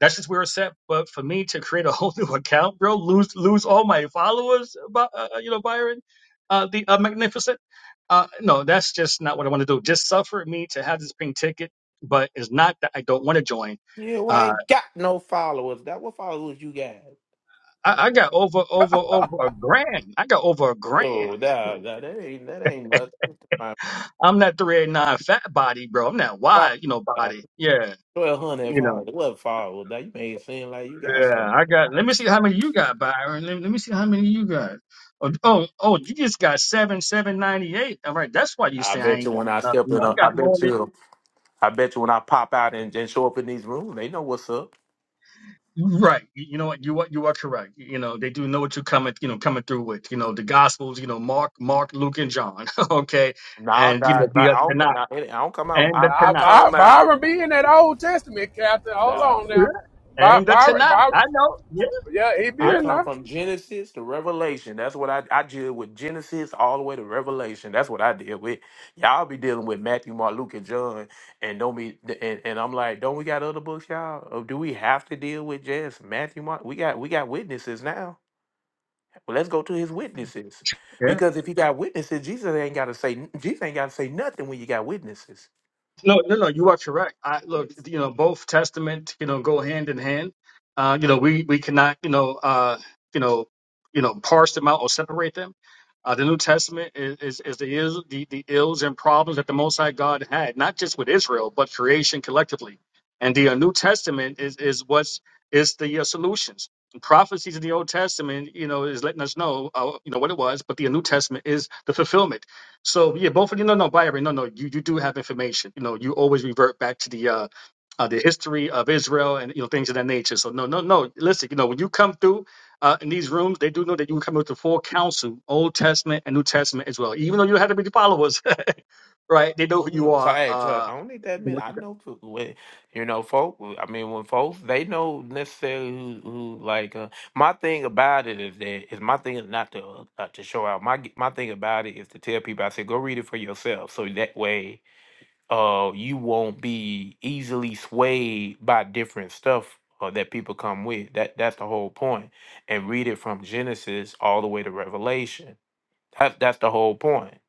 That's just where it's at. But for me to create a whole new account, bro, lose lose all my followers, By uh, uh, you know, Byron, uh, the uh, magnificent. Uh, no, that's just not what I want to do. Just suffer me to have this pink ticket, but it's not that I don't want to join.
You
Uh,
ain't got no followers. That what followers you got?
I, I got over over over a grand. I got over a
Oh
grand.
nah, nah, that ain't that ain't nothing. My
I'm that 389 fat body, bro. I'm that wide, you know,
followers,
body. Yeah,
twelve hundred
you know.
followers. What followers? Now you made it seem like you got something.
Yeah, I got. Let me see how many you got, Byron. Let, let me see how many you got. Oh, oh, oh, you just got seven, seven ninety eight. All right, that's why you
I
say I
bet you
ain't
when I
got nothing.
step
You
in,
know, I
a- I
got more
bet
than. you-
you, I bet you when I pop out and, and show up in these rooms, they know what's up.
Right, you you know what? You are you are correct. You know they do know what you're coming, you know, coming through with. You know the Gospels, you know Mark, Mark, Luke, and John. okay,
Nah,
and you know
that,
the
that-
uh,
I don't,
Tanakh
nah, it- I don't come out.
and the
I, I
Now,
Tanakh
By-
come out.
Byron be in that Old Testament, Captain. Hold
The,
on
Yeah.
now. By-
and the
Byron,
Tanakh.
Byron,
I know. Yeah,
yeah, he be
I
yeah,
in
come
there.
from Genesis to Revelation. That's what I, I deal with Genesis all the way to Revelation. That's what I deal with. Y'all be dealing with Matthew, Mark, Luke, and John, and don't be. And, and I'm like, don't we got other books, y'all? Or do we have to deal with just Matthew, Mark? We got, we got witnesses now. Well, let's go to his witnesses.
yeah.
Because if you got witnesses, Jesus ain't gotta say Jesus ain't gotta say nothing when you got witnesses.
No, no, no. You are correct. I look, you know, both testament, you know, go hand in hand. Uh, you know, we we cannot, you know, uh, you know, you know, parse them out or separate them. Uh, the New Testament is is, is the, ills, the the ills and problems that the Most High God had, not just with Israel, but creation collectively. And the uh, New Testament is is what's is the uh, solutions. The prophecies of the Old Testament, you know, is letting us know, uh, you know, what it was, but the New Testament is the fulfillment so yeah, both of you. No, no, Byron. No, no. You you do have information. You know, you always revert back to the uh, uh the history of Israel and you know things of that nature. So no, no, no. Listen, you know when you come through uh in these rooms, they do know that you come with the full counsel, Old Testament and New Testament as well. Even though you had to be the followers, right? They know
I don't
who
need
you
them- So,
are.
Hey, trust,
Uh,
I don't need that minute. I know fo- when you know folk I mean when folks they know necessarily who, who like uh, my thing about it is that is my thing is not to uh, not to show out. My my thing about it is to tell people I said go read it for yourself. So that way uh you won't be easily swayed by different stuff uh, that people come with that that's the whole point point. and read it from genesis all the way to revelation that's that's the whole point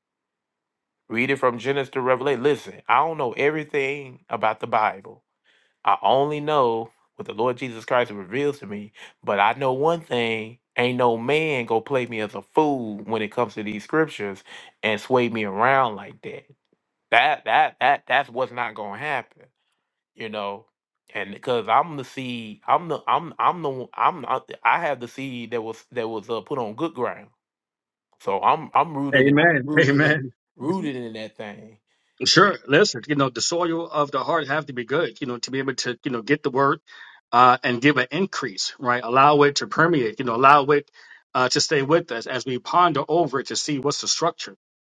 read it from genesis to revelation listen i don't know everything about the bible i only know what the lord jesus christ reveals to me but i know one thing ain't no man gonna play me as a fool when it comes to these scriptures and sway me around like that that that that that's what's not gonna happen you know and because i'm the seed i'm the i'm i'm the one- i'm not i have the seed that was that was uh, put on good ground so i'm i'm rooted in
Amen.
rooted in
Amen.
rooted in that thing and
Sure. Listen, you know, the soil of the heart have to be good, you know, to be able to, you know, get the word uh, and give an increase, right? Allow it to permeate, you know, allow it uh, to stay with us as we ponder over it to see what's the structure.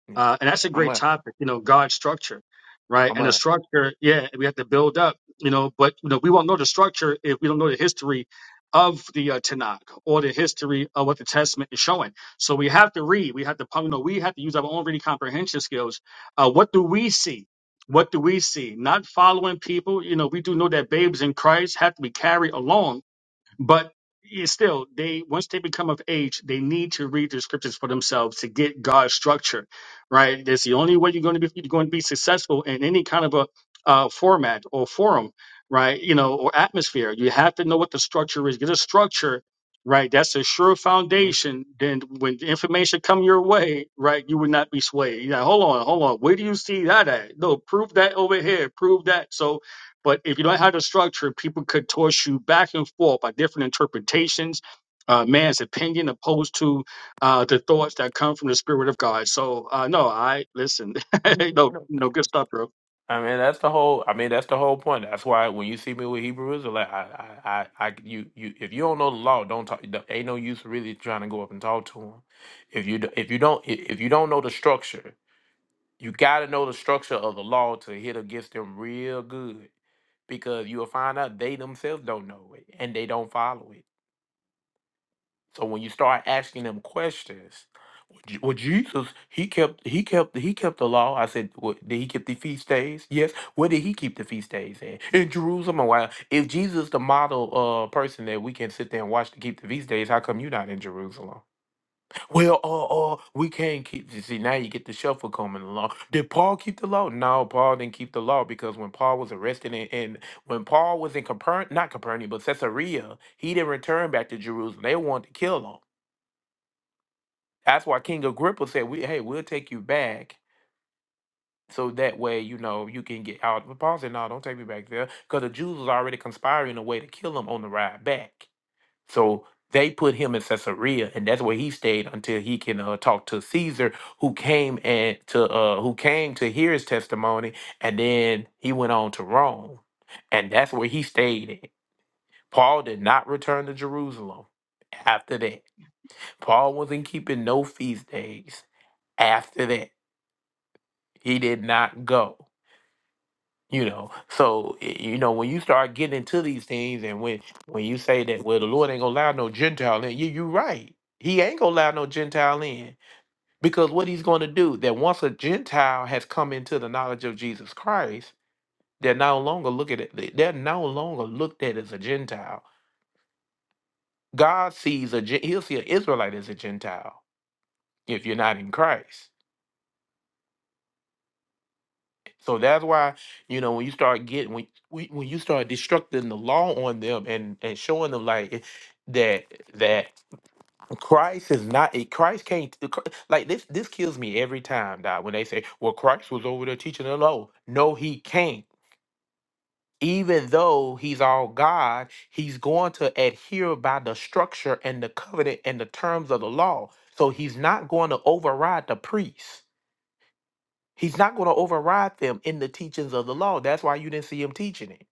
you know,
Uh, and that's a
i'm
great
a
topic, you know, God's structure, right?
i'm
And the
a
structure, yeah, we have to build up, you know, but you know, we won't know the structure if we don't know the history of the uh, Tanakh or the history of what the Testament is showing. So we have to read, we have to, you know, we have to use our own reading comprehension skills. Uh, what do we see? What do we see? Not following people, you know, we do know that babes in Christ have to be carried along but it's still, they once they become of age, they need to read the scriptures for themselves to get God's structure, right? That's the only way you're going to be you're going to be successful in any kind of a uh, format or forum, right? You know, or atmosphere. You have to know what the structure is. Get a structure, right? That's a sure
Mhm.
foundation. Then when the information come your way, right, you would not be swayed. You're like, hold on, hold on. Where do you see that at? No, prove that over here. Prove that. So but if you don't have the structure, people could toss you back and forth by different interpretations, uh, man's opinion, opposed to uh, the thoughts that come from the Spirit of God. So, uh, no, I listen.
I mean, you
no,
know,
no, good stuff, bro.
I mean, that's the whole. I mean, that's the whole point. That's why when you see me with Hebrew Israelite, I, I, I, I, you, you, if you don't know the law, don't talk. Ain't no use really trying to go up and talk to them. If you, d- if you don't, if you don't know the structure, You got to know the structure of the law to hit against them real good because you will find out they themselves don't know it and they don't follow it. So when you start asking them questions, well, Je- well, Jesus, he kept he kept he kept the law. I said, well, did he keep the feast days? Yes. Where did he keep the feast days at? In Jerusalem. Or why? If Jesus, the model uh person that we can sit there and watch to keep the feast days, how come you not in Jerusalem? Well, uh, uh, we can't keep. you See, now you get the shuffle coming along. Did Paul keep the law? No, Paul didn't keep the law because when Paul was arrested and, and when Paul was in Capernaum, not Capernaum, but Caesarea, he didn't return back to Jerusalem. They wanted to kill him. That's why King Agrippa said, "We, hey, we'll take you back." So that way, you know, you can get out. But Paul said, "No, don't take me back there," because the Jews was already conspiring a way to kill him on the ride back. So they put him in Caesarea, and that's where he stayed until he can uh, talk to Caesar, who came and to uh, who came to hear his testimony, and then he went on to Rome, and that's where he stayed. At. Paul did not return to Jerusalem after that. Paul wasn't keeping no feast days after that. He did not go. You know, so y- you know when you start getting into these things, and when when you say that, well, the Lord ain't gonna allow no Gentile in. You you right. He ain't gonna allow no Gentile in because what he's gonna do that once a Gentile has come into the knowledge of Jesus Christ, they're no longer looked at. they- They're no longer looked at as a Gentile. God sees a Gen- he'll see an Israelite as a Gentile if you're not in Christ. So that's why you know when you start getting when when when you start destructing the law on them and and showing them like it- that that Christ is not a Christ can't the Chri- like this this kills me every time that when they say well Christ was over there teaching the law no he can't even though he's all God he's going to adhere by the structure and the covenant and the terms of the law so he's not going to override the priest He's not going to override them in the teachings of the law. That's why you didn't see him teaching it.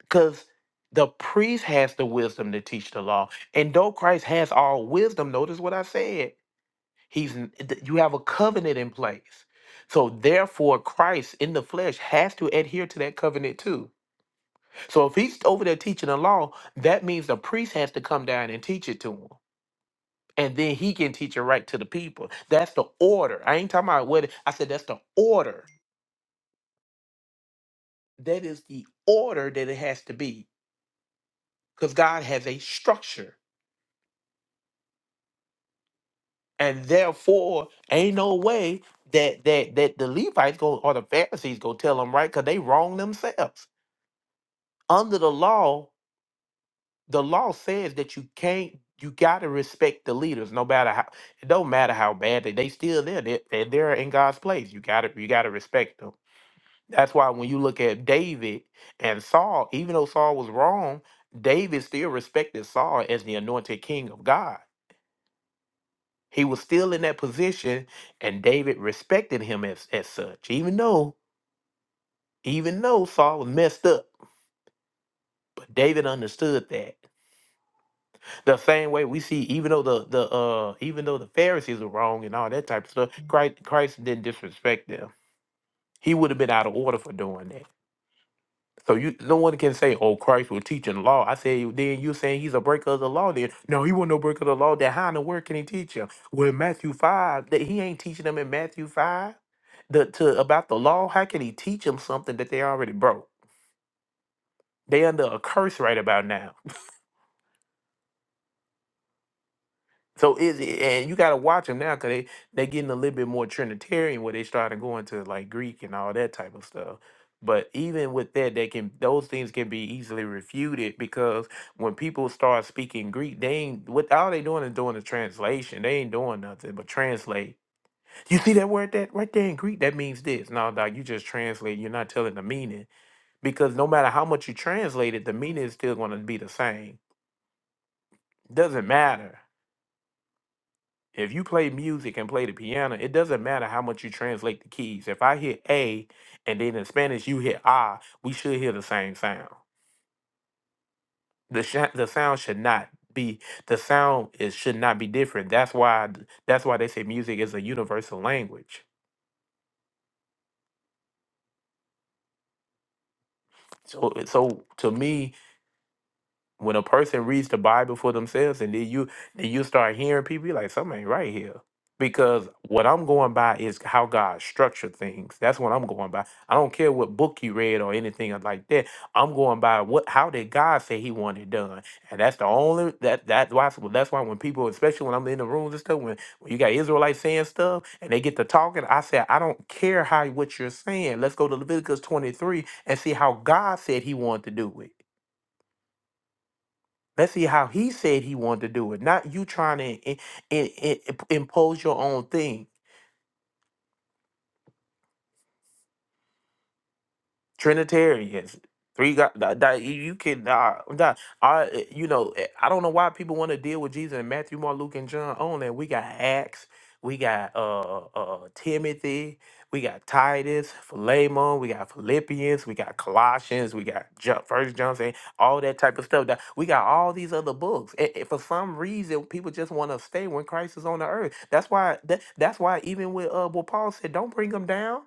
Because the priest has the wisdom to teach the law. And though Christ has all wisdom, notice what I said. He's n- th- you have a covenant in place. So therefore Christ in the flesh has to adhere to that covenant too. So if he's over there teaching the law, that means the priest has to come down and teach it to him. And then he can teach it right to the people. That's the order. I ain't talking about what I said that's the order that is the order that it has to be because god has a structure and therefore ain't no way that that that the levites go or the pharisees go tell them right because they wrong themselves under the law the law says that you can't you got to respect the leaders no matter how it don't matter how bad they they still there they, they're they're there in god's place you got to you got to respect them That's why when you look at David and Saul, even though Saul was wrong, David still respected Saul as the anointed king of God. He was still in that position, and David respected him as, as such, even though, even though Saul was messed up, but David understood that. The same way we see, even though the the uh even though the Pharisees were wrong and all that type of stuff, Christ, Christ didn't disrespect them. He would have been out of order for doing that. So you no one can say, "Oh, Christ was teaching law." I say, then you saying he's a breaker of the law. Then no, he wasn't no breaker of the law. Then how in the world can he teach him? Well, Matthew five, that he ain't teaching them in Matthew five, the to about the law. How can he teach them something that they already broke? They under a curse right about now. So is it, and you gotta watch them now because they they getting a little bit more Trinitarian where they started going to like Greek and all that type of stuff. But even with that, they can those things can be easily refuted because when people start speaking Greek, they ain't what all they doing is doing a translation. They ain't doing nothing but translate. You see that word that right there in Greek that means this. No, dog, you just translate. You're not telling the meaning because no matter how much you translate it, the meaning is still going to be the same. Doesn't matter. If you play music and play the piano, it doesn't matter how much you translate the keys. If I hit A and then in Spanish you hit A, we should hear the same sound. The sh- the sound should not be the sound is should not be different. That's why that's why they say music is a universal language. So so to me, When a person reads the Bible for themselves and then you then you start hearing people, you like, something ain't right here. Because what I'm going by is how God structured things. That's what I'm going by. I don't care what book you read or anything of like that. I'm going by what how did God say he wanted done. And that's the only that that's why well, that's why when people, especially when I'm in the rooms and stuff, when, when you got Israelites saying stuff and they get to talking, I say, I don't care how what you're saying. Let's go to Leviticus 23 and see how God said he wanted to do it. Let's see how he said he wanted to do it, not you trying to i- i- i- impose your own thing. Trinitarians, three God. That, that you you can, uh, that, I, you know, eh, I don't know why people want to deal with Jesus in Matthew, Mark, Luke, and John only. We got Acts, we got uh, uh, uh, Timothy, we got Titus, Philemon, we got Philippians, we got Colossians, we got Ju- First John, saying all that type of stuff. That we got all these other books, and, and for some reason, people just want to stay when Christ is on the earth. That's why. That, that's why even with uh, what Paul said, don't bring them down.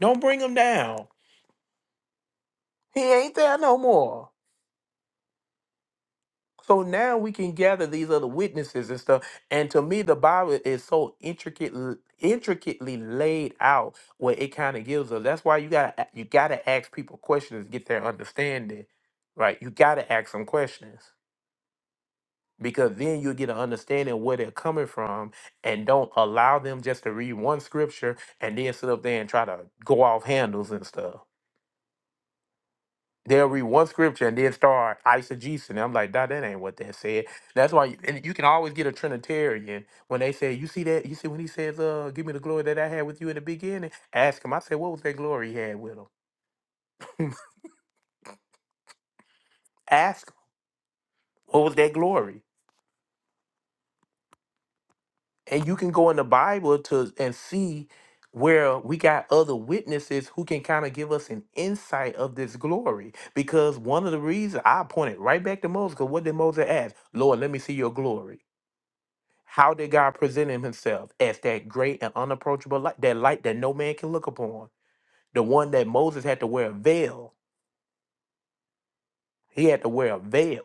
Don't bring them down He ain't there no more. So now we can gather these other witnesses and stuff. And to me, the Bible is so intricate, intricately laid out where it kind of gives us. That's why you gotta you gotta ask people questions, to get their understanding, right? You gotta ask them questions because then you'll get an understanding of where they're coming from, and don't allow them just to read one scripture and then sit up there and try to go off handles and stuff. They'll read one scripture and then start eisegesis. And I'm like, nah, that ain't what that said. That's why, you, and you can always get a Trinitarian when they say, you see that, you see when he says, uh, give me the glory that I had with you in the beginning. Ask him. I said, what was that glory he had with him? Ask him, what was that glory? And you can go in the Bible to and see where we got other witnesses who can kind of give us an insight of this glory. Because one of the reasons I pointed right back to Moses, because what did Moses ask? Lord, let me see your glory. How did God present him himself as that great and unapproachable light, that light that no man can look upon? The one that Moses had to wear a veil. He had to wear a veil.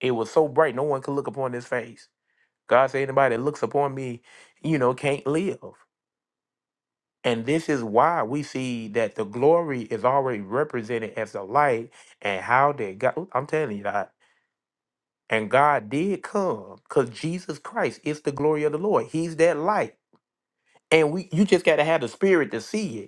It was so bright, no one could look upon his face. God said, anybody that looks upon me, you know, can't live. And this is why we see that the glory is already represented as the light. And how did God, Ooh, I'm telling you that. And God did come because Jesus Christ is the glory of the Lord. He's that light. And we you just gotta have the spirit to see it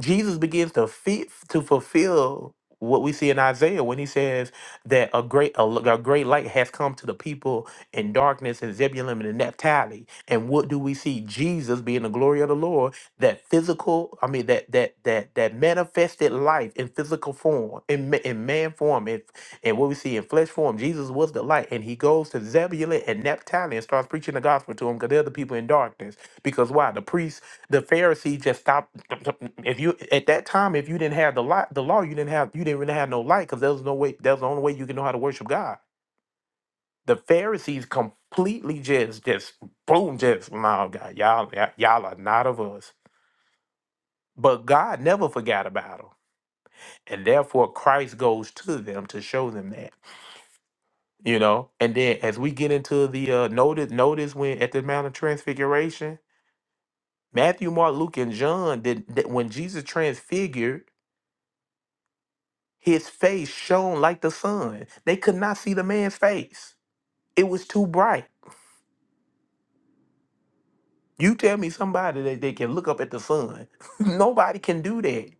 Jesus begins to fit to fulfill what we see in Isaiah when he says that a great a, l- a great light has come to the people in darkness in Zebulun and Naphtali. And what do we see? Jesus being the glory of the Lord, that physical, I mean that that that that manifested life in physical form, in ma- in man form, and and what we see in flesh form. Jesus was the light, and he goes to Zebulun and Naphtali and starts preaching the gospel to them because they're the people in darkness. Because why? The priests, the Pharisees just stopped if you at that time if you didn't have the law the law you didn't have you didn't really have no light because there was no way that's the only way you can know how to worship god the pharisees completely just just boom just no god y'all y'all y'all are not of us but god never forgot about them and therefore christ goes to them to show them that you know and then as we get into the uh notice notice when at the mount of transfiguration matthew mark luke and john did that when jesus transfigured His face shone like the sun. They could not see the man's face. It was too bright. You tell me somebody that they can look up at the sun. Nobody can do that.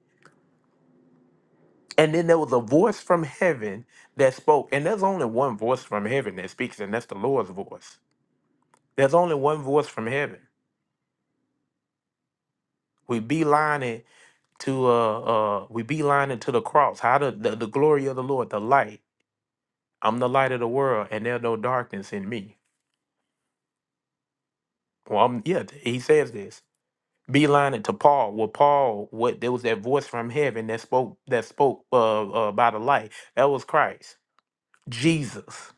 And then there was a voice from heaven that spoke. And there's only one voice from heaven that speaks, and that's the Lord's voice. There's only one voice from heaven. We beeline it to uh uh we beeline it to the cross. How the, the the glory of the Lord, the light. I'm the light of the world, and there's no darkness in me. Well, I'm, yeah, he says this. beeline it to Paul. Well, Paul, what there was that voice from heaven that spoke that spoke uh, uh by the light. That was Christ, Jesus.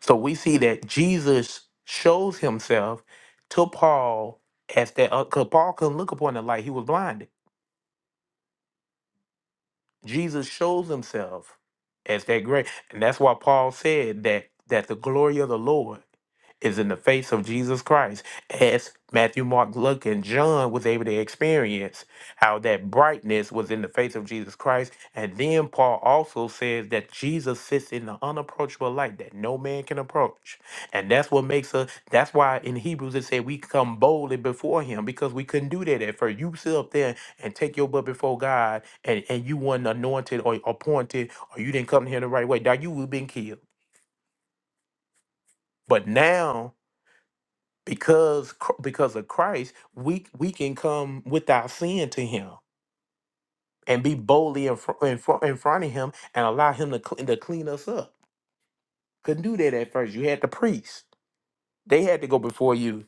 So we see that Jesus shows himself to Paul as that because Paul couldn't look upon the light; he was blinded. Jesus shows himself as that great. And that's why Paul said that that the glory of the Lord is in the face of Jesus Christ, as Matthew, Mark, Luke, and John was able to experience how that brightness was in the face of Jesus Christ. And then Paul also says that Jesus sits in the unapproachable light that no man can approach. And that's what makes us that's why in Hebrews it said we come boldly before him because we couldn't do that at first. You sit up there and take your butt before God and, and you weren't anointed or appointed or you didn't come here the right way, now you would have been killed. But now, because Chr- because of Christ, we we can come with our sin to Him and be boldly in, fr- in, fr- in front of Him and allow Him to, cl- to clean us up. Couldn't do that at first. You had the priest; they had to go before you.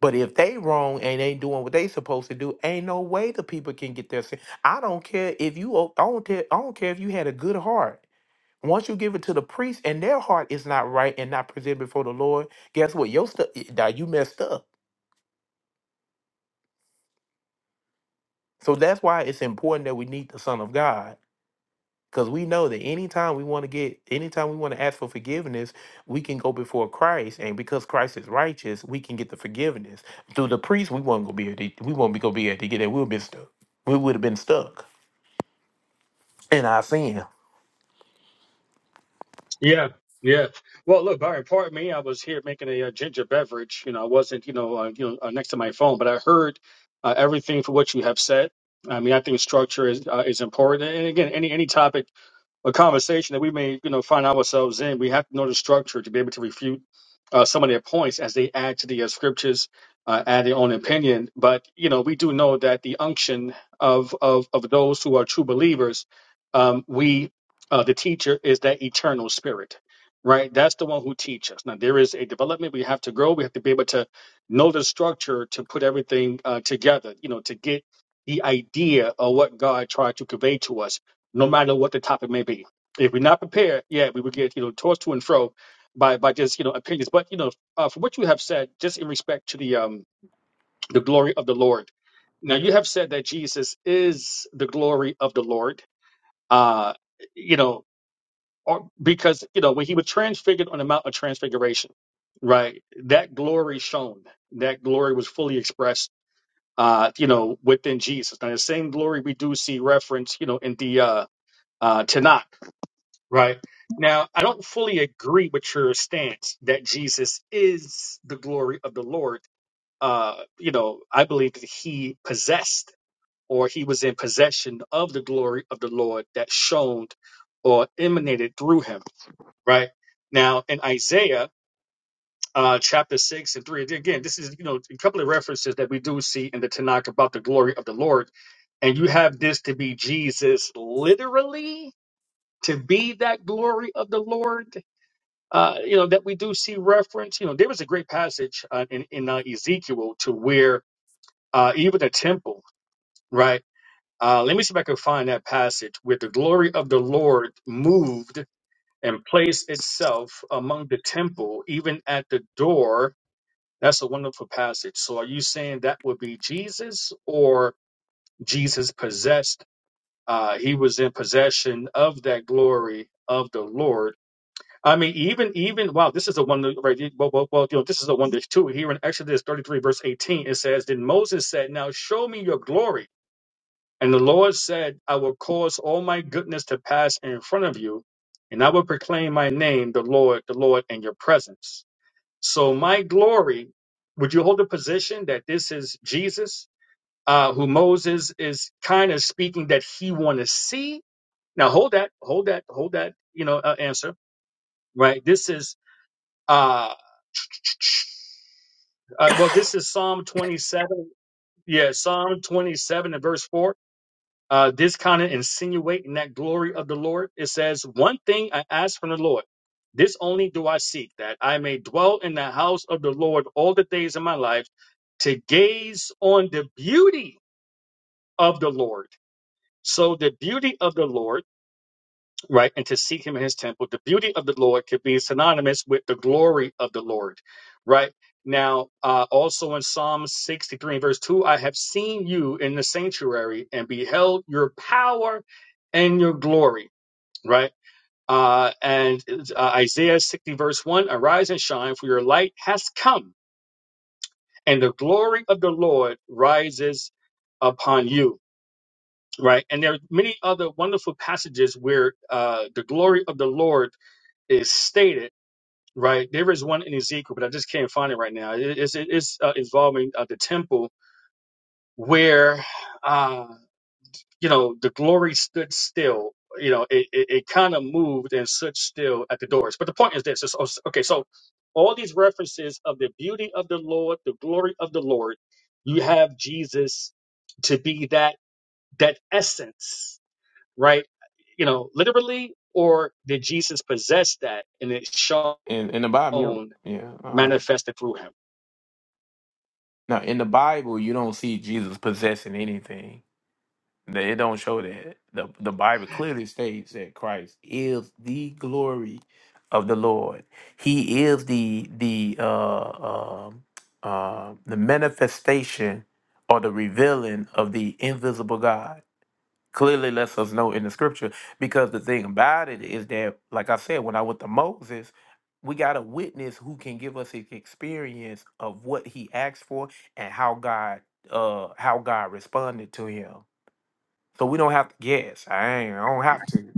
But if they wrong and ain't doing what they supposed to do, ain't no way the people can get their sin. I don't care if you o- I don't care, I don't care if you had a good heart. Once you give it to the priest and their heart is not right and not presented before the Lord, guess what? Your stuff you messed up. So that's why it's important that we need the Son of God. Because we know that anytime we want to get, anytime we want to ask for forgiveness, we can go before Christ. And because Christ is righteous, we can get the forgiveness. Through the priest, we won't go be able to, we won't be gonna be able to get it. We'll be stuck. We would have been stuck in our sin.
Yeah, yeah. Well, look, Byron, pardon me. I was here making a, uh ginger beverage. You know, I wasn't, you know, uh, you know, uh, next to my phone, but I heard uh, everything for what you have said. I mean, I think structure is uh, is important. And again, any any topic a conversation that we may you know find ourselves in we have to know the structure to be able to refute uh, some of their points as they add to the uh, scriptures uh, add their own opinion but you know we do know that the unction of of, of those who are true believers um, we uh, the teacher is that eternal spirit right that's the one who teaches now there is a development we have to grow we have to be able to know the structure to put everything uh, together you know to get the idea of what god tried to convey to us no matter what the topic may be. If we're not prepared, yeah, we will get you know tossed to and fro by by just you know opinions. But you know, uh, for what you have said, just in respect to the um the glory of the Lord. Now you have said that Jesus is the glory of the Lord. Uh, you know, or because you know when he was transfigured on the Mount of Transfiguration, right? That glory shone. That glory was fully expressed. Uh, you know, within Jesus. Now the same glory we do see reference, you know, in the uh, uh, Tanakh Right. Now, I don't fully agree with your stance that Jesus is the glory of the Lord. Uh, you know, I believe that he possessed or he was in possession of the glory of the Lord that shone or emanated through him. Right. Now, in Isaiah uh, chapter 6 and 3, again, this is, you know, a couple of references that we do see in the Tanakh about the glory of the Lord. And you have this to be Jesus literally to be that glory of the Lord uh, you know, that we do see reference. You know, there was a great passage uh, in, in uh, Ezekiel to where uh, even the temple, right? Uh, let me see if I can find that passage where the glory of the Lord moved and placed itself among the temple, even at the door. That's a wonderful passage. So, are you saying that would be Jesus or Jesus possessed? Uh, he was in possession of that glory of the Lord I mean, even even wow, this is the one that- right. Well, well, well, you know, this is the one that's two here in Exodus thirty three verse eighteen. It says, "Then Moses said, 'Now show me your glory." And the Lord said, "I will cause all my goodness to pass in front of you, and I will proclaim my name, the Lord, the Lord, in your presence." So my glory. Would you hold the position that this is Jesus, uh, who Moses is kind of speaking that he want to see? Now hold that, hold that, hold that. You know, uh, answer right. This is. uh, Uh, well, this is Psalm 27. Yeah, Psalm 27 and verse 4. Uh, this kind of insinuating that glory of the Lord. It says, One thing I ask from the Lord, this only do I seek, that I may dwell in the house of the Lord all the days of my life, to gaze on the beauty of the Lord. So, the beauty of the Lord right? And to seek him in his temple. The beauty of the Lord could be synonymous with the glory of the Lord, right? Now, uh, also in Psalm 63 verse 2, I have seen you in the sanctuary and beheld your power and your glory, right? Uh, and uh, Isaiah 60 verse 1, arise and shine, for your light has come, and the glory of the Lord rises upon you, right? And there are many other wonderful passages where uh, the glory of the Lord is stated, right? There is one in Ezekiel, but I just can't find it right now. It- It's it's uh, involving uh, the temple where, uh, you know, the glory stood still. You know, it it, it kind of moved and stood still at the doors. But the point is this: is, okay, so all these references of the beauty of the Lord, the glory of the Lord, you have Jesus to be that that essence, right? You know, literally, or did Jesus possess that and it shone?
In in the Bible, you don't- yeah. Um,
manifested through him.
now in the Bible, you don't see Jesus possessing anything. They it don't show that. The the Bible clearly states that Christ is the glory of the Lord. He is the the uh, um uh, the manifestation or the revealing of the invisible God. Clearly lets us know in the scripture because the thing about it is that, like I said, when I went to Moses, we got a witness who can give us his experience of what he asked for and how God uh how God responded to him so we don't have to guess. I ain't, I don't have to.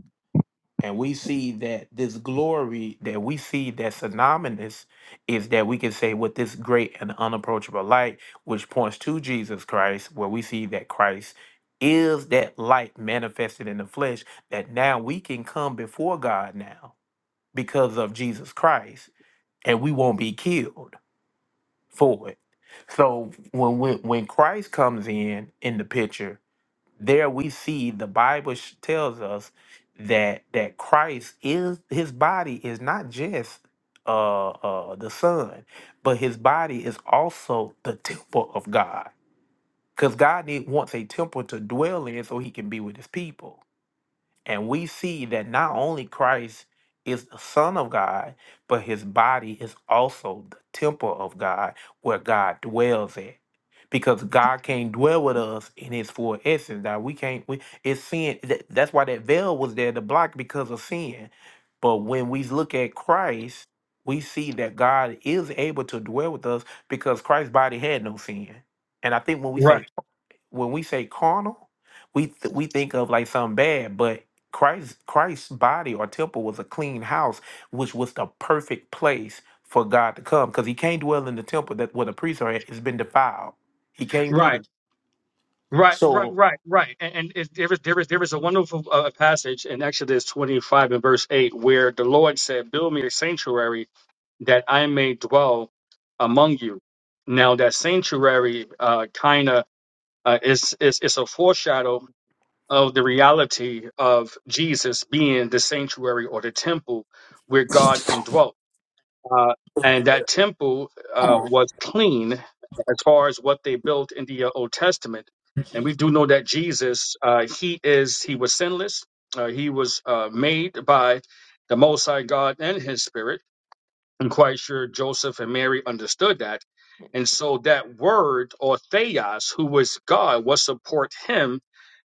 And we see that this glory that we see that's synonymous is that we can say with this great and unapproachable light, which points to Jesus Christ, where we see that Christ is that light manifested in the flesh, that now we can come before God now because of Jesus Christ, and we won't be killed for it. So when when, when Christ comes in in the picture, there we see the Bible sh- tells us that that Christ is his body is not just uh, uh, the Son, but his body is also the temple of God. Because God need, wants a temple to dwell in so he can be with his people. And we see that not only Christ is the Son of God, but his body is also the temple of God where God dwells at. Because God can't dwell with us in his full essence. that we can't we it's sin. that- That's why that veil was there to block because of sin. But when we look at Christ, we see that God is able to dwell with us because Christ's body had no sin. And I think when we say
Right,
when we say carnal, we th- we think of like something bad, but Christ Christ's body or temple was a clean house, which was the perfect place for God to come, because He can't dwell in the temple that where the priests are at. It's been defiled. He can't be
right,
there.
right, right,
So
right, right. And, and it, there is there is there is a wonderful uh, passage in Exodus twenty five and verse eight where the Lord said, "Build me a sanctuary that I may dwell among you." Now that sanctuary uh, kind of uh, is is is a foreshadow of the reality of Jesus being the sanctuary or the temple where God indwelt. Uh, and that temple uh, was clean as far as what they built in the uh, Old Testament. And we do know that Jesus, uh, he is, he was sinless. Uh, he was uh, made by the Most High God and His Spirit. I'm quite sure Joseph and Mary understood that. And so that word or theos, who was God, was support him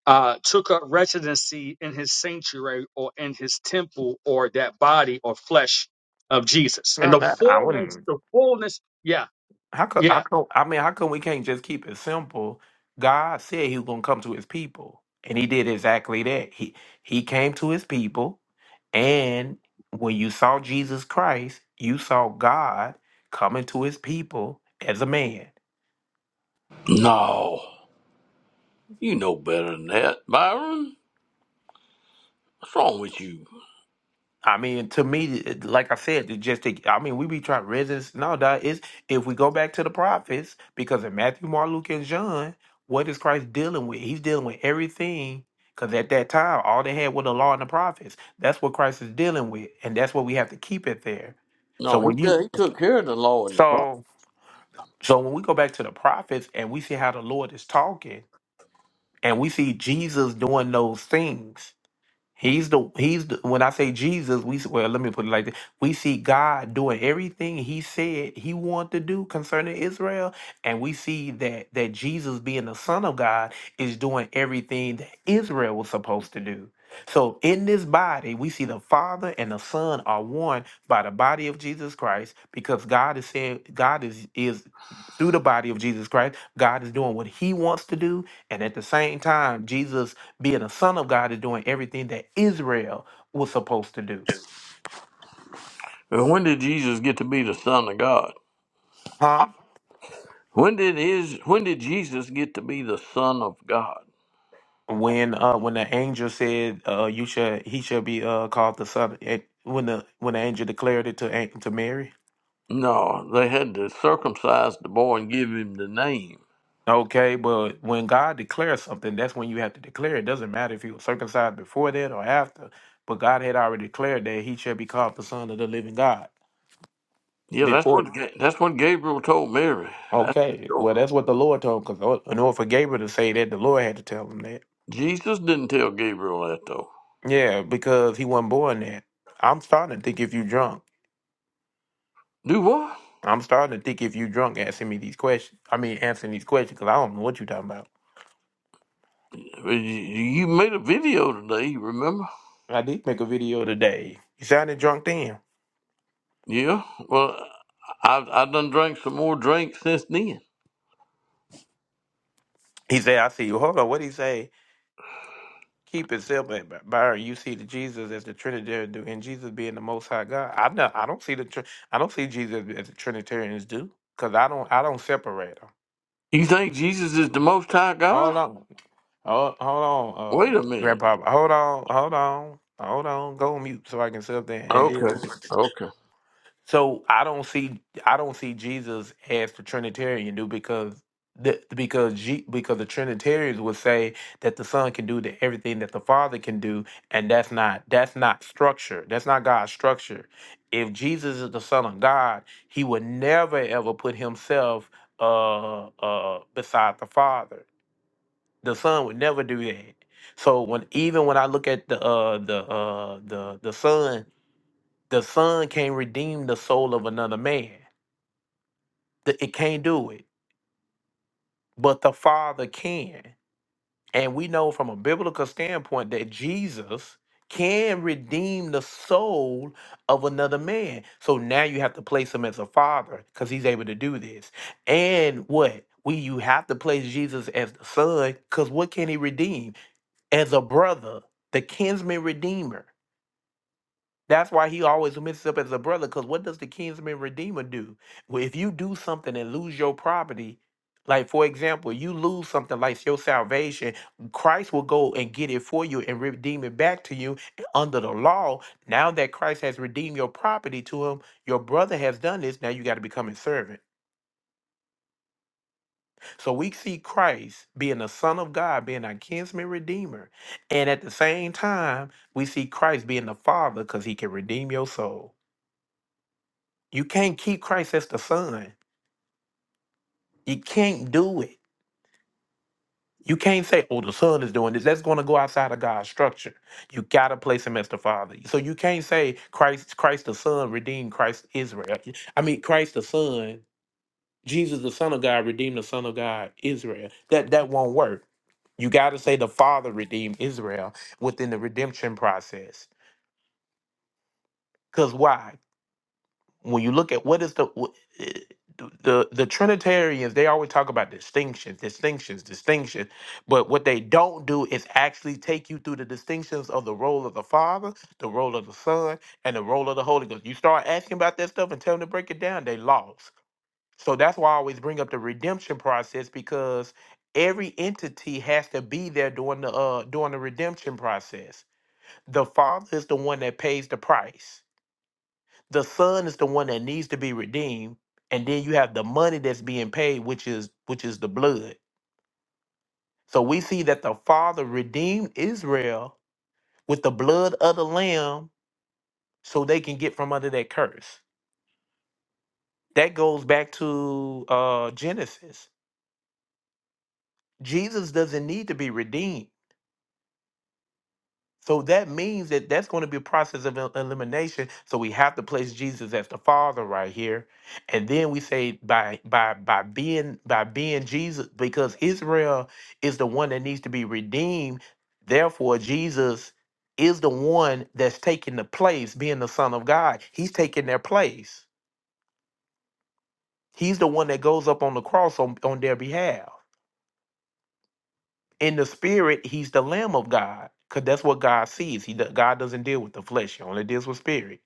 uh, took up residency in his sanctuary or in his temple or that body or flesh of Jesus. And
no,
the
that I
fullness,
wouldn't.
the fullness, yeah,
How come?
yeah.
How come? I mean, how come we can't just keep it simple? God said He was gonna come to His people, and He did exactly that. He He came to His people, and when you saw Jesus Christ, you saw God coming to His people as a man.
No, you know better than that, Byron. What's wrong with you?
I mean, to me, it- like I said, it just take, I mean, we be trying resist. No, that is if we go back to the prophets, because in Matthew, Mark, Luke, and John, what is Christ dealing with? He's dealing with everything. Because at that time, all they had were the law and the prophets. That's what Christ is dealing with, and that's what we have to keep it there. So
No, he
when you,
did- he took care of the law and the prophet.
so so when we go back to the prophets and we see how the Lord is talking, and we see Jesus doing those things, He's the he's the, when I say Jesus, we s- well let me put it like this: we see God doing everything He said He wanted to do concerning Israel, and we see that that Jesus, being the Son of God, is doing everything that Israel was supposed to do. So in this body, we see the Father and the Son are one by the body of Jesus Christ, because God is saying God is is through the body of Jesus Christ, God is doing what He wants to do, and at the same time, Jesus being a son of God is doing everything that Israel was supposed to do.
And when did Jesus get to be the Son of God?
Huh?
When did his when did Jesus get to be the Son of God?
When uh when the angel said uh you shall he shall be uh called the son eh, when the when the angel declared it to An- to Mary.
No, they had to circumcise the boy and give him the name.
Okay, but when God declares something, that's when you have to declare. It doesn't matter if you were circumcised before that or after, but God had already declared that he shall be called the son of the living God
Yeah, that's
before.
what Ga- that's what Gabriel told Mary.
Okay,
Sure.
well that's what the Lord told because in order for Gabriel to say that, the Lord had to tell him that.
Jesus didn't tell Gabriel that though.
Yeah, because he wasn't born there. I'm starting to think if you drunk.
Do what?
I'm starting to think if you drunk asking me these questions. I mean, answering these questions because I don't know what you talking about.
Well, You you made a video today, you remember?
I did make a video today. You sounded drunk then.
Yeah. Well, I I done drank some more drinks since then.
He said, I see you. Hold on. What he say? Keep it simple, By Byron. You see the Jesus as the Trinitarian do, and Jesus being the Most High God. I know. I don't see the. Tr- I don't see Jesus as the Trinitarians do, because I don't. I don't separate.
You think Jesus is the Most High
Hold
God?
on. Hold, hold on, uh,
Wait a minute.
Grandpa. Hold on, hold on, hold on. Go on mute so I can sit up there and deal
Okay.
with it.
Okay.
So I don't see, I don't see Jesus as the Trinitarian do because the because G, because the Trinitarians would say that the Son can do the, everything that the Father can do, and that's not that's not structure. That's not God's structure. If Jesus is the Son of God, He would never ever put Himself uh uh beside the Father the son would never do that. So when even when I look at the uh the uh the the son, the son can't redeem the soul of another man. The- It can't do it. But the Father can. And we know from a biblical standpoint that Jesus can redeem the soul of another man. So now you have to place him as a father because he's able to do this. And what? We you have to place Jesus as the son because what can he redeem? as a brother, the kinsman redeemer. That's why he always messes up as a brother. Because what does the kinsman redeemer do? Well, if you do something and lose your property, like for example, you lose something like your salvation, Christ will go and get it for you and redeem it back to you And under the law. Now that Christ has redeemed your property to him, your brother has done this. Now you got to become his servant. So we see Christ being the Son of God, being our kinsman redeemer. And at the same time, we see Christ being the Father because he can redeem your soul. You can't keep Christ as the Son. You can't do it. You can't say, oh, the Son is doing this. That's going to go outside of God's structure. You got to place him as the Father. So you can't say Christ, Christ the Son redeemed Christ Israel. I mean, Christ the Son Jesus, the Son of God, redeemed the Son of God, Israel. That that won't work. You got to say the Father redeemed Israel within the redemption process. Because why? When you look at what is the wh- eh, the the Trinitarians, they always talk about distinctions, distinctions, distinctions. But what they don't do is actually take you through the distinctions of the role of the Father, the role of the Son, and the role of the Holy Ghost. You start asking about that stuff and tell them to break it down, they lost. So that's why I always bring up the redemption process because every entity has to be there during the uh during the redemption process. The Father is the one that pays the price. The Son is the one that needs to be redeemed, and then you have the money that's being paid, which is which is the blood. So we see that the Father redeemed Israel with the blood of the Lamb, so they can get from under that curse. That goes back to uh, Genesis. Jesus doesn't need to be redeemed So that means that that's going to be a process of el- elimination. So we have to place Jesus as the Father right here, and then we say by by by being by being Jesus because Israel is the one that needs to be redeemed. Therefore, Jesus is the one that's taking the place, being the Son of God. He's taking their place. He's the one that goes up on the cross on, on their behalf. In the spirit, he's the Lamb of God, because that's what God sees. He do- God doesn't deal with the flesh; he only deals with spirit.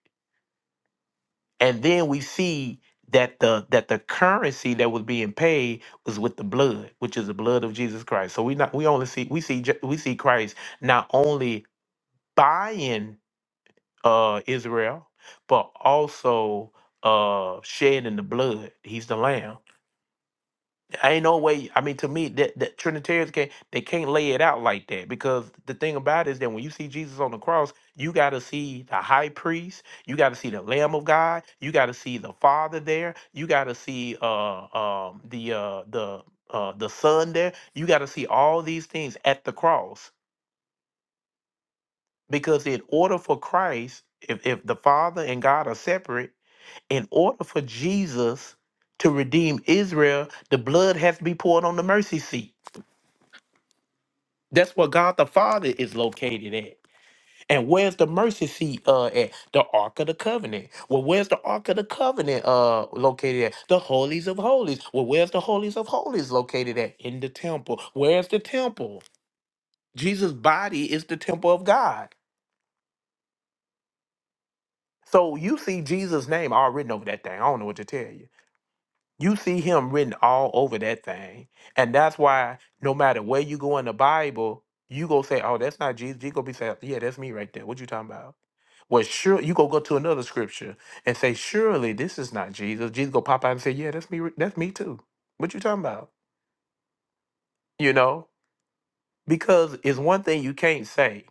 and then we see that the that the currency that was being paid was with the blood which is the blood of jesus christ so we not we only see we see Je- we see christ not only buying uh israel but also uh shedding the blood he's the lamb ain't no way. I mean, to me, that, that Trinitarians can't they can't lay it out like that because the thing about it is that when you see Jesus on the cross, you got to see the high priest, you got to see the Lamb of God, you got to see the Father there, you got to see uh um the uh the uh the Son there, you got to see all these things at the cross because in order for Christ, if if the Father and God are separate, in order for Jesus to redeem Israel, the blood has to be poured on the mercy seat. That's where God the Father is located at. And where's the mercy seat uh at? The Ark of the Covenant. Well, where's the Ark of the Covenant uh located at? The Holies of Holies. Well, where's the Holies of Holies located at? In the temple. Where's the temple? Jesus' body is the temple of God. So you see Jesus' name all written over that thing. I don't know what to tell you. You see him written all over that thing. And that's why no matter where you go in the Bible, you go say, Oh, that's not Jesus. You go be saying, Yeah, that's me right there. What you talking about? Well, sure, you go go to another scripture and say, Surely this is not Jesus. Jesus go pop out and say, Yeah, that's me, ri- that's me too. What you talking about? You know? Because it's one thing you can't say.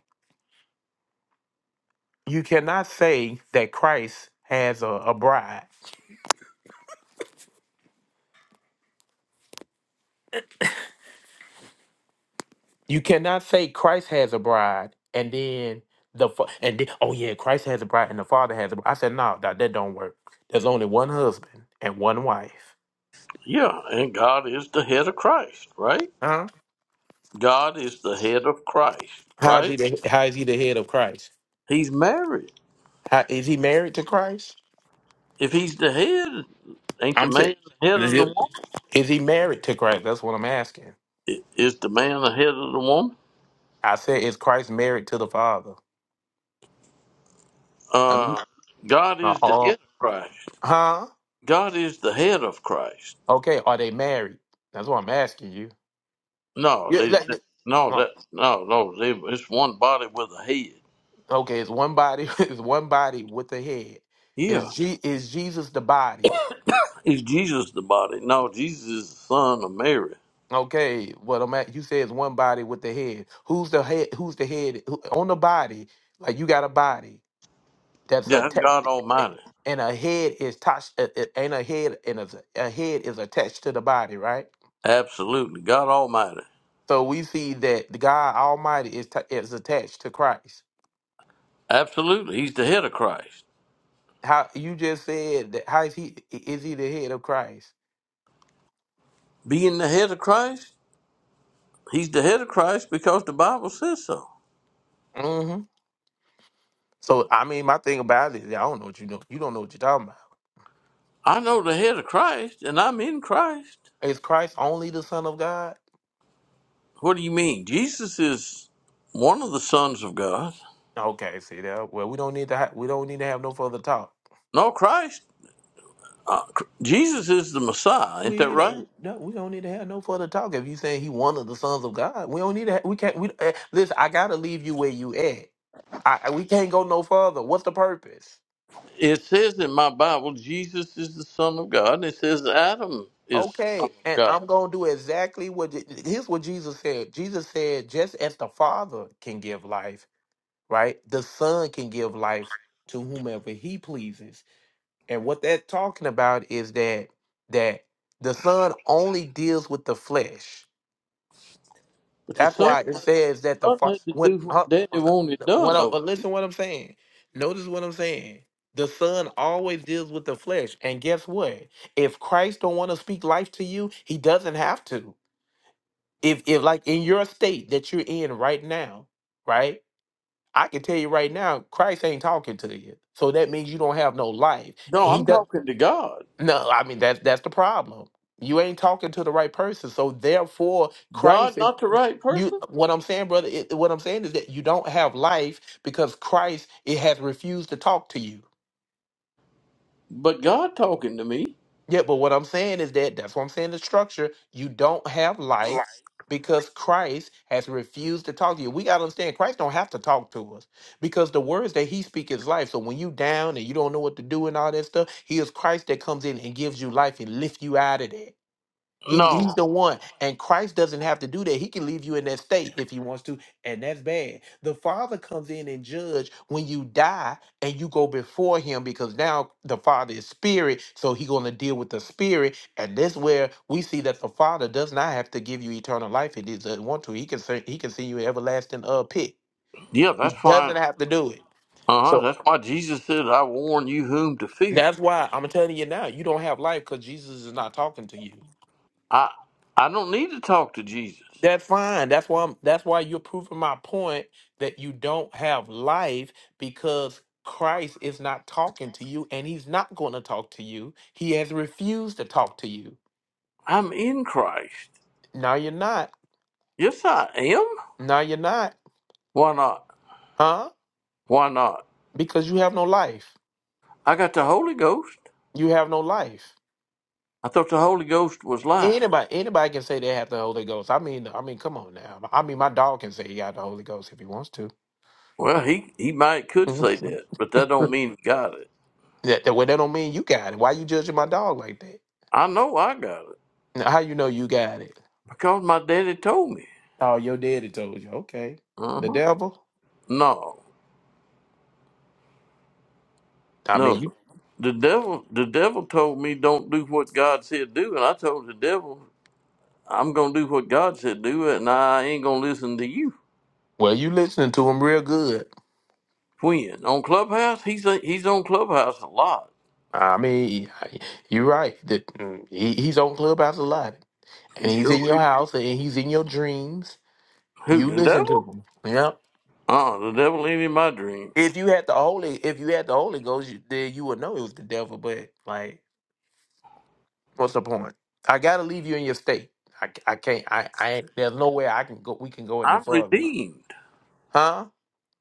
You cannot say that Christ has a, a bride. You cannot say Christ has a bride and then the fa- and then, oh yeah, Christ has a bride and the Father has a bride. I said no, that that don't work. There's only one husband and one wife.
Yeah, and God is the head of Christ, right?
Huh?
God is the head of Christ,
How is
right?
he? The, how is he the head of Christ?
He's married.
How is he married to Christ?
If he's the head, ain't the
I'm saying,
man the head
is
of the
he
woman?
is he married to Christ? That's what I'm asking.
I- Is the man the head of the woman?
I said, is Christ married to the Father? I mean,
Uh, God
uh,
is the
uh,
head of Christ.
huh?
God is the head of Christ.
Okay, are they married? That's what I'm asking you.
No,
Yeah,
they, no,
like,
that, no, no. They, it's one body with a head.
Okay, it's one body. It's one body with a head.
Yeah,
Is G is Jesus the body?
is Jesus the body? No, Jesus is the son of Mary.
Okay, what I'm at, you say it's one body with the head. Who's the head? Who's the head who, on the body? Like you got a body that's
Yeah,
a
that's God
te-
Almighty.
and a head is touched and a head and a, a head is attached to the body, right?
Absolutely, God Almighty.
So we see that the God Almighty is ta is attached to Christ.
Absolutely, He's the head of Christ.
How you just said that? How is he? Is he the head of Christ?
Being the head of Christ. He's the head of Christ because the Bible says so.
Mm-hmm. So I mean, my thing about it, is I don't know what you know. You don't know what you're talking about.
I know the head of Christ and I'm in Christ.
Is Christ only the Son of God?
What do you mean? Jesus is one of the sons of God.
Okay, see that. Well, we don't need to. Ha- we don't need to have no further talk.
No, Christ. Uh, Cr- Jesus is the Messiah. Ain't that
We
right?
don't. No, we don't need to have no further talk. If you saying he one of the sons of God, we don't need to. Ha- we can't. We eh, listen. I gotta leave you where you at. I I- we can't go no further. What's the purpose?
It says in my Bible, Jesus is the Son of God. And it says Adam is the Son
Okay,
of
and
God.
I'm gonna do exactly what. Je- Here's what Jesus said. Jesus said, just as the Father can give life right? The Son can give life to whomever he pleases. And what that's talking about is that that the Son only deals with the flesh.
But the
That's
Son,
why it
the
says that the
son
fa-
had to
what
do what
huh,
Daddy wanted done.
what I-
No,
but listen what I'm saying. Notice what I'm saying. The Son always deals with the flesh. And guess what? If Christ don't want to speak life to you, he doesn't have to. If if like in your state that you're in right now, right? I can tell you right now, Christ ain't talking to you. So that means you don't have no life.
no,
And he
I'm
does
talking to God.
no, I mean that's that's the problem. You ain't talking to the right person. So therefore,
God,
Christ and
not the right
you
person,
what I'm saying, brother, it, what I'm saying is that you don't have life because Christ it has refused to talk to you.
but God talking to me.
Yeah, but what I'm saying is that that's what I'm saying the structure. You don't have life because Christ has refused to talk to you. We gotta understand Christ don't have to talk to us because the words that he speaks is life. So when you down and you don't know what to do and all that stuff, he is Christ that comes in and gives you life and lifts you out of that. He, he's
No.
the one. And Christ doesn't have to do that. He can leave you in that state if he wants to, and that's bad. The Father comes in and judge when you die and you go before him because now the Father is spirit, so he's going to deal with the spirit. And this where we see that the Father does not have to give you eternal life if he doesn't want to. He can say he can see you in everlasting uh pit.
Yeah,
He
that's why.
doesn't have to do it.
Uh-huh.
So
That's why Jesus said, I warn you whom to fear.
that's why I'm telling you now, you don't have life because Jesus is not talking to you.
I I don't need to talk to Jesus.
That's fine. That's why I'm, that's why you're proving my point that you don't have life because Christ is not talking to you and he's not going to talk to you. He has refused to talk to you.
I'm in Christ.
Now you're not.
Yes, I am.
Now you're not.
Why not?
Huh?
Why not?
Because you have no life.
I got the Holy Ghost.
You have no life.
I thought the Holy Ghost was life.
Anybody anybody can say they have the Holy Ghost. I mean I mean come on now. I mean my dog can say he got the Holy Ghost if he wants to.
Well, he, he might could say that, but that don't
that,
mean he got it.
that well, that don't mean you got it. Why you judging my dog like that?
I know I got it
Now, How you know you got it?
because my daddy told me.
Oh, your daddy told you. Okay. The
Uh-huh.
devil?
No,
I mean,
no.
you
The devil the devil told me don't do what God said do, and I told the devil I'm gonna do what God said do, and I ain't gonna listen to you.
well, you listening to him real good.
When on Clubhouse, he's he's on Clubhouse a lot.
I mean, you're right. That mm, he, he's on Clubhouse a lot,
He
and he's
sure
in your
is.
house, and he's in your dreams.
Who
You
the
listen to
devil?
him. Yeah.
Uh, the devil ain't in my dream.
If you had the Holy, if you had the Holy Ghost, you, then you would know it was the devil. But like, what's the point? I gotta leave you in your state. I, I can't. I, I ain't, there's no way I can go. We can go any
I'm
further.
redeemed.
Huh?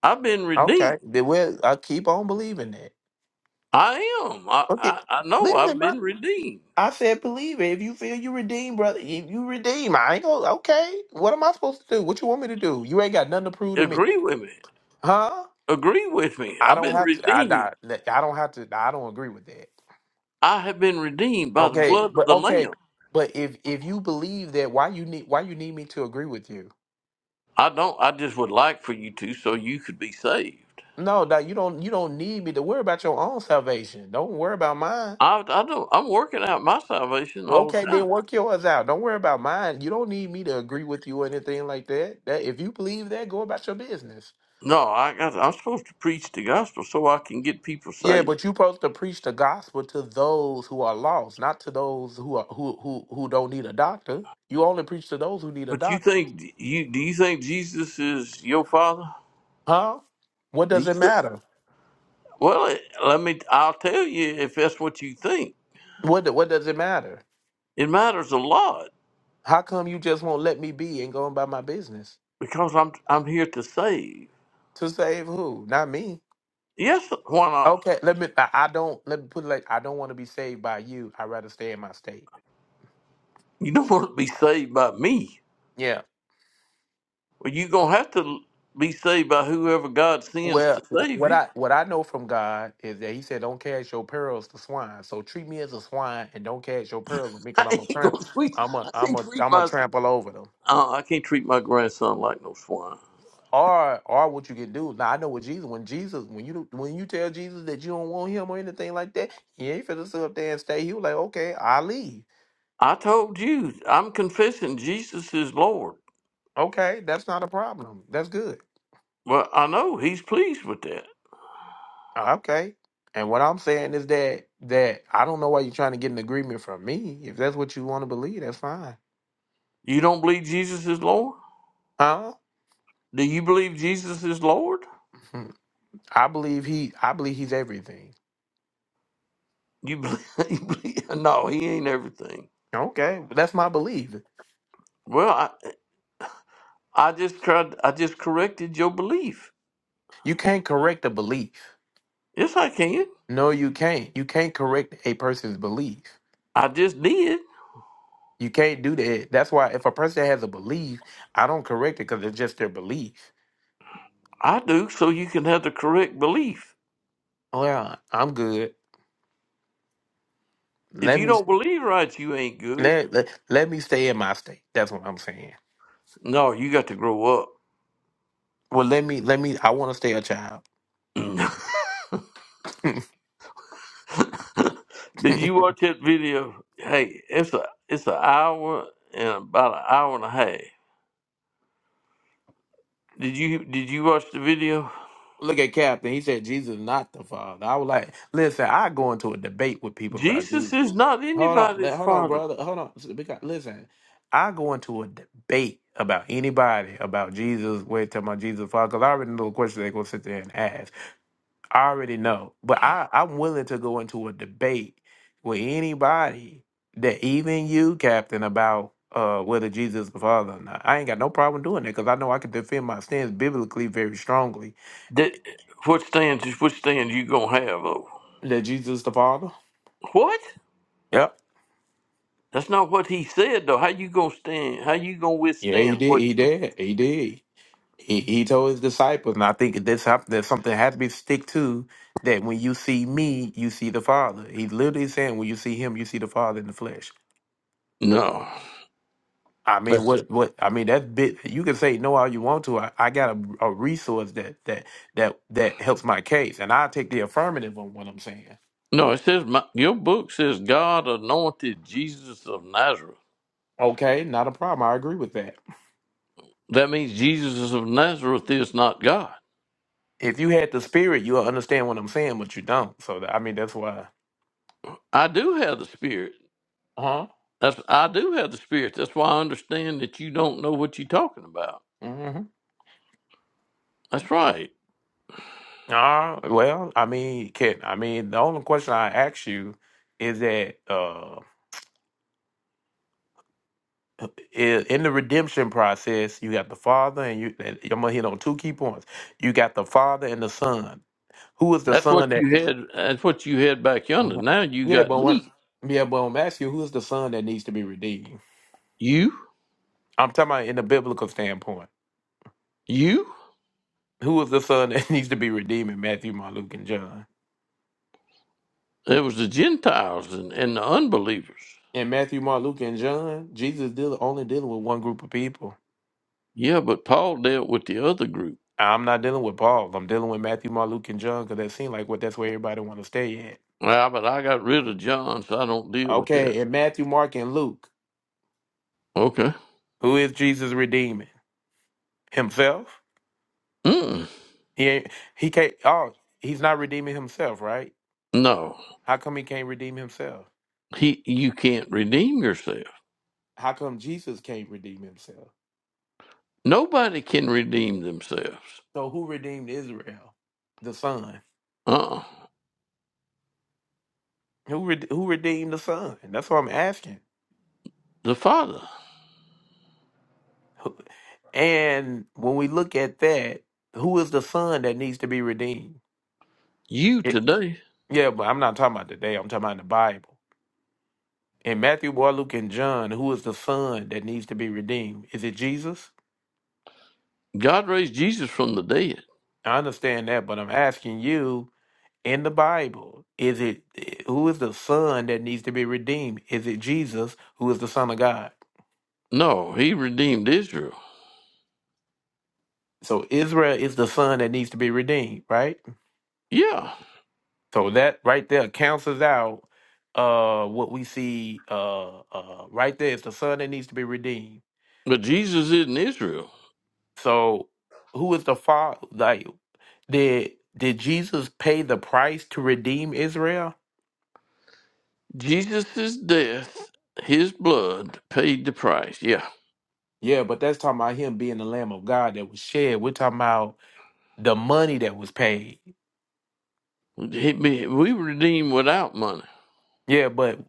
I've been
Okay.
redeemed.
Then we'll. I keep on believing that.
I am. I,
Okay.
I I know
Listen,
I've
bro.
been redeemed.
I said believe it. If you feel you redeem, brother, if you redeem, I ain't gonna okay. What am I supposed to do? What you want me to do? You ain't got nothing to prove to me.
Agree with me.
Huh?
Agree with me.
I
I've
don't
been
have to I
redeemed.
not, like, I don't have to I don't agree with that.
I have been redeemed by the
Okay.
blood of
But
the
okay.
Lamb.
But if if you believe that why you need why you need me to agree with you?
I don't. I just would like for you to, so you could be saved.
No, no, you don't you don't need me to worry about your own salvation. Don't worry about mine.
I, I don't. I'm working out my salvation all
Okay,
the time.
then work yours out. Don't worry about mine. You don't need me to agree with you or anything like that. That if you believe that, go about your business.
No, I got. I'm supposed to preach the gospel so I can get people
Yeah,
saved.
but you're supposed to preach the gospel to those who are lost, not to those who are who who who don't need a doctor. You only preach to those who need a
But you
doctor.
think you do you think Jesus is your father?
Huh? What
Do
does it
you?
matter?
Well, let me. I'll tell you if that's what you think.
What do- what does it matter?
It matters a lot
How come you just won't let me be and go about my business?
because I'm I'm here to save.
To save who? Not me.
Yes, why not?
Okay, let me I I don't let me put it like I don't want to be saved by you. I'd rather stay in my state.
You don't want to be saved by me.
Yeah.
Well, you are gonna have to be saved by whoever God sends
Well,
to
wh-
save
what
you.
I what I know from God is that He said, "Don't cast your pearls to swine." So treat me as a swine and don't cast your pearls with me,
I
because I'm a
ain't gonna
trample.
treat.
I'm a
I
I'm
can't
a
treat
I'm a
my.
trample over them.
Uh, I can't treat my grandson like no swine.
Or or what you can do now? I know with Jesus, when Jesus, when you when you tell Jesus that you don't want Him or anything like that, He ain't finna sit up there and stay. He was like, "Okay, I leave.
I told you, I'm confessing Jesus is Lord.
Okay, that's not a problem. That's good.
Well, I know he's pleased with that.
Okay." And what I'm saying is that that I don't know why you're trying to get an agreement from me. If that's what you want to believe, that's fine.
You don't believe Jesus is Lord?
Huh?
Do you believe Jesus is Lord?
I believe he I believe he's everything.
You believe, you believe no, he ain't everything.
Okay, that's my belief.
Well, I, I just tried, I just corrected your belief.
You can't correct a belief.
Yes, I can.
No, you can't. You can't correct a person's belief.
I just did.
You can't do that. That's why if a person has a belief, I don't correct it because it's just their belief.
I do, so you can have the correct belief.
Oh yeah, I'm good.
If
Let
you
me
don't believe right, you ain't good.
let, let let me stay in my state. That's what I'm saying.
No, you got to grow up.
Well, let me let me. I want to stay a child.
Did you watch that video? Hey, it's a it's an hour and about an hour and a half. Did you did you watch the video?
Look at Captain. He said Jesus is not the Father. I was like, listen. I go into a debate with people about Jesus.
Jesus is not
Hold on,
anybody's
Let- hold on,
father.
brother. Hold on. S- because- Listen, I go into a debate about anybody about Jesus. Wait till my Jesus father, because I already know the question they're gonna sit there and ask. I already know, but I I'm willing to go into a debate with anybody that even you, Captain, about uh whether Jesus is the Father or not. I ain't got no problem doing that because I know I can defend my stance biblically very strongly
That what stands is what stands you gonna have though.
that Jesus the Father.
What?
Yep.
That's not what he said though. How you gonna stand? How you gonna
Yeah, he
withstand
did.
what?
He
You...
did. He did. He, he told his disciples, and I think this hap- that something has to be stick to that when you see me, you see the Father. He's literally saying, when you see him, you see the Father in the flesh.
No,
I mean, what what I mean that bit you can say no all you want to. I, I got a, a resource that that that that helps my case, and I take the affirmative on what I'm saying.
no. It says my, your book says God anointed Jesus of Nazareth.
Okay, not a problem. I agree with that.
That means Jesus of Nazareth is not God.
If you had the spirit, you'll understand what I'm saying, but you don't. So I mean, that's why.
I do have the Spirit.
Uh
That's, I do have the spirit. That's why I understand that you don't know what you're talking about.
huh. hmm
That's right.
Uh, well, I mean, Ken, I mean, the only question I ask you is that uh, i- in the redemption process, you got the Father and you. And I'm gonna hit on two key points. You got the Father and the Son. Who is the
That's
Son
what
that?
you had. That's what you had back yonder.
Okay.
Now you
Yeah,
got
but what?
me.
Yeah, but I'm asking you, who is the Son that needs to be redeemed?
You.
I'm talking about in the biblical standpoint.
You.
Who is the Son that needs to be redeemed in Matthew, Mark, Luke, and John?
It was the Gentiles and, and the unbelievers.
In Matthew, Mark, Luke, and John, Jesus deal only dealing with one group of people
Yeah, but Paul dealt with the other group.
I'm not dealing with Paul. I'm dealing with Matthew, Mark, Luke, and John because that seems like what that's where everybody want to stay at.
Well, but I got rid of John, so I don't deal with that.
Okay, and Matthew, Mark, and Luke,
Okay.
who is Jesus redeeming? Himself?
Mm,
He ain't. He can't. Oh, he's not redeeming himself, right?
no,
How come he can't redeem himself?
he. You can't redeem yourself.
How come Jesus can't redeem himself?
Nobody can redeem themselves.
So who redeemed Israel? The Son.
Uh. uh
Who re- who redeemed the Son? That's what I'm asking.
The Father.
Who- And when we look at that, who is the Son that needs to be redeemed?
You today.
Yeah, but I'm not talking about today. I'm talking about in the Bible. In Matthew, Mark, Luke, and John, who is the son that needs to be redeemed? Is it Jesus?
God raised Jesus from the dead.
I understand that, but I'm asking you in the Bible, is it who is the son that needs to be redeemed? Is it Jesus who is the son of God?
No, he redeemed Israel.
So Israel is the son that needs to be redeemed, right?
Yeah,
So that right there counts out uh what we see uh uh right there is the son that needs to be redeemed.
but Jesus isn't Israel.
So, who is the father? Like, did did Jesus pay the price to redeem Israel?
Jesus' death, his blood paid the price. Yeah,
Yeah, but that's talking about him being the Lamb of God that was shed. We're talking about the money that was paid.
He- we we redeem without money.
Yeah, but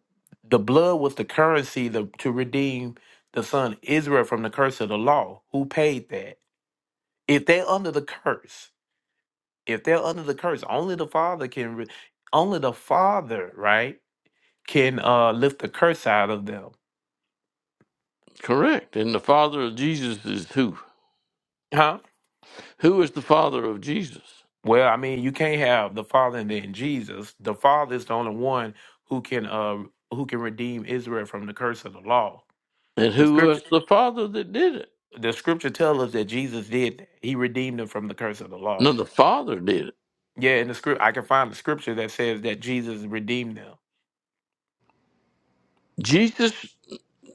the blood was the currency the, to redeem the son Israel from the curse of the law. Who paid that? If they're under the curse, if they're under the curse, only the Father can. Re- only the Father, right, can uh lift the curse out of them.
Correct. And the father of Jesus is who?
Huh?
Who is the father of Jesus?
Well, I mean, you can't have the Father and then Jesus. The Father is the only one who can uh who can redeem Israel from the curse of the law.
And
The
who was
scripture
the father that did it?
the scripture tells us that Jesus did that. he redeemed them from the curse of the law.
No, the father did it.
Yeah, in the script I can find the scripture that says that Jesus redeemed them.
Jesus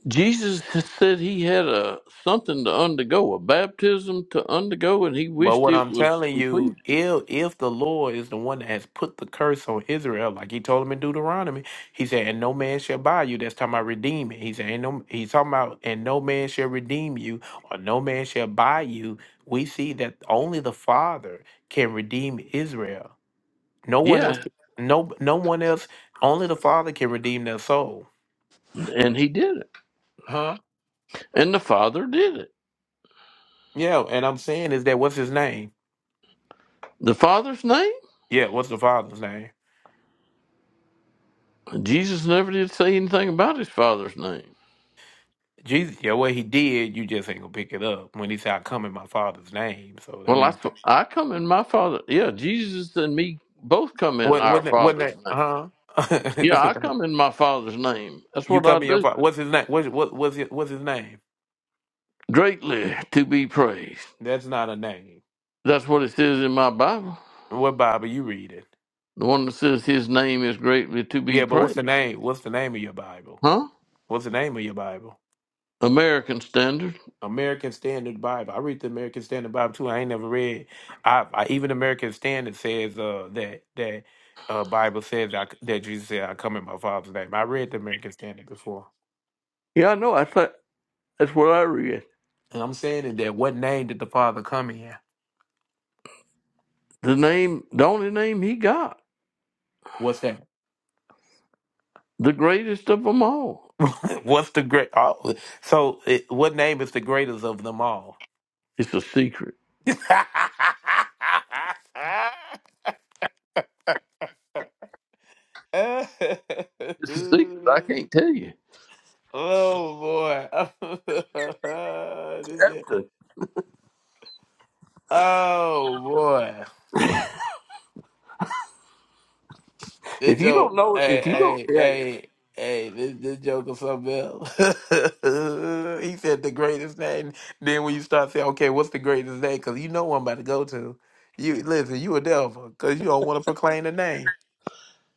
Jesus said he had a something to undergo, a baptism to undergo, and he
But
wished
what
it
I'm
was
telling
complete.
you, if if the Lord is the one that has put the curse on Israel, like he told him in Deuteronomy, he said, And no man shall buy you. That's talking about redeeming. He said, and no he's talking about and no man shall redeem you, or no man shall buy you. We see that only the Father can redeem Israel. No one else
Yeah,
no no one else, only the Father can redeem their soul.
and he did it.
Huh?
And the Father did it.
Yeah, and I'm saying is that what's his name?
The Father's name?
Yeah, what's the father's name?
Jesus never did say anything about his Father's name.
Jesus, yeah, what he did, you just ain't gonna pick it up. When he said, "I come in my Father's name," so that
Well, I,
means
I come in my Father. Yeah, Jesus and me both come in
what?
our
What? that- What?
Father's
That?
name.
Huh?
Yeah, I come in my Father's name. That's
you
what I
come in your
do.
father. What's his name? What? What? What's his, What's his name?
Greatly to be praised.
That's not a name.
That's what it says in my Bible.
What Bible you reading?
The one that says his name is greatly to be
Yeah, but what's
praised.
the name? What's the name of your Bible?
Huh?
What's the name of your Bible?
American standard.
American Standard Bible. I read the American Standard Bible too. I ain't never read. I, I even American Standard says uh, that that uh, Bible says I, that Jesus said, "I come in my Father's name." I read the American Standard before.
Yeah, I know. I thought that's what I read.
And I'm saying it that what name did the Father come in?
The name, the only name he got.
What's that?
The greatest of them all.
What's the great? Oh, so it, what name is the greatest of them all?
It's a secret.
oh boy!
It's a secret. I can't tell you.
This is-
After,
oh boy!
If
This
you don't
joke,
know, if you don't,
hey, hey,
yeah.
hey, hey, this, this joke is something else. he said the greatest name. Then when you start saying, okay, what's the greatest name? Because you know what I'm about to go to. You listen, you a devil, because you don't want to proclaim the name.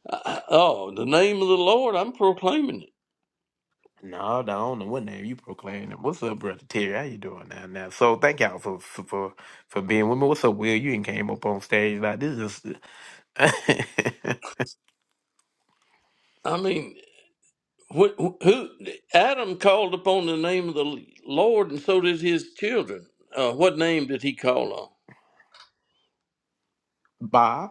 I- oh, the name of the Lord, I'm proclaiming it.
No, I don't know what name you proclaiming. What's up, brother Terry? How you doing now? Now, so thank y'all for for for for being with me. What's up, Will? You ain't came up on stage like this. Is
I mean, wh- wh- who Adam called upon the name of the Lord, and so did his children. Uh, what name did he call on?
Bob.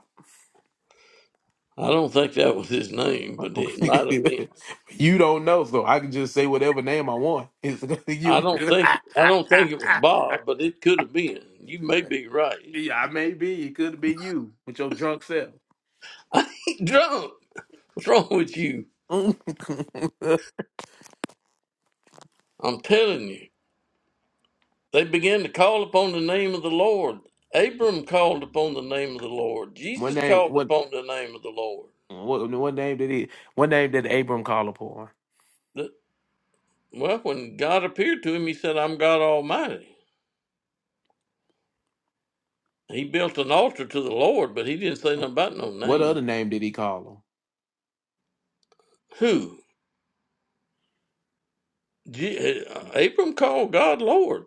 I don't think that was his name, but it might have been.
you don't know, so I can just say whatever name I want. It's
I
you.
don't think I don't think it was Bob, but it could have been. You may be right.
yeah, I may be. It could be you with your drunk self.
I ain't drunk. What's wrong with you?
one
I'm telling you. They began to call upon the name of the Lord. Abram called upon the name of the Lord. Jesus
name.
called
What?
upon the name of the Lord.
What? What name did he? What name did Abram call her for?
The- well, when God appeared to him, he said, I'm God Almighty. He built an altar to the Lord, but he didn't say nothing about no
What
name.
other name did he call him?
Who? Je- uh, Abram called God Lord.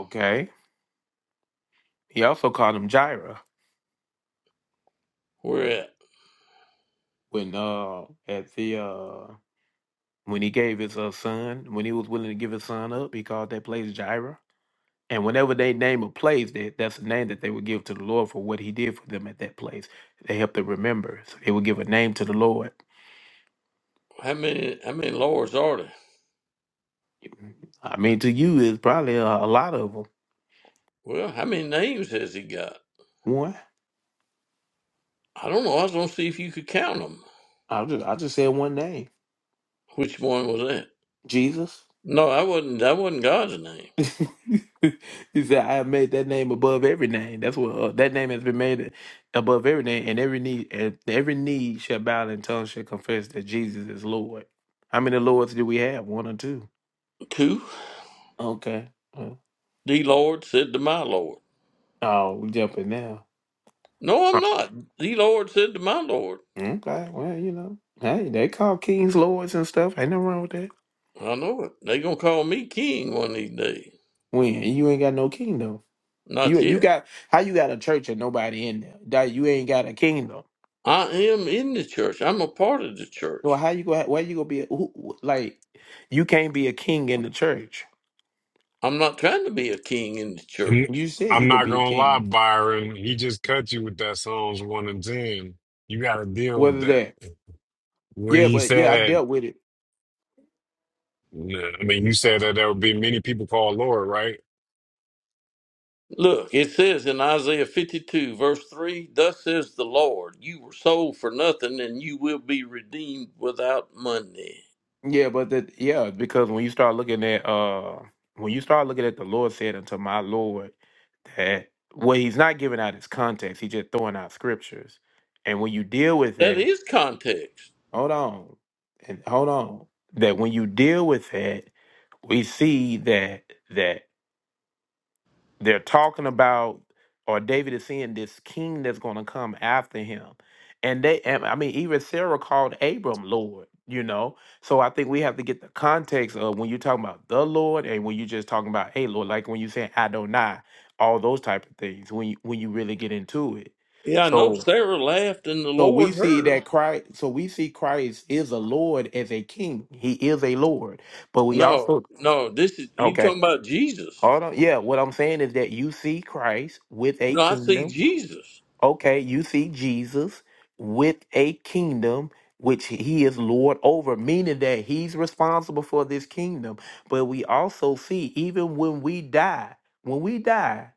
Okay. He also called him Jireh
Where at?
when uh at the uh when he gave his uh, son when he was willing to give his son up. He called that place Jireh. And whenever they name a place, that that's the name that they would give to the Lord for what He did for them at that place. They help them remember. So they would give a name to the Lord.
How many, how many Lords are there?
I mean, to you is probably a, a lot of them.
Well, how many names has he got?
One,
I don't know. I was going to see if you could count them.
I just I just said one name,
Which one was that?
Jesus.
No, I wasn't. That wasn't God's name.
he said, "I have made that name above every name." That's what uh, that name has been made above every name, and every knee and every knee shall bow and tongue shall confess that Jesus is Lord. How many lords do we have? One or two?
Two?
Okay. Uh,
The Lord said to my Lord.
Oh, we jumping now.
No, I'm not. The Lord said to my Lord.
Okay, well, you know, hey, they call kings lords and stuff. Ain't nothing wrong with that.
I know it. they are going to call me king one of these days.
When you ain't got no kingdom,
Not
you you
yet.
got how you got a church and nobody in there. That you ain't got a kingdom.
I am in the church. I'm a part of the
Well,
church.
how you gonna where you gonna be? A, who, like, you can't be a king in the church.
I'm not trying to be a king in the
I'm
You
church.
said
I'm
you gonna
not
be a
gonna lie,
king.
Byron. He just cut you with that Psalms one and ten. You got to deal with
Whether
that.
that,
When
yeah,
he
but yeah, I
said,
dealt with it.
nah, I mean, you said that there would be many people called Lord, right?
Look, it says in Isaiah 52, verse 3 Thus says the Lord, you were sold for nothing, and you will be redeemed without money.
Yeah, but that yeah, because when you start looking at uh when you start looking at the Lord said unto my Lord that well he's not giving out his context, he's just throwing out scriptures. And when you deal with
That
that,
is context.
hold on. And hold on. That when you deal with that, we see that that they're talking about, or David is seeing this king that's going to come after him. And they, and I mean, even Sarah called Abram Lord, you know? So I think we have to get the context of when you're talking about the Lord and when you're just talking about, hey, Lord, like when you say Adonai, all those type of things, when you, when you really get into it.
Yeah, I know
So,
Sarah laughed and the
so
Lord
we see
heard.
that Christ, so we see Christ is a Lord as a king. He is a Lord, but we
No,
also,
no, this is you
okay.
talking about Jesus.
Hold on. Yeah, what I'm saying is that you see Christ with a
No, I see
kingdom.
Jesus.
Okay, you see Jesus with a kingdom which he is lord over, meaning that he's responsible for this kingdom. But we also see even when we die, when we die,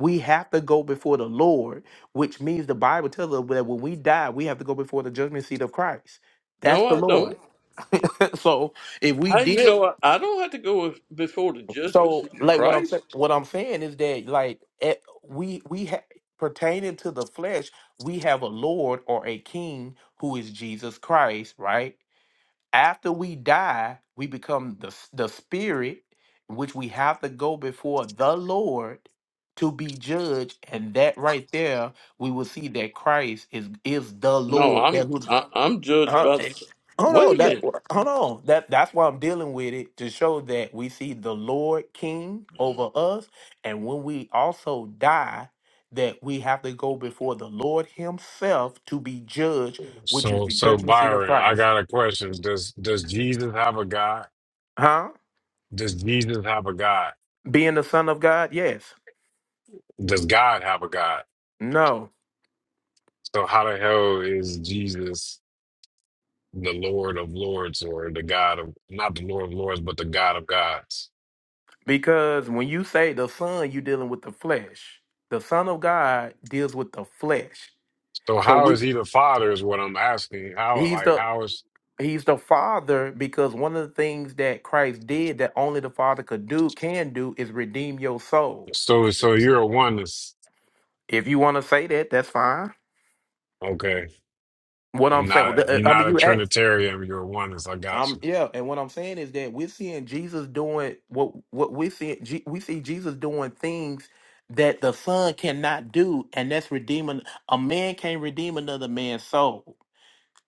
we have to go before the Lord, which means the Bible tells us that when we die, we have to go before the judgment seat of Christ. That's
No,
the
I
Lord.
don't.
so if we
How you
did
know I, I don't have to go with, before the judgment
so,
seat of
like, what I'm
Christ?
saying, what I'm saying is that, like, at, we we ha- pertaining to the flesh, we have a Lord or a King who is Jesus Christ, right? After we die, we become the s- the Spirit, which we have to go before the Lord to be judged, and that right there, we will see that Christ is is the
No,
Lord. that.
I'm
who's
I, I'm judged
Hold
by the.
hold
Wait a
on, that
minute.
hold on. That that's why I'm dealing with it to show that we see the Lord King over us, and when we also die, that we have to go before the Lord Himself to be judged, which is
So,
the
so
judgment seat of
Byron, I
Christ.
got a question. Does does Jesus have a God?
Huh?
Does Jesus have a God?
Being the Son of God, yes.
Does God have a God?
No,
So how the hell is Jesus the Lord of Lords or the God of not the Lord of Lords, but the God of Gods?
because when you say the Son, you're dealing with the flesh. The Son of God deals with the flesh.
So
So
how
we
is he the Father? Is what I'm asking. How
He's
like
the
how is
He's the Father because one of the things that Christ did that only the Father could do can do is redeem your soul.
So, so you're a oneness.
If you want to say that, that's fine.
Okay.
What
You're
I'm saying, well,
not, a,
the-
you're
uh, I
not
mean,
a
you asked.
Trinitarian. You're a oneness. I got
Um,
you.
yeah, and what I'm saying is that we're seeing Jesus doing what what we see. G- We see Jesus doing things that the Son cannot do, and that's redeeming. A man can't redeem another man's soul.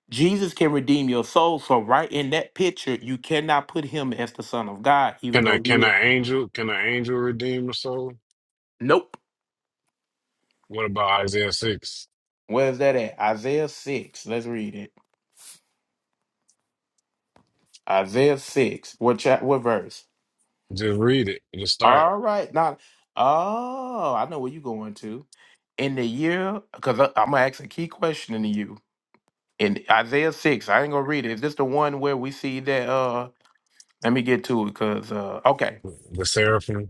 Jesus can redeem your soul. So right in that picture, you cannot put him as the Son of God, even
Can
though
a, can
he is.
an angel, can an angel redeem a soul?
Nope.
What about Isaiah 6?
Where is that at? Isaiah 6. Let's read it. Isaiah 6. What chap what verse?
Just read it. Just start it.
All right. Now oh, I know where you going to. In the year, because I'm gonna ask a key question to you. In Isaiah 6, I ain't gonna read it. Is this the one where we see that uh let me get to it because uh okay.
the seraphim.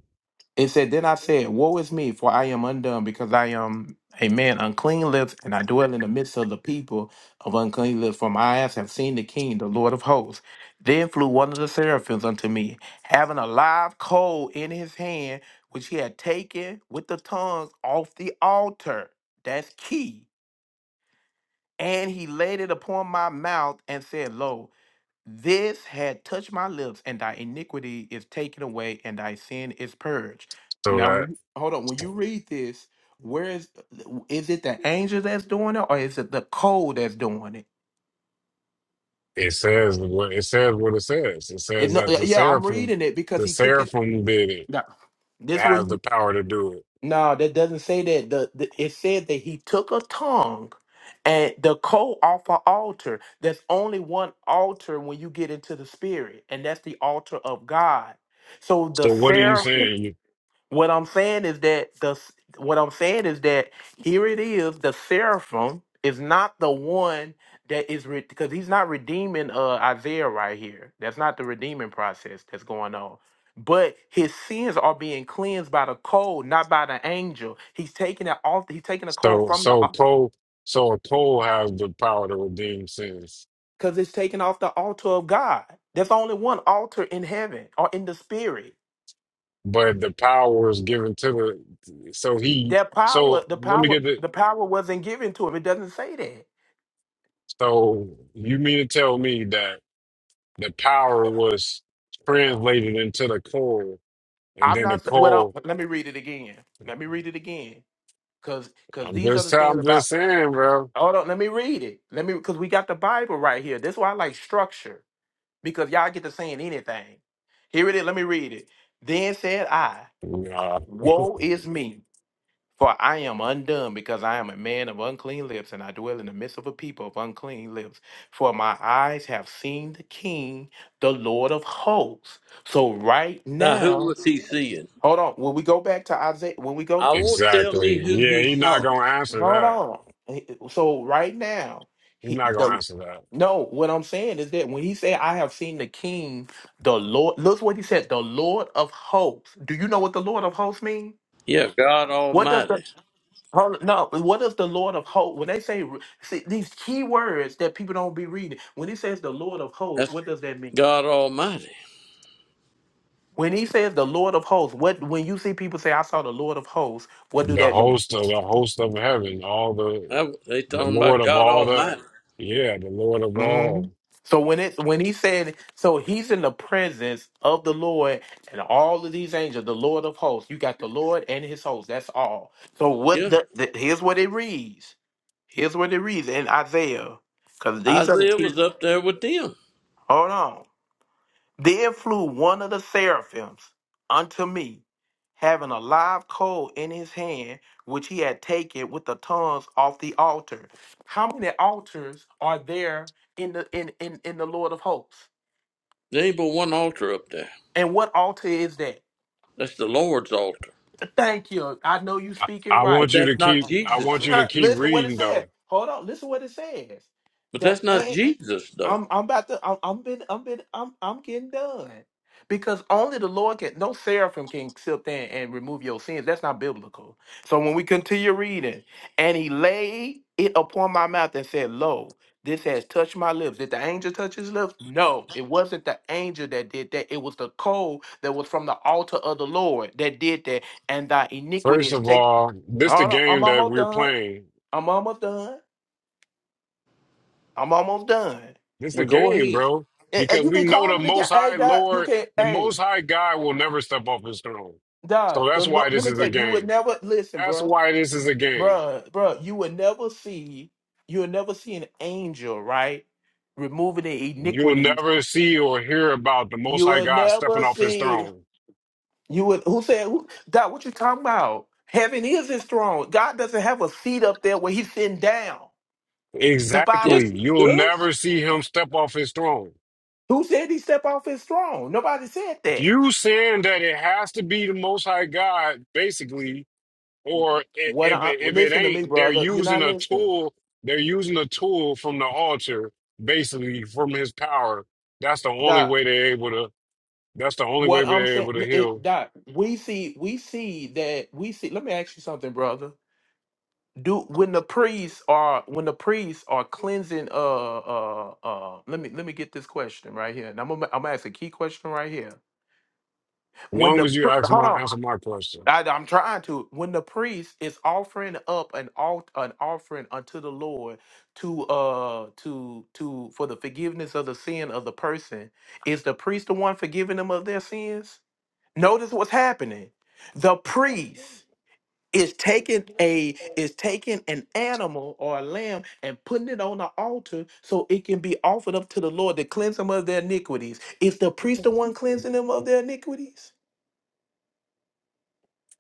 It said, Then I said, Woe is me, for I am undone, because I am a man unclean lips, and I dwell in the midst of the people of unclean lips, for my eyes have seen the king, the Lord of hosts. Then flew one of the seraphims unto me, having a live coal in his hand, which he had taken with the tongues off the altar. That's key. And he laid it upon my mouth and said, Lo, this had touched my lips, and thy iniquity is taken away, and thy sin is purged.
So
Now,
that
when you, hold on. When you read this, where is is it the angel that's doing it, or is it the code that's doing it?
it says what it says, what it says. It
And
says
no,
that
yeah,
the
yeah, I'm
seraphim,
reading it because
the
he took it.
seraphim did it.
No,
It
this way.
has the
you-
power to do it.
No, that doesn't say that. The, the it said that he took a tongue. And the coal off an altar. There's only one altar when you get into the spirit, and that's the altar of God. So the
So what are you
seraphim.
saying? You,
What I'm saying is that the what I'm saying is that here it is. The seraphim is not the one that is because he's not redeeming uh, Isaiah right here. That's not the redeeming process that's going on. But his sins are being cleansed by the coal, not by the angel. He's taking it off. He's taking the coal
so,
from the
so Paul, so a pole has the power to redeem sins.
because it's taken off the altar of God. There's only one altar in heaven or in the spirit.
but the power is given to the so he
That power,
so
the
let me
power,
get it
the power wasn't given to him. It doesn't say that.
so you mean to tell me that the power was translated into the coal and
I'm
then the
not what up.
coal
Let me read it again. Let me read it again. Cause cause
i'm
these are
just
the things
i'm
about
just saying bro
hold on, let me read it. Let me cause we got the Bible right here. That's why I like structure. Because y'all get to saying anything. Here it is. Let me read it. Then said I,
nah,
Woe is me, for I am undone, because I am a man of unclean lips, and I dwell in the midst of a people of unclean lips. For my eyes have seen the King, the Lord of hosts. So right
Now, who
now,
was he seeing?
Hold on. When we go back to Isaiah, when we go
I won't tell me
exactly
who
yeah
he
he not
saw.
gonna answer
Hold
that
on. He- So right now,
he's
he
not gonna
the
answer that
no. What I'm saying is that when he said, "I have seen the King, the Lord," look what he said, "the Lord of hosts." Do you know what the Lord of hosts mean?
Yeah, God
What does the
Almighty.
hold, no? What does the Lord of hosts when they say see, these key words that people don't be reading? When he says the Lord of hosts,
That's
what does that mean?
God Almighty.
When he says the Lord of hosts, what when you see people say, "I saw the Lord of hosts," what do
the
that mean?
host of the host of heaven all the
That- they
the
talking
lord
about
of
God
all the
Almighty.
yeah the lord of all
Mhm. So when it when he said, so he's in the presence of the Lord and all of these angels, the Lord of hosts. You got the Lord and his hosts. That's all. So what
Yeah,
the, the here's what it reads. Here's what it reads in Isaiah, because these are the
Isaiah was
people.
up there with them.
Hold on. There flew one of the seraphims unto me, having a live coal in his hand, which he had taken with the tongues off the altar. How many altars are there in the in in, in the Lord of hosts?
There ain't but one altar up there.
And what altar is that?
That's the Lord's altar.
Thank you. I know you speaking
i
right.
But
want you to
that's not
keep i want
Jesus'.
you to keep
listen what it
reading though
said. Hold on. Listen what it says.
But that's not
The
Jesus, though.
I'm I'm about to I'm I'm been I'm been I'm I'm getting done. Because only the Lord can no seraphim can sit there and remove your sins. That's not biblical. So when we continue reading, and he laid it upon my mouth and said, Lo, this has touched my lips. Did the angel touch his lips? No, it wasn't the angel that did that. It was the coal that was from the altar of the Lord that did that. And thy iniquity
First
is
of
taken.
all, this the
Hold on,
game
I'm
that
almost
we're
done.
playing.
I'm almost done. I'm almost done.
This the
But go
game,
ahead.
bro.
And, and
Because
you
we
can
know
call
the
it again.
Most
Hey,
High
Doc, you
Lord,
can.
the
Hey,
Most High God will never step off His throne. So
Doc, the
that's
lo-
why
let
this
me
is a
tell you, you would
game.
never listen,
That's
bruh,
why this is a game.
bruh, bruh. You would never see, you would never see an angel, right, removing the
You'll
iniquities.
never see or hear about the Most
You
High
would
God stepping
never
off His
see.
throne.
You would who said who, God? What you talking about? Heaven is His throne. God doesn't have a seat up there where He's sitting down. The Bible.
Yes,
Exactly.
he
You'll
does.
never see Him step off His throne.
Who said He step off His throne? Nobody said that.
You saying that it has to be the Most High God, basically, or i-
What?
if
I,
it, if it
listen to me,
ain't, they're
brother. You're
using
not
a
listening.
tool. They're using a tool from the altar, basically from his power. That's the only way they're able to. That's the only way
What I'm
they're able to
saying,
heal.
it, Doc, we see, we see that we see. Let me ask you something, brother. Do when the priests are when the priests are cleansing? Uh, uh, uh. Let me let me get this question right here, and I'm gonna, I'm gonna ask a key question right here. When
Long
the
as you
pri-
ask
hold
my
on,
answer my question,
I, I'm trying to. When the priest is offering up an alt an offering unto the Lord to uh to to for the forgiveness of the sin of the person, is the priest the one forgiving them of their sins? Notice what's happening. The priest is taking a is taking an animal or a lamb and putting it on the altar so it can be offered up to the Lord to cleanse them of their iniquities. Is the priest the one cleansing them of their iniquities?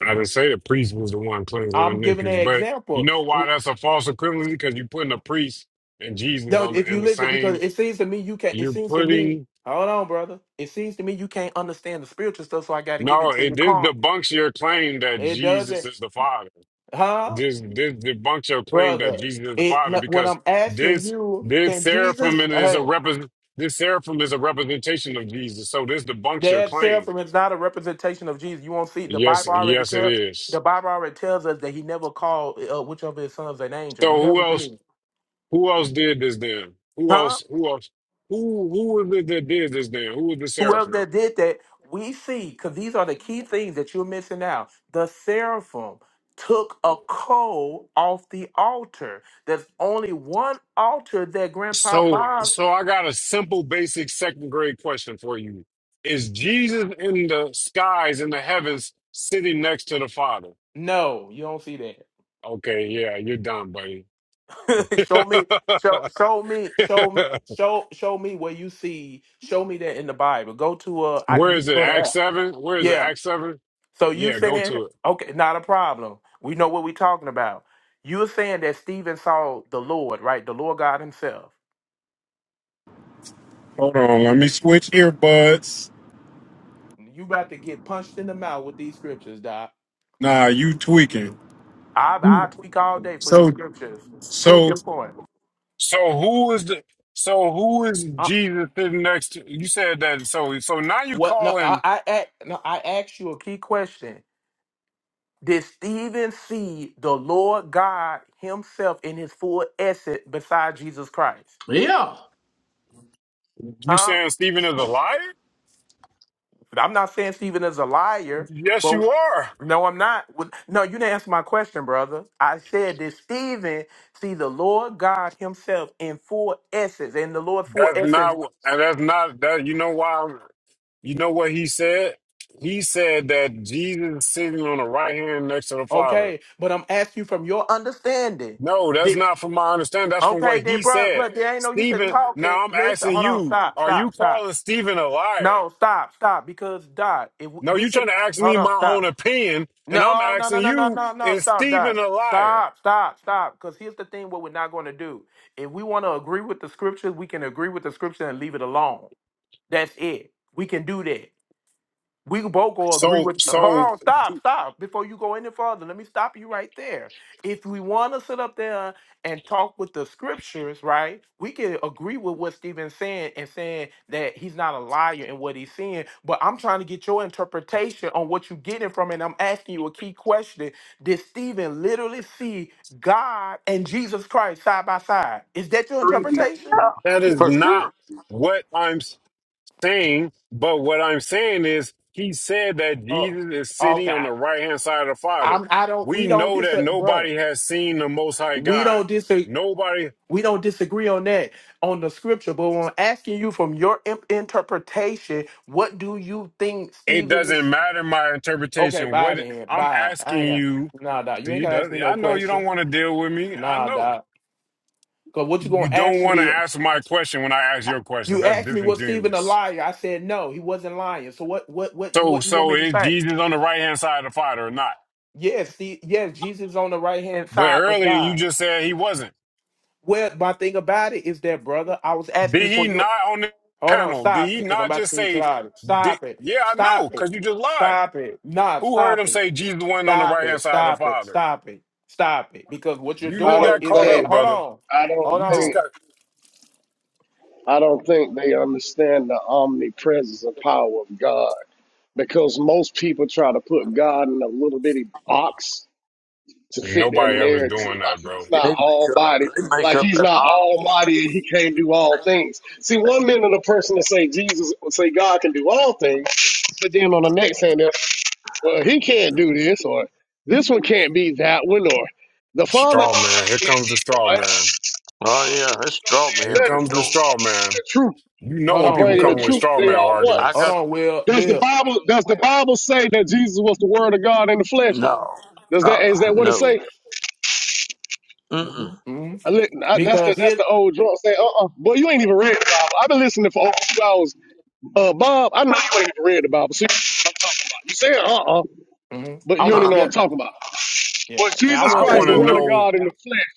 I didn't say the priest was the one cleansing the
I'm giving an
iniquities, but you
example.
know why
W-
that's a false equivalency? Because you're putting the priest and Jesus
No,
on the
if
in
you
the
listen, because
same.
it seems to me you can not it
You're
seems to me,
putting
hold on, brother. It seems to me you can't understand the spiritual stuff, so I gotta give
no.
it to
It
you
this
carnal.
debunks your claim that
It
Jesus
doesn't,
is the Father
huh?
Just this debunks your claim that
brother.
Jesus is the
It
Father
no,
because
I'm asking
this
you,
this
can
seraphim
Jesus?
is a
Hey,
represent this seraphim is a representation of Jesus. So this debunks your
that
claim.
seraphim is not a representation of Jesus. You won't see the
Yes,
Bible already
yes, it
tells
is.
the Bible already tells us that he never called uh, which of his sons an angel. He
So who
never
else?
did,
Who else did this then? Who
huh?
else? Who else? Who who was it that did this then? Who was the
Whoever
seraphim?
that did that, we see because these are the key things that you're missing out. The seraphim took a coal off the altar. There's only one altar that Grandpa
So
Bob.
so I got a simple, basic second grade question for you. Is Jesus in the skies in the heavens sitting next to the Father?
No, you don't see that.
Okay, yeah, you're done, buddy.
show me show show me show show show me where you see show me that in the Bible. Go to uh I,
Where
you
is
can
it?
go to
Act
that.
seven? Where is it?
Yeah.
Act seven?
So you
Yeah, go
saying
to it.
okay, not a problem. We know what we're talking about. You're saying that Stephen saw the Lord, right? The Lord God Himself.
Hold on, let me switch earbuds.
You about to get punched in the mouth with these scriptures, Doc.
Nah, you tweaking.
I I tweak all day for these
So
scriptures. Prove
so
your point.
So who is the so who is
Uh,
Jesus sitting next to you said that so so now you
what? No, I
calling
I, act, no, I asked you a key question. Did Stephen see the Lord God himself in his full essence beside Jesus Christ?
Yeah.
you
Huh?
saying Stephen is a liar?
I'm not saying Stephen is a liar,
Yes
but
you are.
no, I'm not. Well, No, you didn't answer my question, brother. I said, did Stephen see the Lord God himself in full essence, in the Lord's full
That's
essence?
not what- and that's not that you know why I'm- you know what he said? He said that Jesus is sitting on the right hand next to the Father.
Okay, but I'm asking you from your understanding.
No, that's
Did,
not from my understanding. That's from what
okay, then,
he
bro,
said.
bro, there ain't no use in
Stephen,
talking.
now I'm
Listen,
asking
hold on,
you,
stop,
are you
stop, stop.
calling Stephen a liar?
No, stop, stop. Because Dot, if we
No, you
we-
trying to ask me
hold on,
my own
stop.
opinion, and I'm
No, no,
asking
no, no, no,
you,
no, no.
is
Stop,
Stephen
Dot.
a liar?
Stop, stop, stop. Because here's the thing: what we're not going to do. If we want to agree with the scriptures, we can agree with the scripture and leave it alone. That's it. We can do that. We can both go agree
So,
with. Hold
so
on, stop, stop. Before you go any further, let me stop you right there. If we want to sit up there and talk with the scriptures, right, we can agree with what Stephen's saying and saying that he's not a liar in what he's saying. But I'm trying to get your interpretation on what you're getting from it. And I'm asking you a key question. Did Stephen literally see God and Jesus Christ side by side? Is that your interpretation?
that is
For
not
sure.
what I'm saying, but what I'm saying is he said that
Oh,
Jesus is sitting on
okay.
the right hand side of the Father.
I'm. I don't.
We
We don't
know that
disagree, brother.
nobody has seen the Most High
We
God.
don't disagree.
Nobody
We don't disagree on that on the scripture, but when I'm asking you from your imp- interpretation, what do you think
It
Stephen
doesn't
is?
matter my
Okay,
interpretation.
bye
What it-
then.
I'm
Bye. I
asking
ain't got
you,
nah, doc. You ain't
see,
gotta ask
does,
me
I
no
know you don't
question.
want to deal with me. I
Nah,
know
doc. Cause what you gonna
you don't
ask
want to
me?
answer my question when I ask your question.
You
That's
asked me was Stephen a
disingenuous.
liar? I said no, he wasn't lying. So what? What? What you?
So,
What you want
so
me to
is
say?
Jesus on the right hand side of the Father or not?
Yes, see, yes, Jesus is on the right hand
But
side of
earlier you
God.
just said he wasn't.
Well, my thing about it is that, brother, I was asking you
Did
for
he
your
not on the
Hold on,
panel? Did
stop it,
he
because I'm
not
about to
just
send you to
say,
the audience.
did,
Stop it.
yeah, I know,
Stop it.
because you just lied.
Stop it. Nah,
Who heard him
stop it.
say Jesus wasn't on the
Stop
right hand
it.
side of the
Stop it.
Father?
Stop it. Stop it. Because what you're
You
I
just
doing
don't
got
is
caught
that
up,
think
hold
brother.
on.
I don't
Hold
You just
think
on.
got.
I don't think they understand the omnipresence and power of God because most people try to put God in a little bitty box to fit their
Nobody ever's
narrative.
doing
Like
that, bro.
he's not
They make up,
almighty,
they make
like
up
he's
that
not
odd.
almighty and he can't do all things. See, one minute a person will say Jesus will say God can do all things, but then on the next hand, they're, well, he can't do this or this one can't be that one or the Father
Straw man. Here
can't
comes the
be
straw
one.
man.
Oh, yeah, that's straw
Here
man for
better.
comes the
sure.
straw man.
The truth.
You know
Hold
when
I'm
on,
people
bringing the
come
Will.
with
truth.
straw
They
man
Yeah.
are one.
I
Hold
got.
arguments.
on, Will.
Does the
Will.
Bible does the Bible say that Jesus was the Word of God in the flesh?
No.
Does that
Uh,
is that what it
no.
say?
Mm-mm.
hmm
I, li- I, that's the
Because
that's
here
the old drunk saying. Uh uh Boy, you ain't even read the Bible. I've been listening for over two hours. Uh, Bob, I know you ain't even read the Bible. So you, you saying uh uh,
mhm.
but
I
you don't
w-
even
Uh,
know what
yeah.
I'm
uh,
talking about.
Yeah.
Was
And I
Jesus
I
want to say
Christ
want
the
to
well
Word
we,
of God
know.
in the flesh?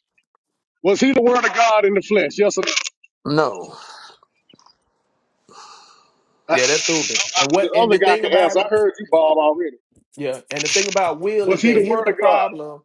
Was he the Word of God in the flesh? Yes or no?
no.
I, I,
yeah, that's stupid.
I-
And what
the
and
other
the
guy
thing
can
about
answer. I
it,
heard you, Bob, already.
yeah, and the thing about Will
Was
is
he
that
the
here's
Word
the
of God?
problem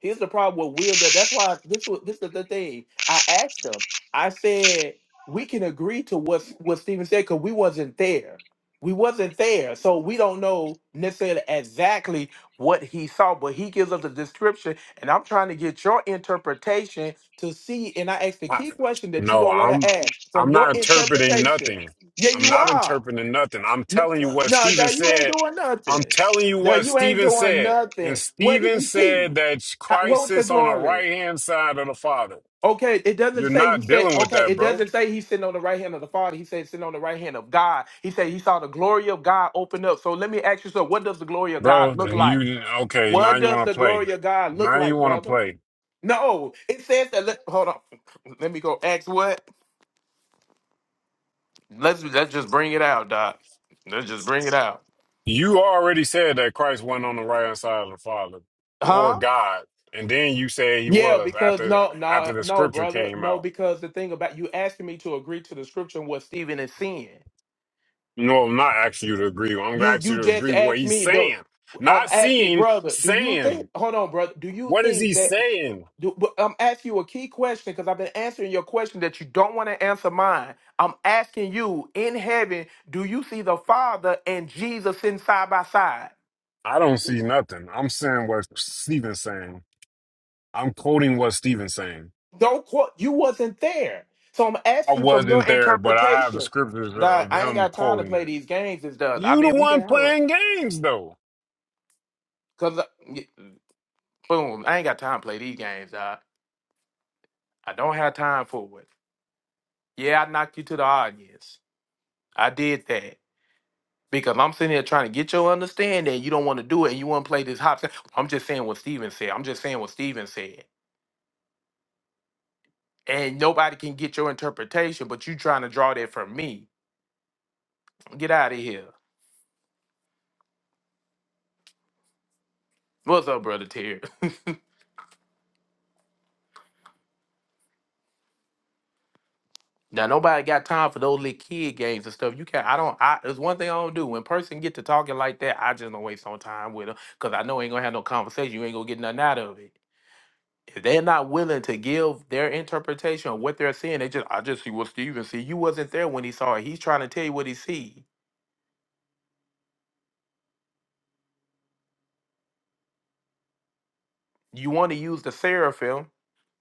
Here's the problem with Will. That's why this was this is the thing. I asked him. I said we can agree to what what Steven said because we wasn't there. We wasn't there, so we don't know necessarily exactly what he saw. But he gives us a description, and I'm trying to get your interpretation to see. And I asked the key question that you
No,
don't want to
I'm
ask from
I'm not
your
interpreting
interpretation.
nothing.
Yeah,
I'm
you
not
are.
interpreting nothing. I'm
N-
telling you what
No, no,
Steven
you ain't
said.
doing
I'm
nothing.
telling you
No,
what
you ain't
Steven
doing
said. And
nothing. What did
Steven
he see?
said that
How, what
Christ
was the
sits on the
glory?
right hand side of the Father.
Okay, it doesn't
You're
say he
not
said,
dealing with
okay,
that,
it
bro.
doesn't say he's sitting on the right hand of the Father. He said sitting on the right hand of God. He said he saw the glory of God open up. So let me ask you, so what does the glory of
Bro,
God look like?
you okay? Now
What
you
does
want
the
to play.
glory of God look
Now you
like,
want to
brother?
play.
No, it says that. Let, hold on, let me go. Ask what? Let's let's just bring it out, Doc. Let's just bring it out,
You already said that Christ wasn't on the right hand side of the Father or
huh?
God, and then you said he
Yeah,
was
because
after
no,
after
no,
the
no,
scripture
brother,
came
no.
out.
Because the thing about you asking me to agree to the scripture and what Stephen is seeing.
No, I'm not asking you to agree. I'm gonna
You
you
you
to
just
agree with what
asked
he's
me though.
saying.
I'm
Not
asking,
seeing,
brother. Do you
saying.
think? Hold on, brother. Do you
What is
think
he
that?
saying?
Do, but I'm asking you a key question because I've been answering your question that you don't want to answer mine. I'm asking you in heaven, do you see the Father and Jesus sitting side by side?
I don't see nothing. I'm saying what Stephen's saying. I'm quoting what Stephen's saying.
No, qu- you wasn't there. So I'm
I
asking you from your
wasn't there, but I have the
interpretation.
scriptures
Nah,
of
I ain't
him
got time to
quoting
play
it.
these games and stuff. I
You the
mean, we can
one
have a
playing games though.
because boom, I ain't got time to play these games. Uh, I don't have time for it. Yeah, I knocked you to the audience. I did that because I'm sitting here trying to get your understanding. You don't want to do it, and you want to play this hop. I'm just saying what Steven said. I'm just saying what Steven said, and nobody can get your interpretation. But you trying to draw that from me. Get out of here. What's up, brother Terry? Now nobody got time for those little kid games and stuff. You can't. I don't. I. There's one thing I don't do. When person get to talking like that, I just don't waste no time with them because I know ain't gonna have no conversation. You ain't gonna get nothing out of it. if they're not willing to give their interpretation of what they're seeing, they just I just see what Stephen see. You wasn't there when he saw it. He's trying to tell you what he see. You want to use the seraphim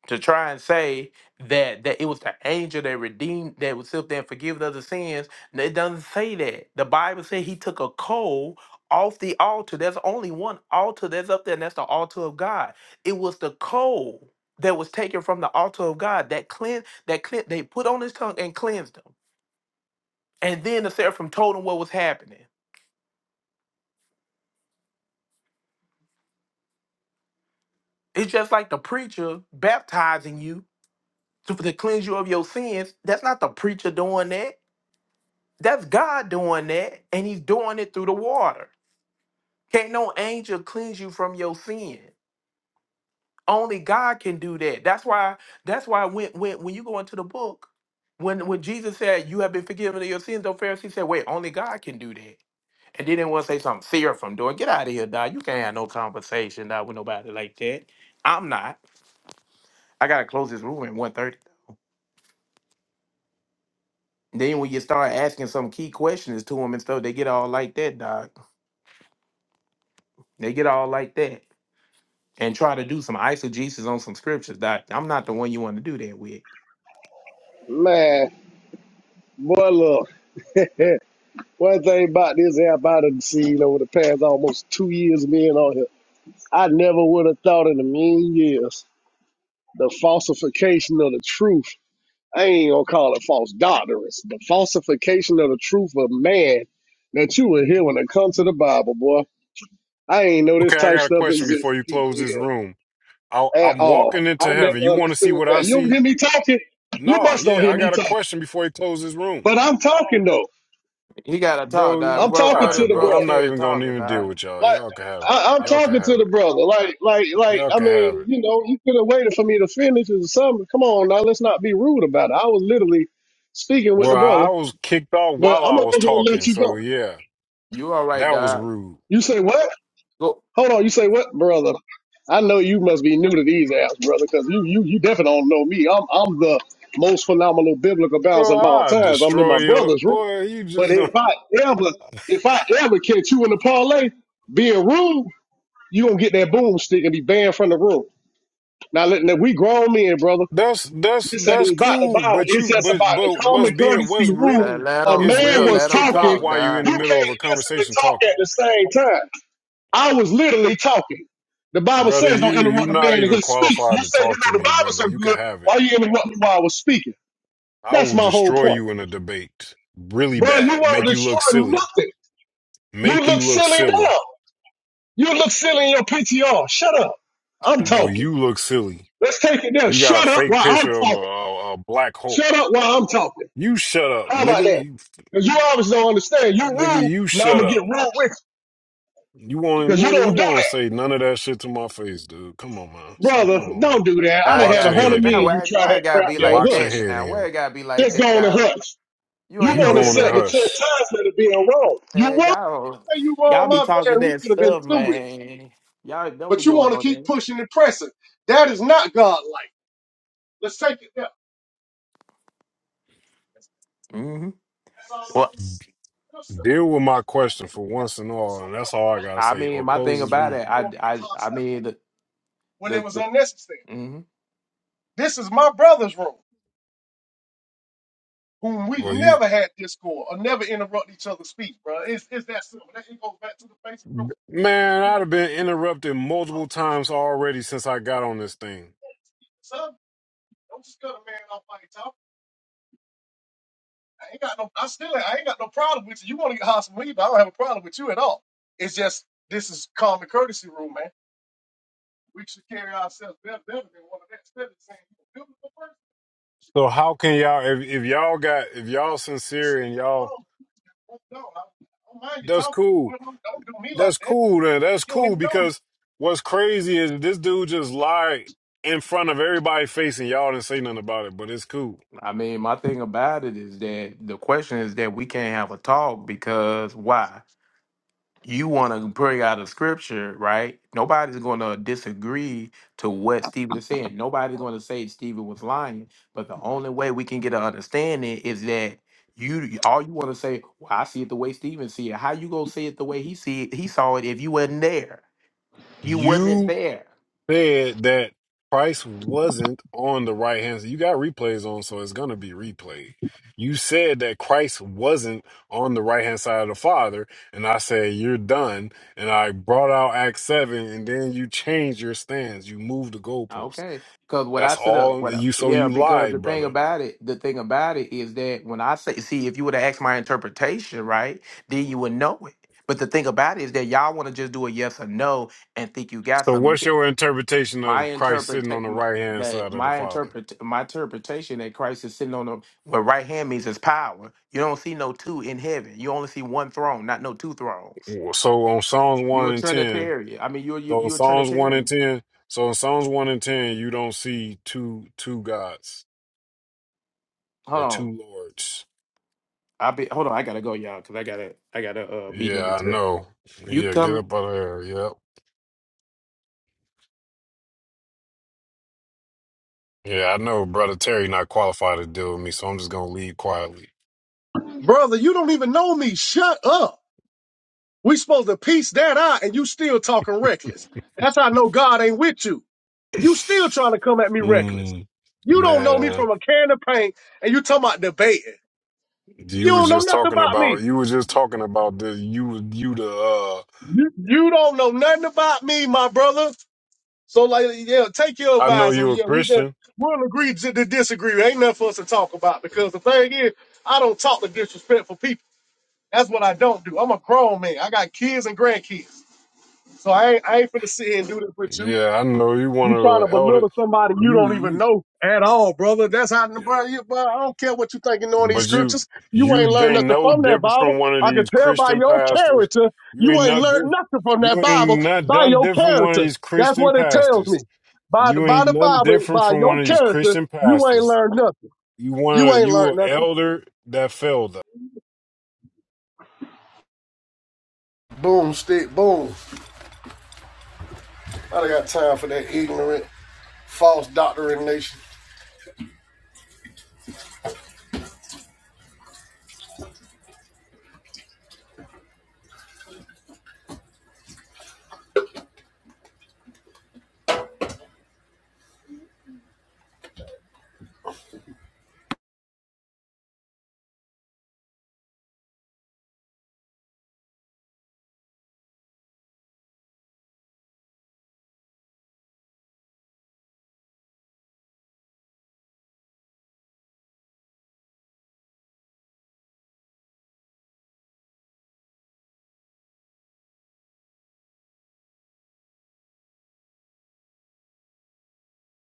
to try and say that that it was the angel that redeemed that was up there and forgiven of the sins. No, It doesn't say that. The Bible said he took a coal off the altar. There's only one altar that's up there, and that's the altar of God. It was the coal that was taken from the altar of God that cleansed. that clean they put on his tongue and cleansed him. And then the seraphim told him what was happening. It's just like the preacher baptizing you to, to cleanse you of your sins. That's not the preacher doing that. That's God doing that. And he's doing it through the water. Can't no angel cleanse you from your sin. Only God can do that. That's why, that's why when when when you go into the book, when when Jesus said, You have been forgiven of your sins, the Pharisees said, Wait, only God can do that. And then they want to say something seraphim doing. Get out of here, dog. You can't have no conversation, dog, with nobody like that. I'm not. I gotta close this room at one thirty. Then when you start asking some key questions to them and stuff, they get all like that, dog. They get all like that and try to do some eisegesis on some scriptures, doc. I'm not the one you want to do that with.
Man. Boy, look, eh, one thing about this app I done seen over the past almost two years being on here, I never would have thought in a million years the falsification of the truth. I ain't gonna call it false doctrines. The falsification of the truth of man that you will hear when it comes to the Bible, boy. I ain't know this
Okay, I
type
got a
stuff
question before
exists in
you
people
close this
here
room. I,
at
I'm
all.
walking into
I never
heaven. You want to see
understood
what
that.
I
You don't
see?
hear me talking? You
No,
must don't
yeah,
hear
I
me
got a
talking.
question before he closes his room.
But I'm talking though.
He gotta talk,
Bro,
dog.
you
I'm
Bro,
all
talking
brother,
to
right,
the bro.
bro.
brother
I'm not
Terry
even gonna
talking,
even deal
dog.
with y'all.
Like
Y'all can have it.
I, I'm
Y'all can
talking to
have
the
it.
brother. Like, like, like.
Y'all
I
can have
mean,
it.
you know, you could have waited for me to finish or something. Come on, now let's not be rude about it. I was literally speaking with
Well,
the brother,
I was kicked off
but
while
I'm
I
gonna
was
go ahead and let
talking,
you
so
go.
yeah,
You all right,
that was
dog?
rude.
You say what?
Go,
Hold on. You say what, brother? I know you must be new to these apps, brother, because you, you, you definitely don't know me. I'm, I'm the most phenomenal biblical bouncer
Bro,
of all
I
times. I'm in
destroy
my
your
brother's room.
boy, you
But
just
if
don't
I ever, if I ever catch you in the parlay being rude, you gonna get that boomstick and be banned from the room. Now, let- now we grown men, brother.
that's that's
This
that's
ain't about the
cool,
Bible.
but
It's
you
just
but
about the
but what's
common
being
courtesy
what's
rule.
let,
rude
let
A
him.
is
man
Will
being
was
let him
kicked off
talking.
talk,
while you're in
dog.
the
You can't
middle of a
listen and
conversation
talk at
talking.
the same time. I was literally talking. The Bible
Brother,
says don't
you you
interrupt a
not
man in
even
his speech.
qualified
You
to
say you know
talk to
the
me,
Bible
brother.
so
You can
good,
have
why
it.
you interrupt me while I was speaking?
I
That's
will
my whole
destroy
point.
you in a debate. Really
Bro, you
bad.
weren't
Make you look
destroying
silly.
nothing. You
Make
look
you look
silly
silly.
now. You look silly in your PTR. Shut up. I'm
No,
talking.
you look silly.
Let's take it there.
You got a
Shut up
fake
while I'm
picture of a,
talking.
a, a black
Shut
Hulk.
up while I'm talking.
You shut up,
How about
nigga.
that?
You,
Because you obviously don't understand. You
nigga,
rule,
you
now I'm
shut
going to get
up.
ruled with
You
you
want
because you
nigga, you
don't do
won't
that.
say none of that shit to my face, dude. Come on, man. Stop
Brother,
playing with me.
don't do that. I
Now
done
I
Box
had a
your
gotta do
hundred
it.
head
Now
million
in.
you
why
try
why it
that
gotta
crap
be
there.
like
Box your
that
Hush.
head
now? Why
in.
it gotta be like
Just
that,
go on and
Don?
hush.
You
You
ain't
You
want
know
to
going
this
in
set
man.
the
hush.
chastisement of being wrong. You
man.
want
Y'all
to say you wrong,
y'all be
my bad,
talking
and we
that
could have been
stuff,
through it.
man. Y'all don't be
But you
doing
want to
no
keep
that.
pushing and pressing. That is not godlike. Let's take it there.
Mm-hmm.
That's all. I'm
Well
That's-
Deal with
all.
my question for once and
that's
all, and that's
all.
all I gotta
I
say.
mean
Or
my
close
thing
this
about
room.
it,
You
I
want to get
I I
hostile
mean the
when it
the,
was
the
unnecessary.
hmm
This is my brother's room, whom we
Well, you, man, I'd have been interrupted multiple times already since I got on this thing. So how can y'all, if, if y'all got, if y'all sincere and y'all, that's cool. That's cool. Then that's cool because what's crazy is this dude just lied in front of everybody's face and y'all didn't say nothing about it. But it's cool.
I mean my thing about it is that the question is that we can't have a talk because why? you want to bring out a scripture, right? Nobody's going to disagree to what Stephen is saying. Nobody's going to say Stephen was lying. But the only way we can get an understanding is that you all you want to say, "Well, I see it the way Stephen see it." How you gonna see it the way he see it, he saw it if you wasn't there? You wasn't
You
there.
said that Christ wasn't on the right hand. You got replays on, so it's gonna be replayed. You said that Christ wasn't on the right hand side of the Father, and I said you're done. And I brought out Acts seven, and then you changed your stance. You moved the goalpost.
Okay, because what I
That's
set up,
all
what I,
you. So
yeah,
you
because the
lied,
thing
brother.
about it, the thing about it is that when I say, see, if you would have asked my interpretation, right, then you would know it. But the thing about it is that y'all want to just do a yes or no and think you got
So
something. You
what's
can
your interpretation
my
of Christ
interpret
sitting on the
my,
right hand
that
side of the
my
Father?
interpret my interpretation that Christ is sitting on the well, right hand means his power. You don't see no two in heaven. You only see one throne, not no two thrones.
So on Psalms
You're
one
a
and ten.
Trinitarian. I mean, you're you,
So in
you're a
Psalms one and
Trinitarian.
ten, so in Psalms one and ten, you don't see two two gods
Hold
or
on.
two lords.
I'll be hold on. I gotta go, y'all, because I gotta I gotta uh meeting.
Yeah, I know.
You
Yeah, get
come
up out of there. Yep. Yeah, I know. Brother Terry not qualified to deal with me, so I'm just gonna leave quietly.
brother, you don't even know me. Shut up. We supposed to piece that out, and you still talking reckless. That's how I know God ain't with you. You still trying to come at me reckless.
mm,
You don't know me
man,
from a can of paint, and you talking about debating. You
you were
don't know
just
nothing
talking
about me.
about you were just talking about the you you the uh.
You, you don't know nothing about me, my brother. So like, yeah, take your
I know
advice, and
you a
yeah, we just
Christian.
we'll agree to, to disagree. Ain't nothing for us to talk about because the thing is, I don't talk to disrespectful people. That's what I don't do. I'm a grown man. I got kids and grandkids. So I ain't, I ain't finna sit here and do this with you.
Yeah, I know you one
You
of
trying to
the elder.
belittle somebody you
You
don't even
you.
know at all, brother. That's how, bro, you, bro, I don't care what you think you know in these
But you
scriptures. You
you
ain't learned
ain't
nothing
no
from that
different
Bible.
from one of
I can
these
tell by
Christian
your
pastors.
character,
You
you
ain't
ain't
no
learned
diff
nothing from that
you
Bible
ain't not
by
done
your
different from one of
character.
these
That's
Christian
what it tells me.
pastors.
By the,
You
by
ain't
the
nothing
Bible,
different
by
from
your
one of these
character,
Christian
you ain't
pastors.
learned nothing.
You one
You
of
ain't
you
learned
a
nothing.
elder that failed us.